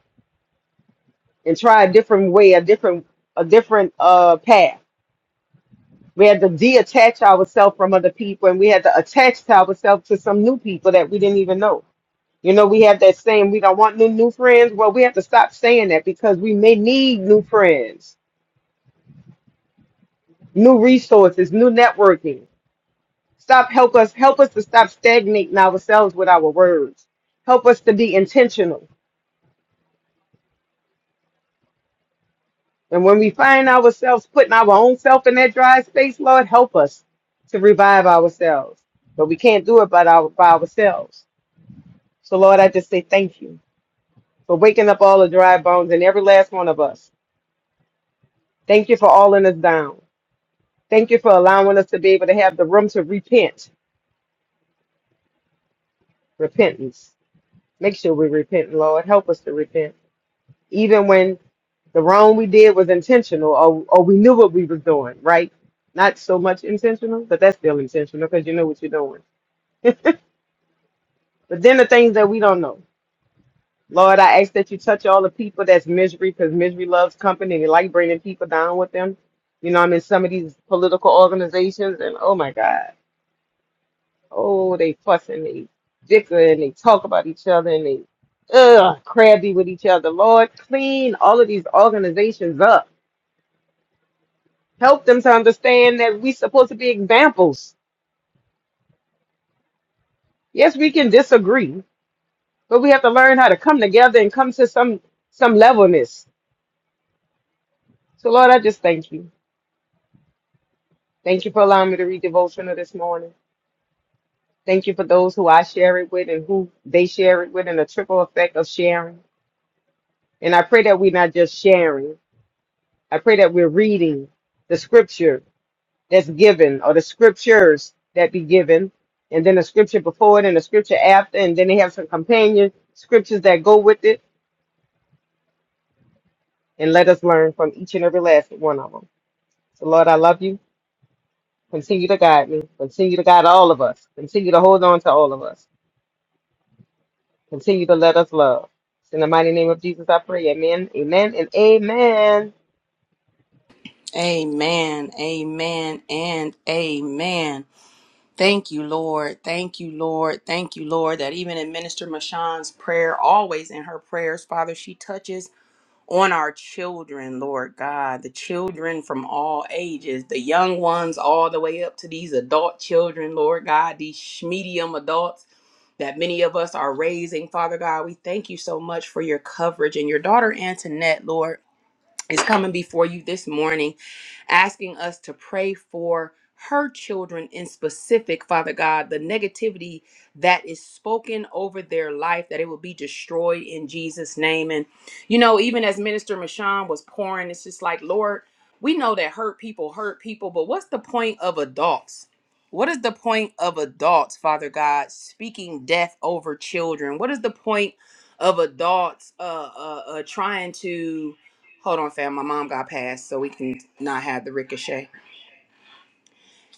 Speaker 9: and try a different way, a different a different uh path. We had to detach ourselves from other people and we had to attach ourselves to some new people that we didn't even know You know, we have that saying, we don't want new new friends. Well, we have to stop saying that because we may need new friends, new resources, new networking. Stop help us help us to stop stagnating ourselves with our words. Help us to be intentional. And when we find ourselves putting our own self in that dry space, Lord, help us to revive ourselves. But we can't do it by, our, by ourselves. So, Lord, I just say thank you for waking up all the dry bones in every last one of us. Thank you for all in us down. Thank you for allowing us to be able to have the room to repent, repentance. Make sure we repent, Lord. Help us to repent, even when the wrong we did was intentional or, or we knew what we was doing, right? Not so much intentional, but that's still intentional because you know what you're doing. But then the things that we don't know. Lord, I ask that you touch all the people that's misery because misery loves company. They like bringing people down with them. You know, I'm in some of these political organizations and oh my God. Oh, they fuss and they bicker and they talk about each other and they ugh, crabby with each other. Lord, clean all of these organizations up. Help them to understand that we're supposed to be examples. Yes, we can disagree, but we have to learn how to come together and come to some some levelness. So, Lord, I just thank you. Thank you for allowing me to read devotional this morning. Thank you for those who I share it with and who they share it with, and the triple effect of sharing. And I pray that we're not just sharing. I pray that we're reading the scripture that's given or the scriptures that be given, and then the scripture before it and the scripture after, and then they have some companion scriptures that go with it, and let us learn from each and every last one of them. So, Lord, I love you. Continue to guide me. Continue to guide all of us. Continue to hold on to all of us. Continue to let us love. In the mighty name of Jesus, I pray. Amen, amen, and amen.
Speaker 2: amen. Amen. And amen. Thank you, Lord. Thank you, Lord. Thank you, Lord, that even in Minister Mashan's prayer, always in her prayers, Father, she touches on our children, Lord God, the children from all ages, the young ones all the way up to these adult children, Lord God, these medium adults that many of us are raising. Father God, we thank you so much for your coverage and your daughter Antoinette, Lord is coming before you this morning asking us to pray for her children in specific, Father God, the negativity that is spoken over their life, that it will be destroyed in Jesus' name. And, you know, even as Minister Mashawn was pouring, it's just like, Lord, we know that hurt people hurt people, but what's the point of adults? What is the point of adults, Father God, speaking death over children? What is the point of adults uh, uh, uh, trying to Hold on, fam. My mom got passed, so we can not have the ricochet.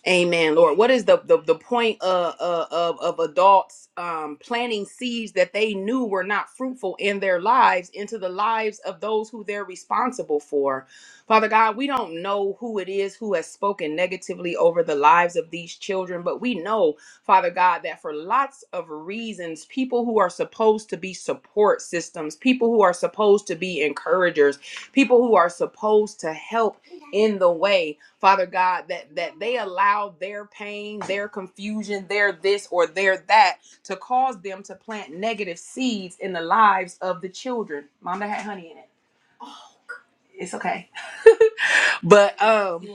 Speaker 2: Amen, Lord. What is the the, the point of, of of adults um, planting seeds that they knew were not fruitful in their lives into the lives of those who they're responsible for? Father God, we don't know who it is who has spoken negatively over the lives of these children, but we know, Father God, that for lots of reasons, people who are supposed to be support systems, people who are supposed to be encouragers, people who are supposed to help in the way, Father God, that that they allow their pain, their confusion, their this or their that to cause them to plant negative seeds in the lives of the children. Mom, that had honey in it. It's okay. But um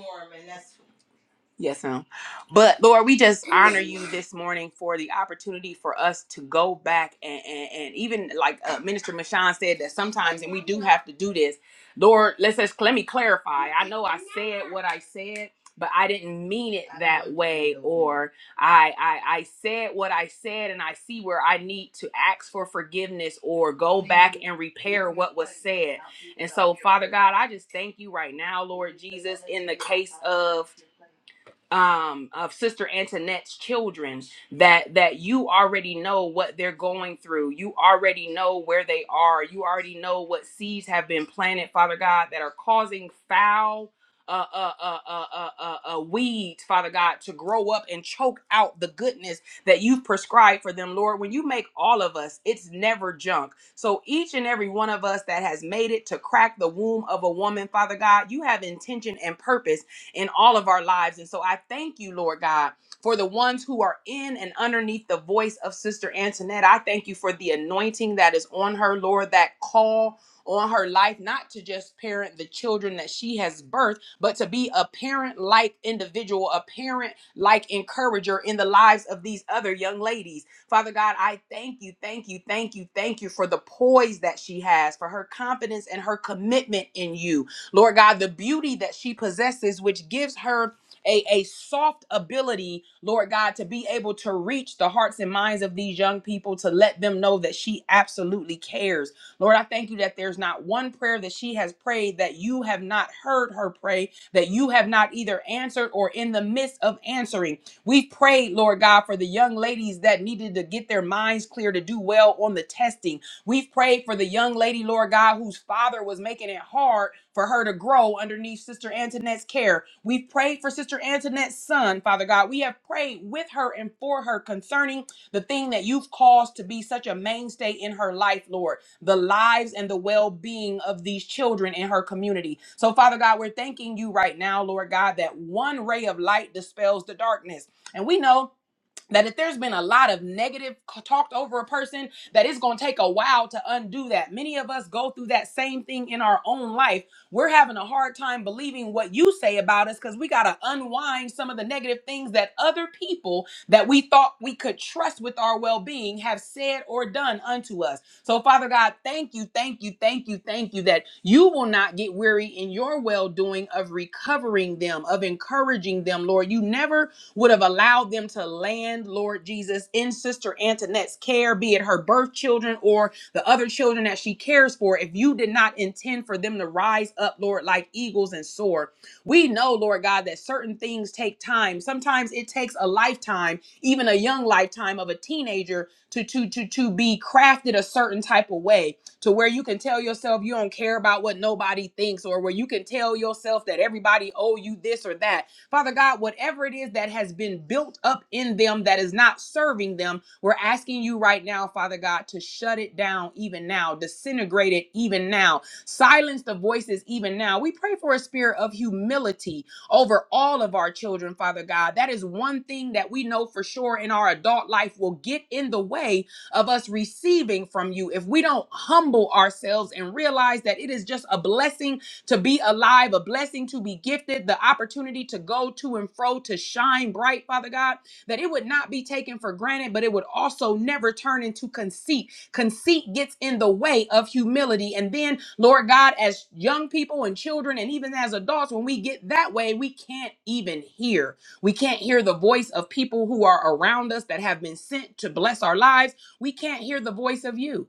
Speaker 2: Yes, ma'am. But Lord, we just honor you this morning for the opportunity for us to go back and, and, and even like uh, Minister Michon said that sometimes, and we do have to do this. Lord, let's just let me clarify. I know I said what I said, but I didn't mean it that way, or I, I I said what I said, and I see where I need to ask for forgiveness or go back and repair what was said. And so, Father God, I just thank you right now, Lord Jesus, in the case of um of sister antoinette's children that that you already know what they're going through you already know where they are you already know what seeds have been planted father god that are causing foul uh, uh, uh, uh, uh, uh, uh, weeds, Father God, to grow up and choke out the goodness that you've prescribed for them, Lord. When you make all of us, it's never junk. So each and every one of us that has made it to crack the womb of a woman, Father God, you have intention and purpose in all of our lives. And so I thank you, Lord God, for the ones who are in and underneath the voice of Sister Antoinette. I thank you for the anointing that is on her, Lord, that call on her life, not to just parent the children that she has birthed, but to be a parent like individual, a parent like encourager in the lives of these other young ladies. Father God, I thank you, thank you, thank you, thank you for the poise that she has, for her confidence and her commitment in you. Lord God, the beauty that she possesses, which gives her a, a soft ability, Lord God, to be able to reach the hearts and minds of these young people to let them know that she absolutely cares. Lord, I thank you that there's not one prayer that she has prayed that you have not heard her pray, that you have not either answered or in the midst of answering. We prayed, Lord God, for the young ladies that needed to get their minds clear to do well on the testing. We've prayed for the young lady, Lord God, whose father was making it hard for her to grow underneath Sister Antoinette's care. We've prayed for Sister Antoinette's son, Father God. We have prayed with her and for her concerning the thing that you've caused to be such a mainstay in her life, Lord the lives and the well being of these children in her community. So, Father God, we're thanking you right now, Lord God, that one ray of light dispels the darkness. And we know that if there's been a lot of negative c- talked over a person that it's going to take a while to undo that many of us go through that same thing in our own life we're having a hard time believing what you say about us because we got to unwind some of the negative things that other people that we thought we could trust with our well-being have said or done unto us so father god thank you thank you thank you thank you that you will not get weary in your well-doing of recovering them of encouraging them lord you never would have allowed them to land, Lord Jesus, in Sister Antoinette's care, be it her birth children or the other children that she cares for, if you did not intend for them to rise up, Lord, like eagles and soar. We know, Lord God, that certain things take time. Sometimes it takes a lifetime, even a young lifetime of a teenager to to to to be crafted a certain type of way to where you can tell yourself you don't care about what nobody thinks or where you can tell yourself that everybody owe you this or that Father God, whatever it is that has been built up in them that is not serving them, we're asking you right now, Father God, to shut it down even now, disintegrate it even now, silence the voices even now. We pray for a spirit of humility over all of our children, Father God. That is one thing that we know for sure in our adult life will get in the way of us receiving from you if we don't humble ourselves and realize that it is just a blessing to be alive, a blessing to be gifted, the opportunity to go to and fro, to shine bright, Father God, that it would not be taken for granted, but it would also never turn into conceit. Conceit gets in the way of humility. And then, Lord God, as young people and children, and even as adults, when we get that way, we can't even hear. We can't hear the voice of people who are around us that have been sent to bless our lives. We can't hear the voice of you.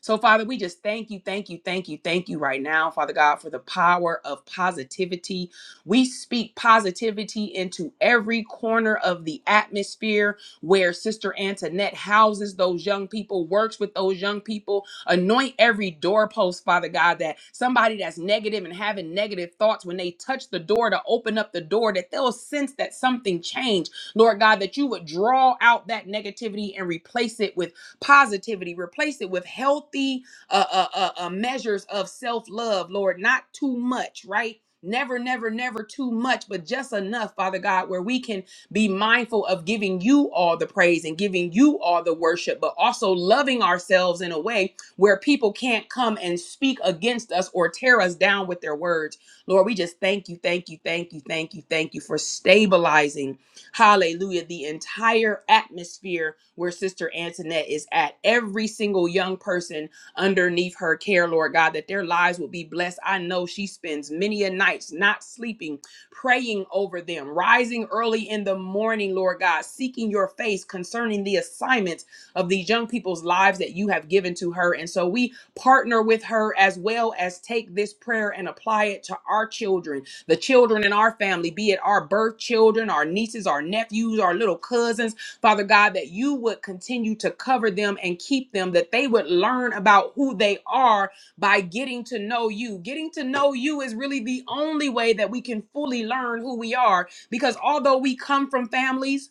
Speaker 2: So, Father, we just thank you, thank you, thank you, thank you right now, Father God, for the power of positivity. We speak positivity into every corner of the atmosphere where Sister Antoinette houses those young people, works with those young people. Anoint every doorpost, Father God, that somebody that's negative and having negative thoughts, when they touch the door to open up the door, that they'll sense that something changed. Lord God, that you would draw out that negativity and replace it with positivity. Replace it with healthy uh, uh, uh, uh, measures of self love, Lord. Not too much, right? Never, never, never too much, but just enough, Father God, where we can be mindful of giving you all the praise and giving you all the worship, but also loving ourselves in a way where people can't come and speak against us or tear us down with their words. Lord, we just thank you, thank you, thank you, thank you, thank you for stabilizing Hallelujah. The entire atmosphere where Sister Antoinette is at, every single young person underneath her care, Lord God, that their lives will be blessed. I know she spends many a nights not sleeping, praying over them, rising early in the morning, Lord God, seeking your face concerning the assignments of these young people's lives that you have given to her. And so we partner with her as well as take this prayer and apply it to our children the children in our family, be it our birth children, our nieces, our nephews, our little cousins, Father God, that you would continue to cover them and keep them, that they would learn about who they are by getting to know you. Getting to know you is really the only way that we can fully learn who we are because although we come from families,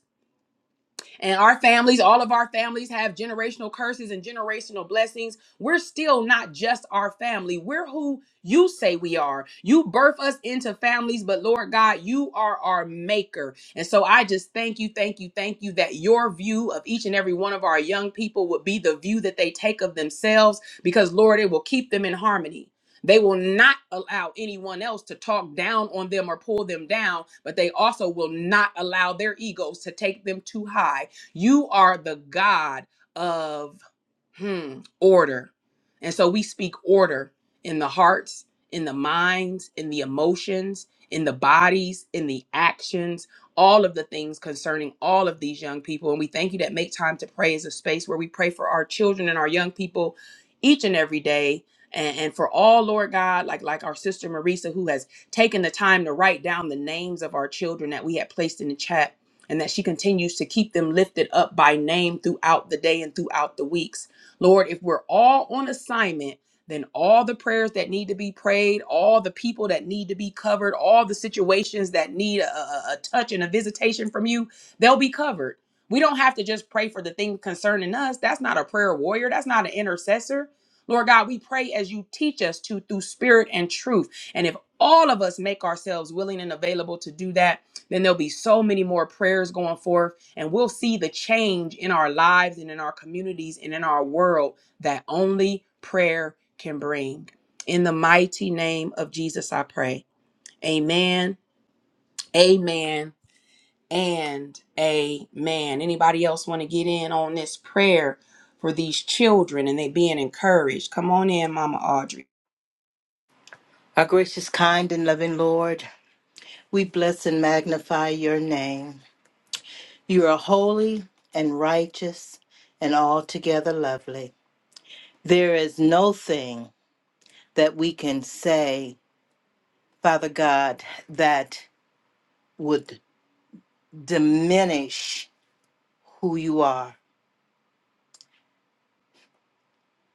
Speaker 2: and our families, all of our families have generational curses and generational blessings. We're still not just our family. We're who you say we are. You birth us into families, but Lord God, you are our maker. And so I just thank you, thank you, thank you that your view of each and every one of our young people would be the view that they take of themselves because, Lord, it will keep them in harmony. They will not allow anyone else to talk down on them or pull them down, but they also will not allow their egos to take them too high you are the God of Hmm, order. And so we speak order in the hearts, in the minds, in the emotions, in the bodies, in the actions, all of the things concerning all of these young people. And we thank you that Make Time to Pray is a space where we pray for our children and our young people each and every day. And, and for all, Lord God, like like our sister Marisa, who has taken the time to write down the names of our children that we had placed in the chat, and that she continues to keep them lifted up by name throughout the day and throughout the weeks. Lord, if we're all on assignment, then all the prayers that need to be prayed, all the people that need to be covered, all the situations that need a, a a touch and a visitation from you, they'll be covered. We don't have to just pray for the thing concerning us. That's not a prayer warrior. That's not an intercessor. Lord God, we pray as you teach us to through spirit and truth. And if all of us make ourselves willing and available to do that, then there'll be so many more prayers going forth and we'll see the change in our lives and in our communities and in our world that only prayer can bring. In the mighty name of Jesus, I pray. Amen, amen, and amen. Anybody else want to get in on this prayer for these children and they being encouraged? Come on in, Mama Audrey.
Speaker 10: Our gracious, kind, and loving Lord, we bless and magnify your name. You are holy and righteous and altogether lovely. There is no thing that we can say, Father God, that would diminish who you are.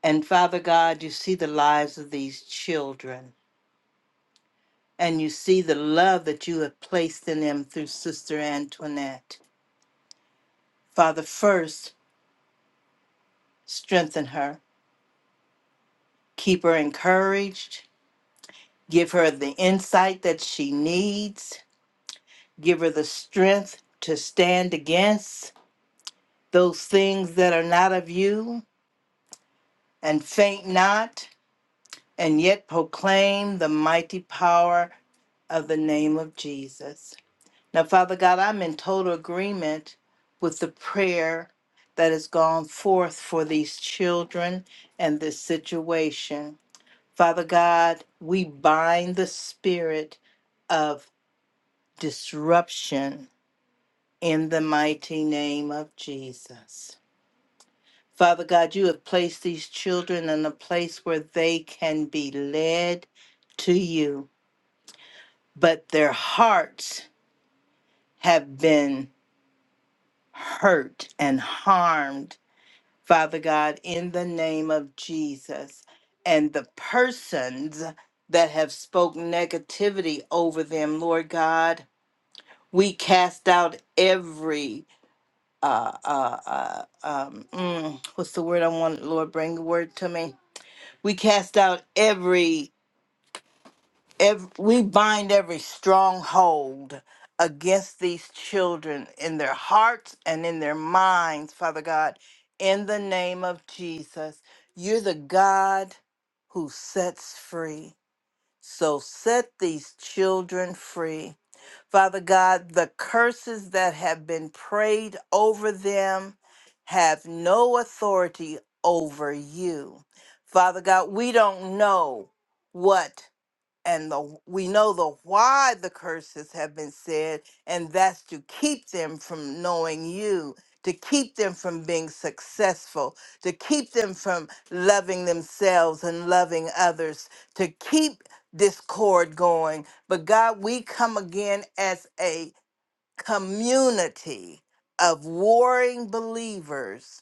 Speaker 10: And Father God, you see the lives of these children and you see the love that you have placed in them through Sister Antoinette. Father, first, strengthen her. keep her encouraged, give her the insight that she needs, give her the strength to stand against those things that are not of you, and faint not, and yet proclaim the mighty power of the name of Jesus. Now, Father God, I'm in total agreement with the prayer that has gone forth for these children and this situation. Father God, we bind the spirit of disruption in the mighty name of Jesus. Father God, you have placed these children in a place where they can be led to you, but their hearts have been hurt and harmed, Father God, in the name of Jesus. And the persons that have spoken negativity over them, Lord God, we cast out every uh uh, uh um mm, what's the word i want lord bring the word to me we cast out every every we bind every stronghold against these children in their hearts and in their minds father god in the name of jesus you're the god who sets free so set these children free Father God, the curses that have been prayed over them have no authority over you. Father God, we don't know what and the we know the why the curses have been said and that's to keep them from knowing you to keep them from being successful to keep them from loving themselves and loving others to keep discord going but god we come again as a community of warring believers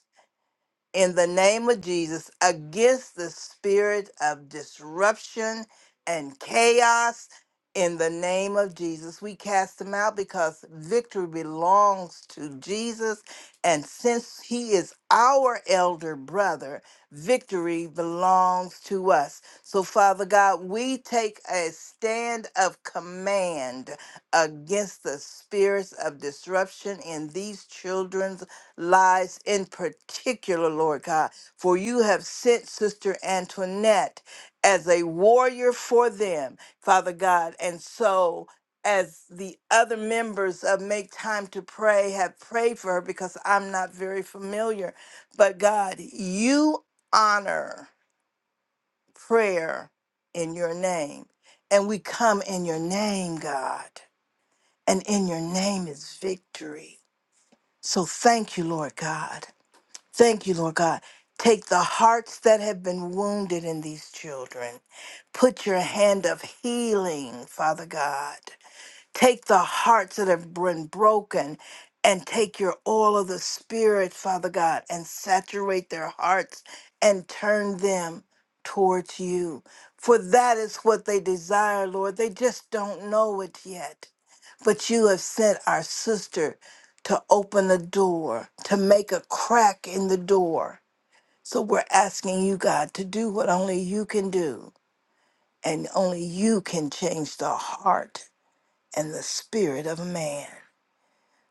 Speaker 10: in the name of Jesus against the spirit of disruption and chaos. In the name of Jesus, we cast them out because victory belongs to Jesus. And since he is our elder brother, victory belongs to us. So, Father God, we take a stand of command against the spirits of disruption in these children's lives in particular, Lord God, for you have sent Sister Antoinette as a warrior for them, Father God. And so, as the other members of Make Time to Pray have prayed for her, because I'm not very familiar, but God, you honor prayer in your name. And we come in your name, God. And in your name is victory. So thank you, Lord God. Thank you, Lord God. Take the hearts that have been wounded in these children. Put your hand of healing, Father God. Take the hearts that have been broken and take your oil of the Spirit, Father God, and saturate their hearts and turn them towards you. For that is what they desire, Lord. They just don't know it yet. But you have sent our sister to open the door, to make a crack in the door. So we're asking you, God, to do what only you can do, and only you can change the heart and the spirit of man.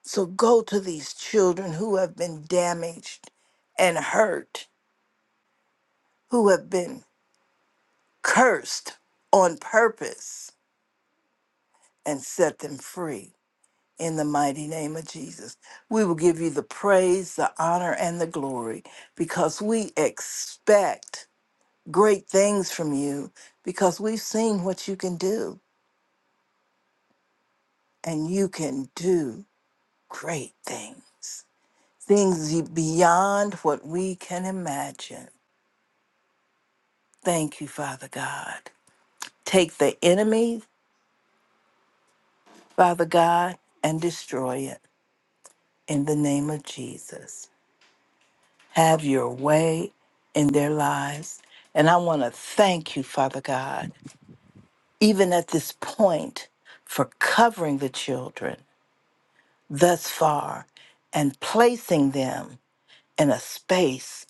Speaker 10: So go to these children who have been damaged and hurt, who have been cursed on purpose, and set them free in the mighty name of Jesus. We will give you the praise, the honor, and the glory because we expect great things from you because we've seen what you can do, and you can do great things. things beyond what we can imagine. Thank you, Father God. Take the enemy, Father God, and destroy it in the name of Jesus. Have your way in their lives. And I want to thank you, Father God, even at this point, for covering the children thus far and placing them in a space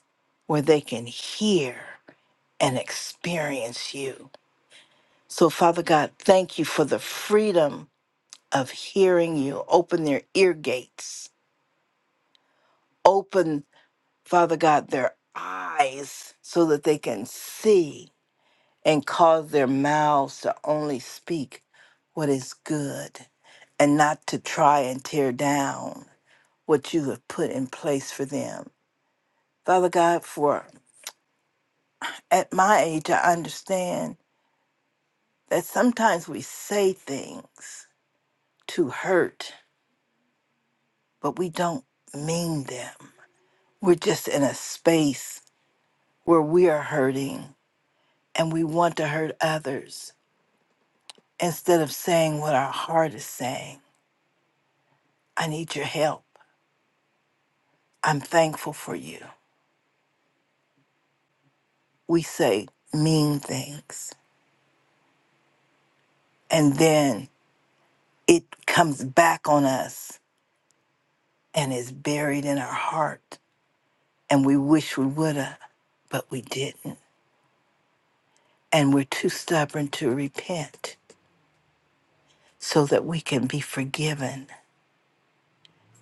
Speaker 10: where they can hear and experience you. So, Father God, thank you for the freedom of hearing you. Open their ear gates. Open, Father God, their eyes so that they can see and cause their mouths to only speak what is good and not to try and tear down what you have put in place for them. Father God, for at my age, I understand that sometimes we say things to hurt but we don't mean them. We're just in a space where we are hurting and we want to hurt others instead of saying what our heart is saying I need your help. I'm thankful for you. We say mean things and then it comes back on us and is buried in our heart. And we wish we would have, but we didn't. And we're too stubborn to repent so that we can be forgiven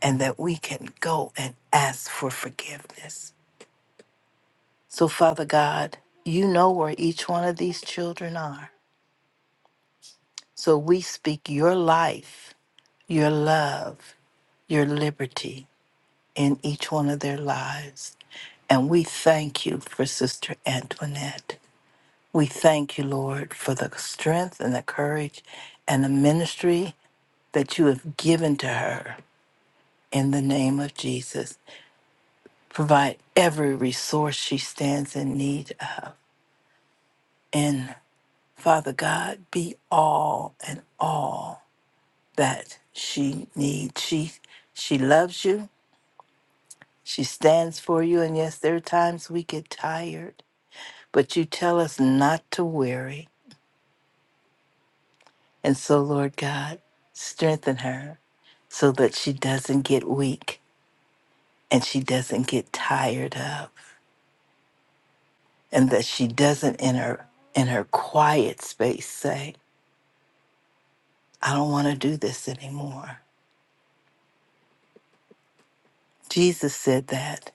Speaker 10: and that we can go and ask for forgiveness. So, Father God, you know where each one of these children are. So we speak your life, your love, your liberty in each one of their lives. And we thank you for Sister Antoinette. We thank you, Lord, for the strength and the courage and the ministry that you have given to her in the name of Jesus. Provide every resource she stands in need of. And Father God, be all and all that she needs. She she loves you. She stands for you. And yes, there are times we get tired, but you tell us not to weary. And so, Lord God, strengthen her so that she doesn't get weak and she doesn't get tired of and that she doesn't in her in her quiet space say I don't want to do this anymore. Jesus said that,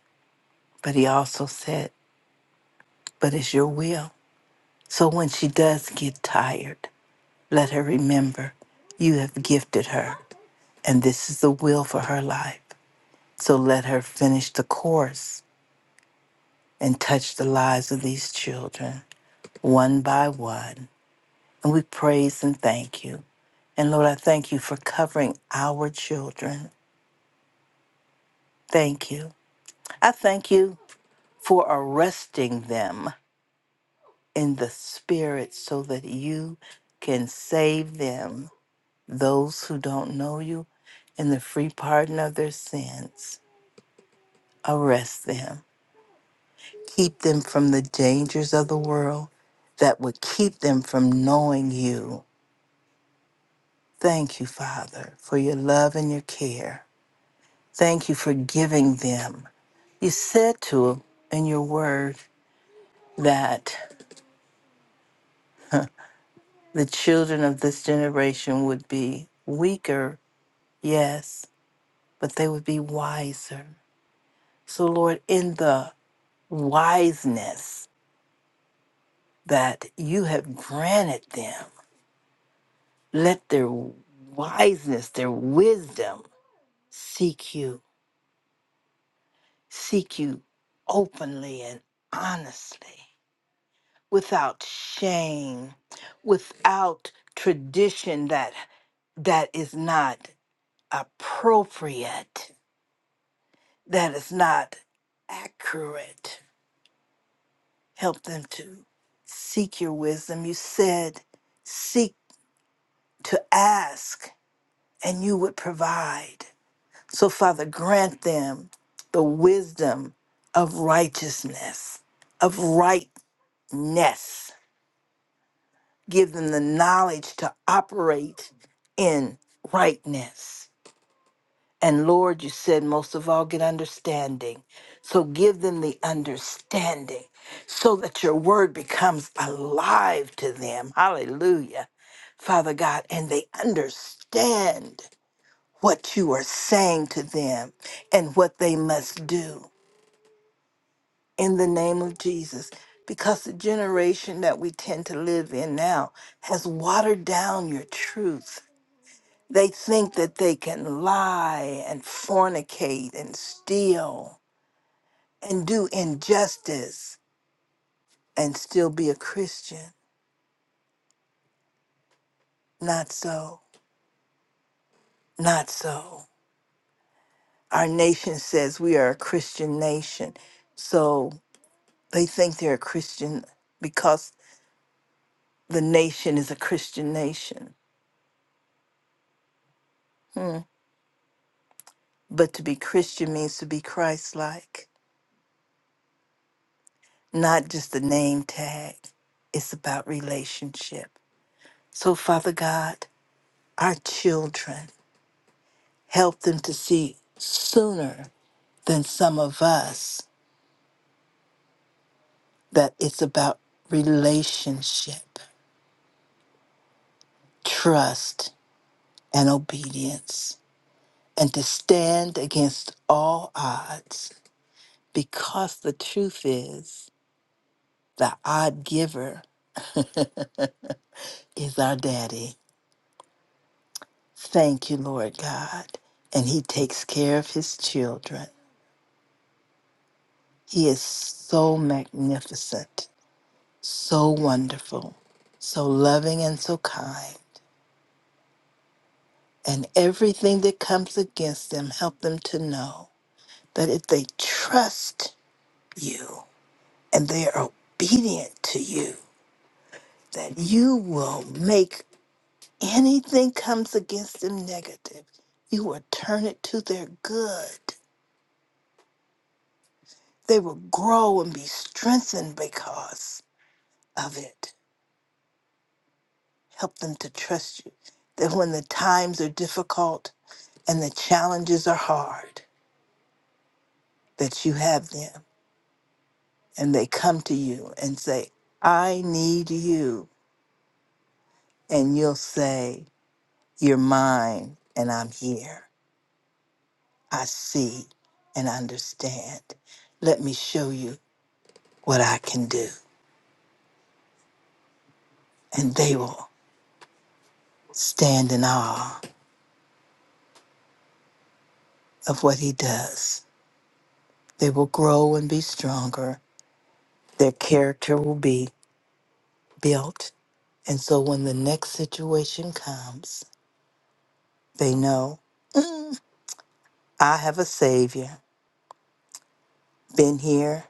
Speaker 10: but he also said, But it's your will. So when she does get tired, let her remember you have gifted her, and this is the will for her life. So let her finish the course and touch the lives of these children one by one. And we praise and thank you. And Lord, I thank you for covering our children. Thank you. I thank you for arresting them in the Spirit so that you can save them, those who don't know you, in the free pardon of their sins. Arrest them. Keep them from the dangers of the world that would keep them from knowing you. Thank you, Father, for your love and your care. Thank you for giving them. You said to them in your word that the children of this generation would be weaker, yes, but they would be wiser. So, Lord, in the wiseness that you have granted them, let their wiseness, their wisdom seek you, seek you openly and honestly, without shame, without tradition that that is not appropriate, that is not accurate Help them to seek your wisdom. You said, seek to ask, and you would provide. So, Father, grant them the wisdom of righteousness, of rightness. Give them the knowledge to operate in rightness. And Lord, you said most of all, get understanding. So give them the understanding so that your word becomes alive to them. Hallelujah. Father God, and they understand what you are saying to them and what they must do in the name of Jesus. Because the generation that we tend to live in now has watered down your truth they think that they can lie and fornicate and steal and do injustice and still be a Christian. Not so. Not so. Our nation says we are a Christian nation. So they think they're a Christian because the nation is a Christian nation. Hmm. But to be Christian means to be Christ like, not just a name tag. It's about relationship. So, Father God, our children, help them to see sooner than some of us that it's about relationship, trust, and obedience, and to stand against all odds because the truth is the odd giver is our daddy. Thank you, Lord God. And he takes care of his children. He is so magnificent. so wonderful, so loving and so kind. And everything that comes against them, help them to know that if they trust you and they are obedient to you, that you will make anything comes against them negative, you will turn it to their good. They will grow and be strengthened because of it. Help them to trust you. That when the times are difficult and the challenges are hard, that you have them and they come to you and say, I need you. And you'll say, You're mine and I'm here. I see and understand. Let me show you what I can do. And they will stand in awe of what he does. They will grow and be stronger. Their character will be built. And so when the next situation comes, they know I have a Savior, been here,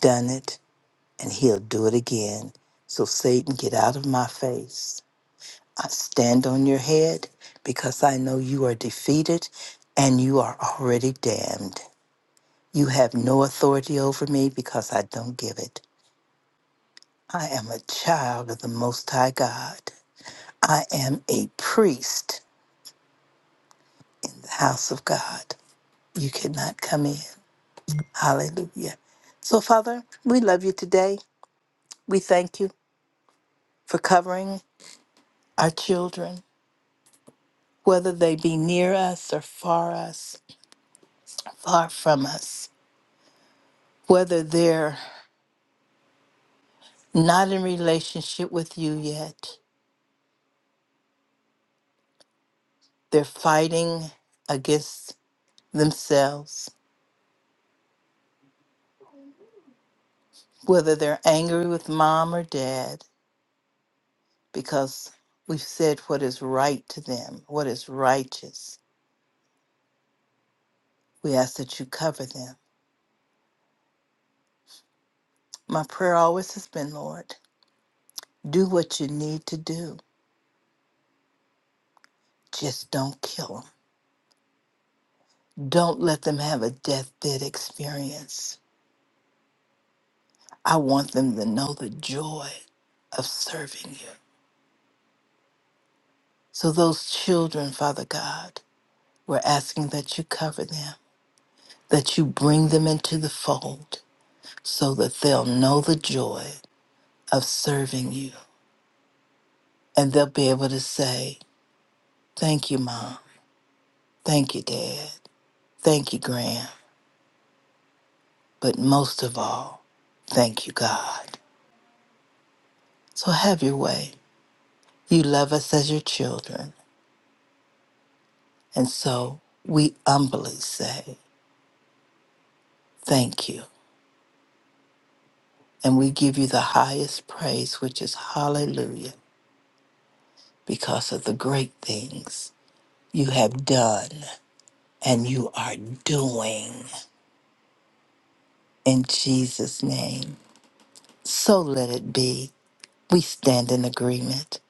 Speaker 10: done it. and he'll do it again. So, Satan, get out of my face. I stand on your head because I know you are defeated and you are already damned. You have no authority over me because I don't give it. I am a child of the Most High God. I am a priest, in the house of God. You cannot come in. Hallelujah. So, Father, we love you today. We thank you for covering our children. whether they be near us or far us, far from us, whether they're not in relationship with you yet, they're fighting against themselves, whether they're angry with mom or dad because we've said what is right to them, what is righteous. We ask that you cover them. My prayer always has been, Lord, do what you need to do. Just don't kill them. Don't let them have a deathbed experience I want them to know the joy of serving you. So, those children, Father God, we're asking that you cover them, that you bring them into the fold so that they'll know the joy of serving you. And they'll be able to say, Thank you, Mom. Thank you, Dad. Thank you, Graham. But most of all, thank you, God. So, have your way. You love us as your children. And so, we humbly say, Thank you. And we give you the highest praise, which is hallelujah, because of the great things you have done and you are doing in Jesus' name. So let it be. We stand in agreement.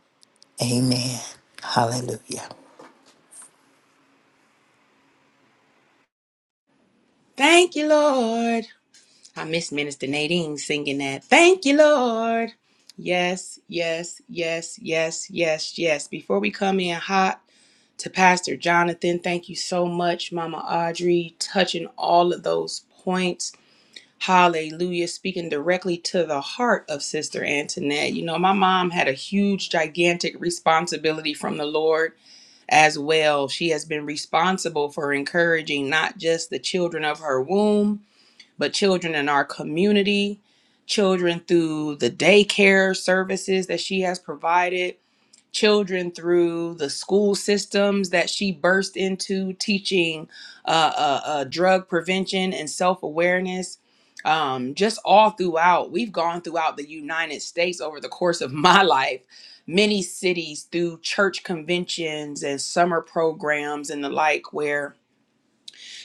Speaker 10: Amen. Hallelujah.
Speaker 2: Thank you, Lord. I miss Minister Nadine singing that. Thank you, Lord. Yes, yes, yes, yes, yes, yes. Before we come in hot to Pastor Jonathan, thank you so much, Mama Audrey, touching all of those points. Hallelujah. Speaking directly to the heart of Sister Antoinette. You know, my mom had a huge, gigantic responsibility from the Lord as well. She has been responsible for encouraging not just the children of her womb, but children in our community, children through the daycare services that she has provided, children through the school systems that she burst into teaching uh, uh, uh, drug prevention and self awareness. Um, just all throughout, we've gone throughout the United States over the course of my life, many cities through church conventions and summer programs and the like, where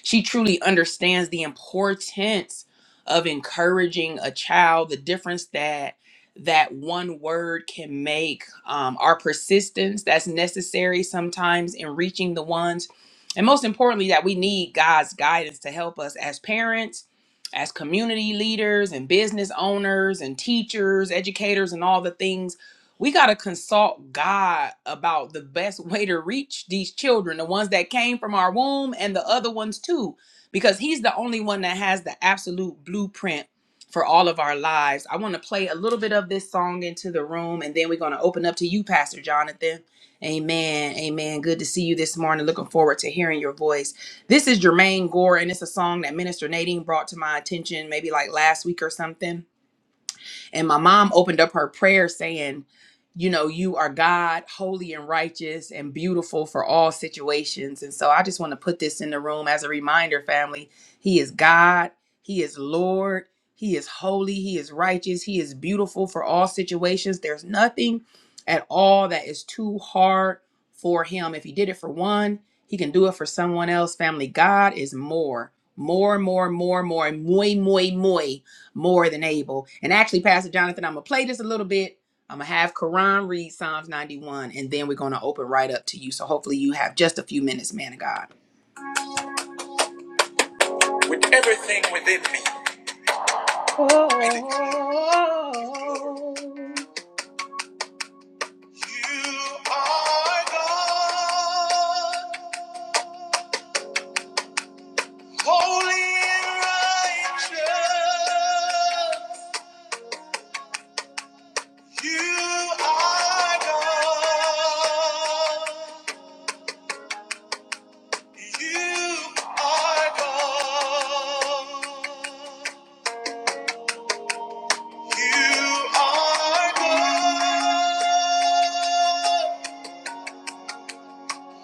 Speaker 2: she truly understands the importance of encouraging a child, the difference that that one word can make, um, our persistence that's necessary sometimes in reaching the ones, and most importantly, that we need God's guidance to help us as parents, as community leaders, and business owners, and teachers, educators, and all the things we got to consult God about the best way to reach these children, the ones that came from our womb and the other ones too, because He's the only one that has the absolute blueprint for all of our lives. I want to play a little bit of this song into the room and then we're going to open up to you, Pastor Jonathan. Amen. Amen. Good to see you this morning. Looking forward to hearing your voice. This is Jermaine Gore, and it's a song that Minister Nadine brought to my attention maybe like last week or something and my mom opened up her prayer saying, You know, you are God, holy and righteous and beautiful for all situations. And so I just want to put this in the room as a reminder, family. He is God, He is Lord, He is holy, He is righteous, He is beautiful for all situations. There's nothing at all that is too hard for Him. If He did it for one, He can do it for someone else. Family, God is more, more, more, more, more, muy, muy, muy more than able. And actually, Pastor Jonathan, I'm gonna play this a little bit. I'm gonna have Karan read Psalms 91, and then we're gonna open right up to you. So hopefully, you have just a few minutes, man of God. With everything within me, you are God, holy and righteous. You are God. You are God. You are God.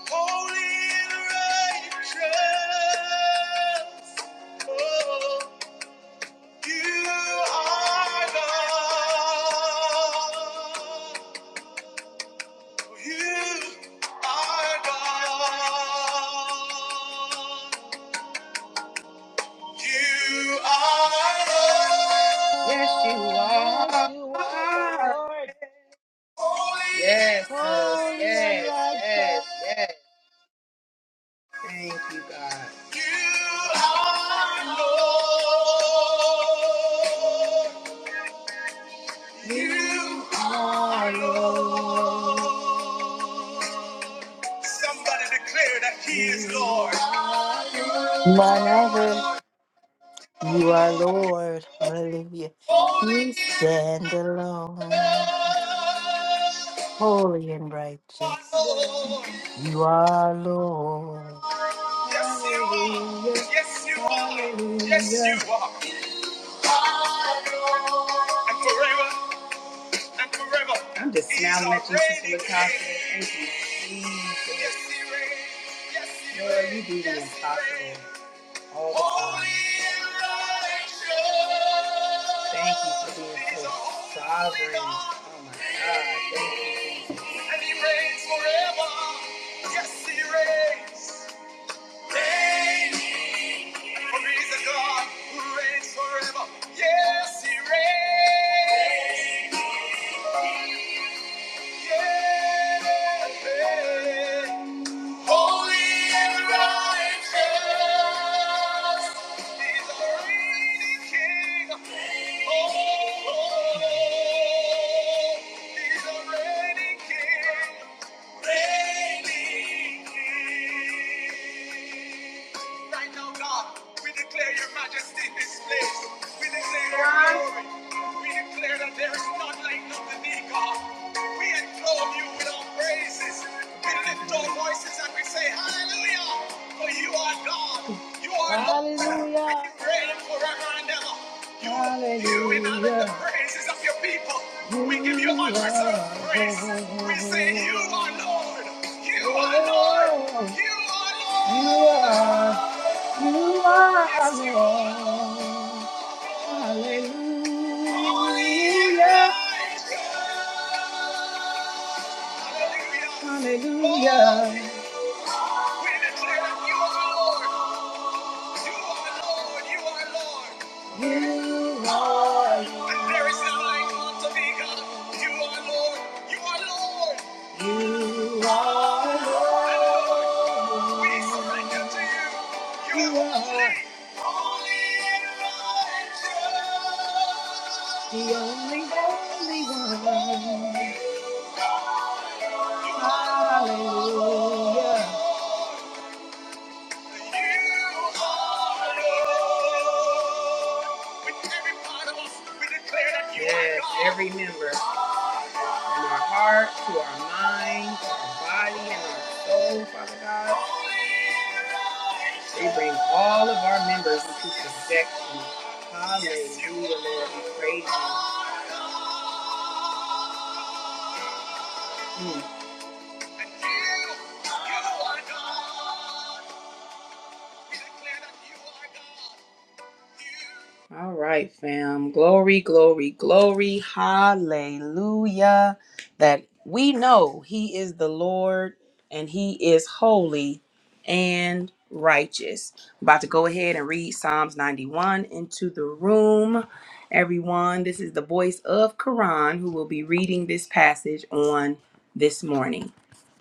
Speaker 2: Holy and righteous. Oh, you are God. You are God. You are God. Yes, you
Speaker 1: Lord, Yes, you are Lord,
Speaker 2: Yes, sis.
Speaker 1: holy and
Speaker 2: Yes, yes,
Speaker 1: righteous.
Speaker 2: yes. You are Lord. You are Lord. Somebody declare that He is Lord.
Speaker 10: None other. You are Lord. Hallelujah.
Speaker 2: Holy
Speaker 10: You
Speaker 2: is
Speaker 10: stand
Speaker 2: the
Speaker 10: alone, holy and righteous.
Speaker 2: Lord.
Speaker 10: You are Lord.
Speaker 2: Yes, you are. Yes, you are. Yes, you are. And forever. I'm a rebel. I'm just smiling at you, Sister Latasha. Thank you. Jesus. Lord, you do the impossible all the time. Thank you for being so sovereign. Oh my God, thank you. Jesus. And he reigns forever. Yes, he reigns. Reign. For he's a God who reigns forever. Yes, he reigns. King reigning King. Right now, God, we declare your majesty in this place. We declare your glory. We declare that there is none like unto thee, God. We enthrone you with our praises. We lift our voices and we say, Hallelujah! For you are God. You are Lord.
Speaker 1: Hallelujah.
Speaker 2: You reign forever and ever. You Remember the praises of your people. We give you unreserved praise. We say, You are Lord. You are Lord. You are Lord. Hallelujah. We declare that you are Lord. You are Lord. You are Lord. And there is none like unto thee, God. You are Lord. You are Lord. We surrender to you. You, you are holy. Holy and righteous. Hallelujah. You are Lord. Yes, every heart, to our mind, to our body, and our soul, Father God. We bring all of our members into subjection. Hallelujah, Lord. We praise you. Mm. All right, fam. Glory, glory, glory. Hallelujah. That we know He is the Lord and He is holy and righteous. I'm about to go ahead and read Psalms 91 into the room. Everyone, this is the voice of Quran who will be reading this passage on this morning.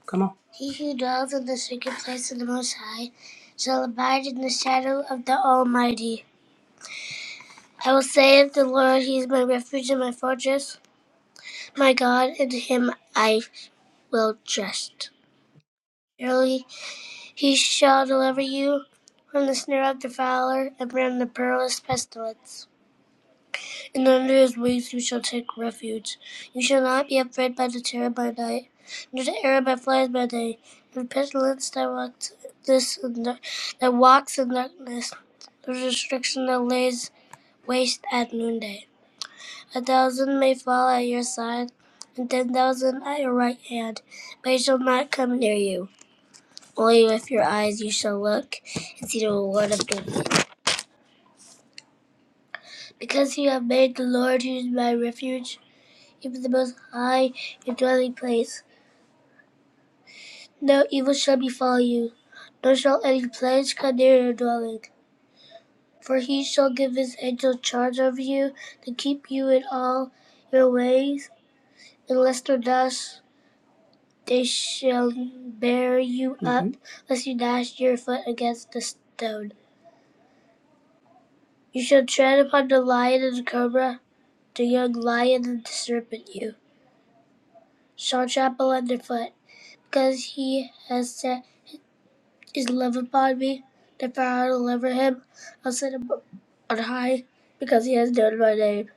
Speaker 2: Come on. He who dwells in the secret place of the Most High shall abide in the shadow of the Almighty. I will say of the Lord, He is my refuge and my fortress, my God, in Him I will trust. Surely He shall deliver you from the snare of the fowler and from the perilous pestilence. And under His wings you shall take refuge. You shall not be afraid by the terror by night, nor the arrow by flies by day, nor the pestilence that walks this in that walks in darkness, nor the destruction that lays waste at noonday. A thousand may fall at your side, and ten thousand at your right hand, but it shall not come near you. Only with your eyes you shall look and see the reward of doing Because you have made the Lord, who is my refuge, even the Most High, your dwelling place. No evil shall befall you, nor shall any plague come near your dwelling. For he shall give his angel charge over you to keep you in all your ways, and lest or dash They shall bear you up, mm-hmm. lest you dash your foot against the stone. You shall tread upon the lion and the cobra, the young lion and the serpent you shall trample underfoot, because he has set his love upon me. Therefore I will deliver him, I'll set him on high, because he has known my name.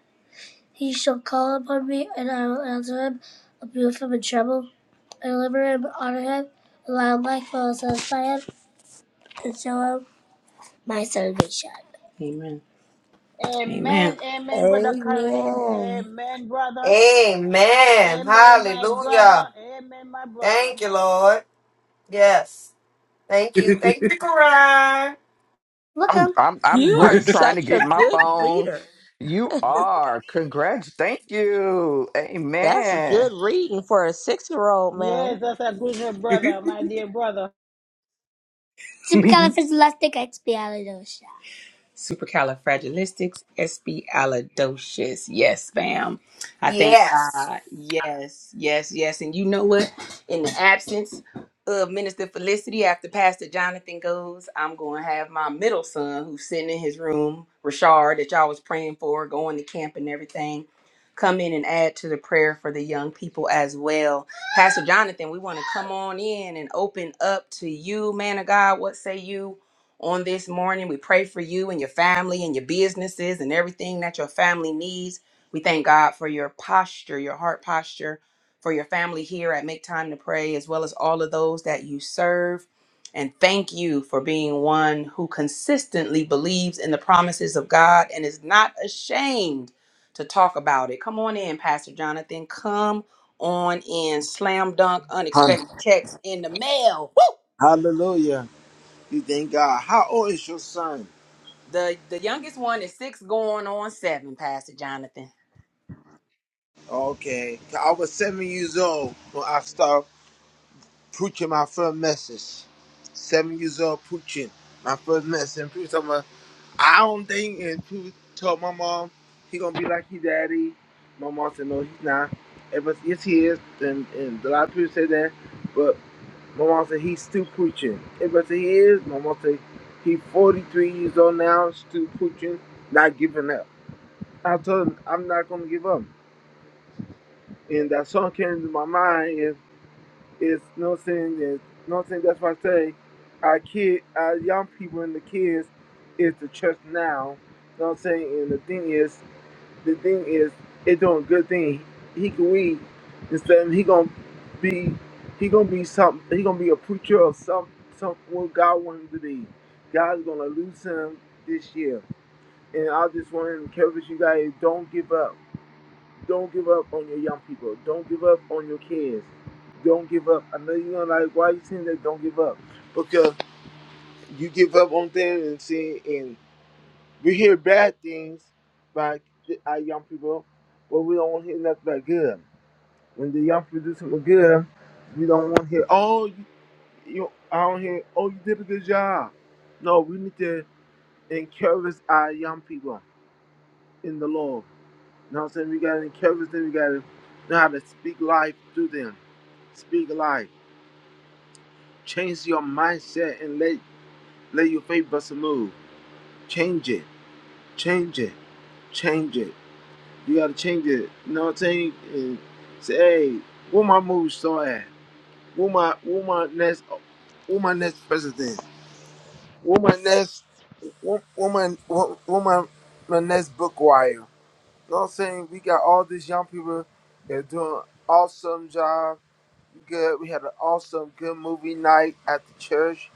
Speaker 2: He shall call upon me, and I will answer him. I'll be with him in trouble. I deliver him, honor him, and I like will satisfy him, and show him my salvation.
Speaker 1: Amen. Amen, brother Kareem.
Speaker 7: Amen.
Speaker 1: Amen, brother.
Speaker 9: Amen.
Speaker 1: Amen, my brother.
Speaker 9: Hallelujah.
Speaker 1: Amen, my brother.
Speaker 9: Thank you, Lord. Yes. Thank you. Thank you, Karan.
Speaker 6: I'm
Speaker 2: Welcome
Speaker 6: I'm I'm
Speaker 7: You are
Speaker 6: run, trying to
Speaker 7: such a
Speaker 6: get my
Speaker 7: good
Speaker 6: phone.
Speaker 7: reader.
Speaker 6: You are. Congrats. Thank you.
Speaker 7: That's
Speaker 6: Amen.
Speaker 7: good reading for a six year old man.
Speaker 1: Yes, that's a good brother, my dear brother.
Speaker 2: to Caliphazolastic Expialidocious. supercalifragilisticexpialidocious. Yes, fam. I thank God. Yes, yes, yes. And you know what? In the absence of Minister Felicity, after Pastor Jonathan goes, I'm going to have my middle son who's sitting in his room, Rashard, that y'all was praying for, going to camp and everything, come in and add to the prayer for the young people as well. Pastor Jonathan, we want to come on in and open up to you, man of God. What say you? on this morning. We pray for you and your family and your businesses and everything that your family needs. We thank God for your posture, your heart posture, for your family here at Make Time to Pray, as well as all of those that you serve. And thank you for being one who consistently believes in the promises of God and is not ashamed to talk about it. Come on in, Pastor Jonathan. Come on in. Slam dunk,
Speaker 11: Hall-
Speaker 2: unexpected checks in the mail
Speaker 11: Hallelujah. You thank God. How old is your son?
Speaker 2: The the youngest one is six going on seven, Pastor Jonathan.
Speaker 11: Okay. I was seven years old when I started preaching my first message. Seven years old preaching my first message. And people told me, I don't think, and people told my mom, he going to be like his daddy. My mom said, no, he's not. Everybody, said, yes, he is. And, and a lot of people said that. But my mom said, he's still preaching. Everybody said, he is. My mom said, he's 43 years old now, still preaching, not giving up. I told him I'm not gonna give up. And that song came into my mind is is no saying is no saying that's why I say our kid our young people and the kids is the church now. You know what I'm saying? And the thing is the thing is it doing good thing. He can read instead of he gonna be he gonna be some he gonna be a preacher of some some what God wants him to be. God's gonna lose him this year. And I just want to encourage you guys, don't give up Don't give up on your young people. Don't give up on your kids. Don't give up. I know you're gonna like, why are you saying that? Don't give up. Because you give up on things and see, and we hear bad things by our young people, but we don't want to hear nothing but good. When the young people do something good, we don't want to hear, oh, you, you I don't hear, oh, you did a good job. No, we need to encourage our young people in the Lord. You know what I'm saying? We gotta encourage them. We gotta know how to speak life to them. Speak life. Change your mindset and let let your faith bust a move. Change it. Change it. Change it. You gotta change it. You know what I'm saying? And say, hey, where my move so at? Where my where my next where my next president? Where my next where, where my where, where my my next book wire? You know what I'm saying? We got all these young people that are doing awesome job good. We had an awesome, good movie night at the church.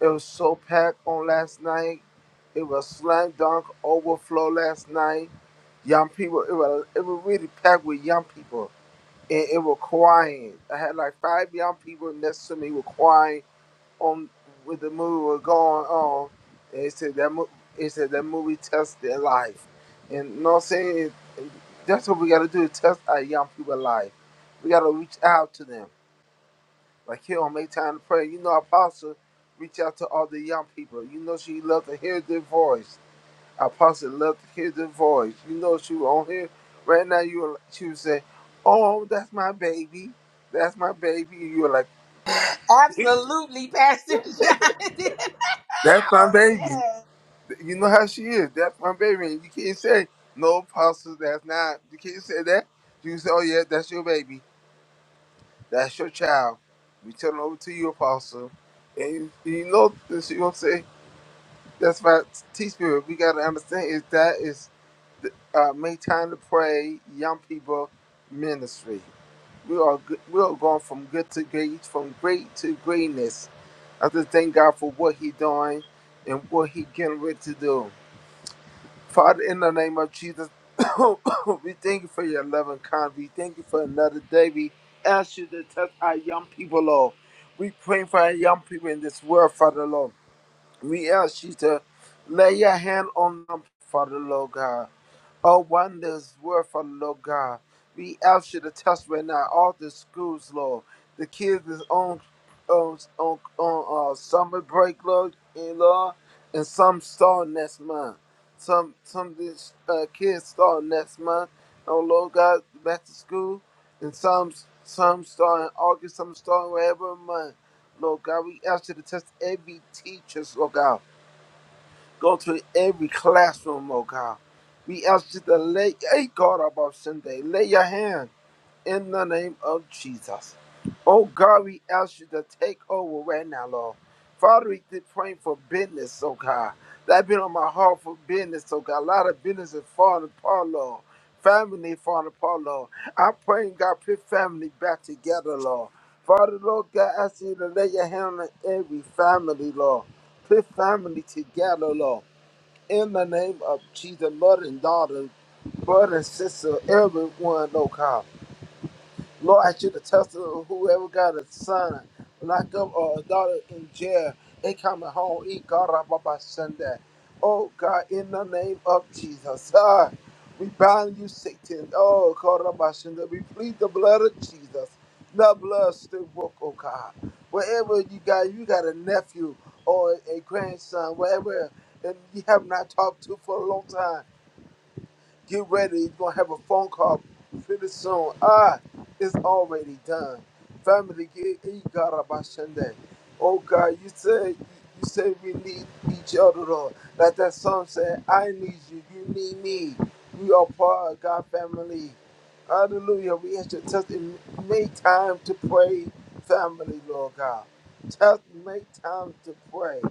Speaker 11: It was so packed on last night. It was slam dunk overflow last night. Young people, it was it was really packed with young people, and it was crying. I had like five young people next to me were crying on with the movie was going on. And it said that mo- it said that movie test their life, and you know what I'm saying. That's what we gotta do: test our young people life. We gotta reach out to them like he don't make time to pray. You know, Apostle reach out to all the young people. You know she love to hear their voice. Apostle love to hear their voice. You know she was on here right now. You will- she would say, "Oh, that's my baby. That's my baby." And you were like,
Speaker 2: Absolutely, Pastor Jonathan.
Speaker 11: "That's my
Speaker 2: oh,
Speaker 11: baby."
Speaker 2: yes.
Speaker 11: You know how she is. That's my baby. And you can't say no, Apostle. That's not. You can't say that. You can say, "Oh yeah, that's your baby. That's your child." We turn it over to you, Apostle. And you know, she gonna say. That's why T Spirit, we gotta understand is that is the, uh, make time to pray, young people ministry. We are go- we are going from good to great, from great to greatness. I just thank God for what He doing and what He getting ready to do. Father, in the name of Jesus, we thank you for your love and kindness. We thank you for another day. We ask you to touch our young people, Lord. We pray for our young people in this world, Father, Lord. We ask you to lay your hand on them, Father Lord God. Oh, wonders were for Lord God. We ask you to touch right now all the schools, Lord. The kids is on on on, on uh, summer break, Lord, and Lord, and some start next month. Some some of these uh, kids start next month. Oh Lord God, back to school, and some some start in August, some start wherever month. Lord God, we ask you to touch every teachers, Lord God. Go to every classroom, oh God. We ask you to lay a God about Sunday. Lay your hand in the name of Jesus. Oh God, we ask you to take over right now, Lord. Father, we keep praying for business, oh God. That been on my heart for business, oh God. A lot of business is falling apart, Lord. Family falling apart, Lord. I'm praying, God, put family back together, Lord. Father, Lord God, I ask you to lay your hand on every family, Lord. Put family together, Lord. In the name of Jesus, Lord and daughter, brother and sister, everyone, no comment. Lord, I should attest to test of whoever got a son locked up or a daughter in jail They coming home. E God, Baba Sunday. Oh God, in the name of Jesus. Ah, we bind you, Satan. Oh God, Baba Sunday. We plead the blood of Jesus. The blood still work, oh God. Wherever you got, you got a nephew or a grandson, wherever, and you have not talked to for a long time. Get ready. you going to have a phone call pretty soon. Ah, it's already done. Family, get you got Sunday. Oh, God, you said you said we need each other, Lord. Like that song said, I need you. You need me. We are part of God family. Hallelujah. We ask you to test and make time to pray, family, Lord God. Test, make time to pray.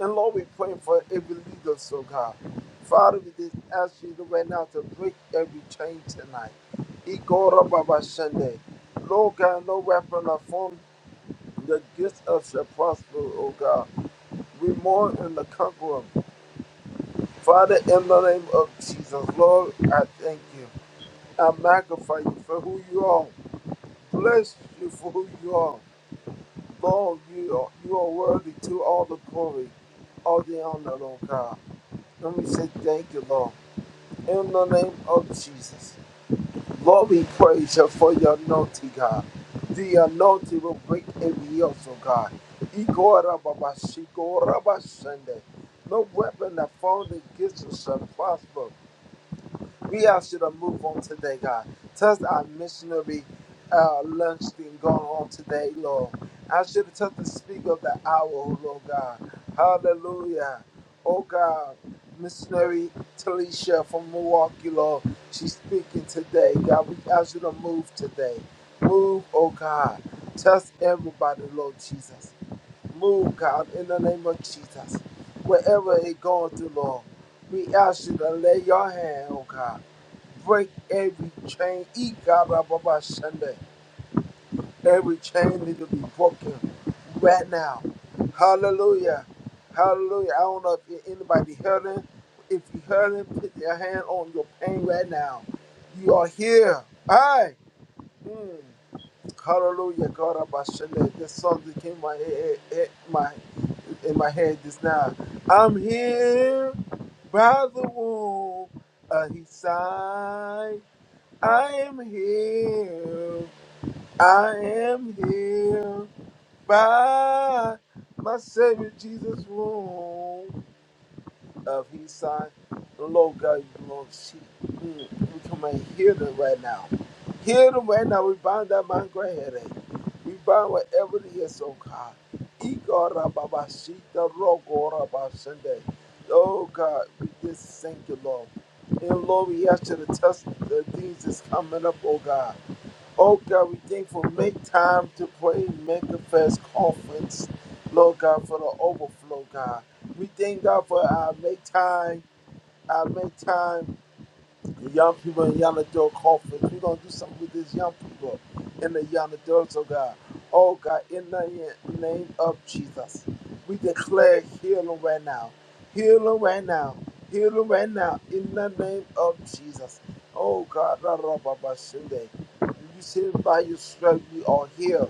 Speaker 11: And Lord, we pray for every leader, so God. Father, we just ask you right now to break every chain tonight. Igora Baba Sunday. Lord God, no weapon of form that gets us shall prosper, oh God. We mourn in the conqueror. Father, in the name of Jesus, Lord, I thank you. I magnify you for who you are. Bless you for who you are. Lord, you are, you are worthy to all the glory, all the honor, Lord God. And we say thank you, Lord. In the name of Jesus. Lord, we praise you for your anointing, God. The anointing will break every yoke, oh God. Igora Baba Shigora Bashende. No weapon that formed against us shall prosper. We ask you to move on today, God. Touch our missionary uh, lunch thing going on today, Lord. I should have touched the speaker of the hour, oh Lord God. Hallelujah. Oh God, missionary Talisha from Milwaukee, Lord. She's speaking today, God. We ask you to move today. Move, oh God. Touch everybody, Lord Jesus. Move, God, in the name of Jesus. Wherever it going through, Lord, we ask you to lay your hand on God. Break every chain. Eat God up Sunday. Every chain need to be broken right now. Hallelujah. Hallelujah. I don't know if anybody heard him. If you heard him, put your hand on your pain right now. You are here. Hi. Mm. Hallelujah. God, I bless This song that came my head, head- my in my head just now. I'm here by the womb. Uh, he sighed. I am here. I am here by my Savior Jesus' womb of his son. Lord God, you Lord, see, mm, we come and heal them right now. Heal them right now. We bind that migraine headache. We bind whatever it is, oh God. Ikorababashita rogorabashande. Oh God, we just thank you, Lord. And Lord, we ask you to test the things that's coming up, oh God. Oh God, we thankful. Make time to pray, make a fast conference. Lord God, for the overflow, God. We thank God for our make time, our make time. The young people in Yanador conference. We're gonna do something with these young people in the Yanadors, oh God. Oh God, in the name of Jesus. We declare healing right now. Healing right now. Healing right now. In the name of Jesus. Oh God, Ra- Ra- Ba- Ba- Shunde. you say by your strength we are here.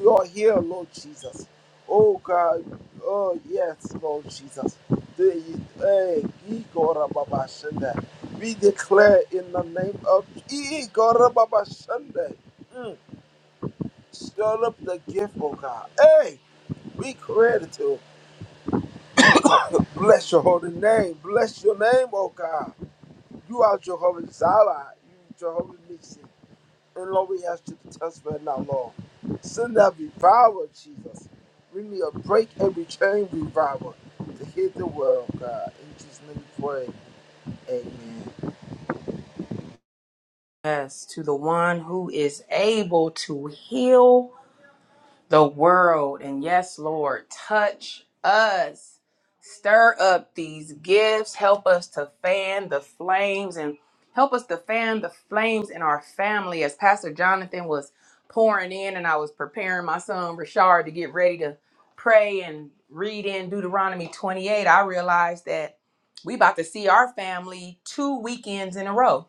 Speaker 11: We are here, Lord Jesus. Oh God, oh yes, Lord Jesus. The, hey, Igor Baba we declare in the name of Igorababa Sunday. Mm. Stir up the gift, oh God. Hey, we credit you. Bless your holy name. Bless your name, oh God. You are Jehovah Zara. You Jehovah Nixon. And Lord, we ask you to touch right now, Lord. Send that revival, Jesus. We need a break every chain revival to hit the world, God. In Jesus' name we pray. Amen.
Speaker 2: Yes, to the one who is able to heal the world. And yes, Lord, touch us. Stir up these gifts. Help us to fan the flames and help us to fan the flames in our family. As Pastor Jonathan was pouring in and I was preparing my son Rashard to get ready to pray and read in Deuteronomy 28, I realized that we about to see our family two weekends in a row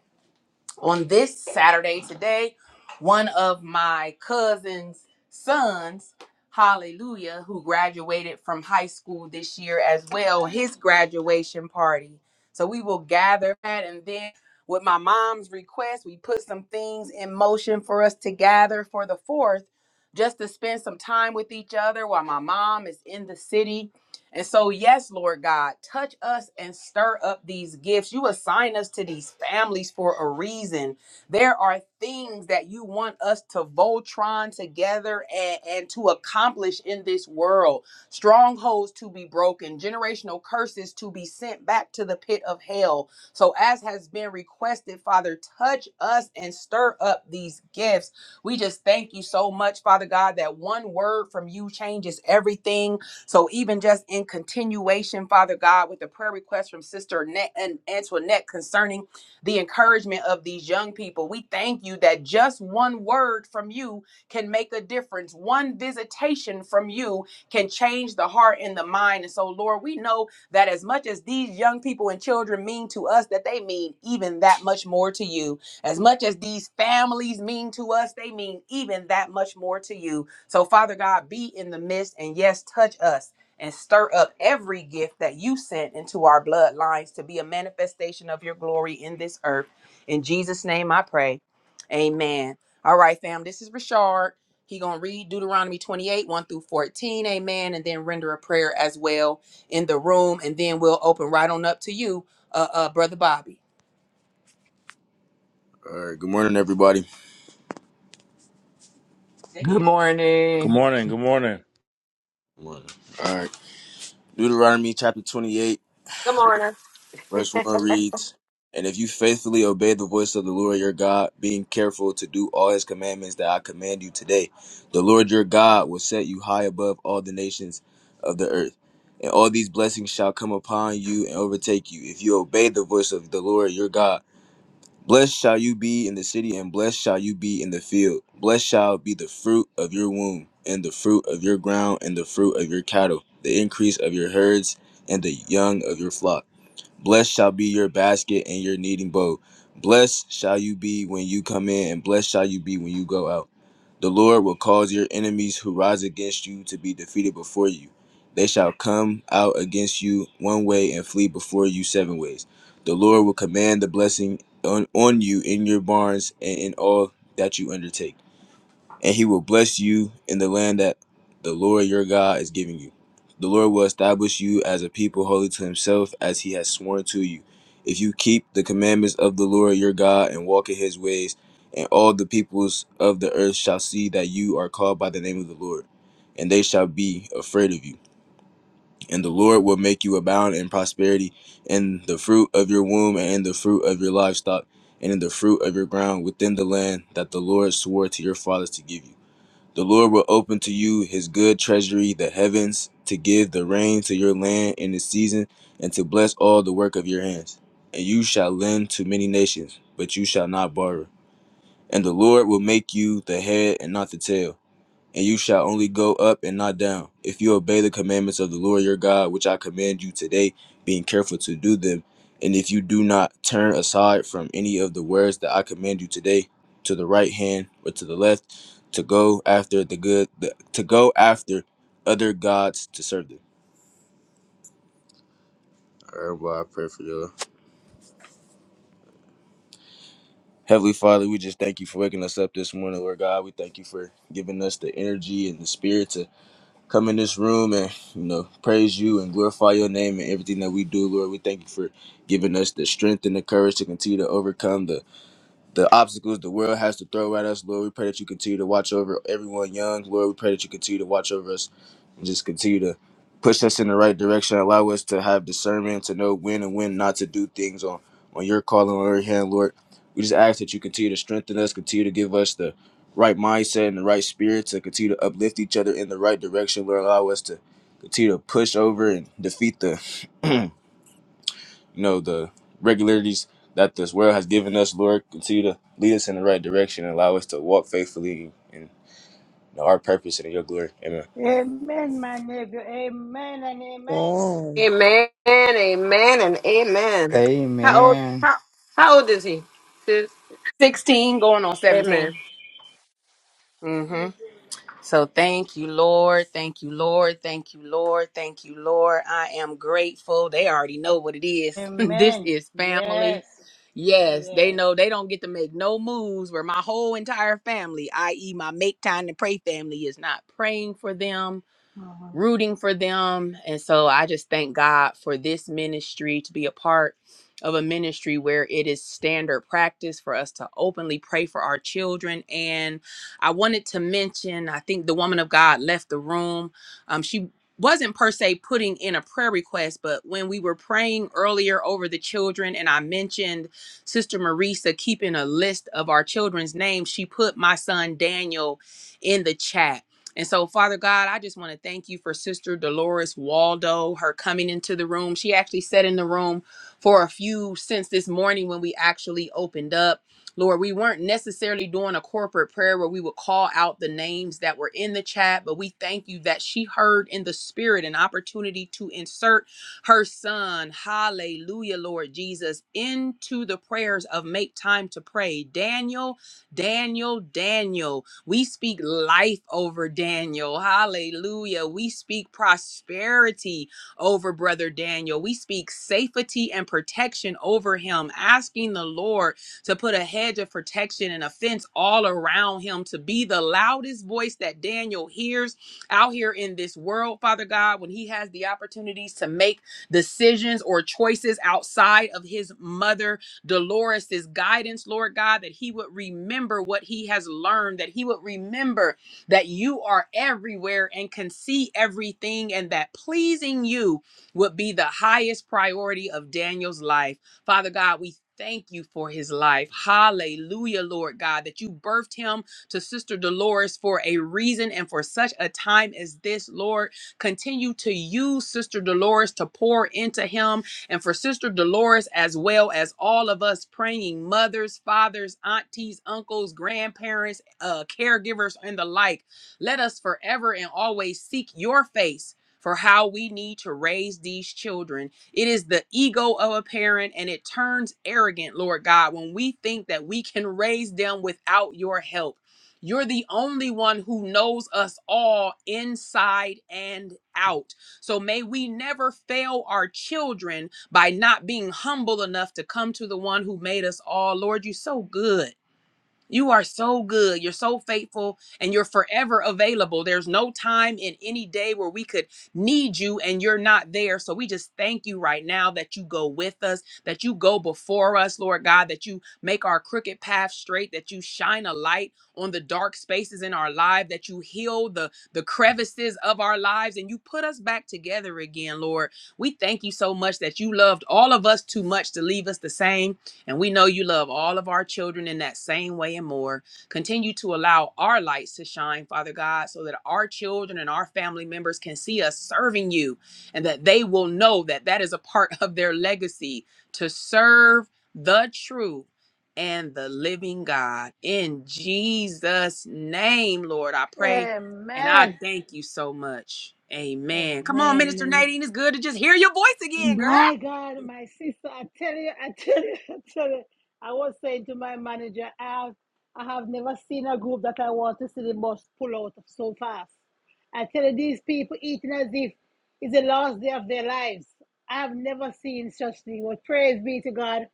Speaker 2: on this Saturday today, one of my cousin's sons, hallelujah, who graduated from high school this year as well, his graduation party. So we will gather that and then with my mom's request, we put some things in motion for us to gather for the 4th just to spend some time with each other while my mom is in the city and so, yes, Lord God, touch us and stir up these gifts. You assign us to these families for a reason. There are things that you want us to Voltron together and, and to accomplish in this world strongholds to be broken, generational curses to be sent back to the pit of hell. So, as has been requested, Father, touch us and stir up these gifts. We just thank you so much, Father God, that one word from you changes everything so even just in continuation, Father God, with the prayer request from Sister Net and Antoinette concerning the encouragement of these young people, we thank you that just one word from you can make a difference. One visitation from you can change the heart and the mind. And so, Lord, we know that as much as these young people and children mean to us, that they mean even that much more to you. As much as these families mean to us, they mean even that much more to you. So, Father God, be in the midst and yes, touch us and stir up every gift that you sent into our bloodlines to be a manifestation of your glory in this earth. In Jesus' name I pray. Amen. All right, fam. This is Rashard. He gonna read Deuteronomy 28, 1 through 14, amen, and then render a prayer as well in the room, and then we'll open right on up to you, uh, uh Brother Bobby. All right. Good morning, everybody.
Speaker 6: Good
Speaker 12: Good
Speaker 6: morning.
Speaker 12: morning. Good morning.
Speaker 2: Good morning. All right. Deuteronomy chapter 28. Verse 1 reads, And if you faithfully obey the voice of the Lord your God, being careful to do all his commandments that I command you today, the Lord your God will set you high above all the nations of the earth. And all these blessings shall come upon you and overtake you if you obey the voice of the Lord your God. Blessed shall you be in the city, and blessed shall you be in the field. Blessed shall be the fruit of your womb, and the fruit of your ground, and the fruit of your cattle, the increase of your herds, and the young of your flock. Blessed shall be your basket and your kneading bowl. Blessed shall you be when you come in, and blessed shall you be when you go out. The Lord will cause your enemies who rise against you to be defeated before you. They shall come out against you one way and flee before you seven ways. The Lord will command the blessing on, on you in your barns and in all that you undertake and he will bless you in the land that the Lord your God is giving you. The Lord will establish you as a people holy to himself, as he has sworn to you. If you keep the commandments of the Lord your God and walk in his ways, and all the peoples of the earth shall see that you are called by the name of the Lord, and they shall be afraid of you. And the Lord will make you abound in prosperity, in the fruit of your womb, and in the fruit of your livestock, and in the fruit of your ground within the land that the Lord swore to your fathers to give you the Lord will open to you his good treasury, the heavens, to give the rain to your land in its season, and to bless all the work of your hands. And you shall lend to many nations, but you shall not borrow. And the Lord will make you the head and not the tail and you shall only go up and not down. If you obey the commandments of the Lord your God, which I command you today, being careful to do them, and if you do not turn aside from any of the words that I command you today, to the right hand or to the left, to go after the good, the, to go after other gods to serve them. All right, well, I pray for you. Heavenly Father, we just thank you for waking us up this morning, Lord God. We thank you for giving us the energy and the spirit to come in this room and you know praise you and glorify your name and everything that we do lord we thank you for giving us the strength and the courage to continue to overcome the the obstacles the world has to throw at us. Lord, we pray that you continue to watch over everyone young. Lord, we pray that you continue to watch over us and just continue to push us in the right direction. Allow us to have discernment to know when and when not to do things on on your call and on your hand, Lord. We just ask that you continue to strengthen us, continue to give us the right mindset and the right spirit to continue to uplift each other in the right direction, Lord. Allow us to continue to push over and defeat the you know, the regularities that this world has given us, Lord, continue to lead us in the right direction and allow us to walk faithfully in you know, our purpose and in your glory. Amen.
Speaker 1: Amen, my nephew. Amen and amen.
Speaker 7: Amen.
Speaker 9: Amen, amen, and amen. How old?
Speaker 6: Amen.
Speaker 9: How, how old is he? Sis?
Speaker 2: 16 going on 17.
Speaker 9: Amen.
Speaker 2: Mm-hmm. So thank you, Lord. Thank you, Lord. Thank you, Lord. Thank you, Lord. I am grateful. They already know what it is. this
Speaker 1: Amen.
Speaker 2: is family.
Speaker 1: Yes.
Speaker 2: Yes, they know
Speaker 1: Yes.
Speaker 2: they don't get to make no moves where my whole entire family, i.e., my make time to pray family, is not praying for them
Speaker 1: Uh-huh.
Speaker 2: rooting for them. And so I just thank God for this ministry to be a part of a ministry where it is standard practice for us to openly pray for our children. And I wanted to mention, I think the woman of God left the room. Um, she wasn't per se putting in a prayer request, but when we were praying earlier over the children, and I mentioned Sister Marisa keeping a list of our children's names, she put my son Daniel in the chat and so, Father God, I just want to thank you for Sister Dolores Waldo, her coming into the room. She actually sat in the room for a few since this morning when we actually opened up. Lord, we weren't necessarily doing a corporate prayer where we would call out the names that were in the chat, but we thank you that she heard in the spirit an opportunity to insert her son, hallelujah, Lord Jesus, into the prayers of make time to pray. Daniel, Daniel, Daniel. We speak life over Daniel. Hallelujah. We speak prosperity over Brother Daniel. We speak safety and protection over him, asking the Lord to put a hedge of protection and a fence all around him to be the loudest voice that Daniel hears out here in this world, Father God, when he has the opportunities to make decisions or choices outside of his mother Dolores' guidance, Lord God, that he would remember what he has learned, that he would remember that you are everywhere and can see everything, and that pleasing you would be the highest priority of Daniel's life. Father God, we thank you for his life. Hallelujah, Lord God, that you birthed him to Sister Dolores for a reason and for such a time as this, Lord. Continue to use Sister Dolores to pour into him and for Sister Dolores, as well as all of us praying mothers, fathers, aunties, uncles, grandparents, uh, caregivers, and the like. Let us forever and always seek your face. For how we need to raise these children. It is the ego of a parent and it turns arrogant, Lord God, when we think that we can raise them without your help. You're the only one who knows us all inside and out. So may we never fail our children by not being humble enough to come to the one who made us all. Lord, you're so good. You are so good. You're so faithful and you're forever available. There's no time in any day where we could need you and you're not there. So we just thank you right now that you go with us, that you go before us, Lord God, that you make our crooked path straight, that you shine a light on the dark spaces in our life, that you heal the, the crevices of our lives and you put us back together again, Lord. We thank you so much that you loved all of us too much to leave us the same and we know you love all of our children in that same way and more. Continue to allow our lights to shine, Father God, so that our children and our family members can see us serving you and that they will know that that is a part of their legacy to serve the true and the living God. In Jesus' name, Lord, I pray and I
Speaker 1: Amen.
Speaker 2: thank you so much. Amen. Come on,
Speaker 1: Amen. And
Speaker 2: Minister
Speaker 1: amen.
Speaker 2: Nadine. It's good to just hear your voice again, girl.
Speaker 1: My God, my sister, I tell you, I tell you, I tell you. I was saying to my manager, I have, I have never seen a group that I want to see the bus pull out so fast. I tell you, these people eating as if it's the last day of their lives. I have never seen such thing. But praise be to God.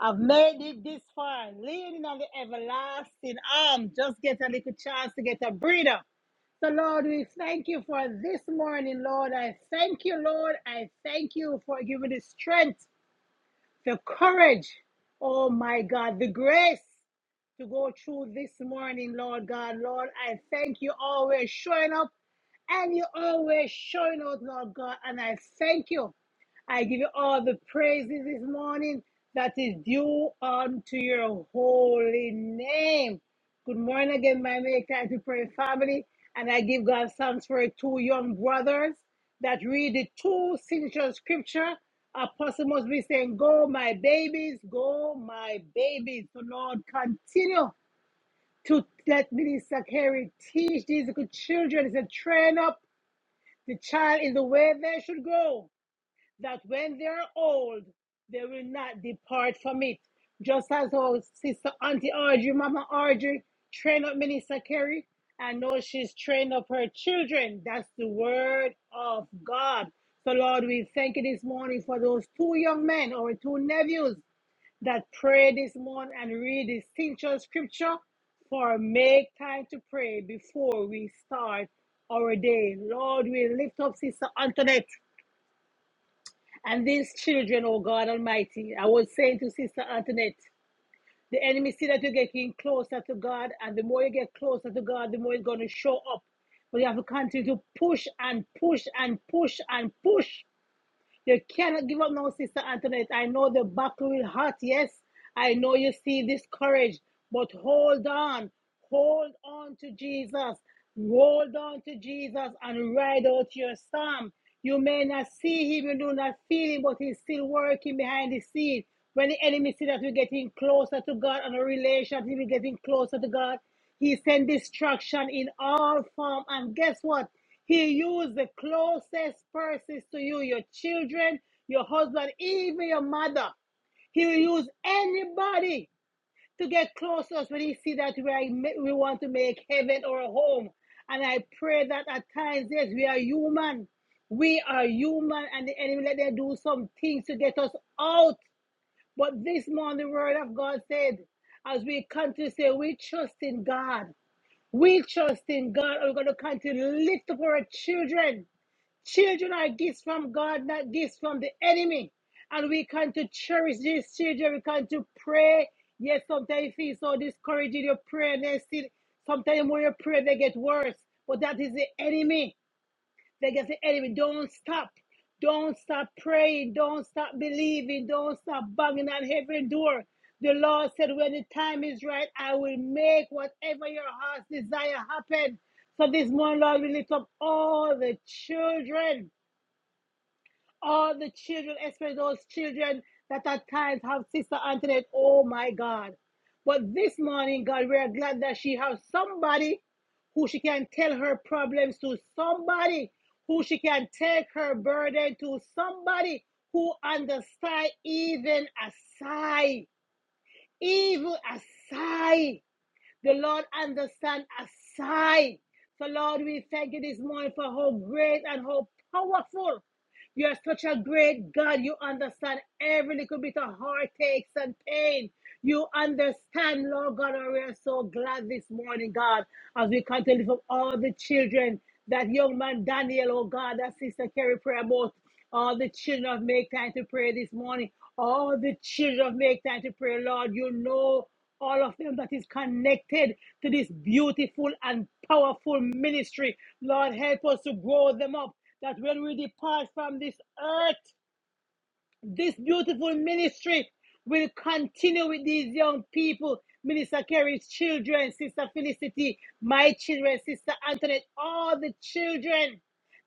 Speaker 1: I've made it this far, leaning on the everlasting arm. Just get a little chance to get a breather. So, Lord, we thank you for this morning, Lord. I thank you, Lord. I thank you for giving the strength, the courage, oh my God, the grace to go through this morning, Lord God. Lord, I thank you always showing up and you always showing out, Lord God. And I thank you. I give you all the praises this morning that is due unto your holy name. Good morning again, my Make Time to Pray family. And I give God thanks for two young brothers that read the two signature scripture. Apostle must be saying, Go, my babies, go, my babies. So, Lord, continue to let Minister Carey teach these little children. He said, Train up the child in the way they should go that when they're old, they will not depart from it. Just as our sister Auntie Audrey, Mama Audrey, trained up Minister Kerry. and know she's trained up her children. That's the word of God. So, Lord, we thank you this morning for those two young men, our two nephews, that pray this morning and read this essential scripture for make time to pray before we start our day. Lord, we lift up Sister Antoinette. And these children, oh God Almighty, I was saying to Sister Antoinette, the enemy see that you're getting closer to God, and the more you get closer to God, the more it's going to show up. But you have to continue to push and push and push and push you cannot give up now, Sister Antoinette. I know the battle will hurt. Yes, I know you see this courage, but hold on. Hold on to Jesus. Hold on to Jesus and ride out your storm. You may not see him, you do not feel him, but he's still working behind the scene. When the enemy see that we're getting closer to God and a relationship, we're getting closer to God, he sends distraction in all form. And guess what? He used the closest persons to you, your children, your husband, even your mother. He will use anybody to get close to us when he see that we, are, we want to make heaven our home. And I pray that at times, yes, we are human. We are human, and the enemy let them do some things to get us out. But this morning, the word of God said, as we continue to say, we trust in God. We trust in God. and We're going to continue to lift up our children. Children are gifts from God, not gifts from the enemy. And we can to cherish these children. We can to pray. Yes, sometimes you feel so discouraged in your prayer. And they still, sometimes when you pray, they get worse. But that is the enemy. They get the enemy. Don't stop. Don't stop praying. Don't stop believing. Don't stop banging on heaven door. The Lord said, when the time is right, I will make whatever your heart's desire happen. So this morning, Lord, we lift up all the children all the children, especially those children that at times have Sister Antoinette. Oh my God. But this morning, God, we are glad that she has somebody who she can tell her problems to, somebody who she can take her burden to, somebody who understands even a sigh, even a sigh. The Lord and the Son aside. So, Lord, we thank you this morning for how great and how powerful you're such a great God. You understand every little bit of heartaches and pain. You understand, Lord God, and we are so glad this morning, God, as we continue from all the children, that young man Daniel, oh God, that sister Carrie prayer about, all the children of Make Time to Pray this morning, all the children of Make Time to Pray, Lord, you know all of them that is connected to this beautiful and powerful ministry. Lord, help us to grow them up that when we depart from this earth, this beautiful ministry will continue with these young people. Minister Kerry's children, Sister Felicity, my children, Sister Antoinette, all the children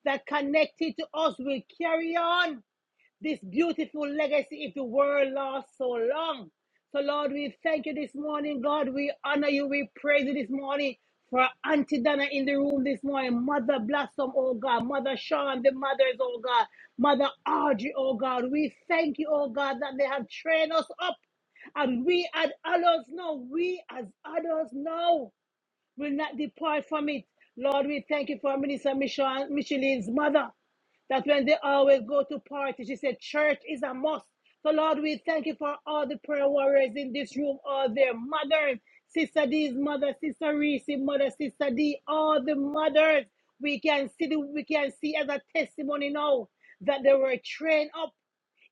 Speaker 1: that connected to us will carry on this beautiful legacy if the world lasts so long. So, Lord, we thank you this morning, God. We honor you. We praise you this morning for Auntie Donna in the room this morning. Mother Blossom, oh God. Mother Sean, the mothers, oh God. Mother Audrey, oh God. We thank you, oh God, that they have trained us up. And we as adults know, we as adults know will not depart from it. Lord, we thank you for Minister Michelle, Micheline's mother, that when they always go to parties, she said, church is a must. So, Lord, we thank you for all the prayer warriors in this room, all their mothers, Sister D's mother, Sister Reese, mother, Sister D, all the mothers. We can see the, we can see as a testimony now that they were trained up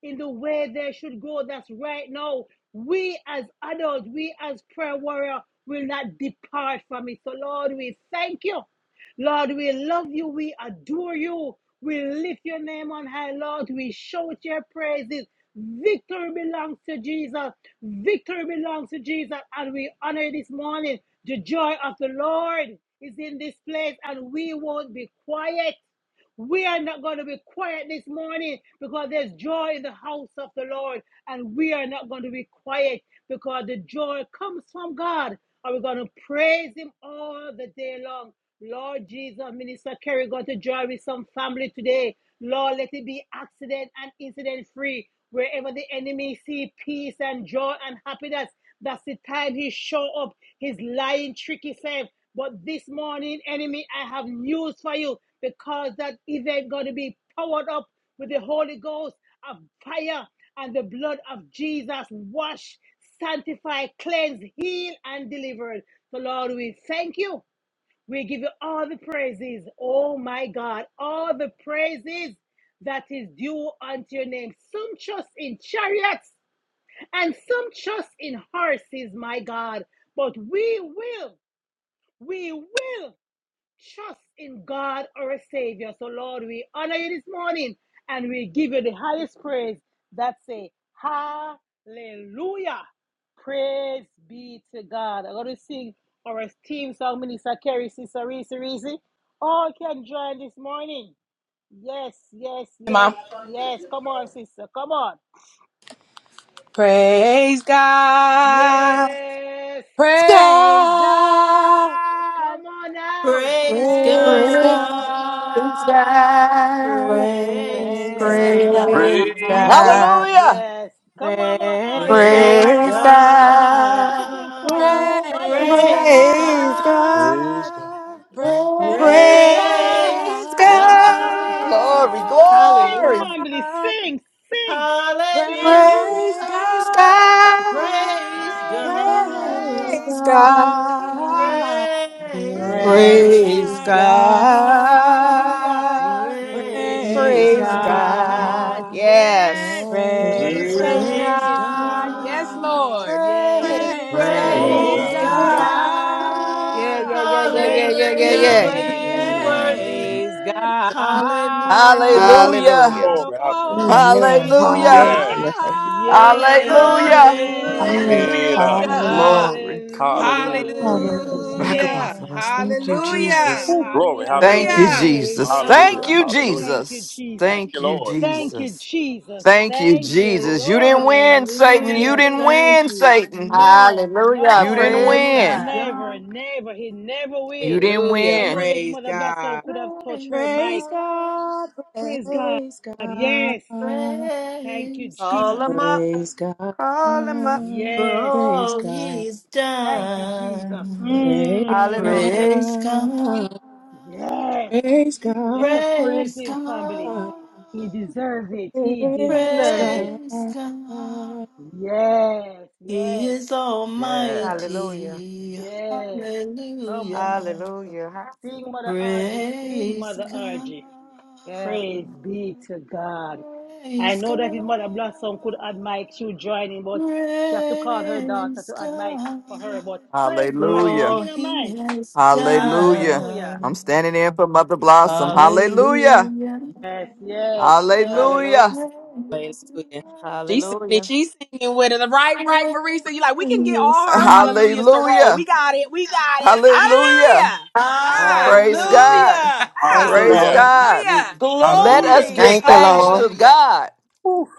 Speaker 1: in the way they should go. That's right now. We as adults, we as prayer warrior will not depart from it. So Lord, we thank you. Lord, we love you. We adore you. We lift your name on high, Lord. We shout your praises. Victory belongs to Jesus. Victory belongs to Jesus. And we honor this morning the joy of the Lord is in this place, and we won't be quiet. We are not going to be quiet this morning because there's joy in the house of the Lord, and we are not going to be quiet because the joy comes from God. And we're going to praise Him all the day long. Lord Jesus, Minister Kerry going to join with some family today. Lord, let it be accident and incident free. Wherever the enemy see peace and joy and happiness, that's the time he show up, his lying, tricky self. But this morning, enemy, I have news for you because that event going to be powered up with the Holy Ghost of fire and the blood of Jesus. Wash, sanctify, cleanse, heal, and deliver. So, Lord, we thank you. We give you all the praises. Oh, my God, all the praises that is due unto your name. Sumptuous in chariots and some trust in horses, my God, but we will, we will trust in God our Savior. So, Lord, we honor you this morning and we give you the highest praise That's a Hallelujah. Praise be to God. I'm going to sing our team song, Minister Kerry, Sister Reese, Reese. All can join this morning. Yes, yes, yes, yes. Come on, sister. Come on.
Speaker 2: Praise God.
Speaker 1: Yes.
Speaker 2: Praise
Speaker 6: Sky,
Speaker 1: Come
Speaker 2: God.
Speaker 1: on now.
Speaker 10: Praise
Speaker 6: praise
Speaker 9: Praise
Speaker 2: Praise
Speaker 6: God.
Speaker 10: God.
Speaker 2: God.
Speaker 9: God.
Speaker 10: Praise
Speaker 6: Praise
Speaker 2: Praise
Speaker 6: God.
Speaker 9: Praise
Speaker 10: God.
Speaker 12: Praise God.
Speaker 2: God.
Speaker 9: God.
Speaker 6: Hallelujah.
Speaker 1: Yes. Come on, Mama
Speaker 2: Praise
Speaker 1: Audrey.
Speaker 10: Praise
Speaker 1: Yes.
Speaker 9: Praise God.
Speaker 2: God.
Speaker 1: Beautiful choir.
Speaker 10: God.
Speaker 1: Choir.
Speaker 2: Praise
Speaker 6: Praise God.
Speaker 10: Praise
Speaker 9: Praise
Speaker 10: God.
Speaker 12: Praise
Speaker 2: God.
Speaker 12: God.
Speaker 9: God.
Speaker 2: Praise
Speaker 6: Praise God.
Speaker 10: Praise
Speaker 9: Praise
Speaker 7: Praise God,
Speaker 9: God.
Speaker 10: God.
Speaker 1: Yes.
Speaker 6: Glory,
Speaker 1: Sing,
Speaker 9: Hallelujah.
Speaker 6: glory.
Speaker 1: family.
Speaker 2: God.
Speaker 1: Sing. Sing.
Speaker 10: Hallelujah.
Speaker 1: Sing.
Speaker 2: Praise
Speaker 9: Praise
Speaker 1: Yes.
Speaker 9: God.
Speaker 2: God.
Speaker 10: Praise
Speaker 1: Praise God.
Speaker 2: Praise
Speaker 9: Praise
Speaker 10: God.
Speaker 9: God.
Speaker 2: God.
Speaker 10: Praise
Speaker 7: praise
Speaker 12: Praise,
Speaker 1: Praise
Speaker 10: God.
Speaker 9: Praise
Speaker 2: Praise
Speaker 1: God.
Speaker 7: God.
Speaker 1: Hallelujah.
Speaker 2: God.
Speaker 9: God.
Speaker 7: Amen. Hallelujah.
Speaker 10: Praise
Speaker 2: Praise
Speaker 1: Praise
Speaker 9: Praise
Speaker 7: Thank
Speaker 10: God.
Speaker 1: God.
Speaker 9: God.
Speaker 2: God.
Speaker 9: Yes.
Speaker 1: Yes.
Speaker 7: you.
Speaker 6: Praise
Speaker 2: Praise
Speaker 12: praise,
Speaker 6: God.
Speaker 10: Praise
Speaker 1: Praise
Speaker 2: God.
Speaker 7: Hallelujah.
Speaker 2: Yes,
Speaker 10: God.
Speaker 1: God.
Speaker 2: Lord.
Speaker 1: Yes.
Speaker 6: Praise
Speaker 12: praise
Speaker 2: Praise
Speaker 6: God.
Speaker 10: Praise
Speaker 9: Praise
Speaker 1: Praise
Speaker 12: God.
Speaker 10: God.
Speaker 9: God. Yeah,
Speaker 1: God.
Speaker 9: yeah,
Speaker 2: God.
Speaker 9: yeah, yeah, yeah,
Speaker 1: Yes.
Speaker 9: yeah, yeah,
Speaker 2: We
Speaker 10: Hallelujah.
Speaker 9: yeah.
Speaker 1: Praise
Speaker 10: He is
Speaker 12: Praise God.
Speaker 10: worthy.
Speaker 2: praise
Speaker 1: God.
Speaker 2: God.
Speaker 10: Hallelujah.
Speaker 12: Woo.
Speaker 6: Hallelujah.
Speaker 9: Hallelujah.
Speaker 12: Glory. Hallelujah.
Speaker 2: Oh,
Speaker 7: Hallelujah.
Speaker 6: Hallelujah.
Speaker 1: Hallelujah.
Speaker 7: Hallelujah.
Speaker 12: Yes.
Speaker 1: Yes.
Speaker 6: Hallelujah.
Speaker 7: Amen.
Speaker 1: Yes.
Speaker 12: Era.
Speaker 10: Hallelujah.
Speaker 2: hallelujah.
Speaker 7: Yes.
Speaker 6: Glory.
Speaker 12: Hallelujah.
Speaker 1: Hallelujah.
Speaker 12: Jesus.
Speaker 7: Hallelujah.
Speaker 6: Back up
Speaker 10: Hallelujah.
Speaker 12: Jesus.
Speaker 1: Yes.
Speaker 2: Hallelujah.
Speaker 6: off of us. Thank you, Jesus.
Speaker 12: Woo.
Speaker 2: Hallelujah.
Speaker 12: Glory.
Speaker 1: Hallelujah.
Speaker 6: Thank
Speaker 12: Hallelujah.
Speaker 6: you,
Speaker 2: Hallelujah.
Speaker 10: Praise
Speaker 6: Jesus.
Speaker 1: Yes.
Speaker 6: Thank
Speaker 12: Hallelujah.
Speaker 10: God.
Speaker 6: you,
Speaker 12: Hallelujah.
Speaker 1: Thank you,
Speaker 6: Jesus.
Speaker 1: Jesus.
Speaker 12: Thank you,
Speaker 6: Thank you,
Speaker 12: Lord. Glory.
Speaker 1: Thank you,
Speaker 6: Jesus.
Speaker 1: Jesus.
Speaker 6: Thank you,
Speaker 1: Thank you,
Speaker 12: Glory.
Speaker 6: Jesus. You didn't
Speaker 1: Lord.
Speaker 6: win, Satan. You
Speaker 1: Thank
Speaker 10: Hallelujah.
Speaker 1: you,
Speaker 6: didn't
Speaker 1: Lord.
Speaker 10: Thank
Speaker 6: win,
Speaker 10: you.
Speaker 6: Satan.
Speaker 1: No,
Speaker 9: Hallelujah.
Speaker 6: You
Speaker 1: no,
Speaker 6: didn't
Speaker 9: Praise
Speaker 10: Praise
Speaker 6: win.
Speaker 9: God.
Speaker 10: God.
Speaker 1: never, never. He never
Speaker 6: You
Speaker 1: win.
Speaker 6: didn't
Speaker 2: Hallelujah.
Speaker 1: I know
Speaker 6: win.
Speaker 1: that his
Speaker 2: Praise
Speaker 1: Mother Blossom
Speaker 2: God.
Speaker 1: could have touched her
Speaker 10: Praise
Speaker 1: mic.
Speaker 2: Praise
Speaker 10: God.
Speaker 2: God.
Speaker 1: Praise God. Yes. Thank you,
Speaker 10: Praise
Speaker 9: Call
Speaker 1: Jesus.
Speaker 9: him
Speaker 10: God.
Speaker 9: up. Call him up.
Speaker 10: For
Speaker 1: Yes.
Speaker 10: all he's
Speaker 1: Thank you, Jesus.
Speaker 10: done.
Speaker 1: Mm.
Speaker 9: Hallelujah.
Speaker 10: Praise God.
Speaker 1: Yes. Let us praise
Speaker 10: Praise
Speaker 1: him, family.
Speaker 10: God.
Speaker 1: He deserves it. He
Speaker 2: Praise
Speaker 1: deserves it.
Speaker 2: God. Praise
Speaker 10: Praise
Speaker 2: God.
Speaker 10: God.
Speaker 1: Yes,
Speaker 10: He
Speaker 1: yes,
Speaker 10: is
Speaker 6: Yes.
Speaker 9: Hallelujah.
Speaker 10: almighty.
Speaker 1: yes. Come
Speaker 10: Hallelujah.
Speaker 1: on.
Speaker 9: Hallelujah. Ha-
Speaker 1: Sing, Mother Audrey. Sing,
Speaker 10: Praise
Speaker 1: Mother
Speaker 10: God.
Speaker 1: Audrey.
Speaker 9: Yeah.
Speaker 1: Praise be to God. I
Speaker 10: Praise
Speaker 1: know that if Mother Blossom could add Mike,
Speaker 10: God.
Speaker 1: she would join in, but she have to call her daughter
Speaker 10: Praise
Speaker 1: to add Mike
Speaker 10: God
Speaker 1: for her. But praise
Speaker 10: for
Speaker 1: God, she's
Speaker 6: Hallelujah.
Speaker 10: all
Speaker 1: singing her mind.
Speaker 10: he has
Speaker 6: Hallelujah.
Speaker 1: Hallelujah.
Speaker 6: I'm
Speaker 10: done.
Speaker 6: standing in for Mother Blossom. Hallelujah.
Speaker 10: Hallelujah.
Speaker 1: Yes, yes, yes.
Speaker 6: Hallelujah.
Speaker 10: Praise
Speaker 2: Hallelujah. She's singing,
Speaker 10: God.
Speaker 2: she's singing with it. Right, right, Marisa. You like, we can get
Speaker 10: Praise
Speaker 2: all her
Speaker 10: God.
Speaker 2: hallelujahs to roll. We
Speaker 6: Hallelujah.
Speaker 2: got it. We got it.
Speaker 6: Hallelujah.
Speaker 2: Hallelujah. Ah,
Speaker 6: Praise
Speaker 9: Hallelujah.
Speaker 6: God.
Speaker 10: Hallelujah.
Speaker 9: Thank you,
Speaker 2: oh,
Speaker 6: Praise
Speaker 12: Hallelujah.
Speaker 9: Lord.
Speaker 6: God.
Speaker 2: hallelujah.
Speaker 6: Let us
Speaker 12: Hallelujah.
Speaker 10: Glory.
Speaker 6: give
Speaker 9: Thank you,
Speaker 12: Hallelujah.
Speaker 6: thanks
Speaker 9: Lord.
Speaker 6: to
Speaker 10: Hallelujah.
Speaker 6: God.
Speaker 12: Woo.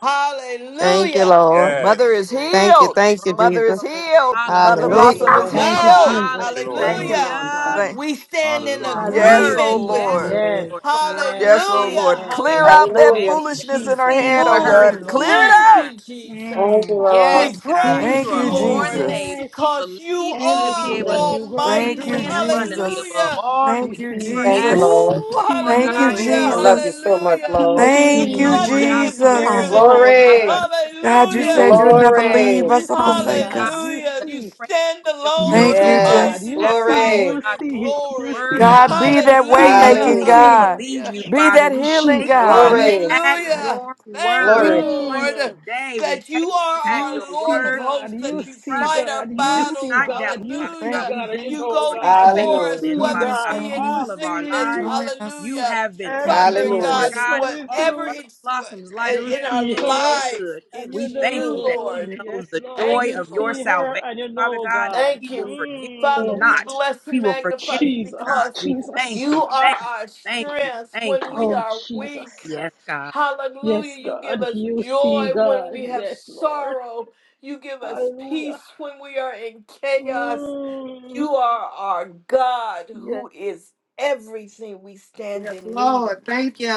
Speaker 9: Thank you,
Speaker 10: Hallelujah.
Speaker 9: Lord.
Speaker 2: Yes,
Speaker 6: Mother is
Speaker 12: Yes.
Speaker 2: Lord.
Speaker 9: Thank you,
Speaker 2: In
Speaker 6: healed.
Speaker 2: a
Speaker 9: thank you,
Speaker 2: roll,
Speaker 6: Mother is
Speaker 9: Jesus.
Speaker 2: roll.
Speaker 6: healed. Mother
Speaker 2: Hallelujah.
Speaker 9: Hallelujah.
Speaker 6: Blossom
Speaker 10: Praise
Speaker 6: is
Speaker 2: Roll.
Speaker 1: Thank you,
Speaker 6: healed.
Speaker 12: Hallelujah.
Speaker 10: God.
Speaker 1: Jesus.
Speaker 12: Thank you, Lord.
Speaker 1: Thank you,
Speaker 10: Hallelujah.
Speaker 1: Lord
Speaker 2: Hallelujah.
Speaker 1: God.
Speaker 6: Thank-
Speaker 10: We stand
Speaker 2: You
Speaker 10: in
Speaker 12: Hallelujah.
Speaker 2: are
Speaker 1: Hallelujah,
Speaker 6: yes, oh
Speaker 2: worthy.
Speaker 10: agreement
Speaker 1: Jesus.
Speaker 10: with
Speaker 2: Yes,
Speaker 6: Lord.
Speaker 10: her.
Speaker 1: Yes,
Speaker 2: Lord God.
Speaker 1: yes,
Speaker 6: Yes, oh
Speaker 2: Thank
Speaker 10: Hallelujah.
Speaker 6: Lord.
Speaker 2: you.
Speaker 1: yes.
Speaker 2: Thank
Speaker 6: Clear out
Speaker 2: you.
Speaker 6: that
Speaker 10: Hallelujah.
Speaker 2: Thank
Speaker 9: Hallelujah.
Speaker 2: you. That
Speaker 6: foolishness
Speaker 2: we
Speaker 6: in her
Speaker 1: Jesus.
Speaker 2: sing
Speaker 6: head, oh
Speaker 2: for her
Speaker 1: Thank
Speaker 2: in
Speaker 10: Oh,
Speaker 1: you,
Speaker 6: God.
Speaker 2: the
Speaker 1: Lord.
Speaker 6: Clear it
Speaker 10: thank
Speaker 2: meantime.
Speaker 6: out.
Speaker 10: you, Jesus.
Speaker 9: Thank you,
Speaker 1: Mm.
Speaker 9: Lord.
Speaker 10: We
Speaker 2: Yes, God,
Speaker 1: He
Speaker 10: praise
Speaker 2: you
Speaker 6: Thank
Speaker 10: you,
Speaker 2: are
Speaker 6: you,
Speaker 1: sees,
Speaker 2: more
Speaker 10: Lord,
Speaker 2: than able.
Speaker 6: Jesus.
Speaker 1: yes,
Speaker 2: We
Speaker 10: because you
Speaker 2: believe you to be
Speaker 10: are
Speaker 1: everything
Speaker 2: able to
Speaker 1: that
Speaker 2: do
Speaker 1: you're going
Speaker 6: Thank
Speaker 10: almighty.
Speaker 6: you,
Speaker 2: exceedingly and
Speaker 1: through.
Speaker 2: abundantly
Speaker 6: Jesus.
Speaker 2: above
Speaker 10: Hallelujah.
Speaker 2: all that
Speaker 1: He
Speaker 6: Thank
Speaker 2: we could
Speaker 6: you,
Speaker 1: sees
Speaker 2: ever
Speaker 9: Thank you,
Speaker 1: you.
Speaker 2: ask.
Speaker 6: Jesus.
Speaker 9: Lord.
Speaker 10: Ooh,
Speaker 1: He
Speaker 2: Lord
Speaker 6: Thank you,
Speaker 2: God, you
Speaker 10: hallelujah.
Speaker 9: I
Speaker 2: know
Speaker 1: knows.
Speaker 9: love you
Speaker 6: Jesus.
Speaker 9: so much,
Speaker 10: Hallelujah.
Speaker 1: He
Speaker 9: Lord.
Speaker 6: Thank
Speaker 2: somehow,
Speaker 6: you,
Speaker 2: Lord
Speaker 10: Nothing
Speaker 2: God,
Speaker 1: sees.
Speaker 10: is
Speaker 1: Yes,
Speaker 10: bigger
Speaker 6: Jesus.
Speaker 10: than
Speaker 7: Hallelujah.
Speaker 2: Lord
Speaker 1: Lord
Speaker 2: God,
Speaker 10: you.
Speaker 9: Glory.
Speaker 1: God.
Speaker 2: Lord, and we just
Speaker 6: God, you
Speaker 2: thank
Speaker 1: You
Speaker 10: Hallelujah.
Speaker 6: said you'll
Speaker 2: you so
Speaker 1: see,
Speaker 2: much,
Speaker 6: never
Speaker 1: God.
Speaker 6: leave
Speaker 9: Glory.
Speaker 1: You
Speaker 6: us or
Speaker 1: see,
Speaker 6: forsake
Speaker 1: God.
Speaker 2: God,
Speaker 6: us.
Speaker 1: You
Speaker 10: Hallelujah.
Speaker 2: that
Speaker 10: You
Speaker 1: see.
Speaker 2: the praise
Speaker 10: stand
Speaker 2: of your
Speaker 1: You
Speaker 10: alone in
Speaker 6: Thank
Speaker 2: children
Speaker 10: your
Speaker 6: you,
Speaker 1: see,
Speaker 2: would
Speaker 10: might
Speaker 1: God.
Speaker 6: Jesus.
Speaker 9: Yes.
Speaker 2: be
Speaker 10: and
Speaker 1: You
Speaker 10: your
Speaker 1: see.
Speaker 10: power
Speaker 9: Glory.
Speaker 1: You
Speaker 10: and
Speaker 2: God, that's
Speaker 10: your
Speaker 1: see. You
Speaker 2: your
Speaker 10: glory.
Speaker 2: word.
Speaker 1: see,
Speaker 2: That's
Speaker 6: God,
Speaker 2: what
Speaker 1: God.
Speaker 6: be
Speaker 1: You
Speaker 6: that
Speaker 2: you
Speaker 6: way
Speaker 1: see.
Speaker 2: say.
Speaker 1: You
Speaker 10: Hallelujah.
Speaker 6: making
Speaker 9: Hallelujah.
Speaker 2: We
Speaker 1: see.
Speaker 6: God.
Speaker 2: believe
Speaker 10: Hallelujah.
Speaker 2: you,
Speaker 6: Be
Speaker 2: Father.
Speaker 6: that
Speaker 2: We
Speaker 6: healing
Speaker 2: take
Speaker 1: Jesus.
Speaker 2: you
Speaker 6: God.
Speaker 1: You
Speaker 9: Glory.
Speaker 1: see,
Speaker 2: at
Speaker 1: God.
Speaker 10: Hallelujah.
Speaker 2: your
Speaker 10: Thank you,
Speaker 2: word.
Speaker 9: Glory.
Speaker 2: On
Speaker 10: Lord,
Speaker 1: Mm.
Speaker 2: today, we
Speaker 10: that
Speaker 2: take
Speaker 10: you
Speaker 2: you
Speaker 10: are
Speaker 2: at
Speaker 1: You
Speaker 2: your
Speaker 10: our Lord
Speaker 1: see,
Speaker 10: of
Speaker 2: word.
Speaker 1: God.
Speaker 10: hosts,
Speaker 1: You
Speaker 10: that
Speaker 2: We
Speaker 10: you
Speaker 1: see,
Speaker 2: trust and
Speaker 10: fight
Speaker 1: God.
Speaker 10: our
Speaker 2: we
Speaker 1: You
Speaker 2: do
Speaker 10: battles.
Speaker 1: see,
Speaker 2: not
Speaker 1: God.
Speaker 2: doubt,
Speaker 1: You
Speaker 2: Father
Speaker 1: see,
Speaker 2: God.
Speaker 6: Thank
Speaker 10: Hallelujah.
Speaker 6: you,
Speaker 2: We
Speaker 1: God.
Speaker 2: thank
Speaker 1: You
Speaker 6: Jesus.
Speaker 10: You
Speaker 2: you
Speaker 1: know,
Speaker 2: for
Speaker 10: go
Speaker 2: your
Speaker 1: God. You
Speaker 10: before us,
Speaker 9: Hallelujah.
Speaker 2: faithfulness,
Speaker 1: see,
Speaker 10: whether
Speaker 6: Join
Speaker 2: Father
Speaker 6: us,
Speaker 10: it
Speaker 2: God.
Speaker 1: God.
Speaker 10: be in
Speaker 6: family.
Speaker 1: You
Speaker 2: All of our
Speaker 10: sickness.
Speaker 1: see
Speaker 2: lives,
Speaker 6: Join us.
Speaker 2: you
Speaker 10: Hallelujah.
Speaker 2: have been
Speaker 6: Thank you,
Speaker 10: Father
Speaker 1: everything
Speaker 2: faithful,
Speaker 10: and
Speaker 1: that
Speaker 2: Lord
Speaker 9: Hallelujah.
Speaker 10: God,
Speaker 1: she's
Speaker 6: Jesus.
Speaker 2: God, and
Speaker 1: going
Speaker 2: all of
Speaker 10: whatever
Speaker 1: through.
Speaker 2: Mother
Speaker 10: it's
Speaker 2: Blossom's
Speaker 10: uh,
Speaker 2: life,
Speaker 1: You
Speaker 2: you
Speaker 10: in
Speaker 2: have
Speaker 10: our
Speaker 1: see
Speaker 2: been
Speaker 1: her
Speaker 2: so
Speaker 10: life,
Speaker 2: good.
Speaker 1: and you
Speaker 2: We
Speaker 10: it's
Speaker 2: thank
Speaker 10: you,
Speaker 2: you that
Speaker 1: know,
Speaker 2: she
Speaker 10: Lord.
Speaker 2: knows
Speaker 1: yes,
Speaker 2: the
Speaker 1: Lord,
Speaker 2: joy
Speaker 10: Thank
Speaker 1: you
Speaker 10: you,
Speaker 2: of your
Speaker 1: see
Speaker 10: Lord.
Speaker 1: her
Speaker 2: salvation,
Speaker 1: and you
Speaker 2: Father
Speaker 1: know,
Speaker 2: God, and
Speaker 1: God.
Speaker 10: Thank
Speaker 2: she will
Speaker 10: you.
Speaker 2: forget
Speaker 1: Mm,
Speaker 2: you
Speaker 10: Father,
Speaker 1: Oh,
Speaker 10: we
Speaker 2: not.
Speaker 10: bless
Speaker 2: He
Speaker 10: and
Speaker 2: will forget
Speaker 10: magnify
Speaker 2: you,
Speaker 10: you
Speaker 1: Jesus,
Speaker 2: God.
Speaker 10: because
Speaker 2: We thank
Speaker 1: Jesus,
Speaker 10: you
Speaker 2: you,
Speaker 10: are
Speaker 2: thank you,
Speaker 10: our
Speaker 2: thank you,
Speaker 10: strength
Speaker 2: thank
Speaker 10: when
Speaker 2: you.
Speaker 10: we
Speaker 1: oh,
Speaker 10: are weak.
Speaker 1: Jesus.
Speaker 2: Yes, God.
Speaker 10: Hallelujah.
Speaker 1: Yes,
Speaker 10: You
Speaker 1: God,
Speaker 10: give us
Speaker 1: you
Speaker 10: joy
Speaker 1: see,
Speaker 10: when
Speaker 1: God.
Speaker 10: we have
Speaker 1: Yes, Lord.
Speaker 10: sorrow. You give us
Speaker 1: Hallelujah.
Speaker 10: peace when we are in chaos.
Speaker 1: Mm,
Speaker 10: You are our God
Speaker 1: yes,
Speaker 10: who is everything we stand
Speaker 9: Yes,
Speaker 10: in need of.
Speaker 9: Lord. Thank you.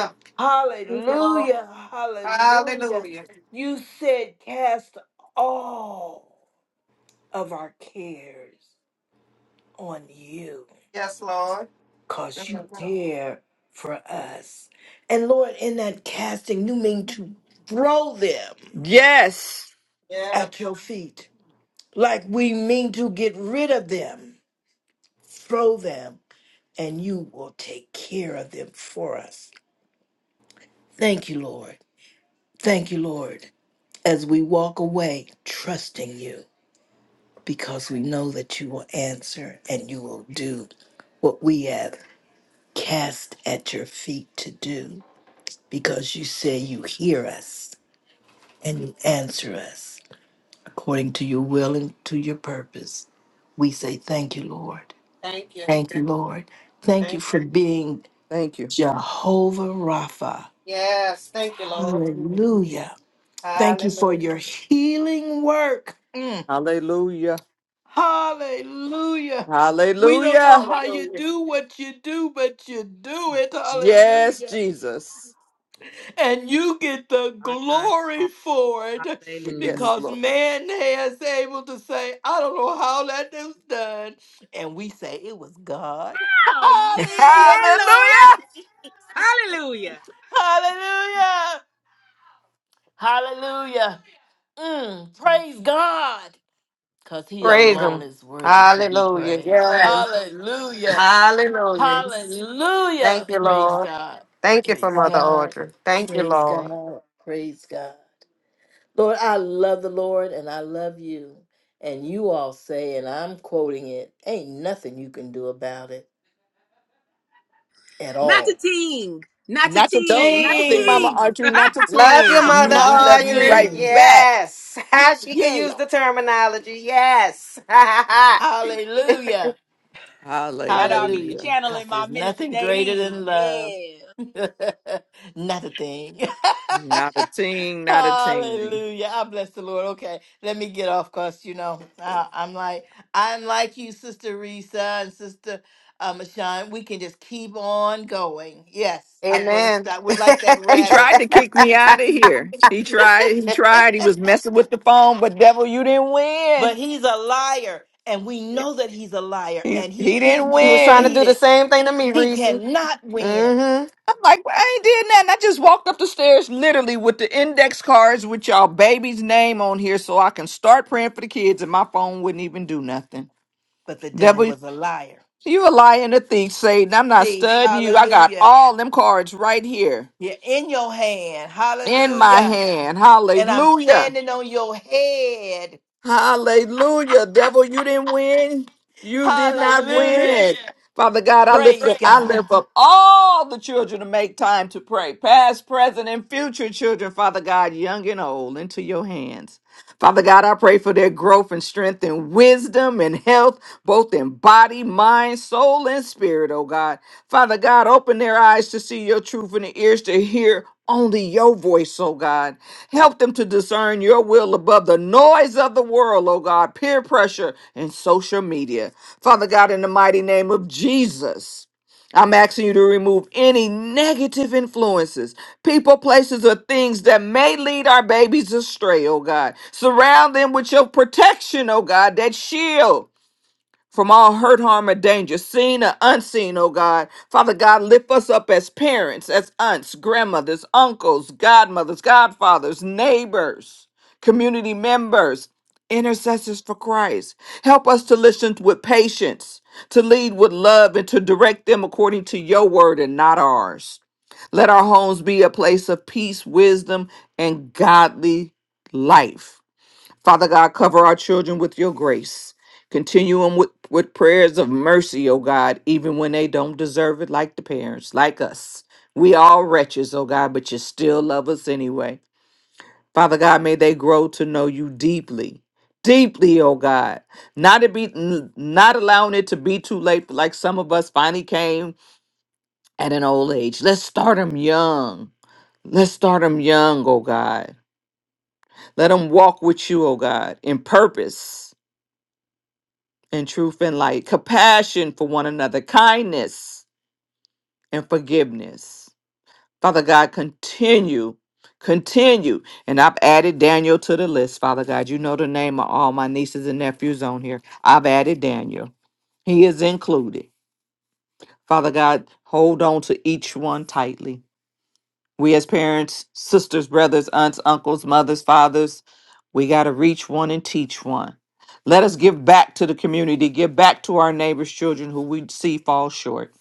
Speaker 9: Thank you, Lord.
Speaker 10: Hallelujah. Hallelujah.
Speaker 9: Hallelujah.
Speaker 10: You said, cast all of our cares on you
Speaker 9: Yes, Lord.
Speaker 10: because you
Speaker 9: Mhm.
Speaker 10: care for us. And Lord, in that casting, you mean to throw them
Speaker 6: Yes.
Speaker 9: Yeah.
Speaker 10: at your feet. Like we mean to get rid of them, throw them, and you will take care of them for us. Thank you, Lord. Thank you, Lord, as we walk away trusting you because we know that you will answer and you will do what we have cast at your feet to do. because you say you hear us and you answer us according to your will and to your purpose. We say thank you, Lord.
Speaker 9: Thank you.
Speaker 10: Thank you, Lord. Thank you
Speaker 9: Thank you.
Speaker 10: for being
Speaker 6: Thank you.
Speaker 10: Jehovah Rapha.
Speaker 9: Yes, thank you, Lord.
Speaker 10: Hallelujah. Thank you for your
Speaker 9: Hallelujah.
Speaker 10: healing work. Mm.
Speaker 6: Hallelujah.
Speaker 10: Hallelujah. We don't know
Speaker 6: Hallelujah.
Speaker 10: how you
Speaker 9: Hallelujah.
Speaker 10: do what you do, but you do it.
Speaker 6: Yes,
Speaker 10: Hallelujah.
Speaker 6: Jesus.
Speaker 10: and you get the
Speaker 2: Our God is
Speaker 10: glory
Speaker 2: awesome.
Speaker 10: for it
Speaker 6: Yes,
Speaker 2: Hallelujah.
Speaker 10: because
Speaker 6: Lord.
Speaker 10: man has able to say, I don't know how that was done. And we say it was God.
Speaker 2: Oh,
Speaker 10: Hallelujah.
Speaker 2: yeah, Lord.
Speaker 6: Hallelujah.
Speaker 2: Hallelujah.
Speaker 10: Hallelujah. Hallelujah. Mm, praise God. Because he
Speaker 9: Praise
Speaker 10: alone
Speaker 9: Him.
Speaker 10: is worthy to be
Speaker 9: Hallelujah.
Speaker 10: praised.
Speaker 9: Yes.
Speaker 10: Hallelujah.
Speaker 9: Hallelujah. Thank
Speaker 10: Hallelujah.
Speaker 9: you,
Speaker 10: Praise
Speaker 9: Lord.
Speaker 10: God.
Speaker 9: Thank you for
Speaker 10: Praise
Speaker 9: Mother
Speaker 10: God.
Speaker 9: Audrey. Thank you,
Speaker 10: Praise
Speaker 9: Lord.
Speaker 10: God. Praise God. Lord, I love the Lord and I love you. And you all say, and I'm quoting it, ain't nothing you can do about it at
Speaker 2: Not a
Speaker 10: all.
Speaker 2: ting. Not a
Speaker 6: Not your
Speaker 2: ting.
Speaker 10: Don't
Speaker 2: Not a
Speaker 6: team, Mama
Speaker 10: sing,
Speaker 2: ting.
Speaker 6: Archery, not your
Speaker 9: Love you,
Speaker 6: team.
Speaker 9: Mother
Speaker 6: And
Speaker 10: not
Speaker 6: we
Speaker 10: a
Speaker 6: love you
Speaker 9: Audrey.
Speaker 6: right
Speaker 10: thing.
Speaker 6: back.
Speaker 9: Yes. she could
Speaker 10: Yeah,
Speaker 9: use the terminology. Yes.
Speaker 10: hallelujah.
Speaker 2: Y'all know I be
Speaker 10: Hallelujah.
Speaker 6: Hallelujah.
Speaker 10: Because
Speaker 2: channeling my
Speaker 10: there's
Speaker 2: minister,
Speaker 10: nothing greater
Speaker 2: Daddy.
Speaker 10: than love.
Speaker 2: Yeah.
Speaker 10: Not a thing.
Speaker 6: Not a team, not a team.
Speaker 10: Hallelujah. I bless the Lord. Okay, let me get off because, you know, I, I'm like, I'm like you, Sister Risa and Sister uh, Mashawn. We can just keep on going. Yes, I'm going to
Speaker 9: Amen.
Speaker 10: stop. We're like that
Speaker 6: He tried
Speaker 10: rabbit.
Speaker 6: to kick me out of here. He tried. He tried. He was messing with the phone, but devil, you didn't win.
Speaker 10: but he's a liar, and we know that he's a liar,
Speaker 6: He
Speaker 10: and he
Speaker 6: he
Speaker 10: is
Speaker 6: didn't
Speaker 9: he was trying to
Speaker 6: win.
Speaker 9: do the
Speaker 10: defeated. He
Speaker 9: reason.
Speaker 10: cannot win.
Speaker 6: I'm like, well, I ain't did nothing. I just walked up the stairs, literally, with the index cards with y'all baby's name on here, so I can start praying for the kids, and my phone wouldn't even do nothing.
Speaker 10: but the devil
Speaker 6: Devil,
Speaker 10: was a liar.
Speaker 6: you a liar and a thief, Satan. I'm not
Speaker 10: See,
Speaker 6: studying you. I got
Speaker 10: hallelujah.
Speaker 6: all them cards right here
Speaker 10: You're in your hand.
Speaker 6: in my
Speaker 10: Hallelujah.
Speaker 6: hand.
Speaker 10: And I'm
Speaker 6: Hallelujah.
Speaker 10: standing on your head.
Speaker 6: Hallelujah. Devil, you didn't win. You did not
Speaker 10: Hallelujah.
Speaker 6: win. Father God, I lift
Speaker 10: Praise
Speaker 6: up, I
Speaker 10: God.
Speaker 6: lift up all the children to make time to pray, past, present, and future children, Father God, young and old, into your hands. Father God, I pray for their growth and strength and wisdom and health, both in body, mind, soul, and spirit, oh God. Father God, open their eyes to see your truth and their ears to hear only your voice, oh God. Help them to discern your will above the noise of the world, oh God, peer pressure and social media. Father God, in the mighty name of Jesus. I'm asking you to remove any negative influences, people, places, or things that may lead our babies astray, oh God. Surround them with your protection, oh God, that shield from all hurt, harm, or danger, seen or unseen, oh God. Father God, lift us up as parents, as aunts, grandmothers, uncles, godmothers, godfathers, neighbors, community members, intercessors for Christ. Help us to listen with patience, to lead with love, and to direct them according to your word and not ours. Let our homes be a place of peace, wisdom, and godly life. Father God, cover our children with your grace. Continue them with, with prayers of mercy, oh God, even when they don't deserve it, like the parents, like us. We all wretches, oh God, but you still love us anyway. Father God, may they grow to know you deeply, deeply, oh God. Not to be n- not allowing it to be too late, like some of us finally came at an old age. Let's start them young. Let's start them young, oh God. Let them walk with you, oh God, in purpose And truth and light, compassion for one another, kindness and forgiveness. Father God, continue, continue. And I've added Daniel to the list, Father God. You know the name of all my nieces and nephews on here. I've added Daniel, he is included. Father God, hold on to each one tightly. We as parents, sisters, brothers, aunts, uncles, mothers, fathers, we got to reach one and teach one. Let us give back to the community, give back to our neighbors' children who we see fall short.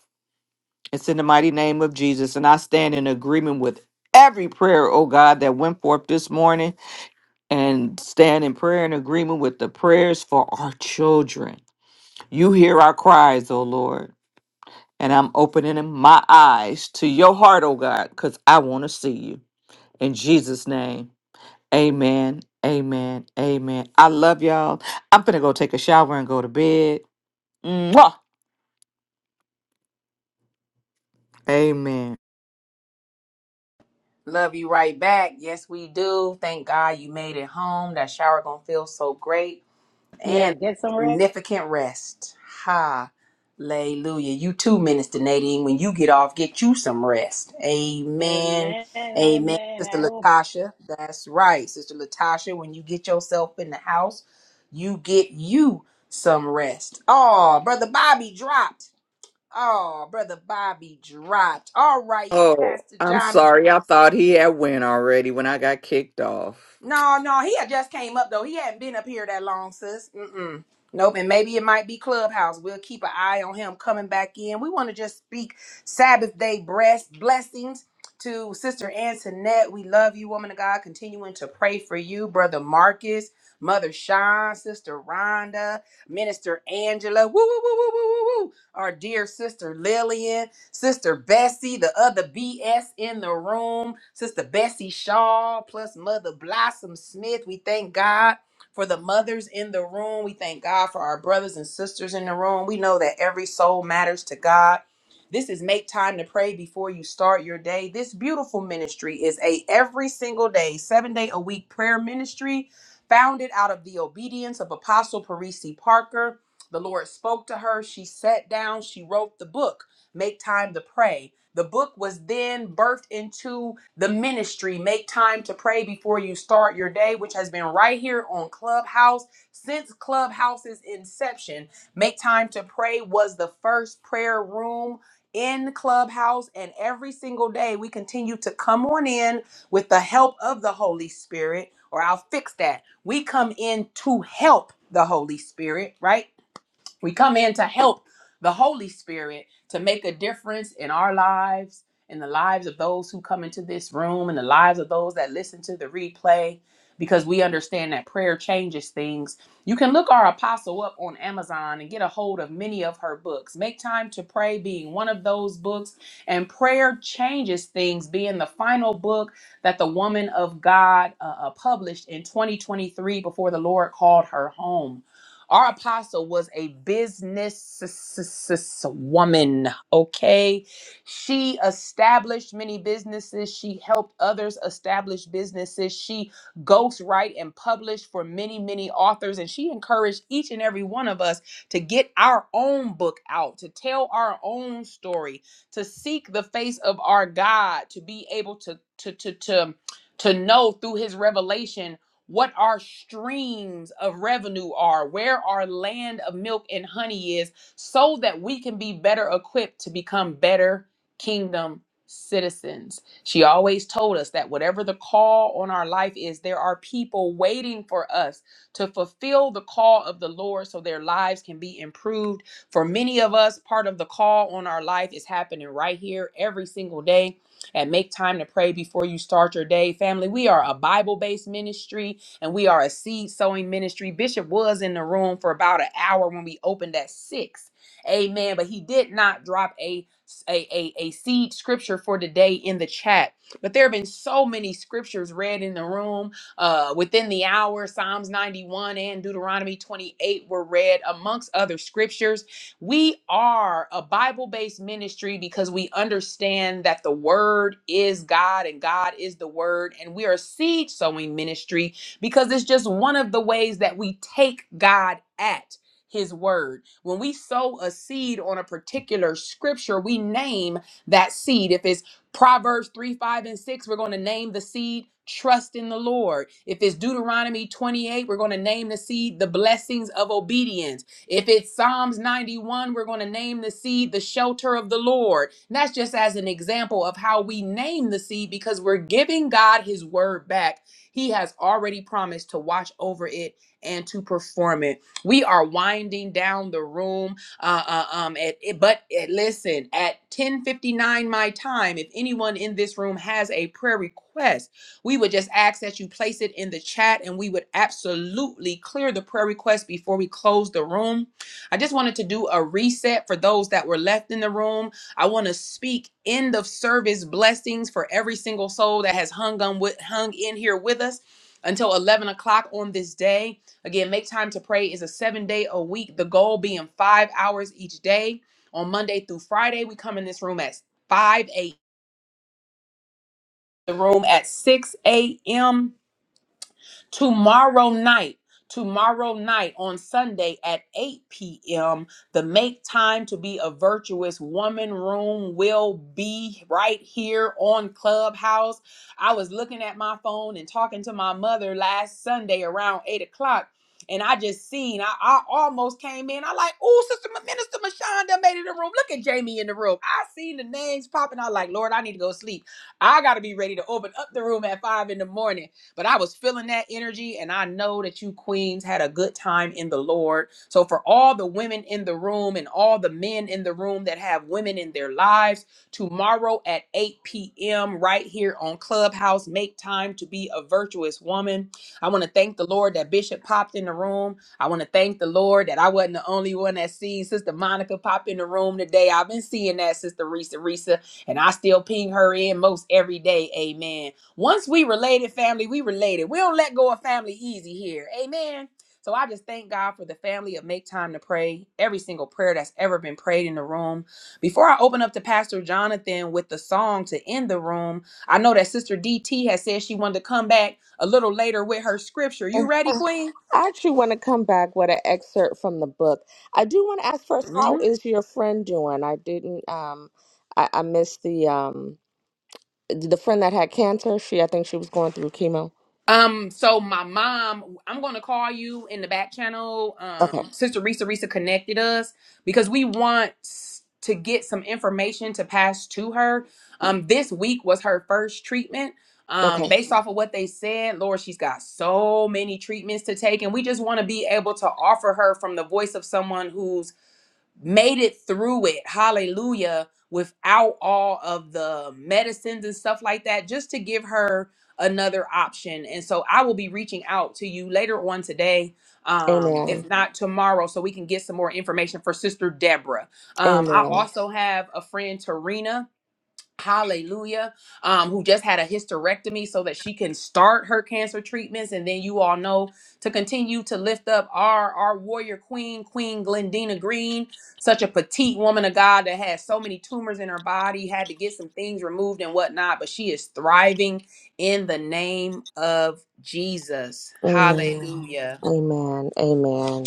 Speaker 6: It's in the mighty name of Jesus. And I stand in agreement with every prayer, oh God, that went forth this morning and stand in prayer and agreement with the prayers for our children. You hear our cries, oh Lord. And I'm opening my eyes to your heart, oh God, because I want to see you. In Jesus' name. Amen. Amen. Amen. I love y'all. I'm gonna go take a shower and go to bed. Mwah! Amen.
Speaker 2: Love you right back. Yes, we do. Thank God you made it home. That shower gonna feel so great. and
Speaker 1: yes, get some rest.
Speaker 2: significant rest. Hallelujah. You too, Minister Nadine. When you get off, get you some rest. Amen.
Speaker 1: Amen,
Speaker 2: Amen.
Speaker 1: amen.
Speaker 2: Sister
Speaker 1: I hope.
Speaker 2: Latasha. That's right. Sister Latasha, when you get yourself in the house, you get you some rest. Oh, Brother Bobby dropped. Oh, Brother Bobby dropped. All right,
Speaker 6: Oh,
Speaker 2: Pastor
Speaker 6: I'm
Speaker 2: Jonathan.
Speaker 6: sorry. I thought he had went already when I got kicked off.
Speaker 2: No, no, he had just came up though. He hadn't been up here that long, sis. Mm-mm. Nope, and maybe it might be Clubhouse. We'll keep an eye on him coming back in. We want to just speak Sabbath day breast blessings to Sister Antoinette. We love you, woman of God. Continuing to pray for you, brother Marcus, Mother Sean, Sister Rhonda, Minister Angela. Woo, woo, woo, woo, woo, woo, woo. Our dear sister Lillian. Sister Bessie, the other BS in the room, Sister Bessie Shaw, plus Mother Blossom Smith. We thank God for the mothers in the room. We thank God for our brothers and sisters in the room. We know that every soul matters to God. This is make time to pray before you start your day. This beautiful ministry is a every single day, 7 day a week prayer ministry founded out of the obedience of Apostle Parisi Parker. The Lord spoke to her, she sat down, she wrote the book. Make Time to Pray. The book was then birthed into the ministry, Make Time to Pray Before You Start Your Day, which has been right here on Clubhouse since Clubhouse's inception. Make Time to Pray was the first prayer room in Clubhouse, and every single day we continue to come on in with the help of the Holy Spirit, or I'll fix that. We come in to help the Holy Spirit, right? We come in to help the Holy Spirit to make a difference in our lives, in the lives of those who come into this room, in the lives of those that listen to the replay, because we understand that prayer changes things. You can look our apostle up on Amazon and get a hold of many of her books. Make Time to Pray being one of those books, and Prayer Changes Things being the final book that the woman of God uh, uh, published in 2023 before the Lord called her home. Our apostle was a business woman, okay? She established many businesses. She helped others establish businesses. She ghostwrite and published for many, many authors. And she encouraged each and every one of us to get our own book out, to tell our own story, to seek the face of our God, to be able to, to, to, to, to know through his revelation what our streams of revenue are, where our land of milk and honey is, so that we can be better equipped to become better kingdom citizens. She always told us that whatever the call on our life is, there are people waiting for us to fulfill the call of the Lord so their lives can be improved. For many of us, part of the call on our life is happening right here every single day. And make time to pray before you start your day. Family, we are a Bible based ministry and we are a seed sowing ministry. Bishop was in the room for about an hour when we opened at six. Amen. But he did not drop a a, a, a seed scripture for today in the chat. But there have been so many scriptures read in the room uh, within the hour. Psalms 91 and Deuteronomy 28 were read, amongst other scriptures. We are a Bible based ministry because we understand that the Word is God and God is the Word. And we are a seed sowing ministry because it's just one of the ways that we take God at his word. When we sow a seed on a particular scripture, we name that seed. If it's Proverbs 3, 5, and 6, we're going to name the seed trust in the Lord. If it's Deuteronomy 28, we're going to name the seed the blessings of obedience. If it's Psalms 91, we're going to name the seed the shelter of the Lord. And that's just as an example of how we name the seed because we're giving God his word back he has already promised to watch over it and to perform it. We are winding down the room. Uh, uh, um, at, it- but uh, listen, at 10:59 my time, if anyone in this room has a prayer request, we would just ask that you place it in the chat, and we would absolutely clear the prayer request before we close the room. I just wanted to do a reset for those that were left in the room. I want to speak end of service blessings for every single soul that has hung on with hung in here with us until 11 o'clock on this day. Again, make time to pray is a seven day a week. The goal being five hours each day. On Monday through Friday, we come in this room at 5 a.m. The room at 6 a.m. Tomorrow night, tomorrow night on Sunday at 8 p.m., the Make Time to Be a Virtuous Woman room will be right here on Clubhouse. I was looking at my phone and talking to my mother last Sunday around 8 o'clock. And I just seen, I, I almost came in. I like, oh, Sister Ma- Minister Mashonda made it in the room. Look at Jamie in the room. I seen the names popping. I like, Lord, I need to go sleep. I gotta be ready to open up the room at five in the morning. But I was feeling that energy, and I know that you queens had a good time in the Lord. So, for all the women in the room and all the men in the room that have women in their lives, tomorrow at 8 p.m., right here on Clubhouse, make time to be a virtuous woman. I want to thank the Lord that Bishop popped in the room. I want to thank the Lord that I wasn't the only one that seen Sister Monica pop in the room today. I've been seeing that, Sister Risa Risa, and I still ping her in most every day. Amen. Once we related, family, we related. We don't let go of family easy here. Amen. So I just thank God for the family of Make Time to Pray, every single prayer that's ever been prayed in the room. Before I open up to Pastor Jonathan with the song to end the room, I know that Sister DT has said she wanted to come back a little later with her scripture. You ready, Queen?
Speaker 7: I actually want to come back with an excerpt from the book. I do want to ask first,
Speaker 2: Mm-hmm.
Speaker 7: how is your friend doing? I didn't, um, I, I missed the um, the friend that had cancer. She, I think she was going through chemo.
Speaker 2: Um, so my mom, I'm gonna call you in the back channel.
Speaker 7: Okay,
Speaker 2: Um, Sister Risa Risa connected us because we want to get some information to pass to her. Um, this week was her first treatment. Um,
Speaker 7: okay.
Speaker 2: based off of what they said, Lord, she's got so many treatments to take, and we just want to be able to offer her from the voice of someone who's made it through it, hallelujah, without all of the medicines and stuff like that, just to give her another option. And so I will be reaching out to you later on today, um,
Speaker 7: Amen.
Speaker 2: if not tomorrow, so we can get some more information for Sister Deborah. Um, I
Speaker 7: Amen.
Speaker 2: also have a friend, Tarina hallelujah um who just had a hysterectomy so that she can start her cancer treatments and then you all know to continue to lift up our our warrior queen queen glendina green such a petite woman of god that has so many tumors in her body had to get some things removed and whatnot but she is thriving in the name of jesus
Speaker 7: Amen.
Speaker 2: hallelujah
Speaker 7: Amen. Amen.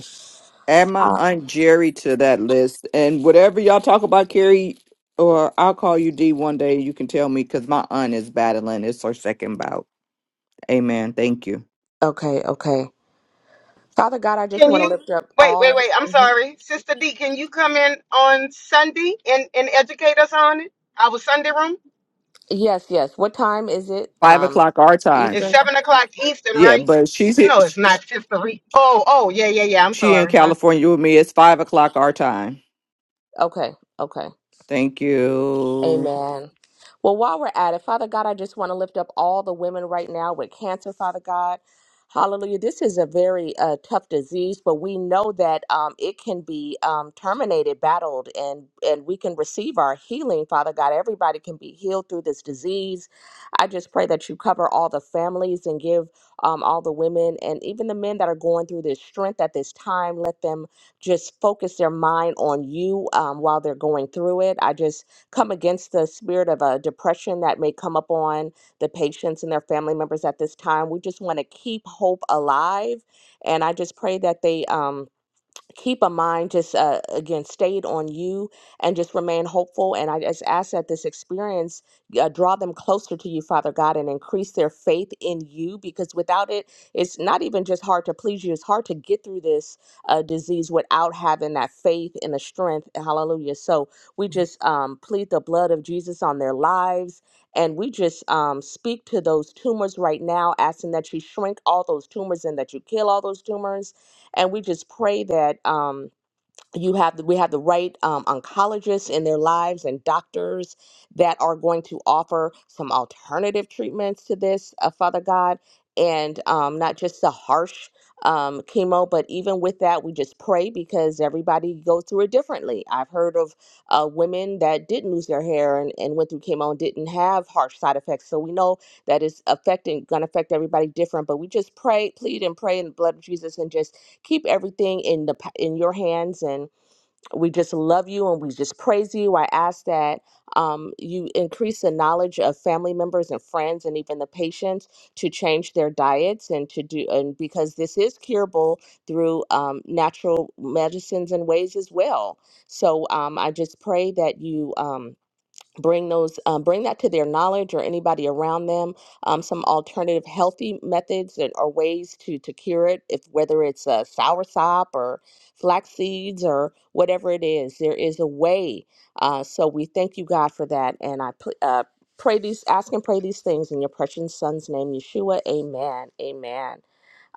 Speaker 6: Add my
Speaker 7: Uh,
Speaker 6: Aunt Jerry to that list. And whatever y'all talk about, Carrie, or I'll call you D one day, you can tell me because my aunt is battling. It's her second bout. Amen. Thank you.
Speaker 7: okay, okay. Father God, I just
Speaker 9: Can
Speaker 7: want to
Speaker 9: you
Speaker 7: lift up
Speaker 9: wait, wait,
Speaker 7: all.
Speaker 9: wait. I'm
Speaker 7: The, Mhm.
Speaker 9: sorry. Sister D, can you come in on Sunday and, and educate us on it? Our Sunday room?
Speaker 7: Yes, yes. What time is it?
Speaker 6: Five
Speaker 7: Um,
Speaker 6: o'clock our time.
Speaker 9: It's
Speaker 7: Eastern.
Speaker 9: seven o'clock Eastern,
Speaker 6: Yeah,
Speaker 9: right?
Speaker 6: but she's
Speaker 9: No, it's not Sister Re- Oh, oh, yeah, yeah, yeah. I'm
Speaker 6: she in
Speaker 9: sorry. My
Speaker 6: California with me. It's five o'clock our time.
Speaker 7: Okay, okay.
Speaker 6: Thank you.
Speaker 7: Amen. Well, while we're at it, Father God, I just want to lift up all the women right now with cancer, Father God. Hallelujah. This is a very uh, tough disease, but we know that um, it can be um, terminated, battled, and, and we can receive our healing, Father God. Everybody can be healed through this disease. I just pray that you cover all the families and give um, all the women and even the men that are going through this strength at this time. Let them just focus their mind on you um, while they're going through it. I just come against the spirit of uh, depression that may come upon the patients and their family members at this time. We just want to keep hope alive. And I just pray that they. Um, keep a mind just uh, again stayed on you and just remain hopeful and i just ask that this experience uh, draw them closer to you father god and increase their faith in you because without it it's not even just hard to please you it's hard to get through this uh, disease without having that faith and the strength hallelujah so we just um, plead the blood of jesus on their lives and we just um, speak to those tumors right now asking that you shrink all those tumors and that you kill all those tumors and we just pray that um, you have the, we have the right um, oncologists in their lives and doctors that are going to offer some alternative treatments to this, uh, Father God, and um, not just the harsh um, chemo, but even with that, we just pray because everybody goes through it differently. I've heard of uh, women that didn't lose their hair and, and went through chemo and didn't have harsh side effects. So we know that is affecting going to affect everybody different but we just pray plead and pray in the blood of jesus and just keep everything in the in your hands and we just love you and we just praise you i ask that um, you increase the knowledge of family members and friends and even the patients to change their diets and to do and because this is curable through um, natural medicines and ways as well so um, i just pray that you um, bring those um, bring that to their knowledge or anybody around them um, some alternative healthy methods and or ways to to cure it if whether it's a sour sop or flax seeds or whatever it is there is a way uh, so we thank you god for that and i pl- uh, pray these ask and pray these things in your precious son's name yeshua amen amen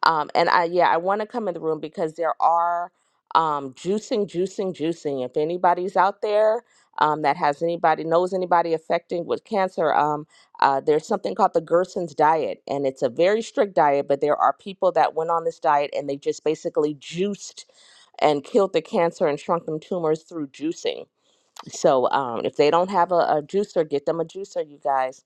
Speaker 7: um, and I, yeah, I want to come in the room because there are um, juicing, juicing, juicing. If anybody's out there um, that has anybody, knows anybody affecting with cancer, um, uh, there's something called the Gerson's diet. And it's a very strict diet, but there are people that went on this diet and they just basically juiced and killed the cancer and shrunk them tumors through juicing. So um, if they don't have a, a juicer, get them a juicer, you guys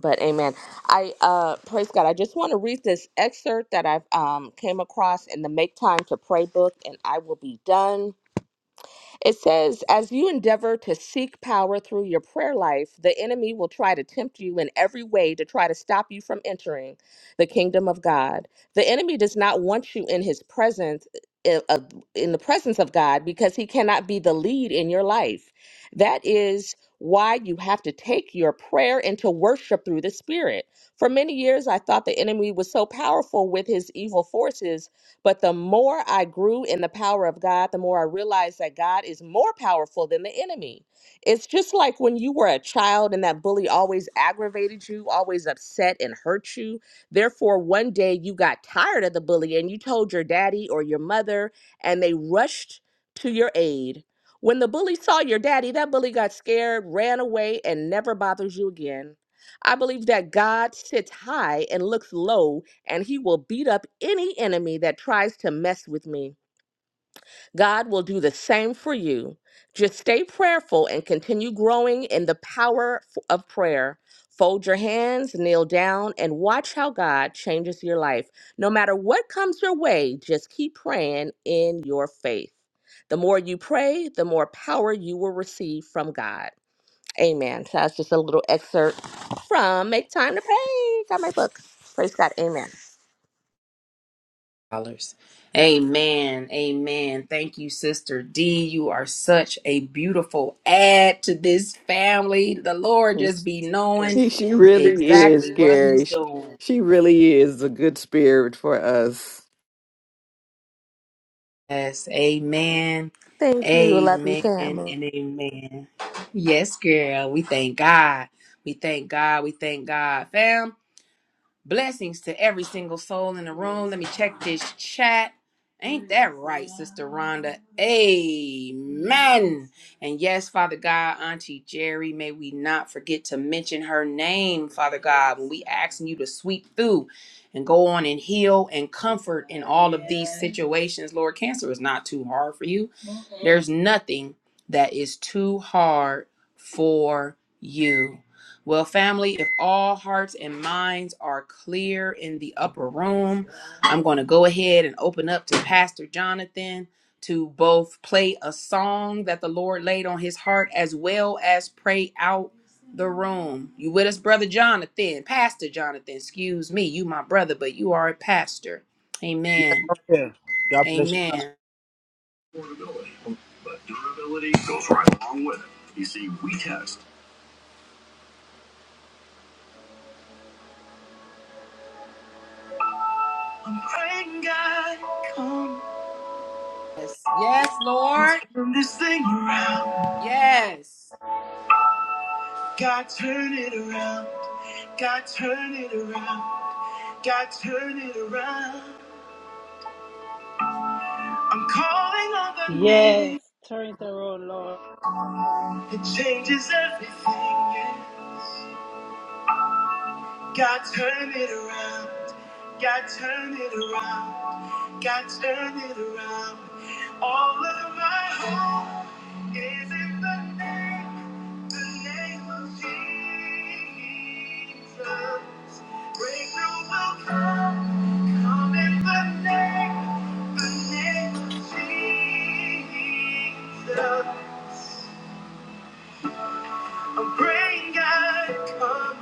Speaker 7: but amen i uh praise god i just want to read this excerpt that i've um came across in the make time to pray book and i will be done it says, as you endeavor to seek power through your prayer life, the enemy will try to tempt you in every way to try to stop you from entering the kingdom of God. The enemy does not want you in his presence. eh, eh, of- In the presence of God, because He cannot be the lead in your life. That is why you have to take your prayer into worship through the Spirit. For many years, I thought the enemy was so powerful with his evil forces but the more I grew in the power of God, the more I realized that God is more powerful than the enemy. It's just like when you were a child and that bully always aggravated you, always upset and hurt you. Therefore, one day you got tired of the bully and you told your daddy or your mother, and they rushed to your aid. When the bully saw your daddy, that bully got scared, ran away, and never bothers you again. I believe that God sits high and looks low and he will beat up any enemy that tries to mess with me. God will do the same for you. Just stay prayerful and continue growing in the power f- of prayer. Fold your hands, kneel down, and watch how God changes your life. No matter what comes your way, just keep praying in your faith. The more you pray, the more power you will receive from God. Amen. So that's just a little excerpt from Make Time to Pray. Got my book. Praise God. Amen.
Speaker 2: dollars. Amen. Amen. Thank you, Sister D. You are such a beautiful add to this family. The Lord just
Speaker 6: It's-
Speaker 2: be knowing
Speaker 6: She really is,
Speaker 2: exactly what
Speaker 6: Carrie.
Speaker 2: He's
Speaker 6: She
Speaker 2: doing.
Speaker 6: she really is a good spirit for us.
Speaker 2: Yes. Amen.
Speaker 7: Thank you, lovely
Speaker 2: Amen and
Speaker 7: family.
Speaker 2: amen. Yes, girl. We thank God. We thank God. We thank God. Fam. Blessings to every single soul in the room. Let me check this chat. Ain't that right, Sister Rhonda? Amen. And yes, Father God, Auntie Jerry, may we not forget to mention her name, Father God, when we asking you to sweep through and go on and heal and comfort in all of these situations. Lord, cancer is not too hard for you. There's nothing that is too hard for you. Well, family, if all hearts and minds are clear in the upper room, I'm going to go ahead and open up to Pastor Jonathan to both play a song that the Lord laid on his heart as well as pray out the room. You with us, Brother Jonathan? Pastor Jonathan, excuse me. You my brother, but you are a pastor. Amen.
Speaker 11: Yes, okay. God bless you.
Speaker 2: Amen.
Speaker 11: Durability goes right along with it. You see, we test. I'm praying God, come
Speaker 2: Yes, yes,
Speaker 11: and
Speaker 2: Lord.
Speaker 11: turn this thing around.
Speaker 2: Yes.
Speaker 11: God, turn it around. God, turn it around. God, turn it around. I'm calling on the
Speaker 1: Yes,
Speaker 11: name
Speaker 1: turn it around, Lord.
Speaker 11: that changes everything. Yeah. God turn it around. God turn it around. God turn it around. All of my hope is in the name, the name of Jesus. Breakthrough will come, come in the name, the name of Jesus. I'm praying God come.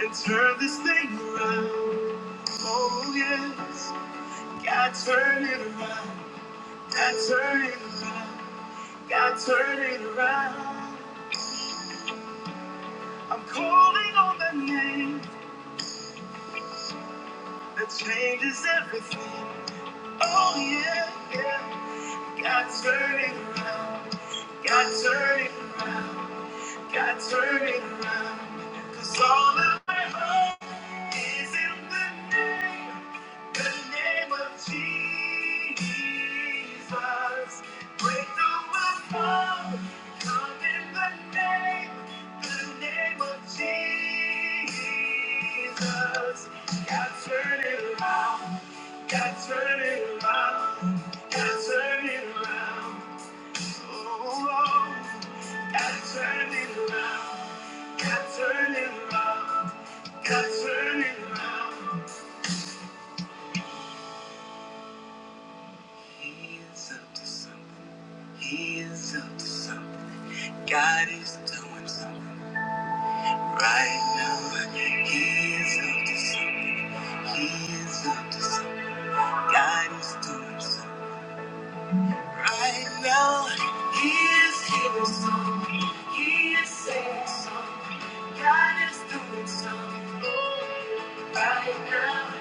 Speaker 11: and turn this thing around. Oh yes, God turn it around. God turn it around. God turn it around. I'm calling on the name that changes everything. Oh yeah, yeah. God turn it around. God turn it around. God turn it around. Cause all of my hope is in the name, the name of Jesus. Breakthrough will come, come in the name, the name of Jesus. God turn it around, God turn it around, God turn it around. God is doing something right now. He is up to something. He is up to something. God is doing something. Right now, he is healing something. He is saying something. God is doing something. Right now,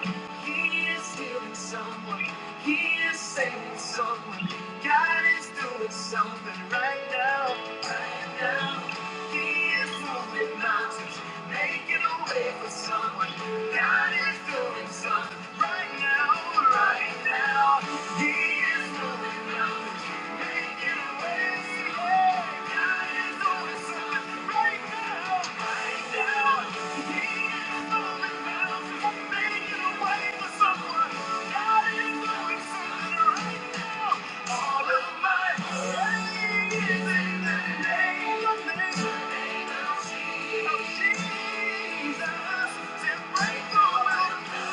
Speaker 11: he is healing someone. He is saving someone. God is doing something right now. Right now, he is moving mountains, making a way for someone. God is doing something right now. Right now. Jesus. Thank you. Jesus,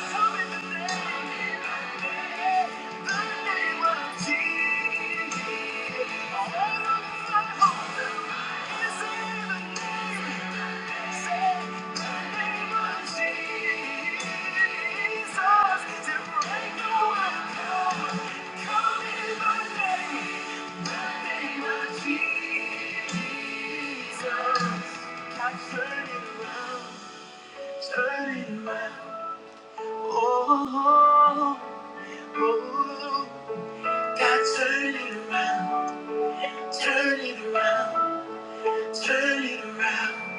Speaker 11: I turn it around, turn it around. Oh, oh, oh, God, turn it around, turn it around, turn it around.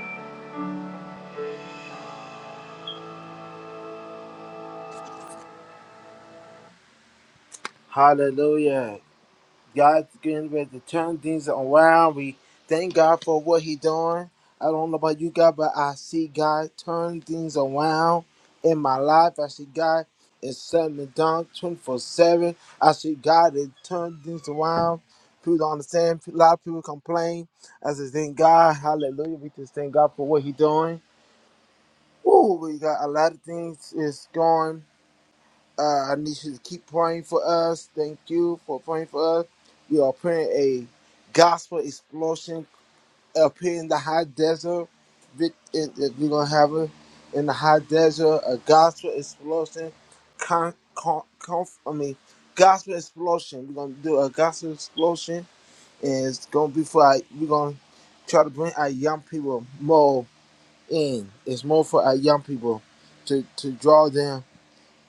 Speaker 11: Hallelujah. God's getting ready to turn things around. We thank God for what He doing. I don't know about you guys, but I see God turn things around in my life. I see God is setting me down 24 7. I see God is turning things around. People don't understand. A lot of people complain. I just thank God. Hallelujah. We just thank God for what He doing. Ooh, we got a lot of things is going. Uh, I need you to keep praying for us. Thank you for praying for us. We are praying a gospel explosion up here in the high desert. Vic- in- in- We're going to have it in the high desert, a gospel explosion. Con, con, conf, I mean, gospel explosion. We're going to do a gospel explosion. And it's going to be for our, we're going to try to bring our young people more in. It's more for our young people to, to draw them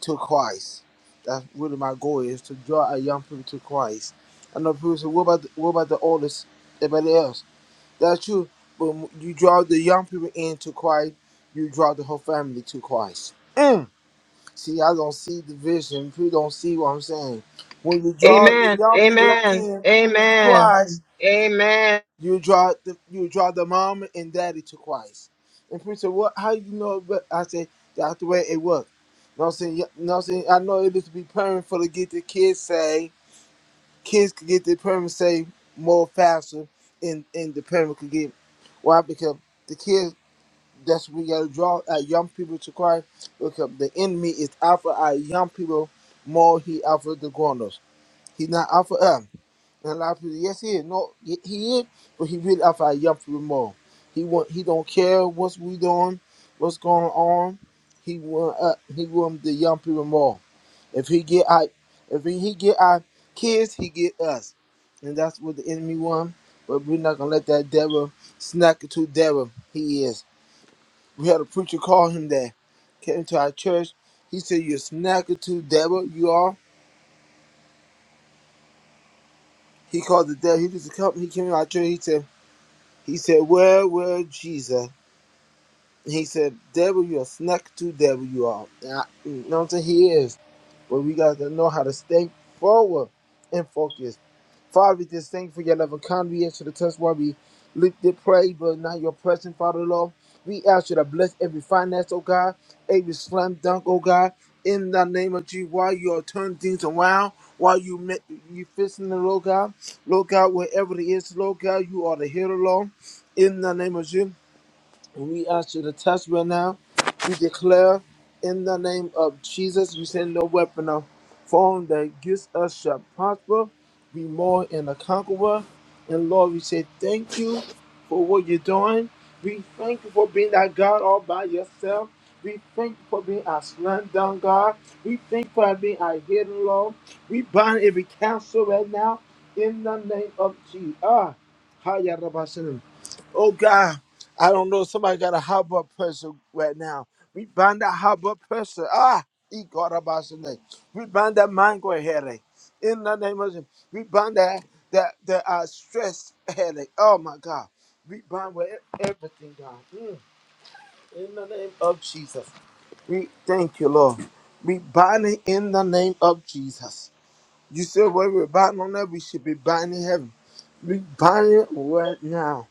Speaker 11: to Christ. That's really my goal is to draw a young people to Christ. I know people say, what about the, what about the oldest, everybody else? That's true. But you draw the young people into Christ, you draw the whole family to Christ. Mm. See, I don't see the vision. People don't see what I'm saying. When you draw the
Speaker 9: Amen.
Speaker 11: young people
Speaker 9: Amen.
Speaker 11: in to
Speaker 9: Amen.
Speaker 11: Christ,
Speaker 9: Amen.
Speaker 11: you draw the you draw the mom and daddy to Christ. And people say, What how you know but I say that's the way it works. You know what I'm saying? You know what I'm saying? I know it is to be permanent for to get the kids say kids could get the permit say more faster and, and the permit could get why? Because the kids that's we gotta draw our young people to Christ because the enemy is out for our young people more he out for the grown ups. He's not out for us. And a lot of people, yes, he is. No, he he is, but he really after our young people more. He want, he don't care what's we doing, what's going on. He want, uh, he want the young people more. If he get our, if he, he get our kids, he get us, and that's what the enemy want. But we're not gonna let that devil snack it to devil. He is. We had a preacher call him that. Came to our church. He said, "You're snacker to devil. You are." He called the devil. He just come. He came to our church. He said. He said, Where were Jesus? He said, Devil, you are snuck to devil, you are. And I- You know what I'm saying? He is. But we got to know how to stay forward and focus. Father, we just thank you for your love and kindness. We ask you to touch while we lift the pray, but not your presence, Father Lord. We ask you to bless every finance, oh God, every slam dunk, oh God. In the name of Jesus, while you are turning things around, while you make you fixing the Lord God, Lord God, wherever it is, Lord God, you are the hero, Lord. In the name of Jesus. And we ask you to test right now. We declare in the name of Jesus, you send no weapon of form that against us shall prosper. Be more in a conqueror. And Lord, we say thank you for what you're doing. We thank you for being that God all by yourself. We thank you for being our slam dunk God. We thank you for being our hidden Lord. We bind every counsel right now in the name of Jesus. Ah, Oh God, I don't know. Somebody got a high blood pressure right now. We bind that high blood pressure. Ah, E God about your name. We bind that migraine headache. In the name of Jesus, we bind that that that uh, stress headache. Oh my God, we bind with e- everything, God. Mm, In the name of Jesus, we thank you, Lord. We bind it in the name of Jesus. You said where we're binding on that, we should be binding heaven. We bind it right now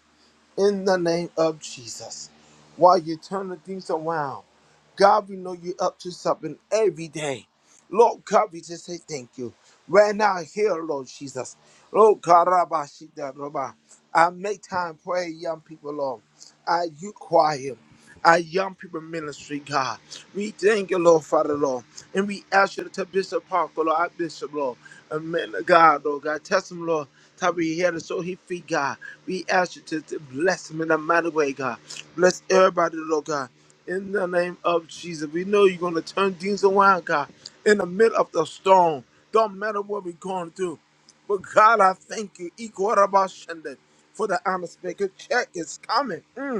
Speaker 11: in the name of Jesus. While you're turning things around, God, we know you're up to something every day. Lord God, we just say thank you. Right now, here, Lord Jesus. Lord God, Rabba, Shita, Rabba. I make time pray, young people, Lord. I you choir, our young people ministry, God. We thank you, Lord, Father, Lord. And we ask you to touch Bishop Parker, Lord, our Bishop, Lord. Amen. God, Lord, God, touch him, Lord. Top of your head and show his feet, God. We ask you to, to bless him in a mighty way, God. Bless everybody, Lord, God. In the name of Jesus, we know you're going to turn things around, God. In the middle of the storm, don't matter what we're going through. But God, I thank you, Equal about for the honest maker check is coming. Mm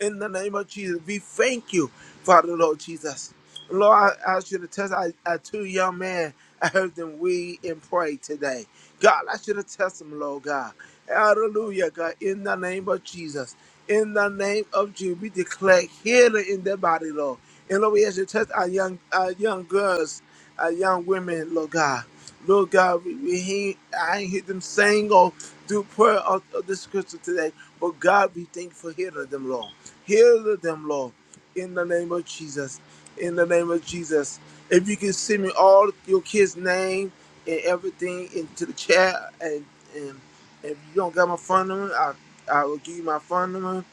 Speaker 11: in the name of Jesus. We thank you, Father Lord Jesus. Lord, I ask you to test I, I two young men. I heard them weed and pray today. God, I should have tested them, Lord God. Hallelujah, God, in the name of Jesus. In the name of Jesus, we declare healing in their body, Lord. And Lord, we ask you to test our young our young girls, our young women, Lord God. Lord God, we, we hear, I ain't hear them sing or do prayer of, of the scripture today. But God, we thank you for healing them, Lord. Heal them, Lord, in the name of Jesus. In the name of Jesus. If you can send me all your kids' name and everything into the chat, and, and if you don't got my phone number, I, I will give you my phone number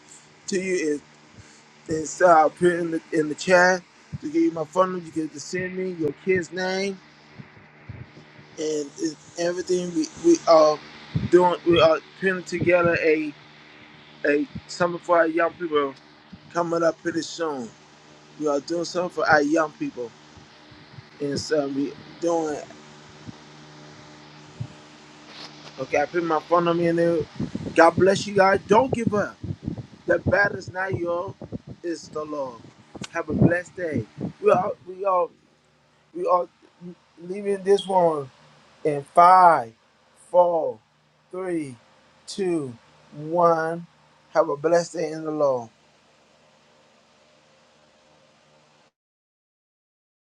Speaker 11: to you. And, and so I'll put it in the, in the chat to give you my phone number. You can just send me your kids' name and, and everything. We, we are doing, we are putting together a, a something for our young people coming up pretty soon. You are doing something for our young people. And so we doing okay, I put my phone on me and then God bless you guys. Don't give up. The battle is not yours, it's the Lord. Have a blessed day. We are we are we are leaving this one in five, four, three, two, one. Have a blessed day in the Lord.